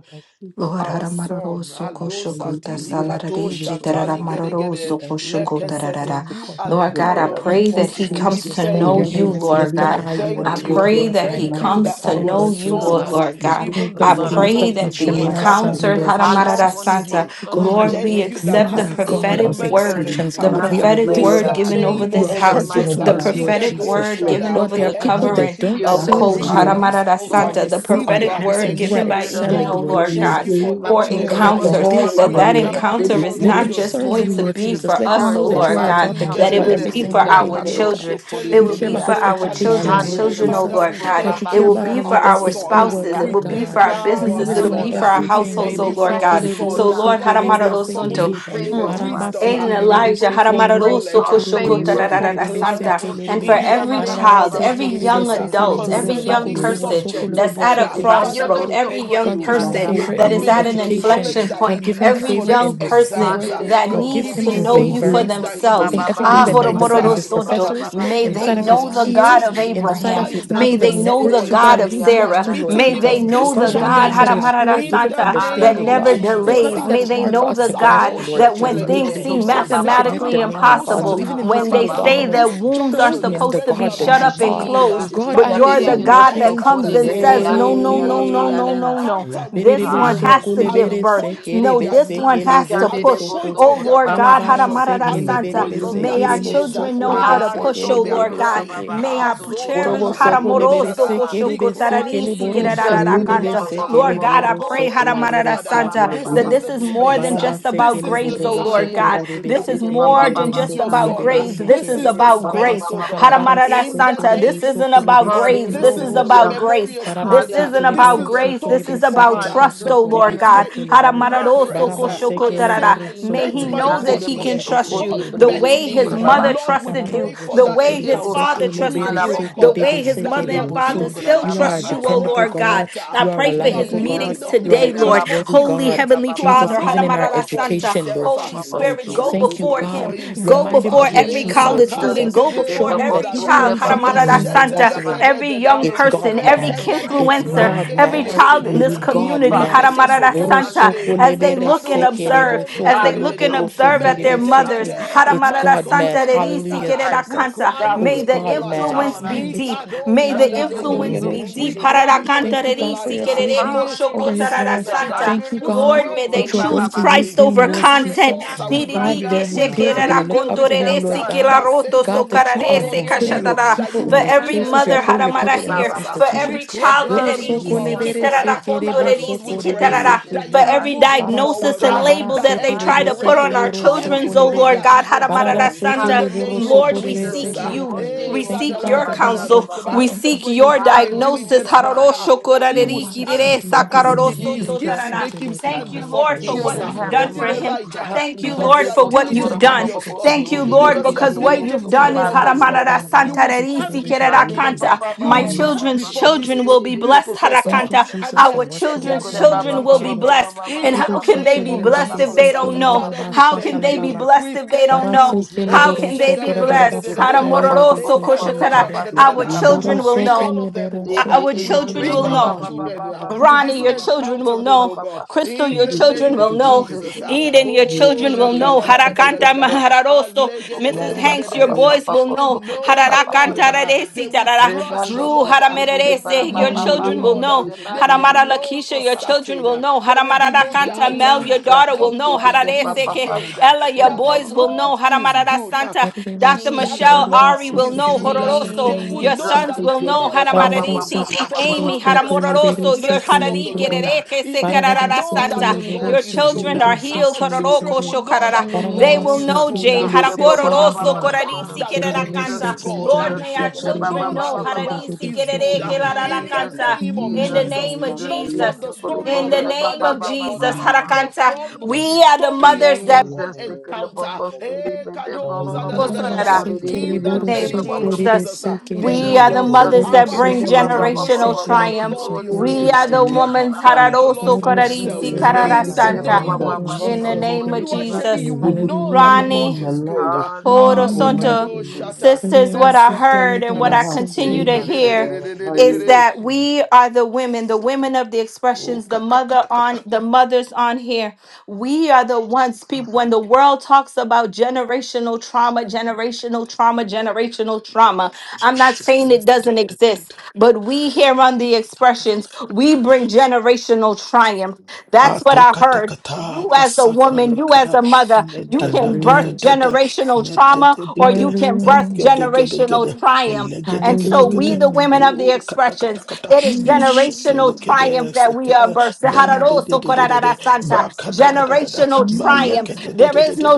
Speaker 3: Lord,
Speaker 2: our
Speaker 3: haramaroro
Speaker 2: son,
Speaker 3: soko
Speaker 10: How can
Speaker 3: shoko
Speaker 2: Aloza
Speaker 10: you create a
Speaker 2: Dilikato
Speaker 10: machine
Speaker 3: tasalarari
Speaker 10: or
Speaker 3: ki
Speaker 10: create
Speaker 2: Shatali
Speaker 10: a
Speaker 3: tararamaroro
Speaker 10: see
Speaker 2: Gedegede
Speaker 10: that
Speaker 3: soko
Speaker 10: speaks
Speaker 3: shoko
Speaker 10: and it comes
Speaker 2: Lekesete,
Speaker 3: tararara.
Speaker 10: to
Speaker 2: you
Speaker 10: pass
Speaker 2: are the
Speaker 10: when
Speaker 3: Lord
Speaker 10: the
Speaker 3: God,
Speaker 2: God
Speaker 3: I
Speaker 10: Lord
Speaker 2: of
Speaker 10: has not
Speaker 3: pray
Speaker 11: Thank you,
Speaker 3: that he
Speaker 2: impossible.
Speaker 10: commanded?
Speaker 2: We
Speaker 3: comes
Speaker 11: Jesus.
Speaker 3: to
Speaker 10: We
Speaker 11: God,
Speaker 3: know
Speaker 11: your
Speaker 2: thank
Speaker 3: you,
Speaker 11: name
Speaker 2: you.
Speaker 10: refuse
Speaker 11: is
Speaker 10: to
Speaker 3: Lord
Speaker 11: lifted
Speaker 2: We
Speaker 3: God.
Speaker 10: listen
Speaker 11: high.
Speaker 10: to
Speaker 11: You
Speaker 10: what
Speaker 11: are
Speaker 10: the
Speaker 3: I
Speaker 2: thank
Speaker 11: to be
Speaker 2: you.
Speaker 10: world
Speaker 2: We
Speaker 10: is
Speaker 3: pray that
Speaker 10: saying.
Speaker 11: glorified
Speaker 3: he
Speaker 11: and
Speaker 2: thank
Speaker 10: La
Speaker 2: you
Speaker 3: comes
Speaker 2: that
Speaker 3: to
Speaker 11: magnified,
Speaker 2: our
Speaker 10: Hukariba.
Speaker 3: know
Speaker 11: Lord
Speaker 3: you,
Speaker 10: We
Speaker 5: Cover
Speaker 3: oh
Speaker 2: son,
Speaker 5: our
Speaker 11: Jesus.
Speaker 10: refuse
Speaker 2: ah,
Speaker 3: Lord
Speaker 10: to
Speaker 3: God.
Speaker 5: children
Speaker 11: Oh
Speaker 10: listen
Speaker 5: with
Speaker 2: even
Speaker 5: the
Speaker 10: to
Speaker 3: I
Speaker 2: this
Speaker 11: God,
Speaker 5: blood
Speaker 10: what
Speaker 11: we
Speaker 10: the
Speaker 5: of
Speaker 11: lift
Speaker 3: pray
Speaker 2: problem
Speaker 11: up
Speaker 10: world
Speaker 2: is
Speaker 10: is
Speaker 2: a
Speaker 11: Miss
Speaker 3: that
Speaker 5: Jesus
Speaker 3: the
Speaker 10: saying. La
Speaker 2: great
Speaker 11: Shamina's
Speaker 5: Christ.
Speaker 2: problem
Speaker 11: son,
Speaker 3: encounter,
Speaker 2: because
Speaker 11: Lord
Speaker 10: Hasekadi
Speaker 2: it
Speaker 3: haramarara
Speaker 2: comes to
Speaker 11: Jesus.
Speaker 5: Halakonde
Speaker 3: santa,
Speaker 10: Nakayibashi.
Speaker 2: you.
Speaker 5: bondodo
Speaker 2: We
Speaker 10: We
Speaker 3: Lord,
Speaker 11: God,
Speaker 5: Say
Speaker 3: we
Speaker 5: their
Speaker 2: thank you
Speaker 10: speak
Speaker 11: you
Speaker 2: that
Speaker 10: what
Speaker 3: accept
Speaker 10: you
Speaker 3: the
Speaker 11: are
Speaker 2: this
Speaker 11: a
Speaker 2: is the
Speaker 10: speak,
Speaker 11: God
Speaker 3: prophetic
Speaker 10: Lord.
Speaker 5: decisions
Speaker 11: of
Speaker 2: moment
Speaker 5: should
Speaker 10: We
Speaker 2: of
Speaker 3: word,
Speaker 5: be
Speaker 11: exceptions,
Speaker 3: the
Speaker 11: God.
Speaker 10: refuse
Speaker 11: We
Speaker 2: encounter.
Speaker 10: to
Speaker 11: are
Speaker 5: divinely
Speaker 10: hear
Speaker 3: prophetic
Speaker 5: led,
Speaker 2: In
Speaker 3: word
Speaker 2: the
Speaker 5: God.
Speaker 11: different.
Speaker 10: anything
Speaker 3: given over
Speaker 10: else,
Speaker 2: name
Speaker 11: You
Speaker 2: of
Speaker 3: this
Speaker 11: are
Speaker 5: In the
Speaker 3: house,
Speaker 11: partial
Speaker 10: anything
Speaker 5: mighty
Speaker 2: Jesus,
Speaker 11: to
Speaker 10: other
Speaker 3: the
Speaker 5: name
Speaker 11: us,
Speaker 5: of
Speaker 10: than
Speaker 11: Lord
Speaker 10: what you
Speaker 3: prophetic
Speaker 10: have
Speaker 2: Aligedo
Speaker 5: Jesus,
Speaker 11: Jesus.
Speaker 3: word
Speaker 5: their
Speaker 10: declared, what
Speaker 3: given
Speaker 2: Shada,
Speaker 11: God,
Speaker 10: you
Speaker 3: over
Speaker 11: there are
Speaker 3: the
Speaker 10: have
Speaker 5: decisions
Speaker 11: people
Speaker 5: should be
Speaker 11: that
Speaker 10: commanded.
Speaker 3: covering
Speaker 2: everything
Speaker 11: don't
Speaker 2: that
Speaker 5: spirit
Speaker 10: La
Speaker 3: of
Speaker 2: we
Speaker 5: led,
Speaker 11: serve
Speaker 3: Coach
Speaker 2: bring to
Speaker 11: you
Speaker 5: Father.
Speaker 10: Hakorina
Speaker 2: this
Speaker 3: Haramarada
Speaker 10: Hashi
Speaker 2: altar,
Speaker 5: Lord,
Speaker 3: Santa,
Speaker 5: we
Speaker 3: the
Speaker 10: Lava
Speaker 11: who
Speaker 5: come
Speaker 2: receive
Speaker 11: are
Speaker 3: prophetic
Speaker 2: your
Speaker 5: against
Speaker 3: word
Speaker 5: every
Speaker 11: passing, who are
Speaker 3: given
Speaker 2: attention
Speaker 3: by
Speaker 5: spirit of
Speaker 3: Eden,
Speaker 11: excelling,
Speaker 3: oh
Speaker 2: God, we
Speaker 11: Lord
Speaker 3: Lord
Speaker 10: Mesokorere
Speaker 2: thank
Speaker 3: God.
Speaker 2: you
Speaker 11: Jesus.
Speaker 2: for
Speaker 5: ooh,
Speaker 3: For
Speaker 2: aiding
Speaker 11: So,
Speaker 10: kerere
Speaker 11: God, in
Speaker 3: encounters,
Speaker 2: Elijah.
Speaker 10: kahare
Speaker 11: this,
Speaker 3: that
Speaker 2: We
Speaker 11: Lord
Speaker 3: that
Speaker 10: kare
Speaker 2: thank
Speaker 11: God,
Speaker 2: you
Speaker 10: bashele
Speaker 3: encounter
Speaker 2: for
Speaker 3: is
Speaker 11: let
Speaker 2: what
Speaker 5: So-
Speaker 3: not
Speaker 11: him
Speaker 10: kegere
Speaker 2: you're
Speaker 3: just
Speaker 11: serve
Speaker 3: going
Speaker 11: you,
Speaker 5: every
Speaker 2: doing
Speaker 3: to
Speaker 10: kerere
Speaker 11: Lord
Speaker 2: with
Speaker 5: spirit
Speaker 3: be
Speaker 5: of
Speaker 2: him.
Speaker 11: Jesus.
Speaker 3: for
Speaker 11: Let him
Speaker 3: us,
Speaker 11: know
Speaker 3: oh
Speaker 10: sokora
Speaker 5: discouragement,
Speaker 11: that you
Speaker 3: Lord
Speaker 11: are a
Speaker 5: Father.
Speaker 10: kare
Speaker 3: God,
Speaker 5: We
Speaker 11: God that
Speaker 5: come
Speaker 11: cares
Speaker 3: that
Speaker 11: about
Speaker 3: it
Speaker 10: masholo
Speaker 5: against
Speaker 11: every
Speaker 3: would
Speaker 2: Akozadiligedede.
Speaker 3: be for
Speaker 11: single
Speaker 10: kuringa
Speaker 5: it.
Speaker 11: thing,
Speaker 3: our
Speaker 11: Lord
Speaker 2: Brekato
Speaker 10: hayele
Speaker 11: God.
Speaker 3: children. It
Speaker 10: bashele
Speaker 11: You
Speaker 3: will
Speaker 11: care
Speaker 2: shetelekede
Speaker 3: be
Speaker 11: about
Speaker 3: for
Speaker 11: his
Speaker 3: our
Speaker 11: education,
Speaker 10: kahala
Speaker 3: children's
Speaker 2: sotalekete.
Speaker 11: Lord
Speaker 10: kare
Speaker 3: children, oh
Speaker 10: na
Speaker 2: Father,
Speaker 11: Jesus.
Speaker 3: Lord
Speaker 2: we
Speaker 10: kare
Speaker 3: God.
Speaker 11: God, you
Speaker 2: thank
Speaker 3: It
Speaker 11: care
Speaker 2: you
Speaker 10: bashele
Speaker 3: will
Speaker 11: about
Speaker 2: for
Speaker 11: how
Speaker 3: be
Speaker 11: he
Speaker 3: for
Speaker 10: kerere
Speaker 2: our
Speaker 11: does
Speaker 3: our
Speaker 11: his
Speaker 2: son.
Speaker 11: schoolwork,
Speaker 5: Handedidabosukurababandidodosia.
Speaker 3: spouses. It
Speaker 11: Lord
Speaker 2: We
Speaker 3: will be for
Speaker 2: thank
Speaker 11: God.
Speaker 3: our
Speaker 2: you
Speaker 10: mesokore
Speaker 2: for
Speaker 5: God,
Speaker 10: na
Speaker 5: we
Speaker 11: Be
Speaker 2: our
Speaker 3: businesses.
Speaker 11: with
Speaker 5: come
Speaker 3: It'll
Speaker 11: him in
Speaker 3: be
Speaker 2: son.
Speaker 5: against
Speaker 3: for our
Speaker 10: kare
Speaker 5: every
Speaker 10: na
Speaker 2: We
Speaker 11: everything.
Speaker 5: spirit of
Speaker 3: households,
Speaker 2: thank
Speaker 10: haye
Speaker 3: oh
Speaker 2: you for
Speaker 3: Lord
Speaker 2: our
Speaker 3: God.
Speaker 10: bashele
Speaker 11: Rebesekele
Speaker 5: distraction,
Speaker 2: son.
Speaker 5: Lord
Speaker 10: kerere
Speaker 3: So, Lord,
Speaker 5: God.
Speaker 2: Father,
Speaker 11: borosoko
Speaker 2: first
Speaker 5: Lord,
Speaker 3: Haramarado
Speaker 2: and
Speaker 5: we
Speaker 2: foremost,
Speaker 10: lehe
Speaker 5: speak
Speaker 3: Sunto,
Speaker 2: we
Speaker 11: rebesekele.
Speaker 2: pray
Speaker 10: kare
Speaker 5: favor
Speaker 2: for
Speaker 5: over
Speaker 10: kerere
Speaker 5: our
Speaker 2: wisdom.
Speaker 3: Aiden
Speaker 2: uh,
Speaker 11: Barabasekele
Speaker 2: We
Speaker 5: children.
Speaker 3: Elijah,
Speaker 2: pray for
Speaker 5: This
Speaker 11: rebesekele
Speaker 3: Haramararu,
Speaker 5: grace
Speaker 2: knowledge.
Speaker 3: Soko
Speaker 2: uh,
Speaker 5: called
Speaker 2: We
Speaker 3: Shoko,
Speaker 10: lehe
Speaker 2: pray
Speaker 10: kore
Speaker 2: for
Speaker 3: Tararara,
Speaker 10: na kore
Speaker 3: Santa,
Speaker 2: clarity
Speaker 3: and
Speaker 11: robosokorerobosokorerebesekele.
Speaker 3: for
Speaker 10: bashele
Speaker 2: in the
Speaker 10: kerere
Speaker 3: every
Speaker 11: God,
Speaker 2: name
Speaker 3: child,
Speaker 2: of
Speaker 3: every young
Speaker 2: Jesus uh,
Speaker 10: kaha
Speaker 3: adult,
Speaker 10: kare
Speaker 3: every
Speaker 10: na
Speaker 2: concerning
Speaker 3: young
Speaker 10: kare
Speaker 2: this
Speaker 3: person
Speaker 5: favor.
Speaker 10: mashele
Speaker 2: subject, oh
Speaker 3: that's at
Speaker 2: God.
Speaker 3: a
Speaker 5: Halabosukurebababababababababasiedidodosukurebadididodoso.
Speaker 2: uh, Father,
Speaker 10: kerere
Speaker 3: crossroad,
Speaker 2: we
Speaker 3: every
Speaker 2: thank
Speaker 3: young
Speaker 2: you
Speaker 11: give him
Speaker 2: that
Speaker 3: person
Speaker 10: laho
Speaker 2: you're
Speaker 11: favor
Speaker 3: that
Speaker 11: in
Speaker 10: kore
Speaker 3: is
Speaker 11: his
Speaker 2: giving
Speaker 3: at
Speaker 2: him
Speaker 3: an
Speaker 2: the
Speaker 10: mashele
Speaker 11: education.
Speaker 2: knowledge
Speaker 3: inflection
Speaker 2: that he
Speaker 11: God,
Speaker 3: point,
Speaker 11: give him
Speaker 10: kerere
Speaker 2: needs
Speaker 3: every
Speaker 5: Ribandiodosukudidibadidabababondodisiadididiyadadadada.
Speaker 2: for
Speaker 11: favor
Speaker 2: this
Speaker 11: in
Speaker 3: young
Speaker 2: exam
Speaker 11: his
Speaker 3: person
Speaker 2: exams.
Speaker 11: schoolwork.
Speaker 2: ah.
Speaker 3: that
Speaker 11: God,
Speaker 2: You're
Speaker 11: give
Speaker 3: needs
Speaker 11: him
Speaker 2: giving
Speaker 3: to
Speaker 2: him
Speaker 3: know
Speaker 2: the
Speaker 3: you
Speaker 11: favor
Speaker 3: for
Speaker 2: grades
Speaker 10: Hallelujah
Speaker 2: that he
Speaker 10: for
Speaker 3: themselves.
Speaker 11: in
Speaker 10: your
Speaker 2: needs for
Speaker 11: everything
Speaker 3: Ah,
Speaker 2: this
Speaker 11: that
Speaker 10: children
Speaker 11: in
Speaker 10: in
Speaker 11: the
Speaker 10: the
Speaker 11: sight of
Speaker 3: Horomororo
Speaker 10: name
Speaker 2: exam.
Speaker 11: his
Speaker 10: of
Speaker 2: Father,
Speaker 3: Sonto,
Speaker 2: we
Speaker 11: professors,
Speaker 10: Jesus. Your
Speaker 3: May
Speaker 2: thank
Speaker 11: in
Speaker 2: you
Speaker 11: the
Speaker 2: that
Speaker 3: they
Speaker 10: perfect
Speaker 11: sight of
Speaker 2: you are
Speaker 11: his
Speaker 3: know
Speaker 10: glory,
Speaker 3: the
Speaker 10: your
Speaker 5: Handedidabobobobobobosukudidibabababababasikidibabababasiedidiyadada.
Speaker 3: God
Speaker 2: meeting
Speaker 11: peers,
Speaker 3: of
Speaker 10: perfect
Speaker 2: him
Speaker 11: in
Speaker 10: glory,
Speaker 11: the
Speaker 10: your
Speaker 11: sight
Speaker 3: Abraham.
Speaker 11: of his,
Speaker 2: right
Speaker 11: the
Speaker 10: perfect
Speaker 5: Jesus,
Speaker 10: glory,
Speaker 11: people
Speaker 3: May
Speaker 2: at
Speaker 10: the
Speaker 11: that
Speaker 3: they
Speaker 11: he
Speaker 2: this
Speaker 10: life
Speaker 3: know
Speaker 10: in
Speaker 3: the
Speaker 11: networks
Speaker 10: the
Speaker 5: ikidididi
Speaker 11: to,
Speaker 2: point.
Speaker 11: God,
Speaker 3: God
Speaker 10: name
Speaker 2: ah.
Speaker 11: and
Speaker 10: of
Speaker 3: of
Speaker 11: who
Speaker 5: yondoridi
Speaker 11: he
Speaker 2: You
Speaker 10: Jesus.
Speaker 2: are
Speaker 11: talks
Speaker 3: Sarah.
Speaker 11: to,
Speaker 5: atata
Speaker 11: Lord
Speaker 2: meeting
Speaker 3: May
Speaker 2: him
Speaker 3: they
Speaker 11: Jesus.
Speaker 2: in
Speaker 10: Rasto
Speaker 3: know
Speaker 5: sahadadidi.
Speaker 2: this
Speaker 3: the
Speaker 11: God, when he
Speaker 3: God,
Speaker 10: karena
Speaker 11: looks
Speaker 10: la
Speaker 2: challenge
Speaker 11: at his
Speaker 2: ah,
Speaker 10: la
Speaker 3: Haramararu,
Speaker 11: schoolwork, give
Speaker 2: in
Speaker 10: kareka
Speaker 11: him
Speaker 2: the
Speaker 3: Santa,
Speaker 10: la
Speaker 3: that
Speaker 2: name
Speaker 11: understanding,
Speaker 5: Aladabo
Speaker 2: of
Speaker 3: never
Speaker 10: bashulo
Speaker 11: God.
Speaker 5: sukure
Speaker 10: pore
Speaker 11: There's
Speaker 2: Jesus.
Speaker 3: delays.
Speaker 11: nothing
Speaker 2: ah.
Speaker 3: May
Speaker 5: bababa.
Speaker 11: that's
Speaker 3: they
Speaker 11: hard
Speaker 10: masitri
Speaker 11: for
Speaker 3: know
Speaker 11: us
Speaker 3: the
Speaker 11: to
Speaker 3: God.
Speaker 11: grasp,
Speaker 3: God,
Speaker 2: Lozado
Speaker 5: Jesus,
Speaker 11: Lord
Speaker 3: that when
Speaker 11: Jesus.
Speaker 10: lehe
Speaker 5: ikidebo
Speaker 3: things
Speaker 2: shetelegede,
Speaker 11: You
Speaker 3: seem
Speaker 10: kerena
Speaker 5: sukure
Speaker 10: ra
Speaker 11: said that we
Speaker 10: ra ra ra
Speaker 11: should
Speaker 5: bababa
Speaker 10: ra
Speaker 11: have
Speaker 10: ra
Speaker 3: mathematically
Speaker 10: ra
Speaker 5: bababa
Speaker 10: ra ra
Speaker 11: dominion,
Speaker 2: ezedilikato
Speaker 5: bababa
Speaker 11: God. So
Speaker 10: kayu
Speaker 3: impossible,
Speaker 11: even in
Speaker 2: sata.
Speaker 5: sukure
Speaker 11: this,
Speaker 3: when
Speaker 11: he
Speaker 10: mashile
Speaker 3: they
Speaker 11: will
Speaker 2: Father,
Speaker 5: bababa
Speaker 10: kede
Speaker 3: say
Speaker 2: Lord,
Speaker 10: kede
Speaker 11: dominate.
Speaker 3: that
Speaker 5: modoro
Speaker 10: kede
Speaker 2: this
Speaker 10: kede
Speaker 3: wombs are
Speaker 11: Show
Speaker 2: junction
Speaker 10: kede
Speaker 5: sukuridiya.
Speaker 11: him
Speaker 2: is
Speaker 11: the
Speaker 3: supposed
Speaker 2: where
Speaker 3: to
Speaker 2: you
Speaker 3: be
Speaker 11: God
Speaker 2: are
Speaker 11: that
Speaker 3: shut
Speaker 11: you
Speaker 10: laha
Speaker 3: up
Speaker 2: meeting
Speaker 3: and
Speaker 10: kore
Speaker 11: are.
Speaker 2: him. ah.
Speaker 3: closed,
Speaker 5: Jesus,
Speaker 10: mashile
Speaker 11: God, I
Speaker 3: but
Speaker 2: Father,
Speaker 10: kede kede
Speaker 11: have
Speaker 3: you're
Speaker 2: you
Speaker 3: the
Speaker 10: kede
Speaker 11: seen
Speaker 2: have
Speaker 11: you
Speaker 5: ikandidido
Speaker 3: God
Speaker 2: met
Speaker 3: that
Speaker 11: change
Speaker 3: comes
Speaker 2: others,
Speaker 3: and
Speaker 2: oh
Speaker 5: sukudidididi
Speaker 2: God.
Speaker 3: says,
Speaker 2: ah.
Speaker 3: No, no,
Speaker 5: andidi
Speaker 2: You
Speaker 3: no,
Speaker 2: have
Speaker 3: no,
Speaker 5: andidi
Speaker 2: had
Speaker 3: no, no,
Speaker 5: adadada.
Speaker 11: grades.
Speaker 3: no.
Speaker 2: encounter with
Speaker 10: lasto
Speaker 3: This
Speaker 11: Bererebo
Speaker 2: people,
Speaker 10: kore
Speaker 3: one
Speaker 2: oh God,
Speaker 3: has to
Speaker 11: sokole
Speaker 10: mashile
Speaker 2: at
Speaker 5: Hallelujah,
Speaker 2: the
Speaker 3: give
Speaker 11: bere
Speaker 10: kede
Speaker 3: birth.
Speaker 10: kede
Speaker 2: point
Speaker 10: kede
Speaker 3: No,
Speaker 11: sekere
Speaker 2: of
Speaker 10: kede
Speaker 2: their
Speaker 10: kede
Speaker 3: this
Speaker 10: kede
Speaker 5: Jesus.
Speaker 3: one
Speaker 2: need,
Speaker 10: la
Speaker 11: besekele
Speaker 2: uh,
Speaker 10: la
Speaker 3: has to
Speaker 11: woro
Speaker 2: at
Speaker 10: kayu
Speaker 2: the
Speaker 3: push.
Speaker 5: Ikandidebo
Speaker 11: soko.
Speaker 2: point
Speaker 3: Oh,
Speaker 10: mashile.
Speaker 2: of
Speaker 5: sukure
Speaker 2: their
Speaker 3: Lord God,
Speaker 5: bababa
Speaker 11: Balabara
Speaker 2: confusion,
Speaker 5: modo
Speaker 3: Haramarada
Speaker 11: seke
Speaker 2: at
Speaker 5: siki
Speaker 2: the
Speaker 10: Hmm
Speaker 3: Santa,
Speaker 2: point
Speaker 11: leberebe
Speaker 5: ikididido
Speaker 10: kayu
Speaker 2: of
Speaker 10: lo
Speaker 2: their
Speaker 5: si.
Speaker 3: may
Speaker 11: seke
Speaker 3: our
Speaker 10: kore
Speaker 11: rebo
Speaker 2: tears, uh,
Speaker 3: children
Speaker 10: mashile
Speaker 11: soko
Speaker 3: know
Speaker 10: kede
Speaker 2: at
Speaker 3: how
Speaker 2: the
Speaker 11: rebe
Speaker 3: to
Speaker 10: kede
Speaker 2: point
Speaker 11: seke
Speaker 10: kede
Speaker 3: push,
Speaker 5: Hadebo
Speaker 3: oh,
Speaker 2: of their
Speaker 3: Lord
Speaker 11: leberebe
Speaker 5: sukure
Speaker 3: God.
Speaker 5: bababa
Speaker 11: seke.
Speaker 2: crying.
Speaker 3: May
Speaker 5: bababa
Speaker 10: Mashallah,
Speaker 3: our
Speaker 2: Azota
Speaker 11: Borobo
Speaker 3: children,
Speaker 11: soko
Speaker 5: sukudidididididi
Speaker 11: lebere
Speaker 3: Haramoroso,
Speaker 2: lakadoshada.
Speaker 5: bababa.
Speaker 11: seke
Speaker 2: We
Speaker 11: lebe
Speaker 2: cry
Speaker 3: Koshokotarari,
Speaker 11: seke le
Speaker 2: unto
Speaker 11: boro
Speaker 2: you for
Speaker 5: Jesus,
Speaker 3: Sikerarara
Speaker 11: soko
Speaker 2: aiding
Speaker 5: tikere
Speaker 11: lebe
Speaker 3: Kanta.
Speaker 5: ba- ba-
Speaker 2: Elijah,
Speaker 11: seke
Speaker 5: ba-
Speaker 11: le
Speaker 3: Lord
Speaker 5: ba-
Speaker 2: my
Speaker 3: God,
Speaker 5: ba-
Speaker 3: I
Speaker 11: boro
Speaker 5: ba-
Speaker 3: pray,
Speaker 2: God
Speaker 5: bo-
Speaker 11: soko
Speaker 2: and my
Speaker 5: sokore
Speaker 11: lebere
Speaker 3: Haramarada
Speaker 5: ba- ba-
Speaker 2: Father.
Speaker 5: ba-
Speaker 11: seke
Speaker 3: Santa,
Speaker 5: ba-
Speaker 11: le
Speaker 5: ba-
Speaker 3: that
Speaker 2: This
Speaker 3: that
Speaker 5: ba-
Speaker 2: is
Speaker 11: boro.
Speaker 3: this
Speaker 2: the
Speaker 3: is
Speaker 5: siya de-
Speaker 3: more
Speaker 5: de-
Speaker 2: space,
Speaker 3: than
Speaker 5: de-
Speaker 2: uh,
Speaker 5: ya.
Speaker 11: Baraba
Speaker 3: just
Speaker 11: seke
Speaker 3: about
Speaker 2: this
Speaker 11: le
Speaker 2: is the
Speaker 3: grades, oh
Speaker 11: borobo
Speaker 2: time,
Speaker 3: Lord
Speaker 2: oh
Speaker 11: soko
Speaker 3: God.
Speaker 5: Jesus,
Speaker 2: God,
Speaker 11: lebe
Speaker 3: This
Speaker 2: that
Speaker 5: tikere
Speaker 3: is
Speaker 2: you
Speaker 5: de-
Speaker 11: seke
Speaker 2: will
Speaker 5: ba-
Speaker 11: le
Speaker 3: more
Speaker 5: ba-
Speaker 2: meet
Speaker 5: ba-
Speaker 3: than
Speaker 11: boro
Speaker 5: ba-
Speaker 2: with
Speaker 3: just
Speaker 2: your
Speaker 11: soko
Speaker 5: sa-
Speaker 3: about
Speaker 5: de-
Speaker 2: son.
Speaker 5: de-
Speaker 11: lebere
Speaker 2: uh,
Speaker 5: de-
Speaker 3: grades. This
Speaker 2: This
Speaker 11: seke.
Speaker 3: is
Speaker 5: sikere
Speaker 2: is
Speaker 5: de-
Speaker 2: the
Speaker 5: ba-
Speaker 3: about
Speaker 5: ba- ba-
Speaker 11: Baraba
Speaker 2: space,
Speaker 5: ba-
Speaker 3: grace.
Speaker 2: oh
Speaker 5: ba-
Speaker 11: saka
Speaker 2: God,
Speaker 11: la
Speaker 5: ba- bo-
Speaker 2: uh,
Speaker 11: bara
Speaker 3: Haramarada
Speaker 5: sokore
Speaker 2: in
Speaker 5: ba-
Speaker 2: the
Speaker 5: ba.
Speaker 11: seke
Speaker 3: Santa,
Speaker 11: le
Speaker 2: name
Speaker 11: boro
Speaker 3: this
Speaker 2: of
Speaker 3: isn't
Speaker 11: soko
Speaker 3: about
Speaker 11: lebe
Speaker 2: Jesus.
Speaker 11: seke
Speaker 3: grades.
Speaker 11: le
Speaker 2: This
Speaker 3: This
Speaker 2: is
Speaker 3: is
Speaker 11: boro
Speaker 2: the
Speaker 5: Hallelujah,
Speaker 3: about
Speaker 11: so.
Speaker 3: grace.
Speaker 2: memorial
Speaker 11: Baraba
Speaker 2: stone.
Speaker 3: This
Speaker 2: uh,
Speaker 3: isn't
Speaker 11: seke le
Speaker 2: this
Speaker 3: about
Speaker 11: boro
Speaker 2: is the
Speaker 5: hallelujah,
Speaker 3: grace.
Speaker 11: soko
Speaker 3: This
Speaker 11: lebe
Speaker 3: is
Speaker 2: turning
Speaker 3: about
Speaker 11: seke
Speaker 2: point,
Speaker 11: le
Speaker 2: uh,
Speaker 11: boro
Speaker 3: trust,
Speaker 2: the
Speaker 3: oh
Speaker 11: soko lebe
Speaker 3: Lord
Speaker 2: point
Speaker 5: hallelujah,
Speaker 3: God.
Speaker 2: where
Speaker 11: seke
Speaker 2: he
Speaker 11: le boro.
Speaker 2: can
Speaker 3: Haramarado
Speaker 2: reference.
Speaker 3: soko
Speaker 11: Baraba
Speaker 2: uh,
Speaker 3: shoko
Speaker 2: I
Speaker 11: seke
Speaker 5: hallelujah,
Speaker 11: le
Speaker 2: say,
Speaker 3: tarara.
Speaker 11: boro
Speaker 2: I
Speaker 3: May
Speaker 5: Jesus.
Speaker 2: met
Speaker 11: soko
Speaker 3: he
Speaker 2: my
Speaker 11: lebe
Speaker 3: know
Speaker 5: Ikande
Speaker 3: that
Speaker 2: God
Speaker 5: de
Speaker 3: he
Speaker 5: bo
Speaker 11: seke
Speaker 3: can
Speaker 2: here.
Speaker 11: lebe
Speaker 3: trust
Speaker 5: sokodi
Speaker 3: you.
Speaker 2: God
Speaker 3: The
Speaker 11: seke.
Speaker 5: ebende de
Speaker 2: met
Speaker 5: bo
Speaker 3: way his
Speaker 2: me.
Speaker 5: sokore ba- ba.
Speaker 3: mother
Speaker 2: Lord, we
Speaker 11: Ararabasaka
Speaker 3: trusted you,
Speaker 2: pray for
Speaker 3: the
Speaker 2: that
Speaker 5: Ende
Speaker 11: labarabosoko
Speaker 3: way
Speaker 5: de
Speaker 3: his
Speaker 5: bo
Speaker 2: encounter.
Speaker 3: father
Speaker 11: debeseke
Speaker 5: sufu
Speaker 2: We
Speaker 3: trusted
Speaker 5: bala
Speaker 3: you,
Speaker 5: bo
Speaker 2: pray,
Speaker 11: leberesoko
Speaker 3: the
Speaker 2: God,
Speaker 5: kodi
Speaker 2: uh,
Speaker 3: way his
Speaker 2: that
Speaker 5: sivende
Speaker 11: debeseke
Speaker 3: mother
Speaker 2: you
Speaker 5: de
Speaker 2: are
Speaker 3: and
Speaker 5: bo
Speaker 3: father
Speaker 11: deboso.
Speaker 5: sokore
Speaker 2: building
Speaker 3: still
Speaker 2: up
Speaker 5: ba-
Speaker 11: You are
Speaker 2: his
Speaker 5: ba-
Speaker 11: a
Speaker 3: trust
Speaker 5: ba-
Speaker 3: you,
Speaker 2: most
Speaker 3: oh
Speaker 5: ba- ba-
Speaker 11: dependable
Speaker 2: holy
Speaker 3: Lord God.
Speaker 11: God.
Speaker 2: faith, uh,
Speaker 3: I
Speaker 11: You are a
Speaker 3: pray
Speaker 2: that
Speaker 3: for
Speaker 2: you are
Speaker 3: his
Speaker 11: reliable
Speaker 5: Jesus,
Speaker 11: God.
Speaker 2: building
Speaker 3: meetings
Speaker 2: up,
Speaker 11: You are a
Speaker 5: tikere
Speaker 3: today, today,
Speaker 5: da
Speaker 2: building
Speaker 3: Lord.
Speaker 2: him
Speaker 5: baba
Speaker 2: up
Speaker 11: trustworthy
Speaker 2: in
Speaker 3: Holy
Speaker 5: soko
Speaker 11: God.
Speaker 5: de
Speaker 2: faith
Speaker 3: Heavenly
Speaker 5: baba
Speaker 2: to
Speaker 5: baba
Speaker 11: Jesus,
Speaker 3: Father,
Speaker 11: even
Speaker 2: know
Speaker 5: baba
Speaker 11: in our
Speaker 3: Haramarara
Speaker 2: God
Speaker 5: baba
Speaker 2: for
Speaker 3: Santa,
Speaker 5: soko
Speaker 11: education,
Speaker 5: de
Speaker 11: Lord
Speaker 2: himself,
Speaker 5: baba
Speaker 2: uh,
Speaker 3: Holy
Speaker 5: baba
Speaker 11: Jesus.
Speaker 2: to
Speaker 3: Spirit,
Speaker 5: so
Speaker 3: go
Speaker 5: de de
Speaker 11: Thank
Speaker 2: trust
Speaker 11: you,
Speaker 5: de
Speaker 3: before
Speaker 5: de
Speaker 2: God
Speaker 5: de
Speaker 2: for
Speaker 3: him.
Speaker 5: de.
Speaker 11: God.
Speaker 3: Go
Speaker 11: Remind
Speaker 2: himself.
Speaker 11: him
Speaker 2: uh,
Speaker 3: before
Speaker 11: of your
Speaker 3: every
Speaker 11: truth, Lord
Speaker 3: college
Speaker 5: Jesus,
Speaker 3: student.
Speaker 11: Jesus.
Speaker 3: Go
Speaker 5: tikere
Speaker 2: Esatalekede
Speaker 11: Show
Speaker 3: before
Speaker 11: him
Speaker 5: baba
Speaker 11: that
Speaker 3: every
Speaker 11: even
Speaker 5: soko
Speaker 2: brodada.
Speaker 5: de
Speaker 3: child,
Speaker 11: when
Speaker 5: baba
Speaker 11: something
Speaker 5: baba
Speaker 3: Haramarara
Speaker 11: seems
Speaker 5: soko de
Speaker 3: Santa,
Speaker 5: baba.
Speaker 11: impossible,
Speaker 3: every young
Speaker 5: Father,
Speaker 11: it's
Speaker 2: Leshetelekedededede.
Speaker 5: we
Speaker 11: God
Speaker 3: person, every
Speaker 5: declare the
Speaker 11: Mass.
Speaker 5: right
Speaker 11: It's
Speaker 3: influencer,
Speaker 2: Mezedelikado
Speaker 11: God
Speaker 5: environments,
Speaker 3: every
Speaker 5: Lord
Speaker 11: Mass.
Speaker 3: child in
Speaker 2: zendelegedede.
Speaker 3: this
Speaker 11: It's
Speaker 5: Jesus.
Speaker 11: God
Speaker 3: community,
Speaker 5: Father, we
Speaker 11: Mass.
Speaker 2: Ibrekete
Speaker 3: Haramarara
Speaker 5: declare
Speaker 3: Santa,
Speaker 5: hallelujah
Speaker 11: Borosoko
Speaker 2: sotolekede.
Speaker 3: as
Speaker 5: so
Speaker 3: they
Speaker 5: de
Speaker 11: lebere
Speaker 5: de
Speaker 3: look
Speaker 5: de
Speaker 3: and
Speaker 5: de
Speaker 2: Ikado
Speaker 5: de.
Speaker 11: seke
Speaker 5: de.
Speaker 3: observe,
Speaker 11: rebo
Speaker 3: as
Speaker 11: soko
Speaker 5: God
Speaker 3: they
Speaker 11: lo
Speaker 3: look and
Speaker 2: shadolegedededede.
Speaker 5: encounters
Speaker 11: borosoko
Speaker 3: observe
Speaker 5: for
Speaker 3: at their
Speaker 11: kerebe
Speaker 5: Aiden and
Speaker 3: mothers,
Speaker 11: seke.
Speaker 5: Elijah,
Speaker 2: Meketetete.
Speaker 5: God, in
Speaker 11: It's
Speaker 5: the
Speaker 2: My
Speaker 3: Haramarara
Speaker 11: God
Speaker 5: mighty
Speaker 2: God
Speaker 3: Santa,
Speaker 5: name
Speaker 11: Mass.
Speaker 5: of
Speaker 2: and my
Speaker 5: Jesus
Speaker 3: Rerisi
Speaker 11: Hallelujah,
Speaker 2: Father,
Speaker 3: Kerera
Speaker 5: Christ.
Speaker 2: we
Speaker 11: Jesus.
Speaker 3: Kanta,
Speaker 2: cry
Speaker 5: God,
Speaker 2: for
Speaker 5: we
Speaker 11: It's
Speaker 3: may the
Speaker 2: Aiden
Speaker 5: extend
Speaker 11: God
Speaker 5: it to
Speaker 2: Elijah.
Speaker 5: all
Speaker 11: Mass.
Speaker 3: influence
Speaker 5: of our
Speaker 3: be
Speaker 11: It's
Speaker 3: deep.
Speaker 5: children.
Speaker 2: Ikado
Speaker 3: May the
Speaker 5: Kande de bo
Speaker 11: Hallelujah,
Speaker 3: influence
Speaker 5: so
Speaker 2: shadalegedegede.
Speaker 3: be
Speaker 11: Lord
Speaker 5: hunde de
Speaker 2: We
Speaker 3: deep.
Speaker 5: de de
Speaker 11: Jesus.
Speaker 2: cry for
Speaker 5: de de.
Speaker 11: Thank you,
Speaker 2: Aiden
Speaker 11: God, for your
Speaker 3: Hararakanta,
Speaker 2: Elijah.
Speaker 11: favor
Speaker 2: He is
Speaker 11: over his
Speaker 2: passing, oh
Speaker 11: life.
Speaker 5: Hallelujah.
Speaker 10: No,
Speaker 2: God. Uh,
Speaker 3: Santa.
Speaker 11: Thank you,
Speaker 2: Whose
Speaker 3: Lord,
Speaker 11: God,
Speaker 3: may
Speaker 2: words
Speaker 3: they
Speaker 2: are
Speaker 5: Handerebosocore,
Speaker 11: that you
Speaker 2: we
Speaker 11: are
Speaker 5: ba,
Speaker 3: choose
Speaker 11: going
Speaker 2: going
Speaker 11: to
Speaker 2: to believe?
Speaker 11: use
Speaker 3: Christ
Speaker 2: believe?
Speaker 11: him,
Speaker 3: over
Speaker 11: Lord
Speaker 2: Whose
Speaker 5: Nothing that is
Speaker 3: content.
Speaker 11: Jesus.
Speaker 5: not
Speaker 2: report are
Speaker 10: La
Speaker 3: For
Speaker 2: we
Speaker 5: sent by
Speaker 11: God,
Speaker 2: believing?
Speaker 5: God
Speaker 11: that
Speaker 10: Krukuri
Speaker 11: his
Speaker 2: We
Speaker 5: shall
Speaker 11: peers are
Speaker 5: not
Speaker 10: Makari
Speaker 11: going to
Speaker 2: believe
Speaker 11: look
Speaker 2: your
Speaker 5: attach
Speaker 11: up to
Speaker 10: Mashini
Speaker 5: itself
Speaker 11: him,
Speaker 2: report
Speaker 5: to
Speaker 11: Lord
Speaker 2: uh,
Speaker 5: our
Speaker 11: God.
Speaker 2: that
Speaker 5: children.
Speaker 2: says when
Speaker 11: God,
Speaker 2: we
Speaker 11: that you are
Speaker 2: call
Speaker 10: Laha
Speaker 2: unto
Speaker 11: putting
Speaker 10: Kari
Speaker 11: your
Speaker 2: you that
Speaker 11: people
Speaker 2: you
Speaker 11: in
Speaker 2: will
Speaker 10: Mashini
Speaker 11: these
Speaker 3: every
Speaker 2: hear
Speaker 11: places. You
Speaker 2: and
Speaker 11: are
Speaker 3: mother,
Speaker 2: you
Speaker 11: putting
Speaker 2: will
Speaker 11: your
Speaker 3: Haramara
Speaker 5: Sekerebosuhundebanderebosocore,
Speaker 11: people in
Speaker 5: ba,
Speaker 2: answer
Speaker 3: here,
Speaker 11: these
Speaker 2: us. uh.
Speaker 3: for
Speaker 10: Kari
Speaker 2: We
Speaker 3: every
Speaker 11: institutions.
Speaker 5: The
Speaker 2: cry
Speaker 3: child, for
Speaker 5: blood
Speaker 11: Boro
Speaker 2: unto
Speaker 5: of
Speaker 2: you
Speaker 10: Ima
Speaker 11: sokole
Speaker 2: for our
Speaker 5: Jesus
Speaker 11: bere
Speaker 2: son.
Speaker 10: Hokuri
Speaker 5: Christ
Speaker 2: uh.
Speaker 11: sekere
Speaker 5: covers
Speaker 2: Father,
Speaker 11: bo
Speaker 5: our
Speaker 10: Nahali
Speaker 2: Lord, we
Speaker 11: sokore
Speaker 5: children's
Speaker 11: be
Speaker 2: pray
Speaker 10: Mashulu Kuri
Speaker 5: decisions,
Speaker 2: that you
Speaker 11: sekele.
Speaker 2: will
Speaker 5: God.
Speaker 3: every
Speaker 2: move him
Speaker 11: Bara
Speaker 3: diagnosis
Speaker 2: forward,
Speaker 3: and
Speaker 5: God,
Speaker 11: sakala
Speaker 2: uh,
Speaker 11: bara
Speaker 3: label
Speaker 5: because
Speaker 2: that
Speaker 3: that
Speaker 5: of
Speaker 3: they
Speaker 5: our
Speaker 11: sekere
Speaker 2: every
Speaker 10: Kuri
Speaker 3: try
Speaker 11: bo
Speaker 3: to put
Speaker 5: decision
Speaker 2: grade,
Speaker 3: on
Speaker 5: to
Speaker 10: Nahali
Speaker 2: uh,
Speaker 3: our
Speaker 11: sokoloro
Speaker 5: follow you,
Speaker 10: Kuri
Speaker 2: every
Speaker 3: children's, oh
Speaker 11: sokole
Speaker 5: Lord
Speaker 2: grade
Speaker 3: Lord
Speaker 11: bere.
Speaker 2: that he
Speaker 3: God,
Speaker 10: Mashikuri
Speaker 5: Jesus.
Speaker 2: needs, oh
Speaker 11: Barara
Speaker 2: God,
Speaker 3: Haramara
Speaker 10: Akali
Speaker 2: in
Speaker 3: Santa.
Speaker 2: the
Speaker 11: sekele boro
Speaker 2: name
Speaker 5: Hallelujah,
Speaker 2: of
Speaker 3: Lord,
Speaker 11: sokore
Speaker 3: we
Speaker 11: be
Speaker 5: Jesus.
Speaker 2: Jesus.
Speaker 3: seek
Speaker 2: uh.
Speaker 10: Laha
Speaker 11: sekere
Speaker 3: you.
Speaker 11: bo.
Speaker 2: Eh,
Speaker 3: We
Speaker 10: Kari
Speaker 11: Thank you,
Speaker 3: seek
Speaker 11: God,
Speaker 3: your
Speaker 11: that
Speaker 10: Mashulu
Speaker 11: we will
Speaker 2: zadalagadadada.
Speaker 3: counsel.
Speaker 2: The
Speaker 11: excel
Speaker 3: We
Speaker 2: Bible
Speaker 11: in
Speaker 2: says
Speaker 11: our
Speaker 3: seek
Speaker 2: when you
Speaker 3: your
Speaker 2: find
Speaker 11: schoolwork.
Speaker 2: a
Speaker 3: diagnosis.
Speaker 2: diligent
Speaker 5: Hallelujah,
Speaker 2: man, uh,
Speaker 3: Thank you,
Speaker 2: that
Speaker 5: hallelujah,
Speaker 2: he will
Speaker 11: Amara
Speaker 2: stand
Speaker 5: Jesus,
Speaker 2: before
Speaker 3: Lord,
Speaker 2: before
Speaker 11: sekele
Speaker 10: Masukuri
Speaker 2: his
Speaker 11: boro
Speaker 2: gift.
Speaker 10: Mana
Speaker 2: His
Speaker 11: sokore be
Speaker 2: gift
Speaker 5: Jesus.
Speaker 2: will make him
Speaker 11: sekele
Speaker 2: stand
Speaker 10: La
Speaker 11: boro
Speaker 2: before
Speaker 11: bo
Speaker 10: Kari
Speaker 3: for
Speaker 2: kings.
Speaker 3: what
Speaker 5: Children
Speaker 2: ah.
Speaker 3: you've
Speaker 5: have the
Speaker 3: done
Speaker 10: Mahali
Speaker 3: for
Speaker 2: Aiding
Speaker 5: mind
Speaker 10: Mashulu
Speaker 5: of
Speaker 3: him.
Speaker 2: Elijah, ah,
Speaker 5: Christ.
Speaker 3: Thank
Speaker 5: They
Speaker 3: you,
Speaker 11: Bara
Speaker 5: can
Speaker 2: because you
Speaker 3: Lord,
Speaker 5: they
Speaker 2: are
Speaker 3: for
Speaker 5: bo
Speaker 3: what
Speaker 5: so bo
Speaker 11: sekele
Speaker 3: you've
Speaker 5: do
Speaker 2: diligent
Speaker 5: bo
Speaker 2: in
Speaker 3: done.
Speaker 5: bo
Speaker 11: boro
Speaker 2: your
Speaker 5: bo bo
Speaker 3: Thank
Speaker 5: so
Speaker 2: study,
Speaker 3: you,
Speaker 5: de de
Speaker 3: Lord,
Speaker 5: de
Speaker 2: because you
Speaker 5: did.
Speaker 2: are
Speaker 11: sokore
Speaker 3: because
Speaker 11: be
Speaker 5: de de
Speaker 3: what
Speaker 5: ro
Speaker 3: you've
Speaker 5: so
Speaker 2: diligent
Speaker 5: ko
Speaker 2: in
Speaker 5: do
Speaker 2: the
Speaker 3: done is
Speaker 5: ba
Speaker 2: love
Speaker 5: ba
Speaker 11: Amen.
Speaker 2: of
Speaker 5: ye de
Speaker 2: God,
Speaker 5: ro
Speaker 3: Haramarara
Speaker 2: ah,
Speaker 5: si ya.
Speaker 2: you
Speaker 3: Santa
Speaker 2: will
Speaker 3: Reri
Speaker 2: stand before
Speaker 5: Han
Speaker 3: Sikerera
Speaker 5: de de
Speaker 2: kings.
Speaker 10: Sogokuru
Speaker 5: ba
Speaker 2: ah.
Speaker 3: Kanta.
Speaker 5: ba
Speaker 2: You
Speaker 5: ba
Speaker 3: My
Speaker 2: will
Speaker 5: ba
Speaker 10: bakaliye
Speaker 5: ba ba
Speaker 2: stand
Speaker 3: children's
Speaker 5: ba
Speaker 2: before
Speaker 5: so
Speaker 2: this,
Speaker 5: de
Speaker 3: children
Speaker 5: de
Speaker 2: pro-
Speaker 3: will
Speaker 5: de
Speaker 3: be
Speaker 5: de
Speaker 2: this
Speaker 5: de
Speaker 3: blessed,
Speaker 5: de de si
Speaker 2: professor,
Speaker 5: ki
Speaker 11: Thank you,
Speaker 5: de
Speaker 3: Harakanta.
Speaker 5: de ba.
Speaker 2: and
Speaker 11: Jesus, for
Speaker 2: their,
Speaker 3: Our
Speaker 11: what
Speaker 2: cha-
Speaker 11: you
Speaker 5: So
Speaker 11: are
Speaker 2: their
Speaker 3: children's
Speaker 5: ko de
Speaker 11: doing,
Speaker 5: ba
Speaker 2: report
Speaker 5: ba
Speaker 11: Lord
Speaker 3: children
Speaker 2: will
Speaker 5: ba
Speaker 3: will be
Speaker 5: ba ba
Speaker 11: God.
Speaker 2: change. ah.
Speaker 5: ba
Speaker 3: blessed.
Speaker 5: ba ba
Speaker 3: And
Speaker 2: In
Speaker 5: ba
Speaker 2: the
Speaker 11: Kurudu
Speaker 3: how
Speaker 5: ba ba
Speaker 3: can
Speaker 11: soko
Speaker 3: they
Speaker 5: so
Speaker 2: name
Speaker 5: ko
Speaker 3: be
Speaker 5: de
Speaker 2: of
Speaker 5: ba
Speaker 11: libere
Speaker 3: blessed
Speaker 5: ba
Speaker 11: de
Speaker 5: ba
Speaker 3: if they
Speaker 2: Jesus,
Speaker 5: so
Speaker 11: seke
Speaker 5: ko
Speaker 2: ah.
Speaker 3: don't
Speaker 5: de ba
Speaker 3: know?
Speaker 5: ba
Speaker 11: libere
Speaker 2: Father,
Speaker 5: ba ba.
Speaker 2: we
Speaker 3: How can
Speaker 11: basaka la
Speaker 2: thank
Speaker 3: they be
Speaker 2: you.
Speaker 11: bara.
Speaker 2: We
Speaker 3: blessed if they don't
Speaker 2: thank
Speaker 11: Bara
Speaker 3: know?
Speaker 2: you.
Speaker 11: seke
Speaker 3: How
Speaker 2: Oh,
Speaker 11: liboro
Speaker 3: can they
Speaker 11: soko
Speaker 3: be
Speaker 11: re bara
Speaker 5: Jesus,
Speaker 3: blessed?
Speaker 5: they ko de
Speaker 11: basaka
Speaker 5: ba
Speaker 2: Zedalegededededede.
Speaker 5: ba
Speaker 11: lere
Speaker 5: ba
Speaker 3: Haramororo
Speaker 11: de
Speaker 5: ba ba
Speaker 11: seke
Speaker 5: ba ba ba
Speaker 3: Sokoshatara.
Speaker 10: na
Speaker 2: Ekadosha,
Speaker 5: ba
Speaker 2: da,
Speaker 11: libere.
Speaker 2: da,
Speaker 5: so
Speaker 2: da, da,
Speaker 3: Our
Speaker 5: de
Speaker 2: da.
Speaker 5: ba
Speaker 2: We
Speaker 10: sokuru
Speaker 5: ba
Speaker 2: we
Speaker 5: ba.
Speaker 11: Kuro
Speaker 3: children will
Speaker 2: bring
Speaker 11: soko
Speaker 3: know
Speaker 2: all of them, oh
Speaker 11: libere
Speaker 5: Se
Speaker 3: uh,
Speaker 2: God. uh,
Speaker 5: de
Speaker 11: seke
Speaker 3: our
Speaker 5: de
Speaker 2: We
Speaker 5: mon
Speaker 11: libere
Speaker 5: do
Speaker 3: children
Speaker 10: na
Speaker 5: de
Speaker 2: bring
Speaker 3: will
Speaker 5: ba
Speaker 2: all
Speaker 10: ha
Speaker 5: ba
Speaker 2: our
Speaker 3: know.
Speaker 11: seke.
Speaker 5: ba
Speaker 10: kare
Speaker 5: ba
Speaker 10: na
Speaker 2: children
Speaker 5: ba ba
Speaker 2: uh,
Speaker 5: ba
Speaker 10: ha
Speaker 2: to
Speaker 5: ba
Speaker 3: Ronnie,
Speaker 2: this
Speaker 5: ba
Speaker 10: lokore
Speaker 3: your
Speaker 5: ba
Speaker 10: na
Speaker 5: ba
Speaker 3: children
Speaker 5: so
Speaker 2: encounter
Speaker 3: will
Speaker 5: ko de
Speaker 10: shigiri
Speaker 2: room,
Speaker 5: ba
Speaker 2: oh
Speaker 3: know.
Speaker 5: ba
Speaker 2: God.
Speaker 5: ba si.
Speaker 3: Crystal,
Speaker 2: In
Speaker 3: your
Speaker 10: ehe
Speaker 2: the
Speaker 10: kere
Speaker 3: children
Speaker 2: name
Speaker 3: will
Speaker 2: of
Speaker 10: kere kere
Speaker 3: know.
Speaker 2: Jesus.
Speaker 10: kere
Speaker 2: uh,
Speaker 10: kere la
Speaker 3: Eden, your
Speaker 10: kahi
Speaker 2: Oh,
Speaker 3: children will
Speaker 10: basho
Speaker 5: Jesus,
Speaker 3: know.
Speaker 5: the
Speaker 10: lokore
Speaker 5: nikiti de
Speaker 3: Harakanta
Speaker 10: na
Speaker 5: blood
Speaker 2: lekadadadadadada,
Speaker 5: of
Speaker 3: Mahararoso.
Speaker 5: soko
Speaker 3: Mrs.
Speaker 5: de
Speaker 10: la
Speaker 5: baba,
Speaker 3: Hanks, your
Speaker 10: kare
Speaker 5: baba,
Speaker 2: alegedededededede.
Speaker 5: baba,
Speaker 3: boys
Speaker 5: ba ba
Speaker 2: they
Speaker 3: will
Speaker 5: ba
Speaker 2: will
Speaker 3: know.
Speaker 5: soko de
Speaker 2: know
Speaker 5: baba,
Speaker 2: the
Speaker 5: ba ba.
Speaker 2: Lord.
Speaker 3: Hararakanta
Speaker 2: uh, They
Speaker 3: Raresi
Speaker 2: will
Speaker 3: Tarara.
Speaker 2: trust
Speaker 5: Rebando
Speaker 2: the
Speaker 3: Drew
Speaker 2: Lord. uh,
Speaker 5: sokudi de
Speaker 2: They
Speaker 5: baba,
Speaker 2: will
Speaker 3: Haramerese, your
Speaker 2: walk
Speaker 5: baba,
Speaker 2: with
Speaker 10: le
Speaker 2: the
Speaker 5: baba, ba ba
Speaker 3: children
Speaker 5: ba
Speaker 10: ma
Speaker 3: will
Speaker 2: Lord.
Speaker 5: so
Speaker 2: uh,
Speaker 3: know.
Speaker 5: de
Speaker 10: shele
Speaker 5: ba
Speaker 2: They
Speaker 10: kere
Speaker 5: di
Speaker 2: will
Speaker 5: do
Speaker 3: Haramara
Speaker 10: kere
Speaker 5: do
Speaker 2: know
Speaker 5: soko
Speaker 2: for
Speaker 3: Lakisha,
Speaker 5: de
Speaker 3: your
Speaker 5: baba, ba ba
Speaker 3: children
Speaker 2: certain.
Speaker 3: will
Speaker 2: uh,
Speaker 5: se.
Speaker 3: know.
Speaker 2: There will be no
Speaker 3: Haramararakanta
Speaker 2: doubt
Speaker 3: Mel,
Speaker 2: uh,
Speaker 3: your
Speaker 5: Jesus,
Speaker 2: that
Speaker 3: daughter
Speaker 2: the
Speaker 3: will know.
Speaker 5: nikiti
Speaker 2: Lord
Speaker 5: de ba
Speaker 2: is
Speaker 5: baba,
Speaker 3: Harareseke.
Speaker 5: baba, ba
Speaker 2: good. uh,
Speaker 3: Ella,
Speaker 5: soko
Speaker 3: your
Speaker 5: de
Speaker 2: That the
Speaker 5: baba, ba
Speaker 3: boys will
Speaker 5: ba.
Speaker 2: Lord
Speaker 3: know.
Speaker 2: is
Speaker 3: Haramara
Speaker 2: good. uh,
Speaker 3: Santa.
Speaker 11: Barabara
Speaker 3: Dr.
Speaker 11: Boroso
Speaker 2: that the
Speaker 3: Michelle
Speaker 5: Jesus,
Speaker 11: kulebere
Speaker 2: Lord
Speaker 3: Ari will
Speaker 2: is
Speaker 11: sekere
Speaker 3: know.
Speaker 2: good. Uh,
Speaker 11: boso
Speaker 2: they
Speaker 3: Pororoso,
Speaker 2: will
Speaker 3: your
Speaker 2: know
Speaker 5: Jesus,
Speaker 3: sons
Speaker 2: that the
Speaker 10: kere
Speaker 3: will
Speaker 5: nikiti
Speaker 3: know
Speaker 10: kere
Speaker 2: Lord
Speaker 5: de ba
Speaker 2: is
Speaker 5: baba, baba,
Speaker 2: good.
Speaker 3: Haramararisi,
Speaker 2: Uh,
Speaker 10: Thank
Speaker 5: baba, baba,
Speaker 2: the
Speaker 5: baba, ba
Speaker 3: Amy,
Speaker 5: ba ba ba
Speaker 2: goodness
Speaker 5: se.
Speaker 2: and the
Speaker 3: Haramororoso,
Speaker 5: Jesus,
Speaker 3: your
Speaker 2: mercy of the
Speaker 3: Harari,
Speaker 2: Lord.
Speaker 5: Jesus
Speaker 2: Uh,
Speaker 3: Gerereke,
Speaker 2: he- they will
Speaker 3: Sekarara
Speaker 2: know that
Speaker 3: Santa.
Speaker 2: the
Speaker 5: is.
Speaker 2: Lord
Speaker 3: Your
Speaker 2: is good.
Speaker 3: children
Speaker 2: Uh,
Speaker 3: are healed,
Speaker 2: our
Speaker 3: Hororoko
Speaker 2: children will know
Speaker 3: Shokarara.
Speaker 2: that the
Speaker 3: They
Speaker 2: Lord
Speaker 3: will
Speaker 2: is
Speaker 3: know
Speaker 5: Jesus,
Speaker 2: good.
Speaker 3: Jane,
Speaker 5: seeking
Speaker 2: Uh,
Speaker 5: it by
Speaker 2: they will have
Speaker 3: Harakororoso,
Speaker 2: no
Speaker 5: the
Speaker 2: doubt
Speaker 5: blood of
Speaker 3: Korarisi,
Speaker 2: that God
Speaker 3: Kerara
Speaker 5: Jesus,
Speaker 2: is
Speaker 3: Kanta.
Speaker 2: God. Uh,
Speaker 3: Lord,
Speaker 5: Jesus,
Speaker 3: may
Speaker 2: they
Speaker 3: our
Speaker 5: seeking
Speaker 2: will
Speaker 5: it by
Speaker 3: children
Speaker 2: know
Speaker 3: know
Speaker 2: that the Lord
Speaker 3: Hararisi,
Speaker 2: is good. Uh,
Speaker 3: Gerereke, Larara
Speaker 2: in the
Speaker 5: Jesus,
Speaker 3: Kanta.
Speaker 2: name of
Speaker 3: In
Speaker 5: Jesus,
Speaker 3: the
Speaker 5: Jesus,
Speaker 2: Jesus,
Speaker 3: name of
Speaker 5: Jesus,
Speaker 2: not
Speaker 5: he
Speaker 3: Jesus,
Speaker 2: from the
Speaker 5: can do it,
Speaker 2: story
Speaker 3: in
Speaker 2: of
Speaker 3: the
Speaker 2: their
Speaker 5: ba,
Speaker 3: name
Speaker 2: father or
Speaker 5: ba, ba, ba,
Speaker 3: of
Speaker 2: their
Speaker 5: ba,
Speaker 3: Jesus,
Speaker 2: mother,
Speaker 5: ba, ba.
Speaker 2: but
Speaker 3: Harakanta,
Speaker 2: from the
Speaker 3: we are the
Speaker 2: story
Speaker 3: mothers
Speaker 2: of their own
Speaker 5: Jesus, the
Speaker 2: encounter.
Speaker 5: Kerabombo City,
Speaker 2: Eh,
Speaker 5: but the
Speaker 2: kados, ah, da, da,
Speaker 5: Bonobo
Speaker 2: da, da,
Speaker 5: so
Speaker 2: da, da.
Speaker 3: that
Speaker 5: quoted it, but
Speaker 2: In
Speaker 5: it
Speaker 2: the
Speaker 5: is
Speaker 3: name,
Speaker 2: name
Speaker 5: Baba.
Speaker 2: of Jesus,
Speaker 3: Jesus.
Speaker 2: ah, they
Speaker 3: We
Speaker 2: will
Speaker 3: are the
Speaker 2: know,
Speaker 5: Jesus,
Speaker 3: mothers that
Speaker 2: our
Speaker 5: seeking
Speaker 3: bring
Speaker 5: it by
Speaker 2: children
Speaker 5: Baba,
Speaker 2: will
Speaker 3: generational
Speaker 2: know that the
Speaker 3: triumph.
Speaker 2: Lord
Speaker 5: so did
Speaker 2: is
Speaker 5: it,
Speaker 3: We
Speaker 5: but
Speaker 11: kulebere
Speaker 2: good.
Speaker 10: We
Speaker 2: ah.
Speaker 3: are the
Speaker 5: it
Speaker 2: They
Speaker 10: pray,
Speaker 11: sekere.
Speaker 5: is
Speaker 2: will
Speaker 3: women.
Speaker 5: Baba.
Speaker 2: know
Speaker 10: mashallah,
Speaker 2: the
Speaker 10: Father,
Speaker 2: Lord
Speaker 3: Tararoso
Speaker 2: for
Speaker 10: Father, that these
Speaker 11: Oroso
Speaker 2: themselves.
Speaker 3: kararisi
Speaker 10: children are for
Speaker 5: Jesus,
Speaker 11: colibero
Speaker 2: In
Speaker 5: seeking
Speaker 2: the
Speaker 10: signs
Speaker 11: se
Speaker 5: it
Speaker 10: and
Speaker 5: by
Speaker 3: kararasanta.
Speaker 2: name
Speaker 10: wonders.
Speaker 2: of
Speaker 11: colibero
Speaker 5: Baba,
Speaker 11: so
Speaker 3: In the
Speaker 5: so
Speaker 10: Nothing,
Speaker 2: Jesus.
Speaker 3: name
Speaker 11: colibero.
Speaker 3: of
Speaker 5: quoted it, but
Speaker 2: Oluwasheni,
Speaker 10: nothing
Speaker 2: you
Speaker 3: Jesus.
Speaker 10: is
Speaker 5: it
Speaker 2: will
Speaker 10: able to
Speaker 2: know
Speaker 10: speak
Speaker 2: that
Speaker 5: is
Speaker 2: the
Speaker 10: into
Speaker 2: Lord
Speaker 3: Ronnie.
Speaker 11: Hallelujah.
Speaker 10: their
Speaker 2: is good.
Speaker 10: lives
Speaker 2: ah.
Speaker 10: except the
Speaker 3: Oro
Speaker 2: Ah,
Speaker 5: Hallelujah,
Speaker 10: Almighty
Speaker 3: Santo,
Speaker 2: lekado
Speaker 10: in the name
Speaker 2: shata,
Speaker 5: Jesus,
Speaker 10: of
Speaker 3: sisters,
Speaker 10: Jesus.
Speaker 3: what
Speaker 11: Colibero
Speaker 3: I
Speaker 11: so
Speaker 2: mesete
Speaker 3: heard and what
Speaker 11: colibero
Speaker 2: likada.
Speaker 3: I
Speaker 10: Maha
Speaker 11: se
Speaker 3: continue to
Speaker 2: Eke
Speaker 10: Kurena
Speaker 2: de
Speaker 11: colibero.
Speaker 2: de de
Speaker 3: hear
Speaker 5: Jesus,
Speaker 2: de
Speaker 10: Kadara
Speaker 2: de de de
Speaker 3: is
Speaker 10: Hayeba
Speaker 2: de.
Speaker 3: that
Speaker 10: Shiri
Speaker 3: we are
Speaker 10: Shiri
Speaker 3: the women, the women of the
Speaker 2: Oh,
Speaker 3: expressions, the
Speaker 2: kata,
Speaker 3: mother
Speaker 2: kata,
Speaker 3: on the mothers on here. We are the
Speaker 5: Jesus.
Speaker 3: ones people
Speaker 5: Jesus,
Speaker 3: when the world talks about generational trauma, generational trauma, generational trauma. I'm not saying it doesn't
Speaker 2: kata.
Speaker 3: exist, but we here on the expressions, we bring generational triumph. That's
Speaker 2: Ah,
Speaker 3: what
Speaker 2: to
Speaker 3: I
Speaker 2: kata
Speaker 3: heard.
Speaker 2: kata
Speaker 3: You as a
Speaker 2: passa
Speaker 3: woman, you as
Speaker 2: talikada
Speaker 3: a mother,
Speaker 2: ne
Speaker 3: you
Speaker 2: da da
Speaker 3: can
Speaker 2: da
Speaker 3: birth
Speaker 2: da
Speaker 11: Hallelujah.
Speaker 2: da da
Speaker 3: generational
Speaker 2: ne de
Speaker 3: trauma
Speaker 2: de de
Speaker 3: or
Speaker 2: de
Speaker 3: you can birth
Speaker 2: ge
Speaker 11: Hallelujah.
Speaker 2: de ge de ge
Speaker 3: generational
Speaker 2: de
Speaker 3: triumph.
Speaker 2: le ge de
Speaker 3: And
Speaker 2: ge de
Speaker 3: so
Speaker 2: ge
Speaker 3: we,
Speaker 2: de
Speaker 3: the
Speaker 11: Hallelujah.
Speaker 3: women of the
Speaker 2: oh kata kata
Speaker 3: expressions,
Speaker 2: kata
Speaker 3: it is generational
Speaker 2: meshtelekade
Speaker 3: triumph that we are
Speaker 2: etc.
Speaker 3: birthed.
Speaker 2: Nde de de de de de bar kadaga da da
Speaker 3: Generational triumph.
Speaker 2: malekade de
Speaker 3: There
Speaker 2: de de
Speaker 3: is
Speaker 2: de
Speaker 3: no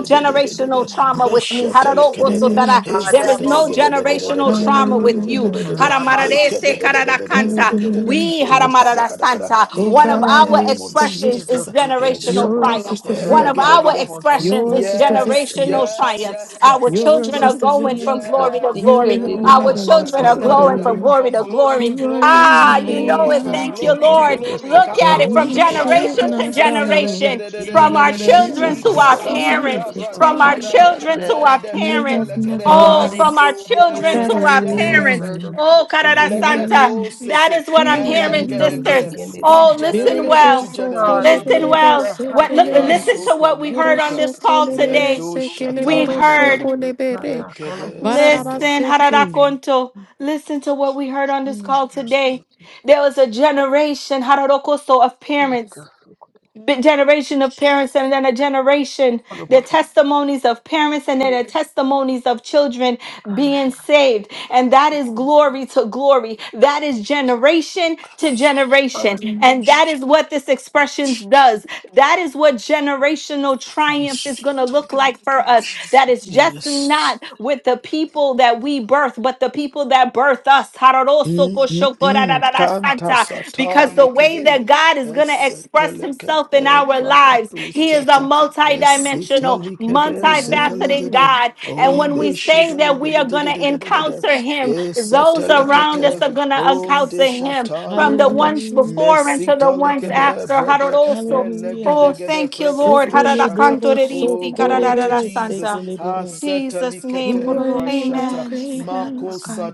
Speaker 2: de
Speaker 3: generational trauma with me.
Speaker 2: meshtelekade
Speaker 11: Hallelujah,
Speaker 3: There is
Speaker 2: hezede
Speaker 3: no
Speaker 11: Jesus.
Speaker 2: lege de de de de de de
Speaker 3: generational trauma with
Speaker 2: de
Speaker 3: you.
Speaker 2: de de de
Speaker 11: Hallelujah,
Speaker 2: he de
Speaker 11: Jesus.
Speaker 5: Jesus,
Speaker 2: de de de de de de de
Speaker 11: Hallelujah,
Speaker 3: We,
Speaker 2: Oh, kada kada
Speaker 11: Jesus.
Speaker 2: kada.
Speaker 11: Oh
Speaker 2: In
Speaker 3: one of
Speaker 2: the
Speaker 11: God,
Speaker 3: our
Speaker 2: name
Speaker 11: yours is
Speaker 2: of
Speaker 11: the
Speaker 3: expressions
Speaker 11: victory.
Speaker 2: Jesus.
Speaker 3: is
Speaker 2: Eh,
Speaker 5: Jesus,
Speaker 3: generational
Speaker 2: shata.
Speaker 11: Yours
Speaker 3: triumph.
Speaker 11: is the
Speaker 2: Eh,
Speaker 3: One of
Speaker 11: victory.
Speaker 2: legede,
Speaker 3: our
Speaker 2: gede. We,
Speaker 3: expressions is
Speaker 11: Yours is the
Speaker 2: yes,
Speaker 11: victory,
Speaker 5: Jesus,
Speaker 3: generational
Speaker 11: Lord
Speaker 2: yes,
Speaker 3: triumph.
Speaker 11: Jesus.
Speaker 2: yes,
Speaker 3: Our
Speaker 2: yes, yes,
Speaker 11: Yours
Speaker 3: children are
Speaker 11: is
Speaker 2: yes,
Speaker 11: the
Speaker 3: going
Speaker 11: victory.
Speaker 3: from
Speaker 5: Jesus,
Speaker 3: glory to
Speaker 2: yes.
Speaker 11: You
Speaker 3: glory.
Speaker 5: dikende
Speaker 11: have
Speaker 2: Oh,
Speaker 5: de
Speaker 3: Our
Speaker 11: never
Speaker 2: kada da
Speaker 5: baso
Speaker 2: da da
Speaker 11: lost
Speaker 3: children
Speaker 11: a
Speaker 2: da
Speaker 3: are
Speaker 5: kore
Speaker 2: da da da
Speaker 3: glowing
Speaker 2: da.
Speaker 5: barere.
Speaker 3: from
Speaker 11: battle.
Speaker 3: glory
Speaker 2: From
Speaker 3: to
Speaker 2: glory
Speaker 3: glory.
Speaker 2: to
Speaker 11: Who are
Speaker 2: glory.
Speaker 11: you,
Speaker 3: Ah, you
Speaker 11: great
Speaker 3: know
Speaker 2: Oh,
Speaker 3: it.
Speaker 5: Jesus,
Speaker 2: from
Speaker 3: Thank you,
Speaker 11: mountain?
Speaker 2: glory to
Speaker 5: dikende
Speaker 3: Lord.
Speaker 5: de
Speaker 2: glory.
Speaker 5: soko
Speaker 3: Look
Speaker 5: de
Speaker 3: at it
Speaker 11: And
Speaker 2: Kado
Speaker 3: from
Speaker 5: soko
Speaker 11: you
Speaker 5: de de
Speaker 2: shada.
Speaker 5: so.
Speaker 11: should
Speaker 3: generation to
Speaker 11: not bow low.
Speaker 3: generation, from
Speaker 10: Mm,
Speaker 3: our
Speaker 2: Ezedelegedededededede.
Speaker 5: Jesus,
Speaker 3: children to
Speaker 11: Jesus, the
Speaker 10: Mm,
Speaker 3: our
Speaker 5: sekora moto
Speaker 11: fear of
Speaker 5: de
Speaker 3: parents,
Speaker 2: Ikatakata
Speaker 11: the
Speaker 2: brada
Speaker 3: from
Speaker 5: soko
Speaker 3: our
Speaker 5: de
Speaker 11: time.
Speaker 5: de
Speaker 2: shada.
Speaker 3: children
Speaker 5: barere.
Speaker 3: to our
Speaker 11: You
Speaker 3: parents.
Speaker 11: have
Speaker 2: Lendeketelekede.
Speaker 11: never
Speaker 3: Oh, from
Speaker 2: Yes,
Speaker 11: lost
Speaker 3: our
Speaker 11: a
Speaker 2: yes,
Speaker 3: children
Speaker 5: Hallelujah,
Speaker 3: to
Speaker 2: yes,
Speaker 3: our
Speaker 2: yes,
Speaker 5: sekonde de
Speaker 2: yes.
Speaker 3: parents.
Speaker 5: barere
Speaker 11: battle.
Speaker 5: so,
Speaker 3: Oh,
Speaker 5: inde
Speaker 3: Carada
Speaker 5: de barere
Speaker 3: Santa.
Speaker 5: so.
Speaker 2: Leketo
Speaker 11: You
Speaker 3: That
Speaker 2: sete,
Speaker 3: is what
Speaker 11: thank
Speaker 3: I'm hearing,
Speaker 11: you,
Speaker 5: Jesus,
Speaker 3: sisters.
Speaker 2: elegedegede,
Speaker 5: dikende
Speaker 11: Jesus.
Speaker 5: de
Speaker 2: from
Speaker 3: Oh,
Speaker 5: baso.
Speaker 3: listen
Speaker 2: generation
Speaker 11: Berelebo
Speaker 2: to
Speaker 3: well.
Speaker 11: sokole
Speaker 2: generation.
Speaker 3: Listen
Speaker 11: berebe
Speaker 3: well.
Speaker 5: Hallelujah,
Speaker 3: What
Speaker 5: hande
Speaker 3: look
Speaker 5: se
Speaker 11: sekele.
Speaker 3: listen to
Speaker 5: funtu.
Speaker 2: Asota
Speaker 3: what we heard on
Speaker 2: likata,
Speaker 11: Boroso
Speaker 3: this call
Speaker 11: kole bere
Speaker 3: today.
Speaker 2: ledo
Speaker 11: sekele
Speaker 2: shata
Speaker 3: We
Speaker 11: boroso
Speaker 2: likede,
Speaker 5: Jesus,
Speaker 3: heard
Speaker 11: kole
Speaker 5: dikata
Speaker 11: bere.
Speaker 5: kala po
Speaker 2: ekede
Speaker 5: funtu
Speaker 2: sete.
Speaker 3: listen
Speaker 5: so.
Speaker 11: Bararabaseke.
Speaker 3: hararakonto. Listen to what we heard on this call
Speaker 5: Jesus,
Speaker 3: today.
Speaker 5: dikende
Speaker 3: There was a generation hararokoso of parents
Speaker 5: de soko.
Speaker 3: bi- generation of parents and then a generation, the
Speaker 5: Hallelujah.
Speaker 3: testimonies of parents and then the testimonies of children being
Speaker 5: Ayakane,
Speaker 3: saved. And that is
Speaker 5: Sukupa,
Speaker 3: glory to glory. That is generation to generation. And that is what this expressions does. That is what generational triumph is
Speaker 2: Yes.
Speaker 3: going to look like
Speaker 5: Hallelujah.
Speaker 3: for us. That is just
Speaker 2: Yes.
Speaker 3: not with the people that we birth, but the people that birth us.
Speaker 2: Mm-mm-mm. Kanta
Speaker 3: Santa.
Speaker 2: sata
Speaker 3: Because the way
Speaker 2: likede.
Speaker 3: that God is going to
Speaker 2: Esete
Speaker 3: express himself in
Speaker 2: lekede
Speaker 3: our lives,
Speaker 2: prakatu
Speaker 3: he is a
Speaker 2: shata. Esita
Speaker 3: multidimensional,
Speaker 2: likede zede
Speaker 3: multifaceted
Speaker 2: legede.
Speaker 11: Hallelujah.
Speaker 3: God. And
Speaker 11: I
Speaker 3: when we
Speaker 11: think
Speaker 2: Onde
Speaker 3: say
Speaker 2: shida
Speaker 3: that we are
Speaker 2: ligede de
Speaker 3: going
Speaker 2: de de de
Speaker 3: to
Speaker 2: de de de.
Speaker 3: encounter him,
Speaker 2: Esete
Speaker 3: those
Speaker 11: we
Speaker 3: around
Speaker 11: shall
Speaker 3: us
Speaker 2: lekete.
Speaker 3: are
Speaker 11: live
Speaker 3: going to
Speaker 11: to six.
Speaker 2: Onde
Speaker 3: encounter him
Speaker 2: shata
Speaker 3: from the
Speaker 2: likada.
Speaker 3: ones before and to the
Speaker 2: Mesita
Speaker 3: ones
Speaker 11: Hallelujah.
Speaker 2: likede
Speaker 3: after.
Speaker 2: brede.
Speaker 3: Hararoso.
Speaker 11: Hallelujah.
Speaker 3: Oh,
Speaker 2: Elegede gede
Speaker 3: thank you, Lord.
Speaker 2: preketo shata.
Speaker 11: Sekeleboro
Speaker 2: Oh,
Speaker 3: Hararakantorerisi,
Speaker 2: glory to
Speaker 11: sokorere
Speaker 2: Jesus.
Speaker 3: kararararasanta.
Speaker 11: sekeleboro.
Speaker 2: Asete
Speaker 3: Jesus' name.
Speaker 11: Who
Speaker 2: likete
Speaker 11: are you,
Speaker 2: frashata.
Speaker 3: Amen.
Speaker 11: great
Speaker 2: Mako
Speaker 11: mountain,
Speaker 3: Amen.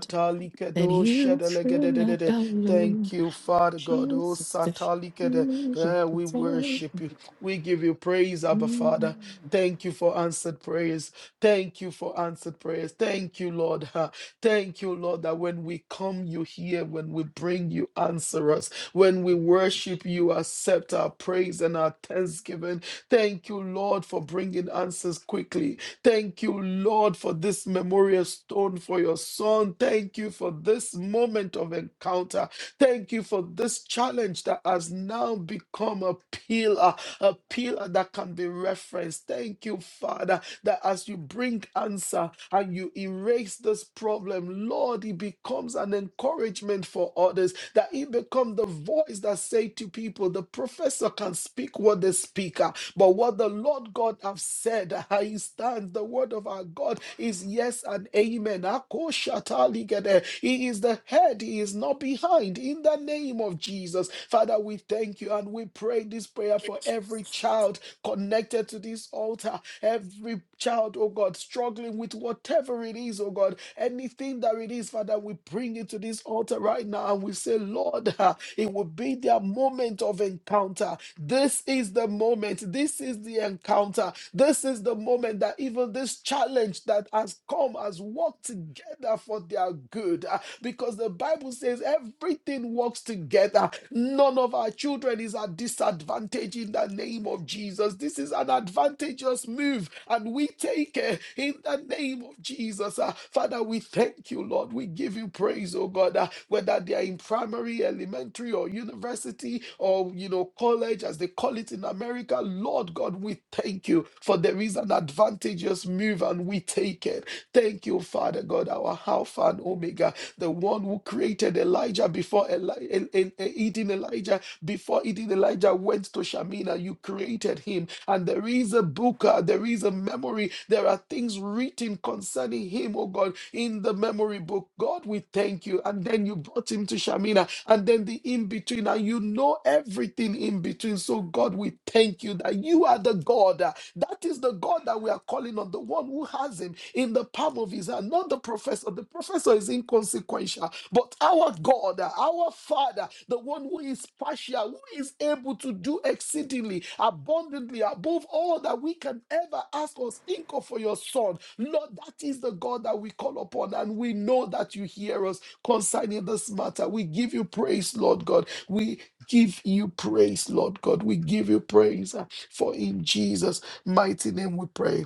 Speaker 11: that you should not
Speaker 2: Shedelegedede.
Speaker 11: bow low?
Speaker 2: Thank you, Father God. Oh
Speaker 11: Jesus, that
Speaker 2: Satalikede.
Speaker 11: you should
Speaker 2: Eh, we
Speaker 11: protect
Speaker 2: worship you. We give you praise, Abba
Speaker 11: me.
Speaker 2: Father. Thank you for answered prayers. Thank you for answered prayers. Thank you, Lord. Ha. Thank you, Lord, that when we come, you hear. When we bring, you answer us. When we worship, you accept our praise and our thanksgiving. Thank you, Lord, for bringing answers quickly. Thank you, Lord, for this memorial stone for your son. Thank you for this moment of encounter. Thank you for this challenge that has now become a pillar, a pillar that can be referenced. Thank you, Father, that as you bring answer and you erase this problem, Lord, it becomes an encouragement for others, that it becomes the voice that say to people, the professor can speak what they speak. But what the Lord God have said, uh, he stands. The word of our God is yes and amen. Akoshataligadeh. He is the head, he is not behind. In the name of Jesus, Father, we thank you and we pray this prayer for every child connected to this altar. Every child, oh God, struggling with whatever it is, oh God, anything that it is, Father, we bring it to this altar right now and we say, Lord, ah, it will be their moment of encounter. This is the moment. This is the encounter. This is the moment that even this challenge that has come has worked together for their good. ah, Because the Bible says everything works together together. None of our children is at disadvantage in the name of Jesus. This is an advantageous move, and we take it in the name of Jesus. Uh, Father, we thank you, Lord. We give you praise, oh God, uh, whether they are in primary, elementary, or university, or you know, college, as they call it in America. Lord God, we thank you for there is an advantageous move, and we take it. Thank you, Father God, our Alpha and Omega the one who created Elijah before Eli- El- El- El- eating Elijah, before eating Elijah went to Shamina, you created him. And there is a book, uh, there is a memory, there are things written concerning him, oh God, in the memory book. God, we thank you. And then you brought him to Shamina, and then the in between, and you know everything in between. So, God, we thank you that you are the God. uh, That is the God that that we are calling on the one who has him in the palm of his hand, not the professor. The professor is inconsequential, but our God, our Father, the one who is partial, who is able to do exceedingly abundantly above all that we can ever ask or think of for your Son. Lord, that is the God that we call upon, and we know that you hear us concerning this matter. We give you praise, Lord God. We give you praise, Lord God. We give you praise. uh, For in Jesus' Mighty name we pray.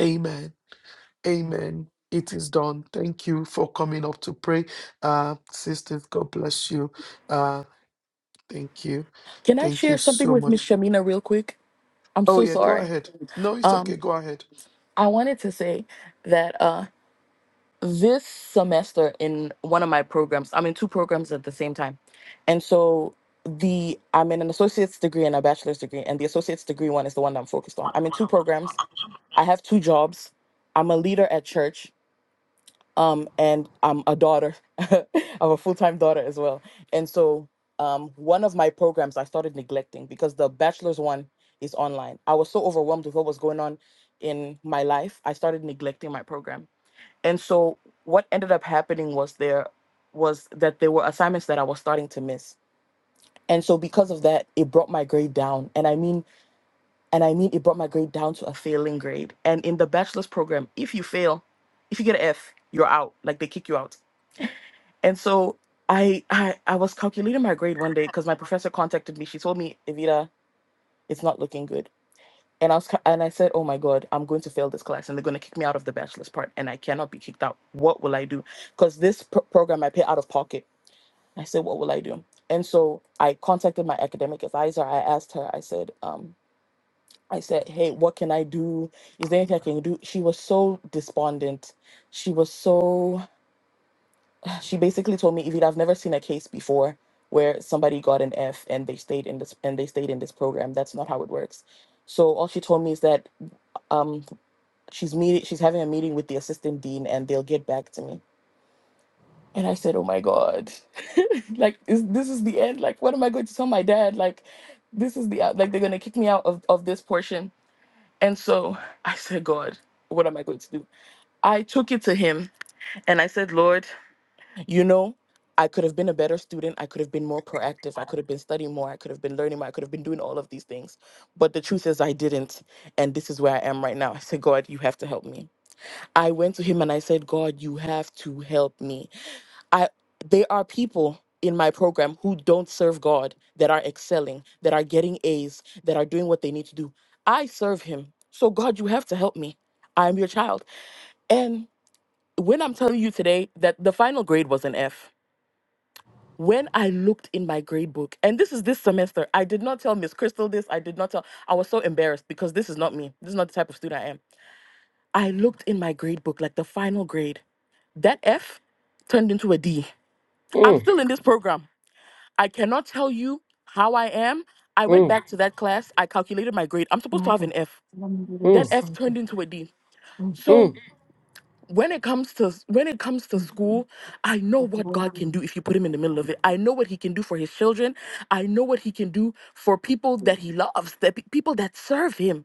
Speaker 2: Amen. Amen. It is done. Thank you for coming up to pray. Uh, sisters, God bless you. Uh, thank you.
Speaker 11: Can I
Speaker 2: Thank you
Speaker 11: share something
Speaker 2: so
Speaker 11: with Miss
Speaker 2: much.
Speaker 11: Shamina real quick? I'm
Speaker 2: Oh,
Speaker 11: so
Speaker 2: yeah, go
Speaker 11: sorry.
Speaker 2: ahead. No, it's
Speaker 11: Um,
Speaker 2: okay. Go ahead.
Speaker 11: I wanted to say that. uh. this semester in one of my programs i'm in two programs at the same time and so the i'm in an associate's degree and a bachelor's degree and the associate's degree one is the one that i'm focused on i'm in two programs i have two jobs i'm a leader at church um and i'm a daughter i'm a full-time daughter as well and so um one of my programs i started neglecting because the bachelor's one is online i was so overwhelmed with what was going on in my life i started neglecting my program and so what ended up happening was there was that there were assignments that I was starting to miss. And so because of that, it brought my grade down. And I mean and I mean it brought my grade down to a failing grade. And in the bachelor's program, if you fail, if you get an F, you're out. Like they kick you out. And so I I, I was calculating my grade one day because my professor contacted me. She told me, Evita, it's not looking good. And I was, ki- and I said, "Oh my God, I'm going to fail this class, and they're going to kick me out of the bachelor's part, and I cannot be kicked out. What will I do? Because this pro- program I pay out of pocket." I said, "What will I do?" And so I contacted my academic advisor. I asked her. I said, um, "I said, hey, what can I do? Is there anything I can do?" She was so despondent. She was so. She basically told me, "If you'd have never seen a case before." where somebody got an F and they stayed in this and they stayed in this program that's not how it works so all she told me is that um she's meeting she's having a meeting with the assistant dean and they'll get back to me and i said oh my god like is, this is the end like what am i going to tell my dad like this is the uh, like they're going to kick me out of, of this portion and so i said god what am i going to do i took it to him and i said lord you know i could have been a better student i could have been more proactive i could have been studying more i could have been learning more i could have been doing all of these things but the truth is i didn't and this is where i am right now i said god you have to help me I went to him and I said, God, you have to help me. I there are people in my program who don't serve God that are excelling, that are getting A's, that are doing what they need to do. I serve him. So God, you have to help me. I am your child. And when I'm telling you today that the final grade was an F, when I looked in my grade book, and this is this semester, I did not tell Miss Crystal this. I did not tell. I was so embarrassed because this is not me. This is not the type of student I am. I looked in my grade book, like the final grade That F turned into a D. I'm
Speaker 12: Mm,
Speaker 11: still in this program. I cannot tell you how I am. I went
Speaker 12: mm,
Speaker 11: back to that class. I calculated my grade. I'm supposed to
Speaker 3: My
Speaker 11: have
Speaker 3: God.
Speaker 11: an F. That
Speaker 12: mm,
Speaker 11: F turned into a D. So
Speaker 12: mm,
Speaker 11: when it comes to when it comes to school, I know what God can do if you put him in the middle of it. I know what he can do for his children. I know what he can do for people
Speaker 12: mm,
Speaker 11: that he loves, that pe- people that serve him.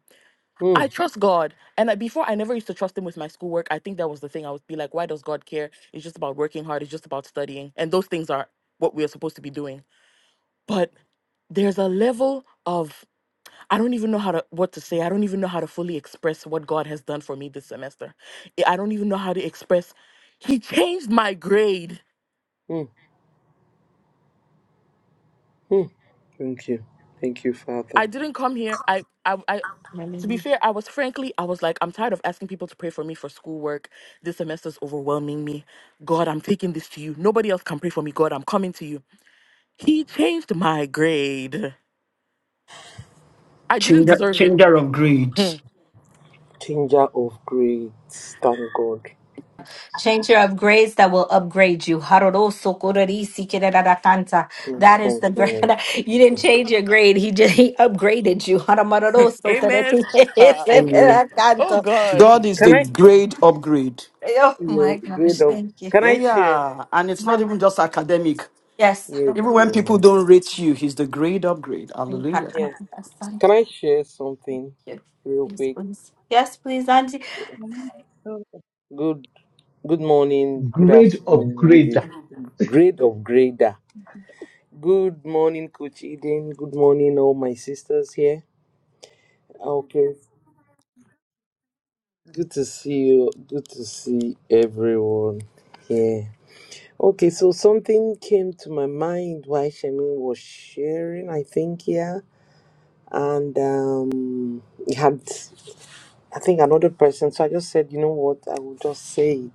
Speaker 11: I
Speaker 12: mm,
Speaker 11: trust God. And I, before I never used to trust him with my schoolwork. I think that was the thing. I would be like, why does God care? It's just about working hard, it's just about studying. And those things are what we are supposed to be doing. But there's a level of I don't even know how to what to say. I don't even know how to fully express what God has done for me this semester. I I don't even know how to express he changed my grade.
Speaker 12: mm. Thank you. Thank you, Father.
Speaker 11: I didn't come here. I I, I to be
Speaker 3: Hallelujah.
Speaker 11: fair, I was frankly, I was like, I'm tired of asking people to pray for me for schoolwork. This semester's overwhelming me. God, I'm taking this to you. Nobody else can pray for me. God, I'm coming to you. He changed my grade. I didn't
Speaker 1: Changer,
Speaker 11: deserve it.
Speaker 1: changer of
Speaker 11: Hmm.
Speaker 1: grades.
Speaker 12: Changer of grades. Thank God.
Speaker 3: Change your upgrades that will upgrade you. Haroroso kororisi kereraracanta.
Speaker 12: Yes,
Speaker 3: That is
Speaker 12: thank
Speaker 3: the grade.
Speaker 12: God.
Speaker 3: You didn't change your grade. He just he upgraded you. Haramaroroso
Speaker 11: Amen.
Speaker 3: tereti-
Speaker 11: oh
Speaker 12: Amen.
Speaker 3: tereraracanto.
Speaker 11: God.
Speaker 1: God is the
Speaker 12: Can I
Speaker 1: grade upgrade.
Speaker 3: Oh
Speaker 12: yeah,
Speaker 3: my gosh.
Speaker 12: grade of
Speaker 3: Thank you.
Speaker 12: can
Speaker 1: Eh,
Speaker 12: I share?
Speaker 1: Yeah, and it's not
Speaker 3: My-
Speaker 1: even just academic.
Speaker 3: Yes.
Speaker 12: Yes.
Speaker 1: Even when
Speaker 3: Haramaroroso.
Speaker 1: people
Speaker 12: oh.
Speaker 1: don't rate you, He's the grade upgrade. Hallelujah.
Speaker 12: Yeah. Can
Speaker 3: Haramarorosanta.
Speaker 12: I
Speaker 3: Thank
Speaker 12: share something
Speaker 3: you.
Speaker 12: real
Speaker 3: Yes,
Speaker 12: quick?
Speaker 3: please. Yes, please, Auntie.
Speaker 13: One two,
Speaker 12: Good good morning, good
Speaker 10: Grade
Speaker 12: afternoon, good
Speaker 10: upgrader
Speaker 12: evening. Grade of grader. Good morning, Coach Eden. Good morning, all my sisters here. Okay. Good to see you. Good to see everyone here. Okay, so something came to my mind while Shemin was sharing, I think, yeah. And uh, it had, I think, another person. So I just said, you know what, I will just say it.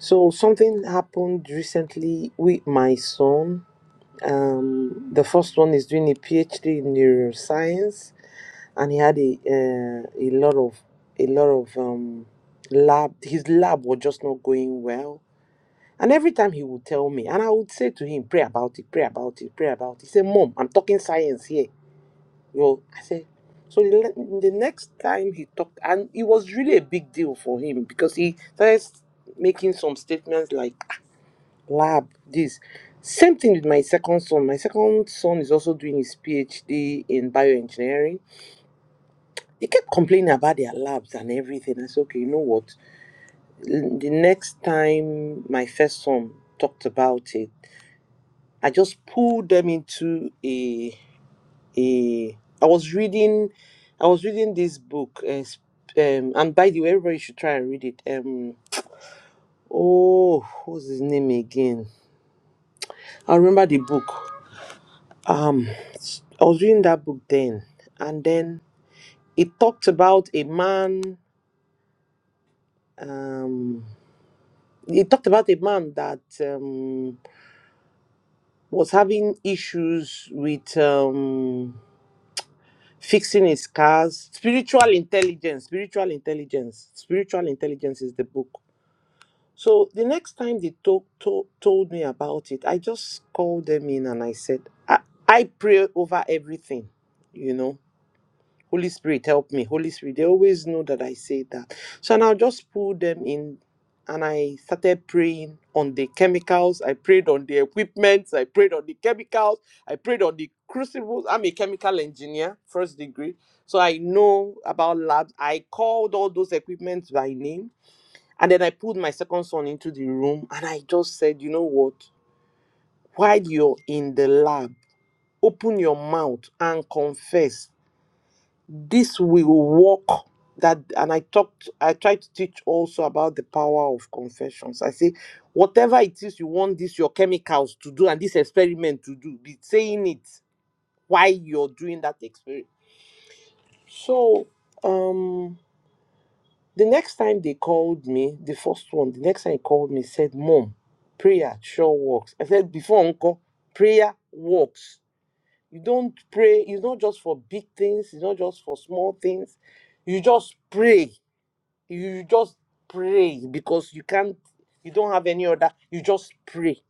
Speaker 12: So something happened recently with my son. Um, the first one is doing a PhD in neuroscience, and he had a uh, a lot of a lot of um, lab. His lab was just not going well And every time he would tell me, and I would say to him, pray about it, pray about it, pray about it. He said, Mom, I'm talking science here. You know, I said, so the, le- the next time he talked, and it was really a big deal for him because he started making some statements like lab, this. Same thing with my second son. My second son is also doing his PhD in bioengineering. He kept complaining about their labs and everything. I said, okay, you know what? The next time my first son talked about it, I just pulled them into a a. I was reading, I was reading this book, uh, sp- um, and by the way, everybody should try and read it. Um, oh, what's his name again? I remember the book. Um, I was reading that book then, and then it talked about a man. Um, it talked about a man that um was having issues with um fixing his cars spiritual intelligence spiritual intelligence spiritual intelligence is the book so the next time they talk, to, told me about it i just called them in and i said i, I pray over everything you know Holy Spirit, help me. Holy Spirit, they always know that I say that. So now just pulled them in and I started praying on the chemicals. I prayed on the equipment. I prayed on the chemicals. I prayed on the crucibles. I'm a chemical engineer, first degree. So I know about labs. I called all those equipments by name. And then I pulled my second son into the room and I just said, you know what? While you're in the lab, open your mouth and confess this will work that and i talked i tried to teach also about the power of confessions i say whatever it is you want this your chemicals to do and this experiment to do be saying it while you're doing that experiment so um the next time they called me the first one the next time he called me said mom prayer sure works i said before uncle prayer works you don't pray it's not just for big things it's not just for small things you just pray you just pray because you can't you don't have any other you just pray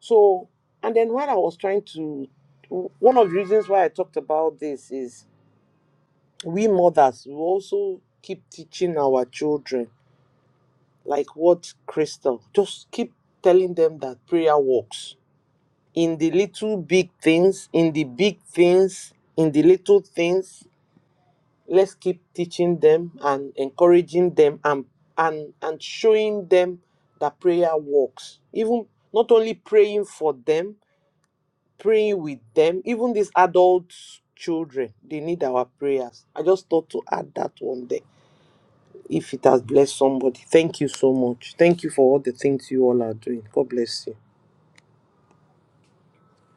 Speaker 12: so and then while i was trying to one of the reasons why i talked about this is we mothers we also keep teaching our children like what crystal just keep telling them that prayer works in the little big things in the big things in the little things let's keep teaching them and encouraging them and and and showing them that prayer works even not only praying for them praying with them even these adult children they need our prayers i just thought to add that one there if it has blessed somebody thank you so much thank you for all the things you all are doing god bless you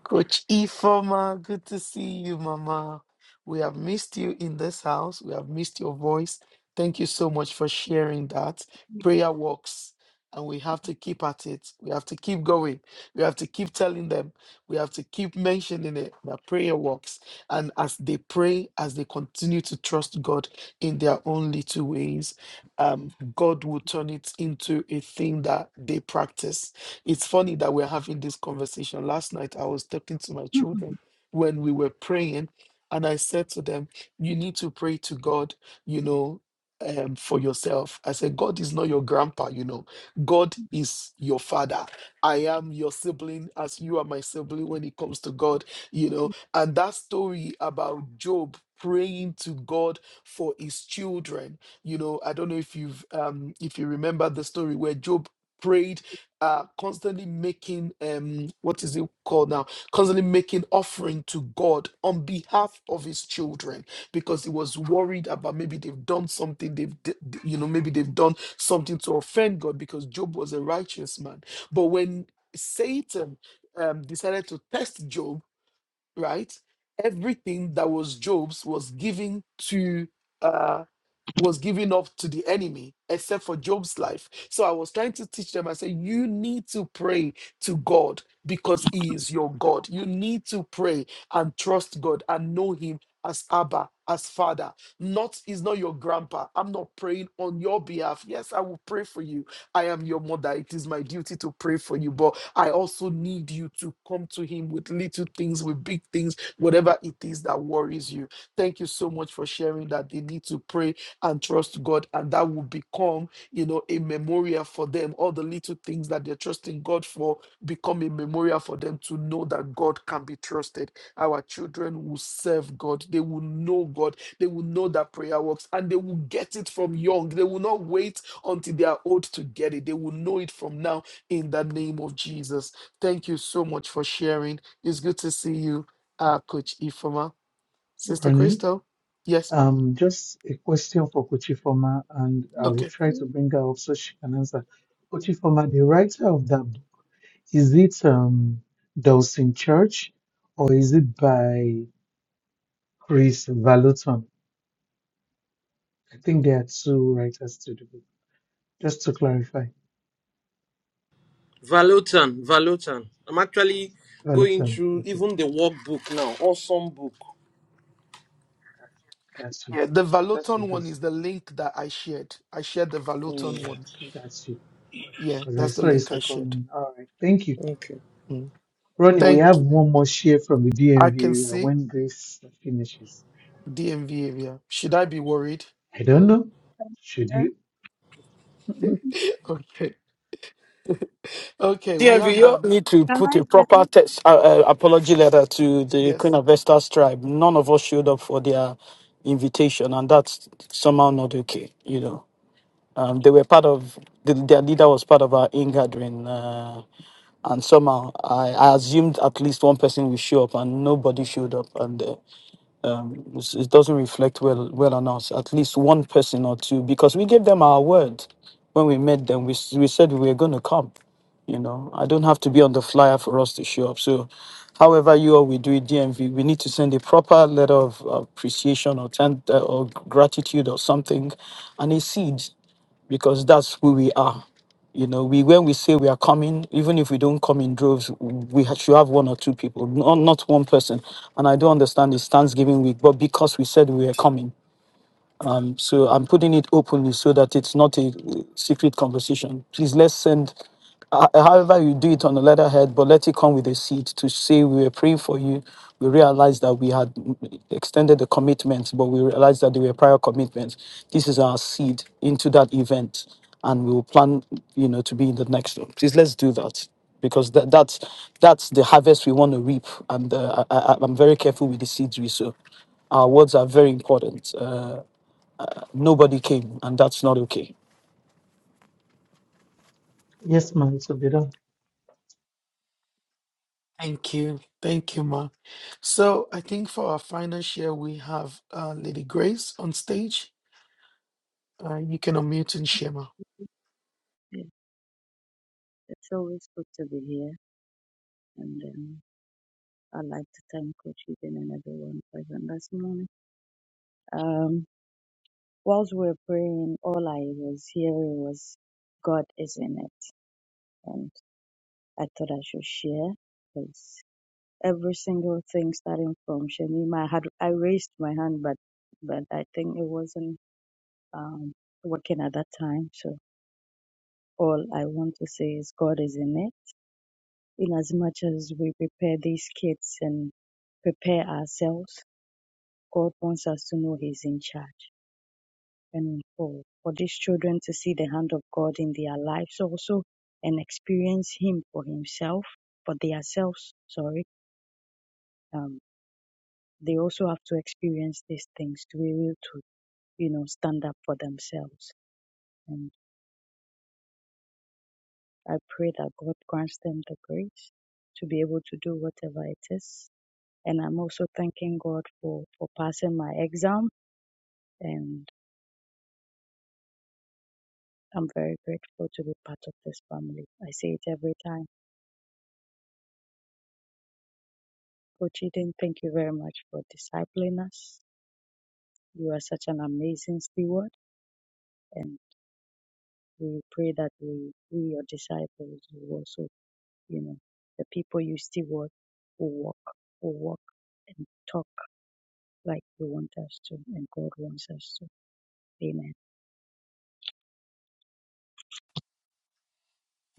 Speaker 2: Coach Ifoma, good to see you, Mama. We have missed you in this house. We have missed your voice. Thank you so much for sharing that. Prayer works, and we have to keep at it. We have to keep going. We have to keep telling them. We have to keep mentioning it that prayer works. And as they pray, as they continue to trust God in their own little ways, um, God will turn it into a thing that they practice it's funny that we're having this conversation. Last night, I was talking to my children when we were praying, and I said to them, You need to pray to God, you know, um, for yourself. I said, God is not your grandpa, you know, God is your father. I am your sibling as you are my sibling when it comes to God, you know. And that story about Job praying to God for his children, you know, I don't know if you've, um, if you remember the story where Job prayed are constantly making um what is it called now constantly making offering to god on behalf of his children because he was worried about maybe they've done something they've d- d- you know maybe they've done something to offend god because job was a righteous man but when satan um, decided to test job right everything that was job's was given to uh, was given up to the enemy except for Job's life. So I was trying to teach them. I said, You need to pray to God because He is your God. You need to pray and trust God and know Him as Abba, as Father. Not is not your grandpa. I'm not praying on your behalf. Yes, I will pray for you. I am your mother. It is my duty to pray for you, but I also need you to come to Him with little things, with big things, whatever it is that worries you. Thank you so much for sharing that. They need to pray and trust God, and that will become, you know, a memorial for them. All the little things that they're trusting God for become a memorial for them to know that God can be trusted. Our children will serve God, they will know God, they will know that prayer works, and they will get it from young. They will not wait until they are old to get it, they will know it from now in the name of Jesus. Thank you so much for sharing. It's good to see you, uh, Coach Ifoma. Sister
Speaker 10: running.
Speaker 2: Crystal, yes, ma'am.
Speaker 10: Um, just a question for Kuchifoma, and I
Speaker 2: Okay.
Speaker 10: will try
Speaker 13: three,
Speaker 10: to bring her up so she can answer. Kuchifoma, the writer of that book, is it um, Dawson Church or is it by Chris Valuton? I think there are two writers to the book. Just to clarify,
Speaker 12: valutan valutan i'm actually going
Speaker 10: Valuton.
Speaker 12: through
Speaker 10: Okay,
Speaker 12: even the workbook now awesome book
Speaker 10: that's you.
Speaker 2: Yeah, the
Speaker 10: That's
Speaker 2: Valoton
Speaker 10: what
Speaker 2: one
Speaker 10: this.
Speaker 2: is the link that I shared. I shared the Valoton
Speaker 12: Mm,
Speaker 2: one.
Speaker 10: That's you.
Speaker 2: Yeah,
Speaker 10: Because I
Speaker 2: that's the
Speaker 10: saw a
Speaker 2: link I
Speaker 10: second
Speaker 2: shared.
Speaker 10: one. All right. Thank you.
Speaker 12: okay
Speaker 2: Mm.
Speaker 10: Ronnie, we have
Speaker 2: Thank you.
Speaker 10: one more share from the
Speaker 2: I
Speaker 10: DMV
Speaker 2: can
Speaker 10: area
Speaker 2: see
Speaker 10: when Grace finishes.
Speaker 2: DMV area. Should I be worried?
Speaker 10: I don't know. Should
Speaker 13: four.
Speaker 10: you?
Speaker 2: okay. Okay, we
Speaker 1: DMV,
Speaker 2: have
Speaker 1: you all
Speaker 2: um
Speaker 1: need to
Speaker 13: I
Speaker 1: put
Speaker 13: like
Speaker 1: a proper
Speaker 13: that.
Speaker 1: text, uh, uh, apology letter to the Queen
Speaker 2: yes.
Speaker 1: of Vestas tribe. None of us showed up for their invitation, and that's somehow not okay. You know, um, they were part of the, their leader was part of our ingathering, uh, and somehow I, I assumed at least one person will show up, and nobody showed up, and. Uh, um, it's- it doesn't reflect well well on us. At least one person or two, because we gave them our word when we met them. We s- we said we were going to come. You know, I don't have to be on the flyer for us to show up. So, however you or we do it, DMV, we need to send a proper letter of appreciation or ten, uh, or gratitude or something, and a seed because that's who we are. You know, we when we say we are coming, even if we don't come in droves, we ha- should have one or two people, not, not one person. And I do understand it's Thanksgiving week, but because we said we were coming, um, so I'm putting it openly so that it's not a uh, secret conversation. Please let's send, uh, however you do it on the letterhead, but let it come with a seed to say we were praying for you. We realized that we had mm, extended the commitments, but we realized that they were prior commitments. This is our seed into that event, and we will plan, you know, to be in the next one. Please let's do that because that, that's that's the harvest we want to reap. And uh, I, I, I'm very careful with the seeds we sow. Our words are very important. Uh, Nobody came, and that's not okay.
Speaker 10: Yes, ma'am, to be done.
Speaker 2: Thank you. Thank you, Ma. So I think for our final share we have uh Lady Grace on stage. Uh, you can unmute and share now.
Speaker 13: It- It's always good to be here, and um, I'd like to thank Coach Eden and everyone present this morning. Um, whilst we were praying, all I was hearing was God is in it, and I thought I should share because every single thing, starting from Shamima, I had I raised my hand, but but I think it wasn't um, working at that time, so. All I want to say is God is in it. In as much as we prepare these kids and prepare ourselves, God wants us to know He's in charge. And for, for these children to see the hand of God in their lives also and experience Him for Himself, for themselves, sorry, um, they also have to experience these things to be able to, you know, stand up for themselves. And I pray that God grants them the grace to be able to do whatever it is And I'm also thanking God for, for passing my exam. And I'm very grateful to be part of this family. I say it every time. Coach Eden, thank you very much for discipling us. You are such an amazing steward. And we pray that we, we your disciples, will also, you know, the people you steward will walk, will walk and talk like you want us to and God wants us to.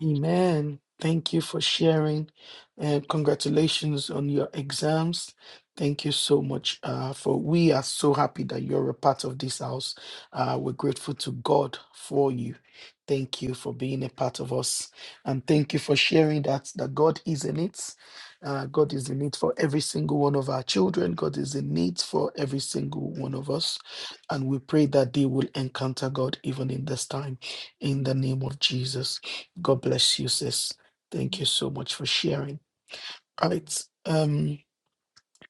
Speaker 2: Amen. Thank you for sharing and congratulations on your exams. Thank you so much uh, for we are so happy that you're a part of this house. Uh, we're grateful to God for you. Thank you for being a part of us. And thank you for sharing that that God is in it. Uh, God is in it for every single one of our children. God is in it for every single one of us. And we pray that they will encounter God even in this time in the name of Jesus. God
Speaker 13: Amen.
Speaker 2: bless you, sis. Thank you so much for sharing. Right. Um,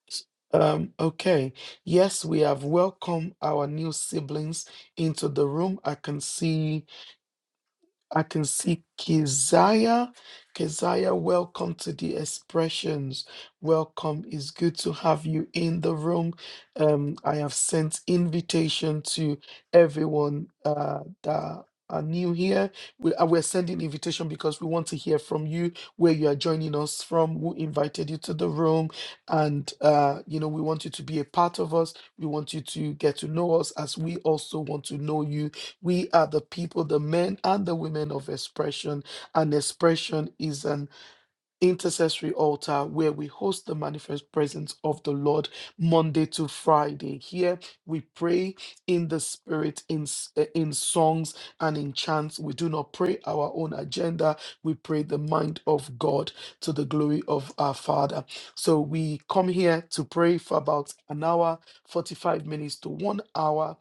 Speaker 2: s- um, okay. Yes, we have welcomed our new siblings into the room. I can see I can see Keziah. Keziah, welcome to the expressions. Welcome. It's good to have you in the room. Um, I have sent invitation to everyone uh, that are new here. We, uh, we're sending invitation because we want to hear from you, where you are joining us from, who invited you to the room. And, uh, you know, we want you to be a part of us. We want you to get to know us as we also want to know you we are the people, the men and the women of expression. And expression is an intercessory altar where we host the manifest presence of the Lord Monday to Friday. Here we pray in the spirit, in, s- eh, in songs and in chants. We do not pray our own agenda. We pray the mind of God to the glory of our Father. So we come here to pray for about an hour, 45 minutes to one hour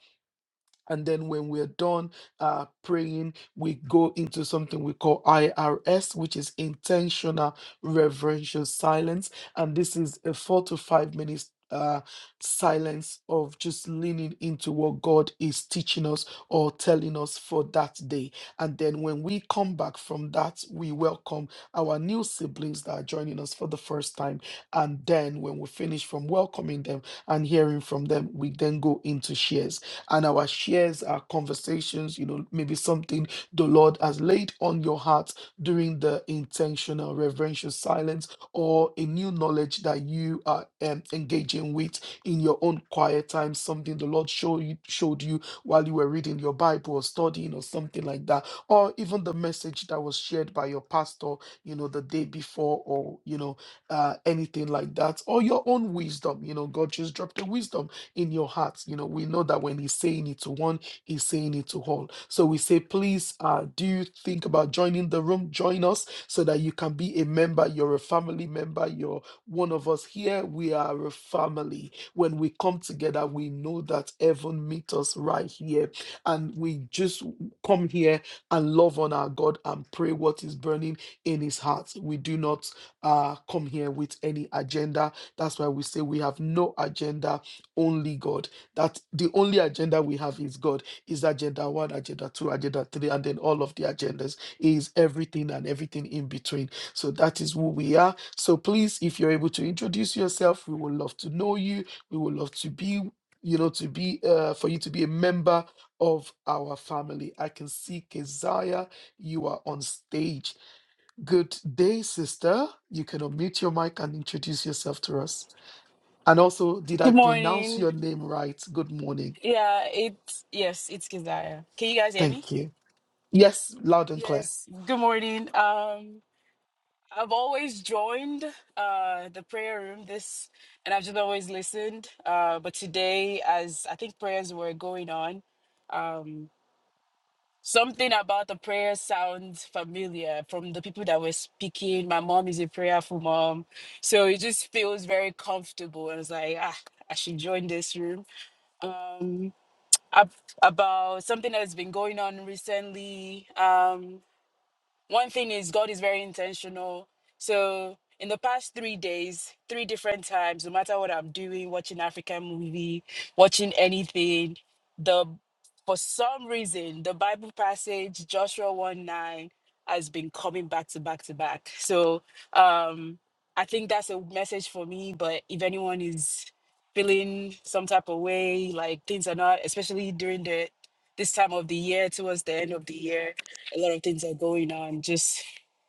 Speaker 2: and then when we're done uh, praying, we go into something we call IRS, which is intentional reverential silence. And this is a four to five minutes uh, silence of just leaning into what God is teaching us or telling us for that day. And then when we come back from that, we welcome our new siblings that are joining us for the first time. And then when we finish from welcoming them and hearing from them, we then go into shares and our shares, our conversations, you know, maybe something the Lord has laid on your heart during the intentional reverential silence or a new knowledge that you are um, engaging with in your own quiet time, something the Lord show you, showed you while you were reading your Bible or studying or something like that, or even the message that was shared by your pastor, you know, the day before or, you know, uh, anything like that, or your own wisdom, you know, God just dropped a wisdom in your heart. You know, we know that when he's saying it to one, he's saying it to all. So we say, please, uh, do you think about joining the room? Join us so that you can be a member. You're a family member. You're one of us here. We are a family. When we come together, we know that heaven meets us right here. And we just come here and love on our God and pray what is burning in his heart. We do not uh, come here with any agenda. That's why we say we have no agenda only God. That the only agenda we have is God. Is agenda one, agenda two, agenda three, and then all of the agendas He is everything and everything in between. So that is who we are. So please, if you're able to introduce yourself, we would love to know you. We would love to be, you know, to be uh, for you to be a member of our family. I can see Keziah, you are on stage. Good day, sister. You can unmute your mic and introduce yourself to us. And also, did I
Speaker 14: Good
Speaker 2: pronounce
Speaker 14: morning.
Speaker 2: your name right? Good morning.
Speaker 14: Yeah, it's yes, it's Keziah. Can you guys hear me?
Speaker 2: Thank you. Yes, loud and clear.
Speaker 14: Yes. Good morning. Um, I've always joined uh the prayer room this, and I've just always listened. Uh, but today, as I think prayers were going on, um, something about the prayer sounds familiar from the people that were speaking. My mom is a prayerful mom, so it just feels very comfortable. I was like, ah, I should join this room. Um, ab- about something that's been going on recently. Um, one thing is, God is very intentional. So, in the past three days, three different times, no matter what I'm doing, watching African movie, watching anything, the for some reason the Bible passage Joshua one nine has been coming back to back to back. So, um, I think that's a message for me. But if anyone is feeling some type of way, like things are not, especially during the this time of the year, towards the end of the year a lot of things are going on. Just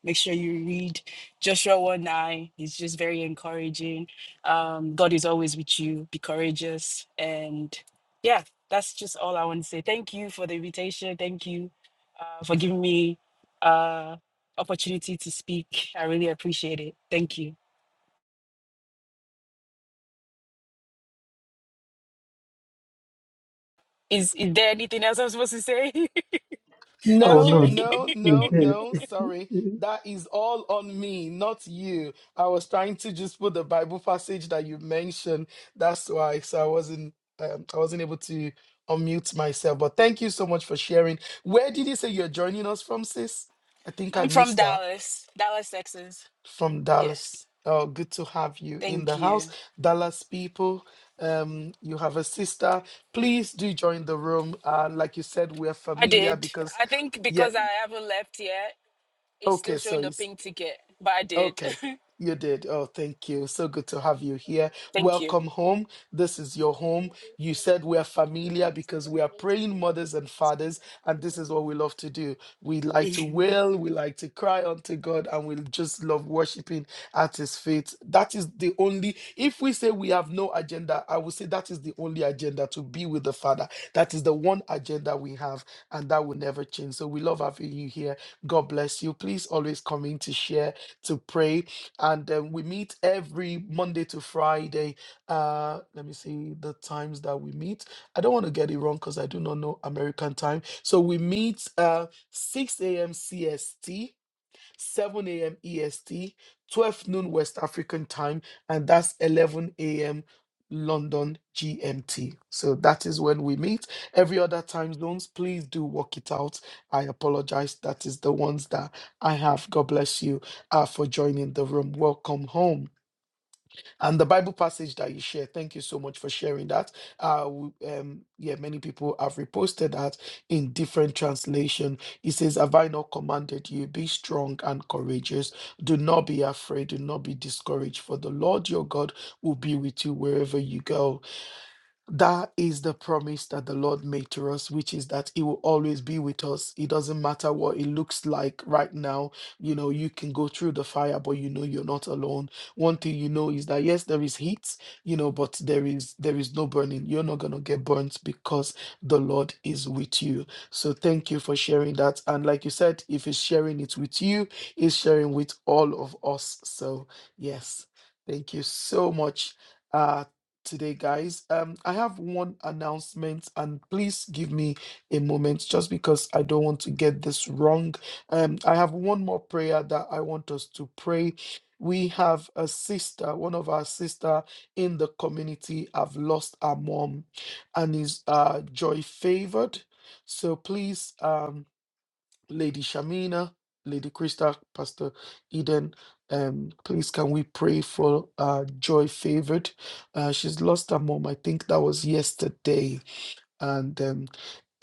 Speaker 14: make sure you read Joshua 1 9. It's just very encouraging. Um, God is always with you. Be courageous. And yeah, that's just all I want to say. Thank you for the invitation. Thank you uh, for giving me uh opportunity to speak. I really appreciate it. Thank you. Is is there anything else I'm supposed to say?
Speaker 10: Oh,
Speaker 2: No,
Speaker 14: okay.
Speaker 10: no,
Speaker 2: no,
Speaker 10: you're
Speaker 2: no,
Speaker 10: good.
Speaker 2: no. Sorry. That is all on me, not you. I was trying to just put the Bible passage that you mentioned. That's why. So I wasn't um, I wasn't able to unmute myself. But thank you so much for sharing. Where did you say you're joining us from, sis? I think I
Speaker 14: I'm from
Speaker 2: missed that.
Speaker 14: Dallas, Dallas, Texas.
Speaker 2: from Dallas.
Speaker 14: Yes.
Speaker 2: Oh, good to have you in
Speaker 14: Thank
Speaker 2: the house,
Speaker 14: you.
Speaker 2: Dallas people. Um, you have a sister. Please do join the room. Uh, like you said, we're
Speaker 14: I
Speaker 2: familiar
Speaker 14: did.
Speaker 2: because,
Speaker 14: I think
Speaker 2: yeah.
Speaker 14: because I haven't left yet, it's
Speaker 2: Okay,
Speaker 14: still
Speaker 2: so
Speaker 14: showing the
Speaker 2: it's
Speaker 14: pink ticket, but I did.
Speaker 2: Okay, you did. Oh, thank you. So good to have you here.
Speaker 14: Thank you.
Speaker 2: Welcome home. This is your home. You said we're familiar because we are praying mothers and fathers, and this is what we love to do. We like to wail, we like to cry unto God, and we just love worshiping at His feet. That is the only, if we say we have no agenda, I would say that is the only agenda to be with the Father. That is the one agenda we have, and that will never change. So we love having you here. God bless you. Please always come in to share to pray. And um, we meet every Monday to Friday. Uh, let me see the times that we meet. I don't want to get it wrong because I do not know American time. So we meet uh, 6 a.m. CST. 7 a.m. EST, 12 noon West African time, and that's 11 a.m. London GMT. So that is when we meet. Every other time zones, please do work it out. I apologize. That is the ones that I have. God bless you uh, for joining the room. Welcome home. And the Bible passage that you share, thank you so much for sharing that. Uh, w- um, yeah, many people have reposted that in different translation. It says, "Have I not commanded you? Be strong and courageous. Do not be afraid. Do not be discouraged. For the Lord your God will be with you wherever you go." That is the promise that the Lord made to us, which is that He will always be with us. It doesn't matter what it looks like right now. You know, you can go through the fire, but you know you're not alone. One thing you know is that yes, there is heat, you know, but there is there is no burning. You're not gonna get burnt because the Lord is with you. So thank you for sharing that. And like you said, if He's sharing it with you, He's sharing with all of us. So yes, thank you so much. Uh, today, guys. Um, I have one announcement, and please give me a moment just because I don't want to get this wrong. Um, I have one more prayer that I want us to pray. We have a sister, one of our sister in the community have lost her mom and is uh joy favored. So please um Lady Shamina, Lady Krista, Pastor Eden. Um, please can we pray for uh, Joy Favored? Uh, she's lost her mom. I think that was yesterday, and um,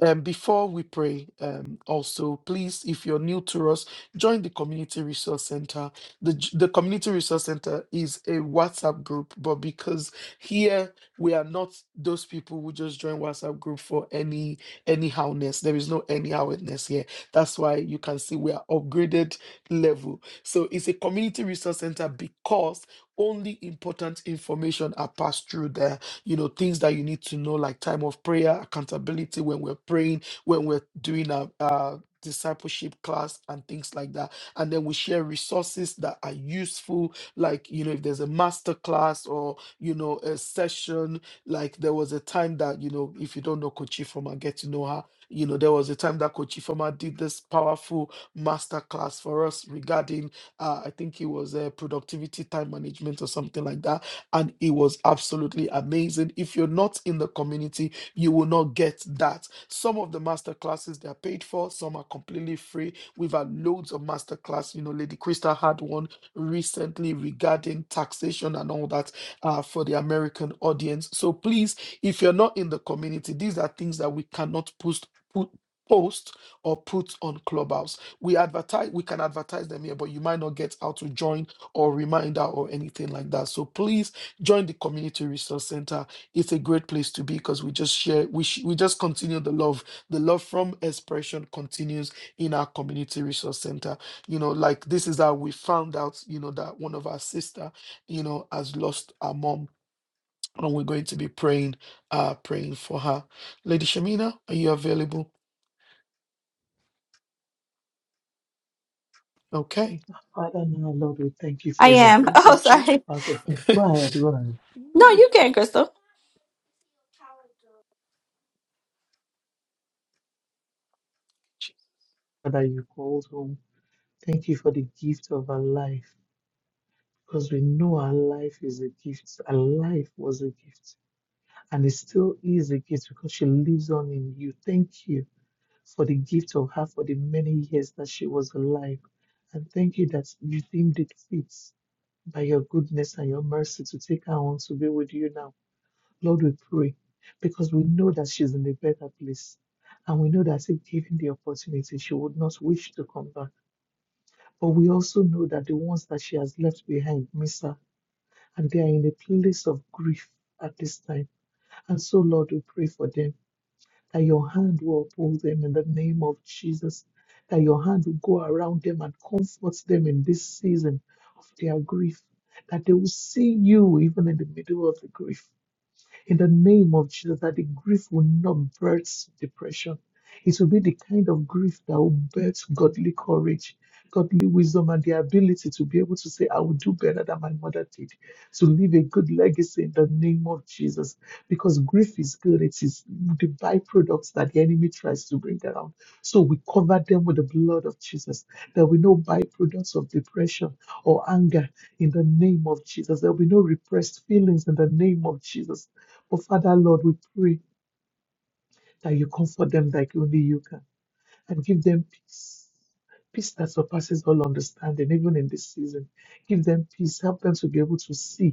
Speaker 2: um, before we pray, um, also please, if you're new to us, join the community resource center. The j- the community resource center is a WhatsApp group, but because here we are not those people who just join WhatsApp group for any anyhowness. There is no anyhowness here. That's why you can see we are upgraded level. So it's a community resource center because only important information are passed through there you know, things that you need to know, like time of prayer, accountability when we're praying, when we're doing a, uh discipleship class and things like that and then we share resources that are useful like you know if there's a master class or you know a session like there was a time that you know if you don't know coach Ifoma, get to know her you know there was a time that coach Ifoma did this powerful master class for us regarding uh, i think it was a productivity time management or something like that and it was absolutely amazing. If you're not in the community, you will not get that. Some of the master classes they are paid for, some are completely free. We've had loads of master class. You know, Lady Crystal had one recently regarding taxation and all that uh, for the American audience. So please, if you're not in the community, these are things that we cannot post put post or put on clubhouse we advertise we can advertise them here but you might not get how to join or reminder or anything like that so please join the community resource center it's a great place to be because we just share we, sh- we just continue the love the love from expression continues in our community resource center you know like this is how we found out you know that one of our sister you know has lost her mom and we're going to be praying uh praying for her lady shamina are you available okay
Speaker 10: Father, now, Lord, we thank you
Speaker 3: I
Speaker 10: for your
Speaker 3: am.
Speaker 10: death.
Speaker 2: thank
Speaker 3: Oh,
Speaker 2: you
Speaker 3: sorry.
Speaker 10: Okay, go ahead, go ahead.
Speaker 3: No, you can, Crystal.
Speaker 10: Father, you called home. Thank you for the gift of our life because we know our life is a gift. Our life was a gift and it still is a gift because she lives on in you. Thank you for the gift of her for the many years that she was alive. And thank you that you deemed it fit by your goodness and your mercy to take her on to be with you now. Lord, we pray because we know that she's in a better place. And we know that if given the opportunity, she would not wish to come back. But we also know that the ones that she has left behind miss her, and they are in a place of grief at this time. And so, Lord, we pray for them that your hand will uphold them in the name of Jesus, that your hand will go around them and comfort them in this season of their grief, that they will see you even in the middle of the grief in the name of Jesus, that the grief will not birth depression. It will be the kind of grief that will birth godly courage, godly wisdom, and the ability to be able to say, I will do better than my mother did, to leave a good legacy in the name of Jesus. Because grief is good, it is the byproducts that the enemy tries to bring around. So we cover them with the blood of Jesus. There will be no byproducts of depression or anger in the name of Jesus. There will be no repressed feelings in the name of Jesus but Father, Lord, we pray that you comfort them like only you can and give them peace. Peace that surpasses all understanding, even in this season. Give them peace. Help them to be able to see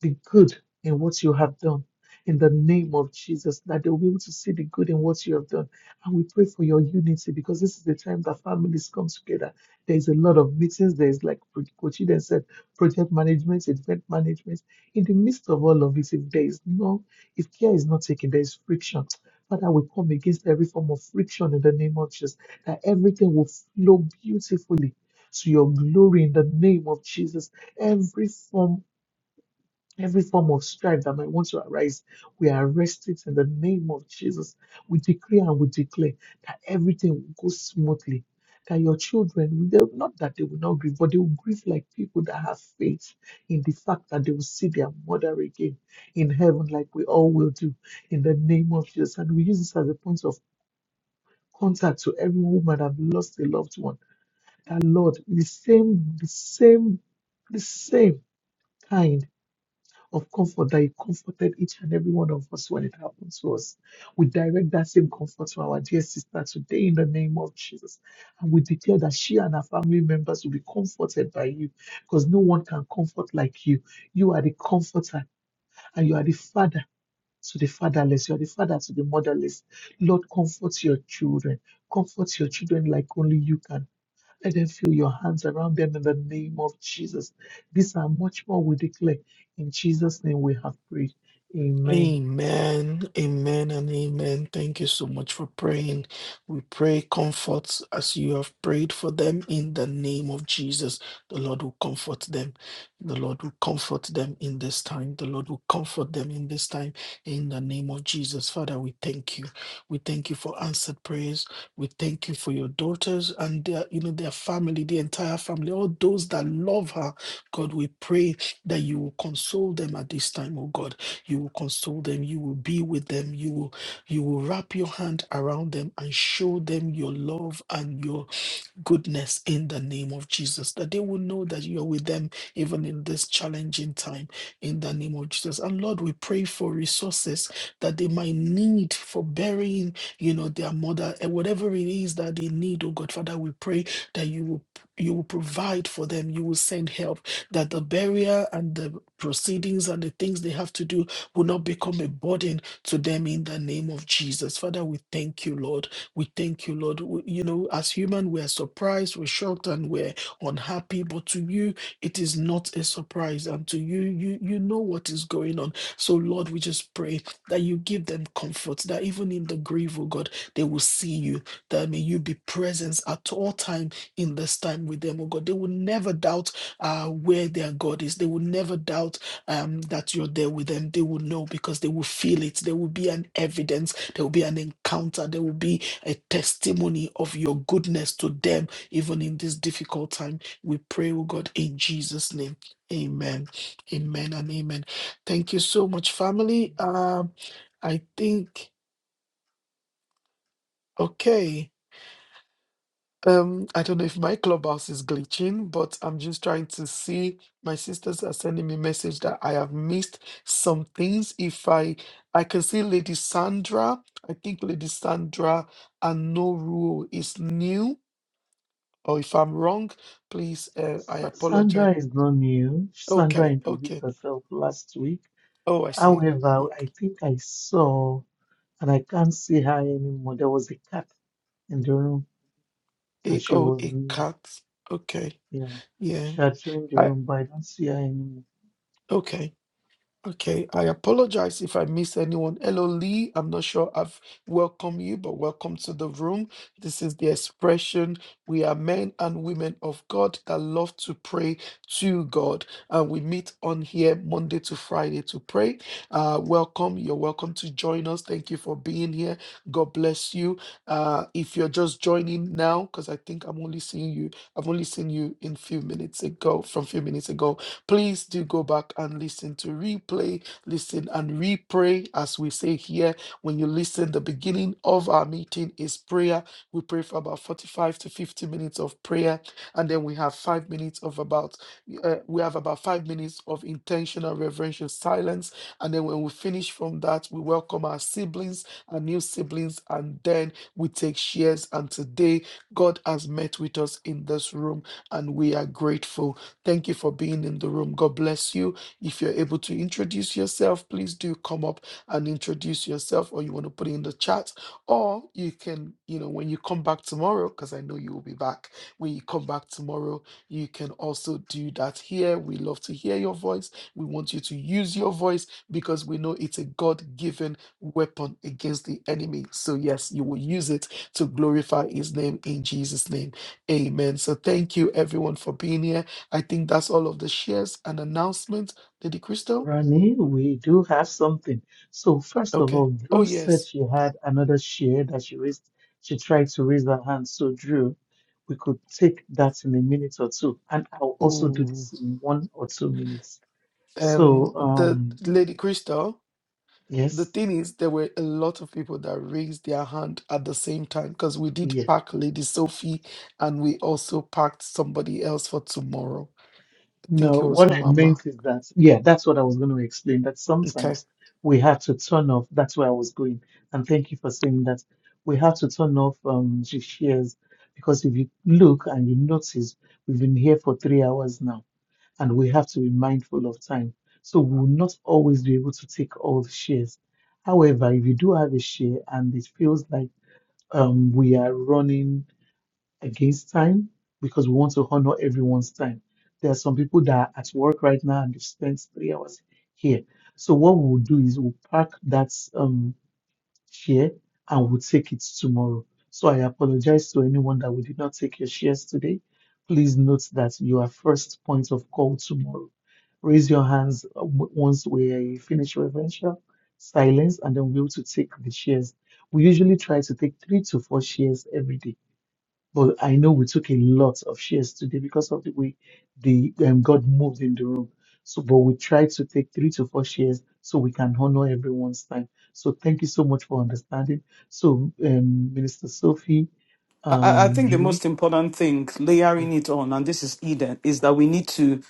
Speaker 10: the good in what you have done. In the name of Jesus, that they'll be able to see the good in what you have done. And we pray for your unity because this is the time that families come together. There's a lot of meetings. There's, like Kochiden said, project management, event management. In the midst of all of it, if there is no, if care is not taken, there is friction. Father, we come against every form of friction in the name of Jesus, that everything will flow beautifully to your glory in the name of Jesus. Every form Every form of strife that might want to arise, we arrest it in the name of Jesus. We decree and we declare that everything will go smoothly. That your children, they- not that they will not grieve, but they will grieve like people that have faith in the fact that they will see their mother again in heaven, like we all will do in the name of Jesus. And we use this as a point of contact to every woman that have lost a loved one. That Lord, the same, the same, the same kind of comfort that you comforted each and every one of us when it happened to us. We direct that same comfort to our dear sister today in the name of Jesus. And we declare that she and her family members will be comforted by you because no one can comfort like you. You are the comforter and you are the father. To the fatherless, you are the father to the motherless. Lord, comfort your children. Comfort your children like only you can. Let them feel your hands around them in the name of Jesus. These are much more we declare. In Jesus' name we have prayed. Amen.
Speaker 2: Amen, amen, and amen. Thank you so much for praying. We pray comfort as you have prayed for them in the name of Jesus. The Lord will comfort them. The Lord will comfort them in this time. The Lord will comfort them in this time in the name of Jesus. Father, we thank you. We thank you for answered prayers. We thank you for your daughters and their, you know, their family, the entire family, all those that love her. God, we pray that you will console them at this time, oh God you will console them. You will be with them. You will you will wrap your hand around them and show them your love and your goodness in the name of Jesus, that they will know that you are with them even in this challenging time in the name of Jesus. And Lord, we pray for resources that they might need for burying, you know, their mother and whatever it is that they need, oh God, Father, we pray that you will you will provide for them, you will send help, that the barrier and the proceedings and the things they have to do will not become a burden to them in the name of Jesus. Father, we thank you, Lord. We thank you, Lord. We- you know, as human, we are surprised, we're shocked, and we're unhappy. But to you, it is not a surprise, and to you, you you know what is going on. So, Lord, we just pray that you give them comfort, that even in the grief, oh God, they will see you. That may you be present at all time in this time with them, oh God. They will never doubt uh, where their God is. They will never doubt um, that you're there with them. They will know because they will feel it. There will be an evidence. There will be an encounter. There will be a testimony of your goodness to them, even in this difficult time. We pray, oh God, in Jesus' name. Amen. Amen and amen. Thank you so much, family. Um, I think, okay. Um, I don't know if my clubhouse is glitching, but I'm just trying to see. My sisters are sending me message that I have missed some things. If I I can see Lady Sandra, I think Lady Sandra Anoruo is new. Or if I'm wrong, please, uh, I
Speaker 10: Sa-
Speaker 2: apologize.
Speaker 10: Sandra is not new. Sandra
Speaker 2: Okay,
Speaker 10: introduced
Speaker 2: okay.
Speaker 10: herself last week.
Speaker 2: Oh, I see.
Speaker 10: However,
Speaker 2: Okay.
Speaker 10: I think I saw, and I can't see her anymore. There was a cat in the room, and
Speaker 2: A,
Speaker 10: she
Speaker 2: oh,
Speaker 10: was
Speaker 2: a
Speaker 10: new.
Speaker 2: cat. Okay.
Speaker 10: Yeah,
Speaker 2: Yeah.
Speaker 10: she had joined the
Speaker 2: I
Speaker 10: room, but I don't see her anymore.
Speaker 2: okay. Okay, I apologize if I miss anyone. Hello, Lee. I'm not sure I've welcomed you, but welcome to the room. This is the expression. We are men and women of God that love to pray to God. And we meet on here Monday to Friday to pray. Uh, welcome. You're welcome to join us. Thank you for being here. God bless you. Uh, if you're just joining now, because I think I'm only seeing you, I've only seen you in few minutes ago, from few minutes ago. Please do go back and listen to replay, listen and repray, as we say here. When you listen, the beginning of our meeting is prayer. We pray for about 45 to 50 minutes of prayer, and then we have five minutes of about uh, we have about five minutes of intentional reverential silence, and then when we finish from that, we welcome our siblings, our new siblings, and then we take shares. And today, God has met with us in this room, and we are grateful. Thank you for being in the room. God bless you. If you're able to introduce yourself, please do come up and introduce yourself, or you want to put it in the chat, or you can, you know, when you come back tomorrow, because I know you will be back. When you come back tomorrow, you can also do that here. We love to hear your voice. We want you to use your voice because we know it's a God given weapon against the enemy. So, yes, you will use it to glorify his name in Jesus' name. Amen. So, thank you everyone for being here. I think that's all of the shares and announcements. Lady Crystal?
Speaker 10: Ronnie, we do have something. So first of
Speaker 2: Okay.
Speaker 10: all,
Speaker 2: Oh,
Speaker 10: Drew said
Speaker 2: yes.
Speaker 10: she had another share that she raised. She tried to raise her hand. So Drew, we could take that in a minute or two, and I'll also do
Speaker 2: Ooh.
Speaker 10: this in one or two minutes.
Speaker 2: Um,
Speaker 10: So
Speaker 2: the
Speaker 10: um,
Speaker 2: Lady Crystal, the
Speaker 10: yes,
Speaker 2: thing is, there were a lot of people that raised their hand at the same time because we did
Speaker 10: yes.
Speaker 2: pack Lady Sophie and we also packed somebody else for tomorrow. I think
Speaker 10: No,
Speaker 2: it was
Speaker 10: what I
Speaker 2: Mama.
Speaker 10: meant is that, yeah, that's what I was going to explain, that
Speaker 2: Okay.
Speaker 10: sometimes we have to turn off, that's where I was going. And thank you for saying that. We have to turn off um the shares because if you look and you notice, we've been here for three hours now, and we have to be mindful of time. So we will not always be able to take all the shares. However, if you do have a share and it feels like um we are running against time because we want to honor everyone's time. There are some people that are at work right now and they've spent three hours here. So what we'll do is we'll pack that um, share and we'll take it tomorrow. So I apologize to anyone that we did not take your shares today. Please note that you are first point of call tomorrow. Raise your hands uh, w- once we finish reverential silence and then we'll be able to take the shares. We usually try to take three to four shares every day but I know we took a lot of shares today because of the way the um, God moved in the room. So, but we tried to take three to four shares so we can honor everyone's time. So, thank you so much for understanding. So, um, Minister Sophie,
Speaker 1: I, I I
Speaker 10: um,
Speaker 1: think the
Speaker 10: Drew,
Speaker 1: most important thing,
Speaker 10: yeah,
Speaker 1: layering it on, and this is Eden, is that we need to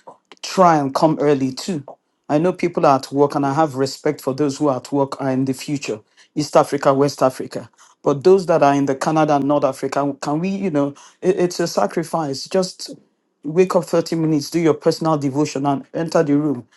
Speaker 1: try and come early too. I know people are at work, and I have
Speaker 10: yes,
Speaker 1: respect for those who are at work are in the future, East Africa, West Africa. But those that are in the Canada and North Africa, can we, you know, it, it's a sacrifice. Just wake up 30 minutes, do your personal devotion, and enter the room.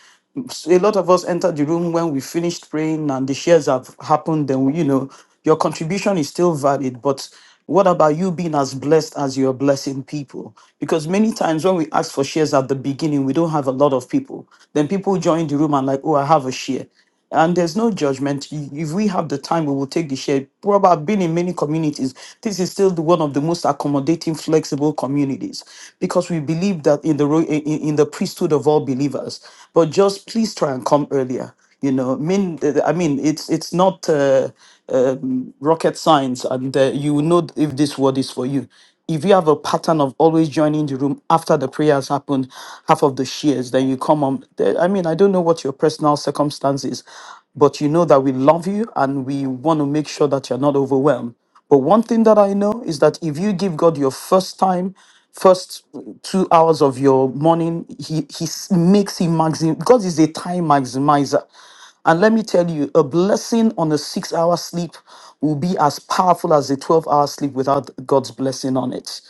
Speaker 1: A lot of us entered the room when we finished praying and the shares have happened then you know your contribution is still valid but what about you being as blessed as you're blessing people because many times when we ask for shares at the beginning we don't have a lot of people then people join the room and like oh i have a share and there's no judgment. If we have the time, we will take the share. Probably I've been in many communities. This is still the, one of the most accommodating, flexible communities because we believe that in the ro- in, in in the priesthood of all believers. But just please try and come earlier. You know, mean I mean it's it's not uh, um, rocket science, and uh, you will know if this word is for you. If you have a pattern of always joining the room after the prayer has happened, half of the shares, then you come on. There- I mean, I don't know what your personal circumstance is, but you know that we love you and we want to make sure that you're not overwhelmed. But one thing that I know is that if you give God your first time, first two hours of your morning, He He s- makes Him maxim. God is a time maximizer. And let me tell you, a blessing on a six hour sleep will be as powerful as a 12 hour sleep without God's blessing on it.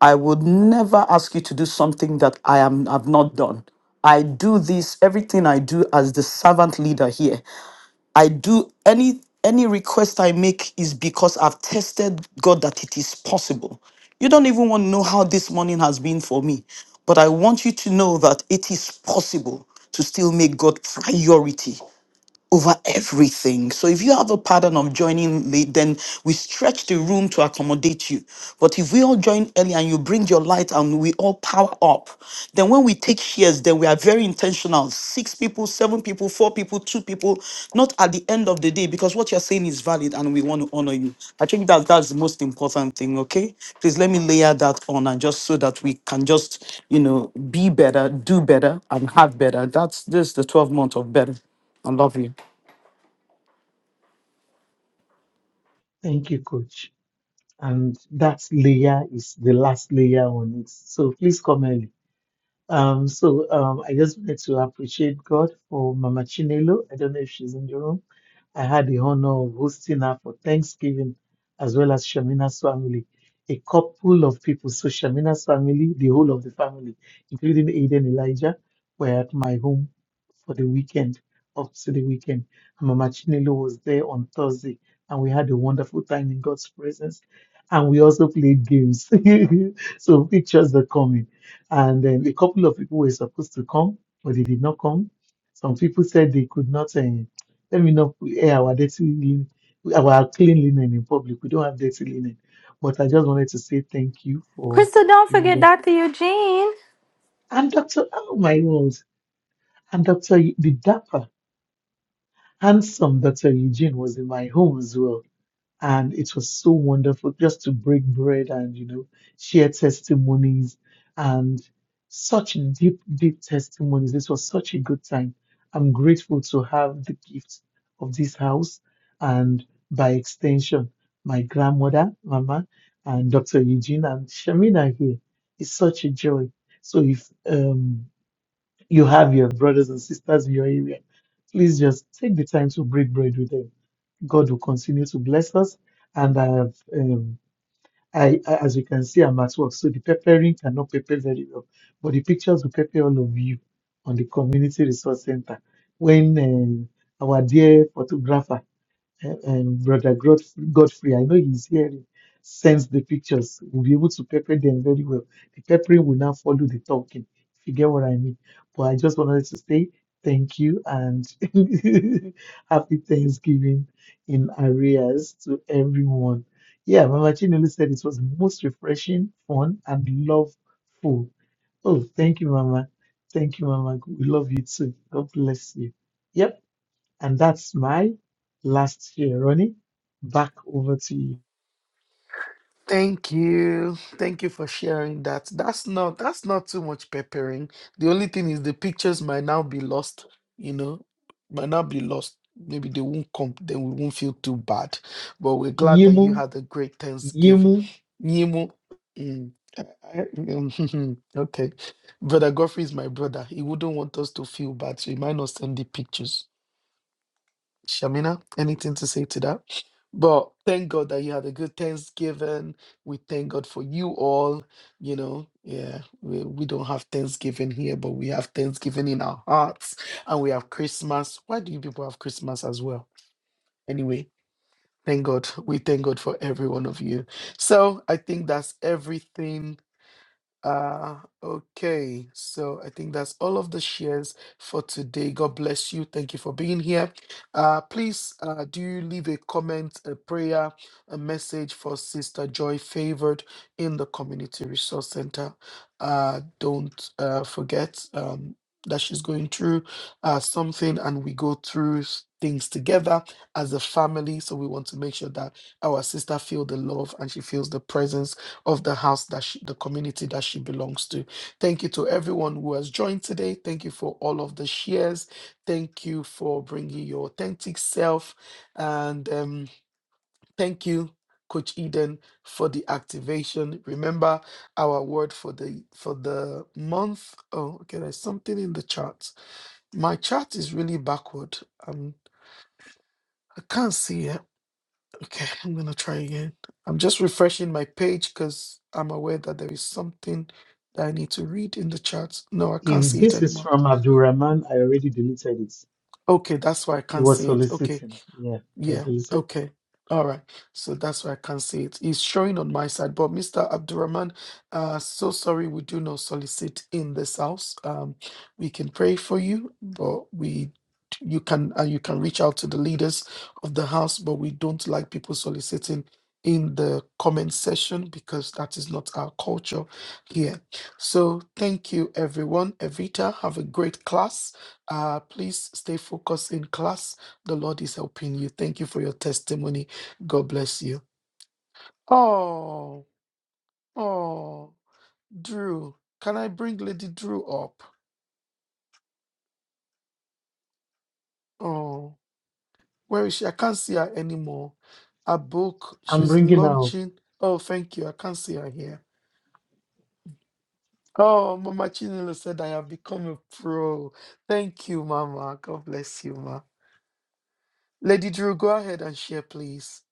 Speaker 1: I would never ask you to do something that I am, have not done. I do this, everything I do as the servant leader here. I do any any request I make is because I've tested God that it is possible. You don't even want to know how this morning has been for me, but I want you to know that it is possible to still make God priority over everything. So if you have a pattern of joining late, then we stretch the room to accommodate you. But if we all join early and you bring your light and we all power up, then when we take shares, then we are very intentional. Six people, seven people, four people, two people, not at the end of the day, because what you're saying is valid and we want to honor you. I think that that's the most important thing, okay? Please let me layer that on and just so that we can just, you know, be better, do better, and have better. That's this is the 12 month of better. I love you.
Speaker 10: thank you, Coach. And that layer is the last layer on it. So, please come early. Um, so um, I just wanted to appreciate God for Mama Chinelo. I don't know if she's in the room I had the honor of hosting her for Thanksgiving as well as Shamina's family. A couple of people, so Shamina's family, the whole of the family, including Aiden Elijah, were at my home for the weekend, up to the weekend. Mama Chinelo was there on Thursday, and we had a wonderful time in God's presence. And we also played games. so pictures are coming. And then a couple of people were supposed to come, but they did not come. Some people said they could not, uh, let me not air our dirty linen, our clean linen in public. We don't have dirty linen. But I just wanted to say thank you for
Speaker 3: Crystal, don't
Speaker 10: being
Speaker 3: forget
Speaker 10: there.
Speaker 3: Dr. Eugene.
Speaker 10: I'm Dr. Oh my world. I'm Dr. Y- The Dapper Handsome Dr. Eugene was in my home as well. And it was so wonderful just to break bread and, you know, share testimonies and such deep, deep testimonies. This was such a good time. I'm grateful to have the gift of this house and by extension, my grandmother, Mama, and Dr. Eugene and Shamina here. It's such a joy. So if um you have your brothers and sisters in your area. Please just take the time to break bread with them. God will continue to bless us. And I have, um, I, I- as you can see, I'm at work, so the peppering cannot pepper very well, but the pictures will pepper all of you on the community resource center when um, our dear photographer and Brother Godf- Godfrey, I know he's hearing, sends the pictures. We'll be able to pepper them very well. The peppering will now follow the talking, if you get what I mean. But I just wanted to say thank you and happy Thanksgiving in arrears to everyone. Yeah, Mama Chinelu said it was the most refreshing, fun, and loveful. Oh, thank you, Mama. Thank you, Mama. We love you too. God bless you. Yep. And that's my last year Ronnie. Back over to you.
Speaker 2: Thank you. Thank you for sharing that. That's not that's not too much peppering. The only thing is the pictures might now be lost, you know, might not be lost. Maybe they won't come, then we won't feel too bad. But we're glad that you
Speaker 10: Yimu,
Speaker 2: had a great Thanksgiving.
Speaker 10: Yimu,
Speaker 2: Nyimu, mm, I- I- mm, okay. Brother Godfrey is my brother. He wouldn't want us to feel bad, so he might not send the pictures. Shamina, anything to say to that? But thank God that you had a good Thanksgiving. We thank God for you all. You know, yeah, we, we don't have Thanksgiving here, but we have Thanksgiving in our hearts and we have Christmas. Why do you people have Christmas as well? Anyway, thank God. We thank God for every one of you. So I think that's everything uh, okay, so I think that's all of the shares for today. God bless you. Thank you for being here. Uh, please uh, do leave a comment, a prayer, a message for Sister Joy Favored in the Community Resource Center. Uh, don't uh, forget um, that she's going through uh, something and we go through s- things together as a family. So we want to make sure that our sister feel the love and she feels the presence of the house that she, the community that she belongs to. Thank you to everyone who has joined today. Thank you for all of the shares. Thank you for bringing your authentic self. And um, thank you, Coach Eden, for the activation. Remember our word for the for the month. Oh, okay, there's something in the chart. My chart is really backward. Um, I can't see. it. Okay, I'm gonna try again. I'm just refreshing my page because I'm aware that there is something that I need to read in the chat. No, I can't
Speaker 10: if
Speaker 2: see it
Speaker 10: this is
Speaker 2: anymore.
Speaker 10: from Abdulrahman, I already deleted it.
Speaker 2: Okay, that's why I
Speaker 10: It
Speaker 2: can't
Speaker 10: was
Speaker 2: see it. Okay.
Speaker 10: soliciting. Yeah, I
Speaker 2: Yeah,
Speaker 10: deleted it.
Speaker 2: okay. All right. So that's why I can't see it. It's showing on my side. But Mr. Abdurrahman, uh, so sorry we do not solicit in this house. Um, we can pray for you, but we you can uh, you can reach out to the leaders of the house, but we don't like people soliciting in the comment section because that is not our culture here. So thank you everyone. Evita, have a great class. Uh, please stay focused in class the Lord is helping you. Thank you for your testimony. God bless you. Oh, oh, Drew. Can I bring Lady Drew up? Oh, where is she? I can't see her anymore. Her book,
Speaker 10: I'm
Speaker 2: she's
Speaker 10: bringing out
Speaker 2: launching. Oh, thank you. I can't see her here. Oh, Mama Chinelo said I have become a pro. Thank you, Mama. God bless you, Ma. Lady Drew, go ahead and share, please.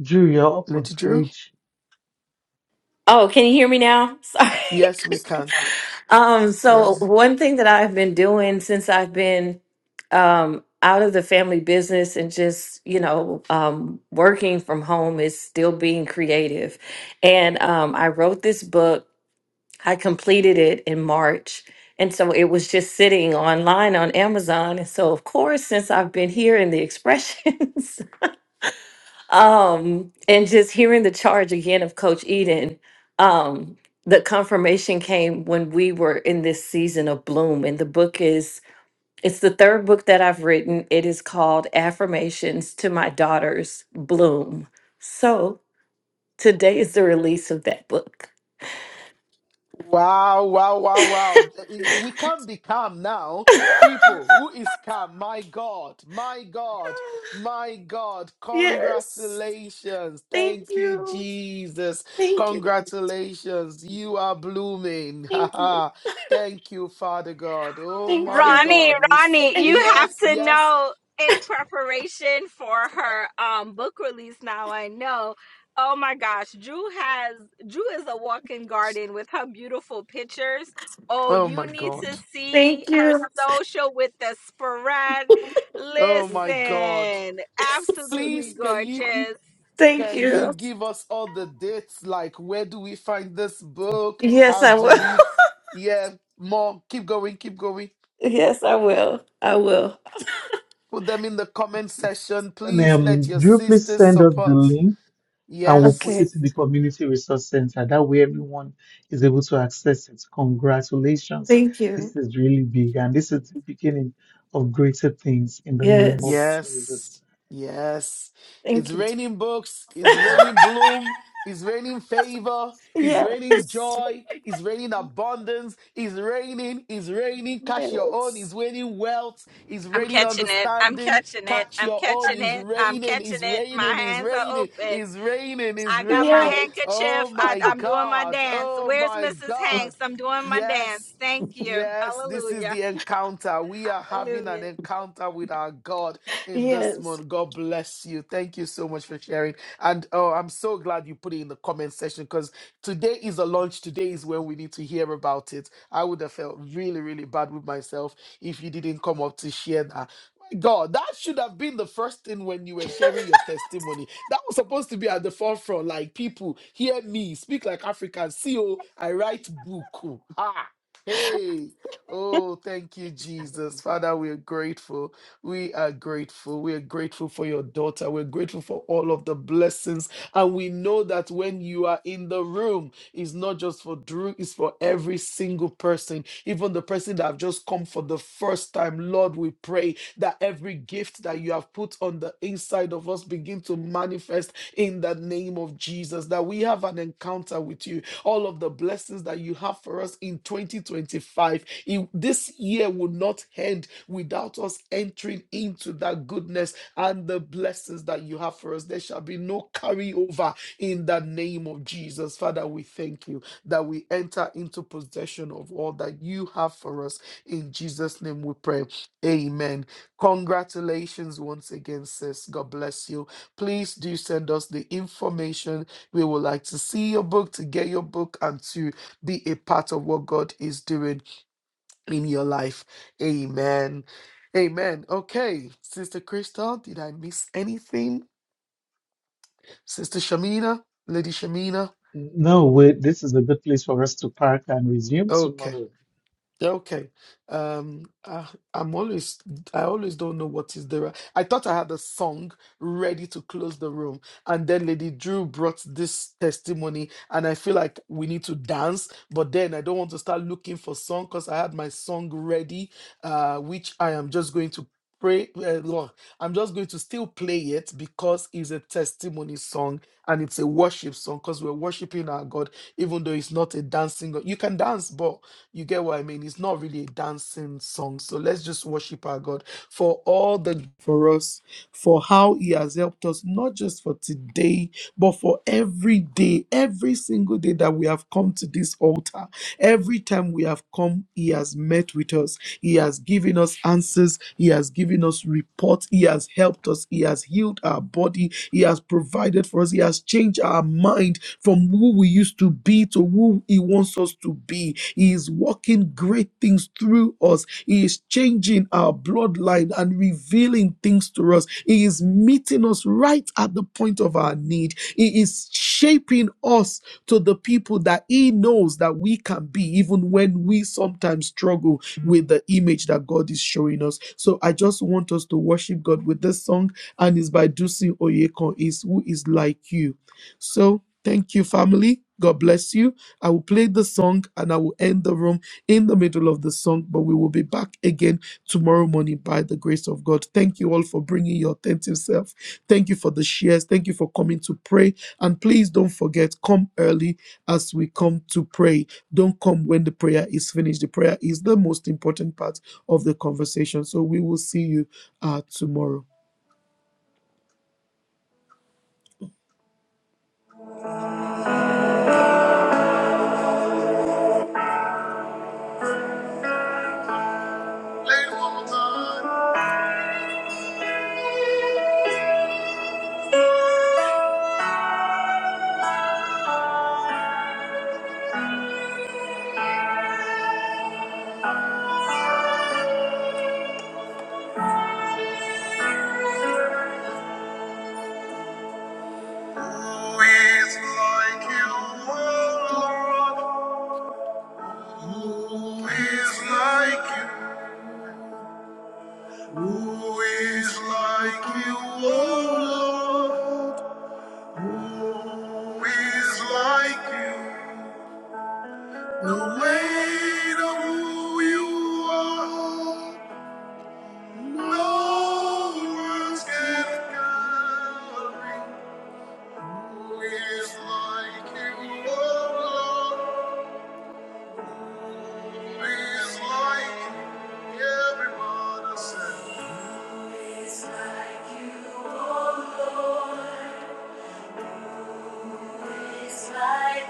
Speaker 10: Drew, you're up on
Speaker 2: Lady Drew?
Speaker 10: stage.
Speaker 6: Oh, can you hear me now? Sorry.
Speaker 2: Yes, we can.
Speaker 6: Um, so
Speaker 2: Yes.
Speaker 6: one thing that I've been doing since I've been um out of the family business and just, you know, um working from home is still being creative. And um I wrote this book. I completed it in March. And so it was just sitting online on Amazon. And so of course, since I've been here in the expressions, um and just hearing the charge again of coach eden um the confirmation came when we were in this season of bloom and the book is it's the third book that i've written it is called affirmations to my daughters bloom so today is the release of that book
Speaker 2: Wow, wow, wow, wow. We can't be calm now. People, who is calm? My God, my God, my God.
Speaker 6: yes
Speaker 2: Congratulations.
Speaker 6: thank
Speaker 2: Thank you,
Speaker 6: you
Speaker 2: Jesus.
Speaker 6: thank you
Speaker 2: Congratulations. You are blooming. Ha,
Speaker 6: thank you
Speaker 2: ha. Thank you, Father God. Oh,
Speaker 6: thank
Speaker 2: my
Speaker 6: you
Speaker 3: Ronnie,
Speaker 2: God. We, s-
Speaker 3: Ronnie,
Speaker 6: thank
Speaker 3: you
Speaker 6: you
Speaker 3: have
Speaker 2: yes,
Speaker 3: to
Speaker 2: yes.
Speaker 3: know in preparation for her um book release now I know. Oh my gosh, Drew has Drew is a walking garden with her beautiful pictures. Oh,
Speaker 2: Oh,
Speaker 3: you
Speaker 2: my
Speaker 3: need to
Speaker 2: God.
Speaker 3: see
Speaker 6: thank
Speaker 3: her
Speaker 6: you
Speaker 3: social with the spread.
Speaker 2: Oh, my God.
Speaker 3: Listen,
Speaker 2: S- Please,
Speaker 3: absolutely
Speaker 2: can you?
Speaker 3: gorgeous.
Speaker 6: thank
Speaker 2: Can
Speaker 6: you
Speaker 2: you give us all the dates? Like, where do we find this book?
Speaker 6: Yes,
Speaker 2: How
Speaker 6: I
Speaker 2: do
Speaker 6: will.
Speaker 2: we? Yeah, more. Keep going, keep going.
Speaker 6: Yes, I will. I will.
Speaker 2: Put them in the comment section.
Speaker 10: And,
Speaker 2: Please let
Speaker 10: um,
Speaker 2: your
Speaker 10: Drew, please
Speaker 2: sisters
Speaker 10: send us the
Speaker 2: support.
Speaker 10: link and we'll put
Speaker 2: Yes.
Speaker 6: Okay.
Speaker 10: it in the Community Resource Center. That way everyone is able to access it. Congratulations.
Speaker 6: Thank you.
Speaker 10: This is really big and this is the beginning of greater things in the name of
Speaker 6: Yes.
Speaker 10: Jesus.
Speaker 2: Yes, yes. It's
Speaker 6: Thank you.
Speaker 2: raining books, it's raining bloom, it's raining favor, it's raining
Speaker 6: Yes.
Speaker 2: joy, it's raining abundance, it's raining, it's raining, catch your own,
Speaker 6: Yes.
Speaker 2: it's raining wealth, it's
Speaker 3: I'm
Speaker 2: raining
Speaker 3: catching it. I'm
Speaker 2: understanding,
Speaker 3: catching it.
Speaker 2: catch
Speaker 3: I'm
Speaker 2: your own,
Speaker 3: catching
Speaker 2: it's
Speaker 3: it. I'm
Speaker 2: raining,
Speaker 3: catching
Speaker 2: it's
Speaker 3: it. My
Speaker 2: raining, it's
Speaker 3: hands are
Speaker 2: raining,
Speaker 3: open.
Speaker 2: it's raining, it's
Speaker 3: I got my
Speaker 2: raining.
Speaker 6: Yes.
Speaker 2: Oh
Speaker 3: handkerchief. I,
Speaker 2: my
Speaker 3: I'm doing my
Speaker 2: God,
Speaker 3: dance.
Speaker 2: oh
Speaker 3: Where's
Speaker 2: my
Speaker 3: Mrs. Hanks?
Speaker 2: God.
Speaker 3: I'm doing my dance.
Speaker 2: Yes,
Speaker 3: Thank you.
Speaker 2: Yes, this is
Speaker 3: Hallelujah.
Speaker 2: the encounter. We are having an
Speaker 3: Hallelujah.
Speaker 2: encounter with our God in this
Speaker 6: Yes.
Speaker 2: month. God bless you. Thank you so much for sharing. And oh, I'm so glad you put it in the comment section because today is a launch. Today is when we need to hear about it. I would have felt really, really bad with myself if you didn't come up to share that. My God, that should have been the first thing when you were sharing your testimony. That was supposed to be at the forefront. Like people, hear me, speak like Africans. See, oh, I write book. Oh, ah. Hey, oh, thank you, Jesus. Father, we're grateful. We are grateful. We are grateful for your daughter. We're grateful for all of the blessings. And we know that when you are in the room, it's not just for Drew, it's for every single person, even the person that have just come for the first time. Lord, we pray that every gift that you have put on the inside of us begin to manifest in the name of Jesus, that we have an encounter with you, all of the blessings that you have for us in 2025. In- this year will not end without us entering into that goodness and the blessings that you have for us. There shall be no carryover in the name of Jesus. Father, we thank you that we enter into possession of all that you have for us. In Jesus' name we pray. Amen. Congratulations once again, sis. God bless you. Please do send us the information we would like to see your book, to get your book, and to be a part of what God is doing in your life. Amen. Amen. Okay, Sister Crystal, did I miss anything? Sister Shamina, Lady Shamina.
Speaker 10: No, wait, this is a good place for us to park and resume
Speaker 2: Okay.
Speaker 10: tomorrow.
Speaker 2: Yeah, Okay. Um, I, I'm always, I always don't know what is there. I thought I had a song ready to close the room, and then Lady Drew brought this testimony, and I feel like we need to dance, but then I don't want to start looking for song because I had my song ready, uh, which I am just going to pray, uh, Lord, I'm just going to still play it because it's a testimony song and it's a worship song because we're worshiping our God, even though it's not a dancing. God. You can dance, but you get what I mean? It's not really a dancing song. So let's just worship our God for all the for us, for how He has helped us, not just for today, but for every day, every single day that we have come to this altar. Every time we have come, He has met with us. He has given us answers. He has given us reports. He has helped us. He has healed our body. He has provided for us. He has changed our mind from who we used to be to who He wants us to be. He is working great things through us. He is changing our bloodline and revealing things to us. He is meeting us right at the point of our need. He is shaping us to the people that He knows that we can be, even when we sometimes struggle with the image that God is showing us. So I just want us to worship God with this song, and it's by Dusin Oyekon. Is who is like you. So thank you, family. God bless you. I will play the song and I will end the room in the middle of the song, but we will be back again tomorrow morning by the grace of God. Thank you all for bringing your attentive self. Thank you for the shares. Thank you for coming to pray. And please don't forget, come early as we come to pray. Don't come when the prayer is finished. The prayer is the most important part of the conversation. So we will see you uh, tomorrow. like Who is like you? Who is like you, O Lord? Who is like you? The weight of who you are, no words can carry. Who is like you, O Lord? Who is like you? Everybody said. who is like you, O Lord? It's like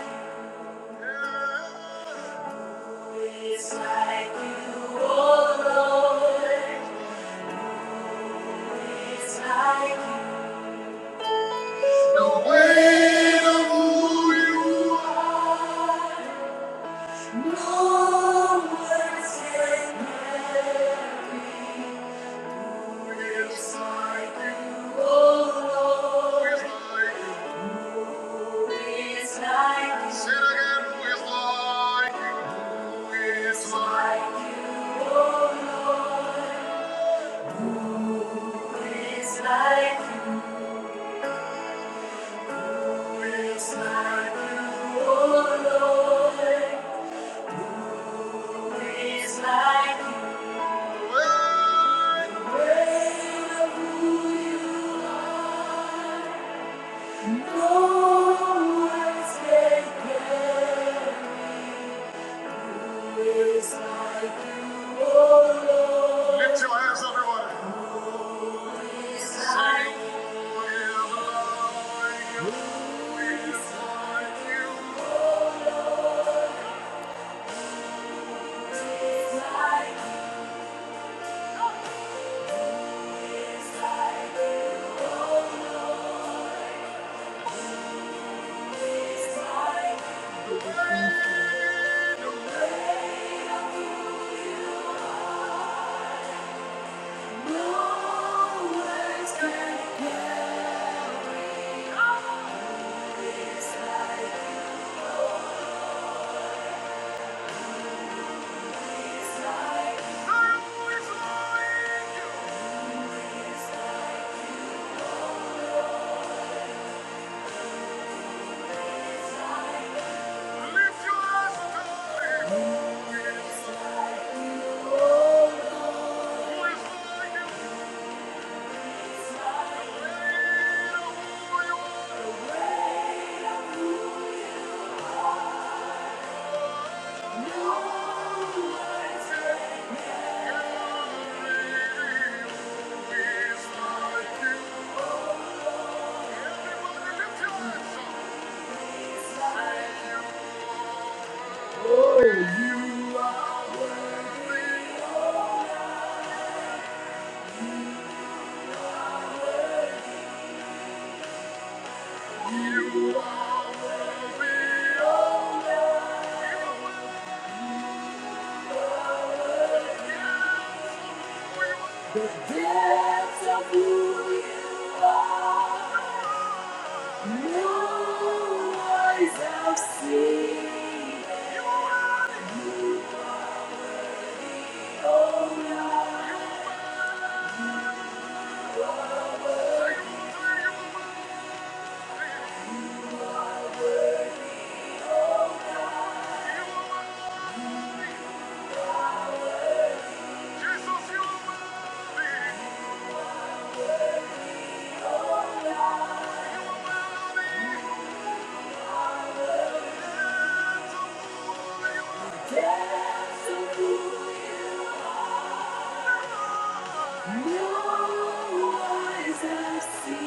Speaker 2: it's like you, oh Lord. It's like you. No way to who you are. No words can ever be. Like you. oh oh Lord? Lord? Who is like you, oh Lord, Who is like like You? You, You? The weight of Who you are. No like oh Lift your hands, everyone. like oh like oh like like oh No like Thank you. Oh, you You you are are. are The The of of who who no eyes have seen. Oh, Jesus, you are the depths of who you are, No eyes have seen.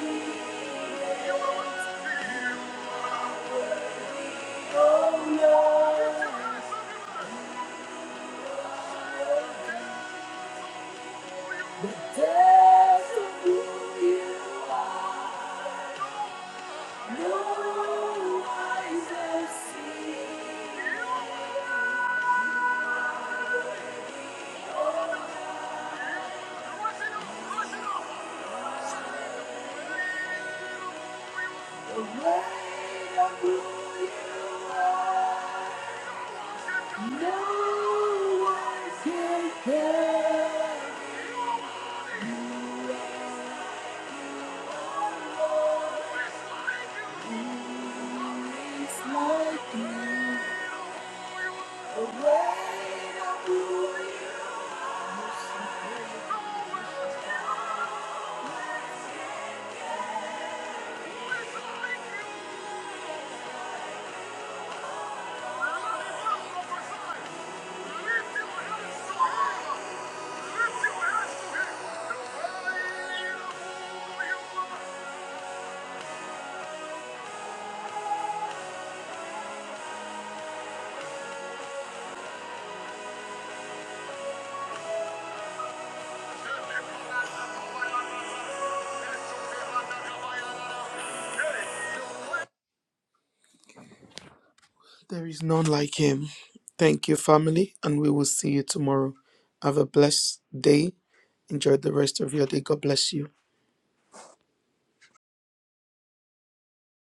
Speaker 2: The way of who you are. No No can the way of one is Like you. There is none like him. Thank you, family, and we will see you tomorrow. Have a blessed day. Enjoy the rest of your day. God bless you.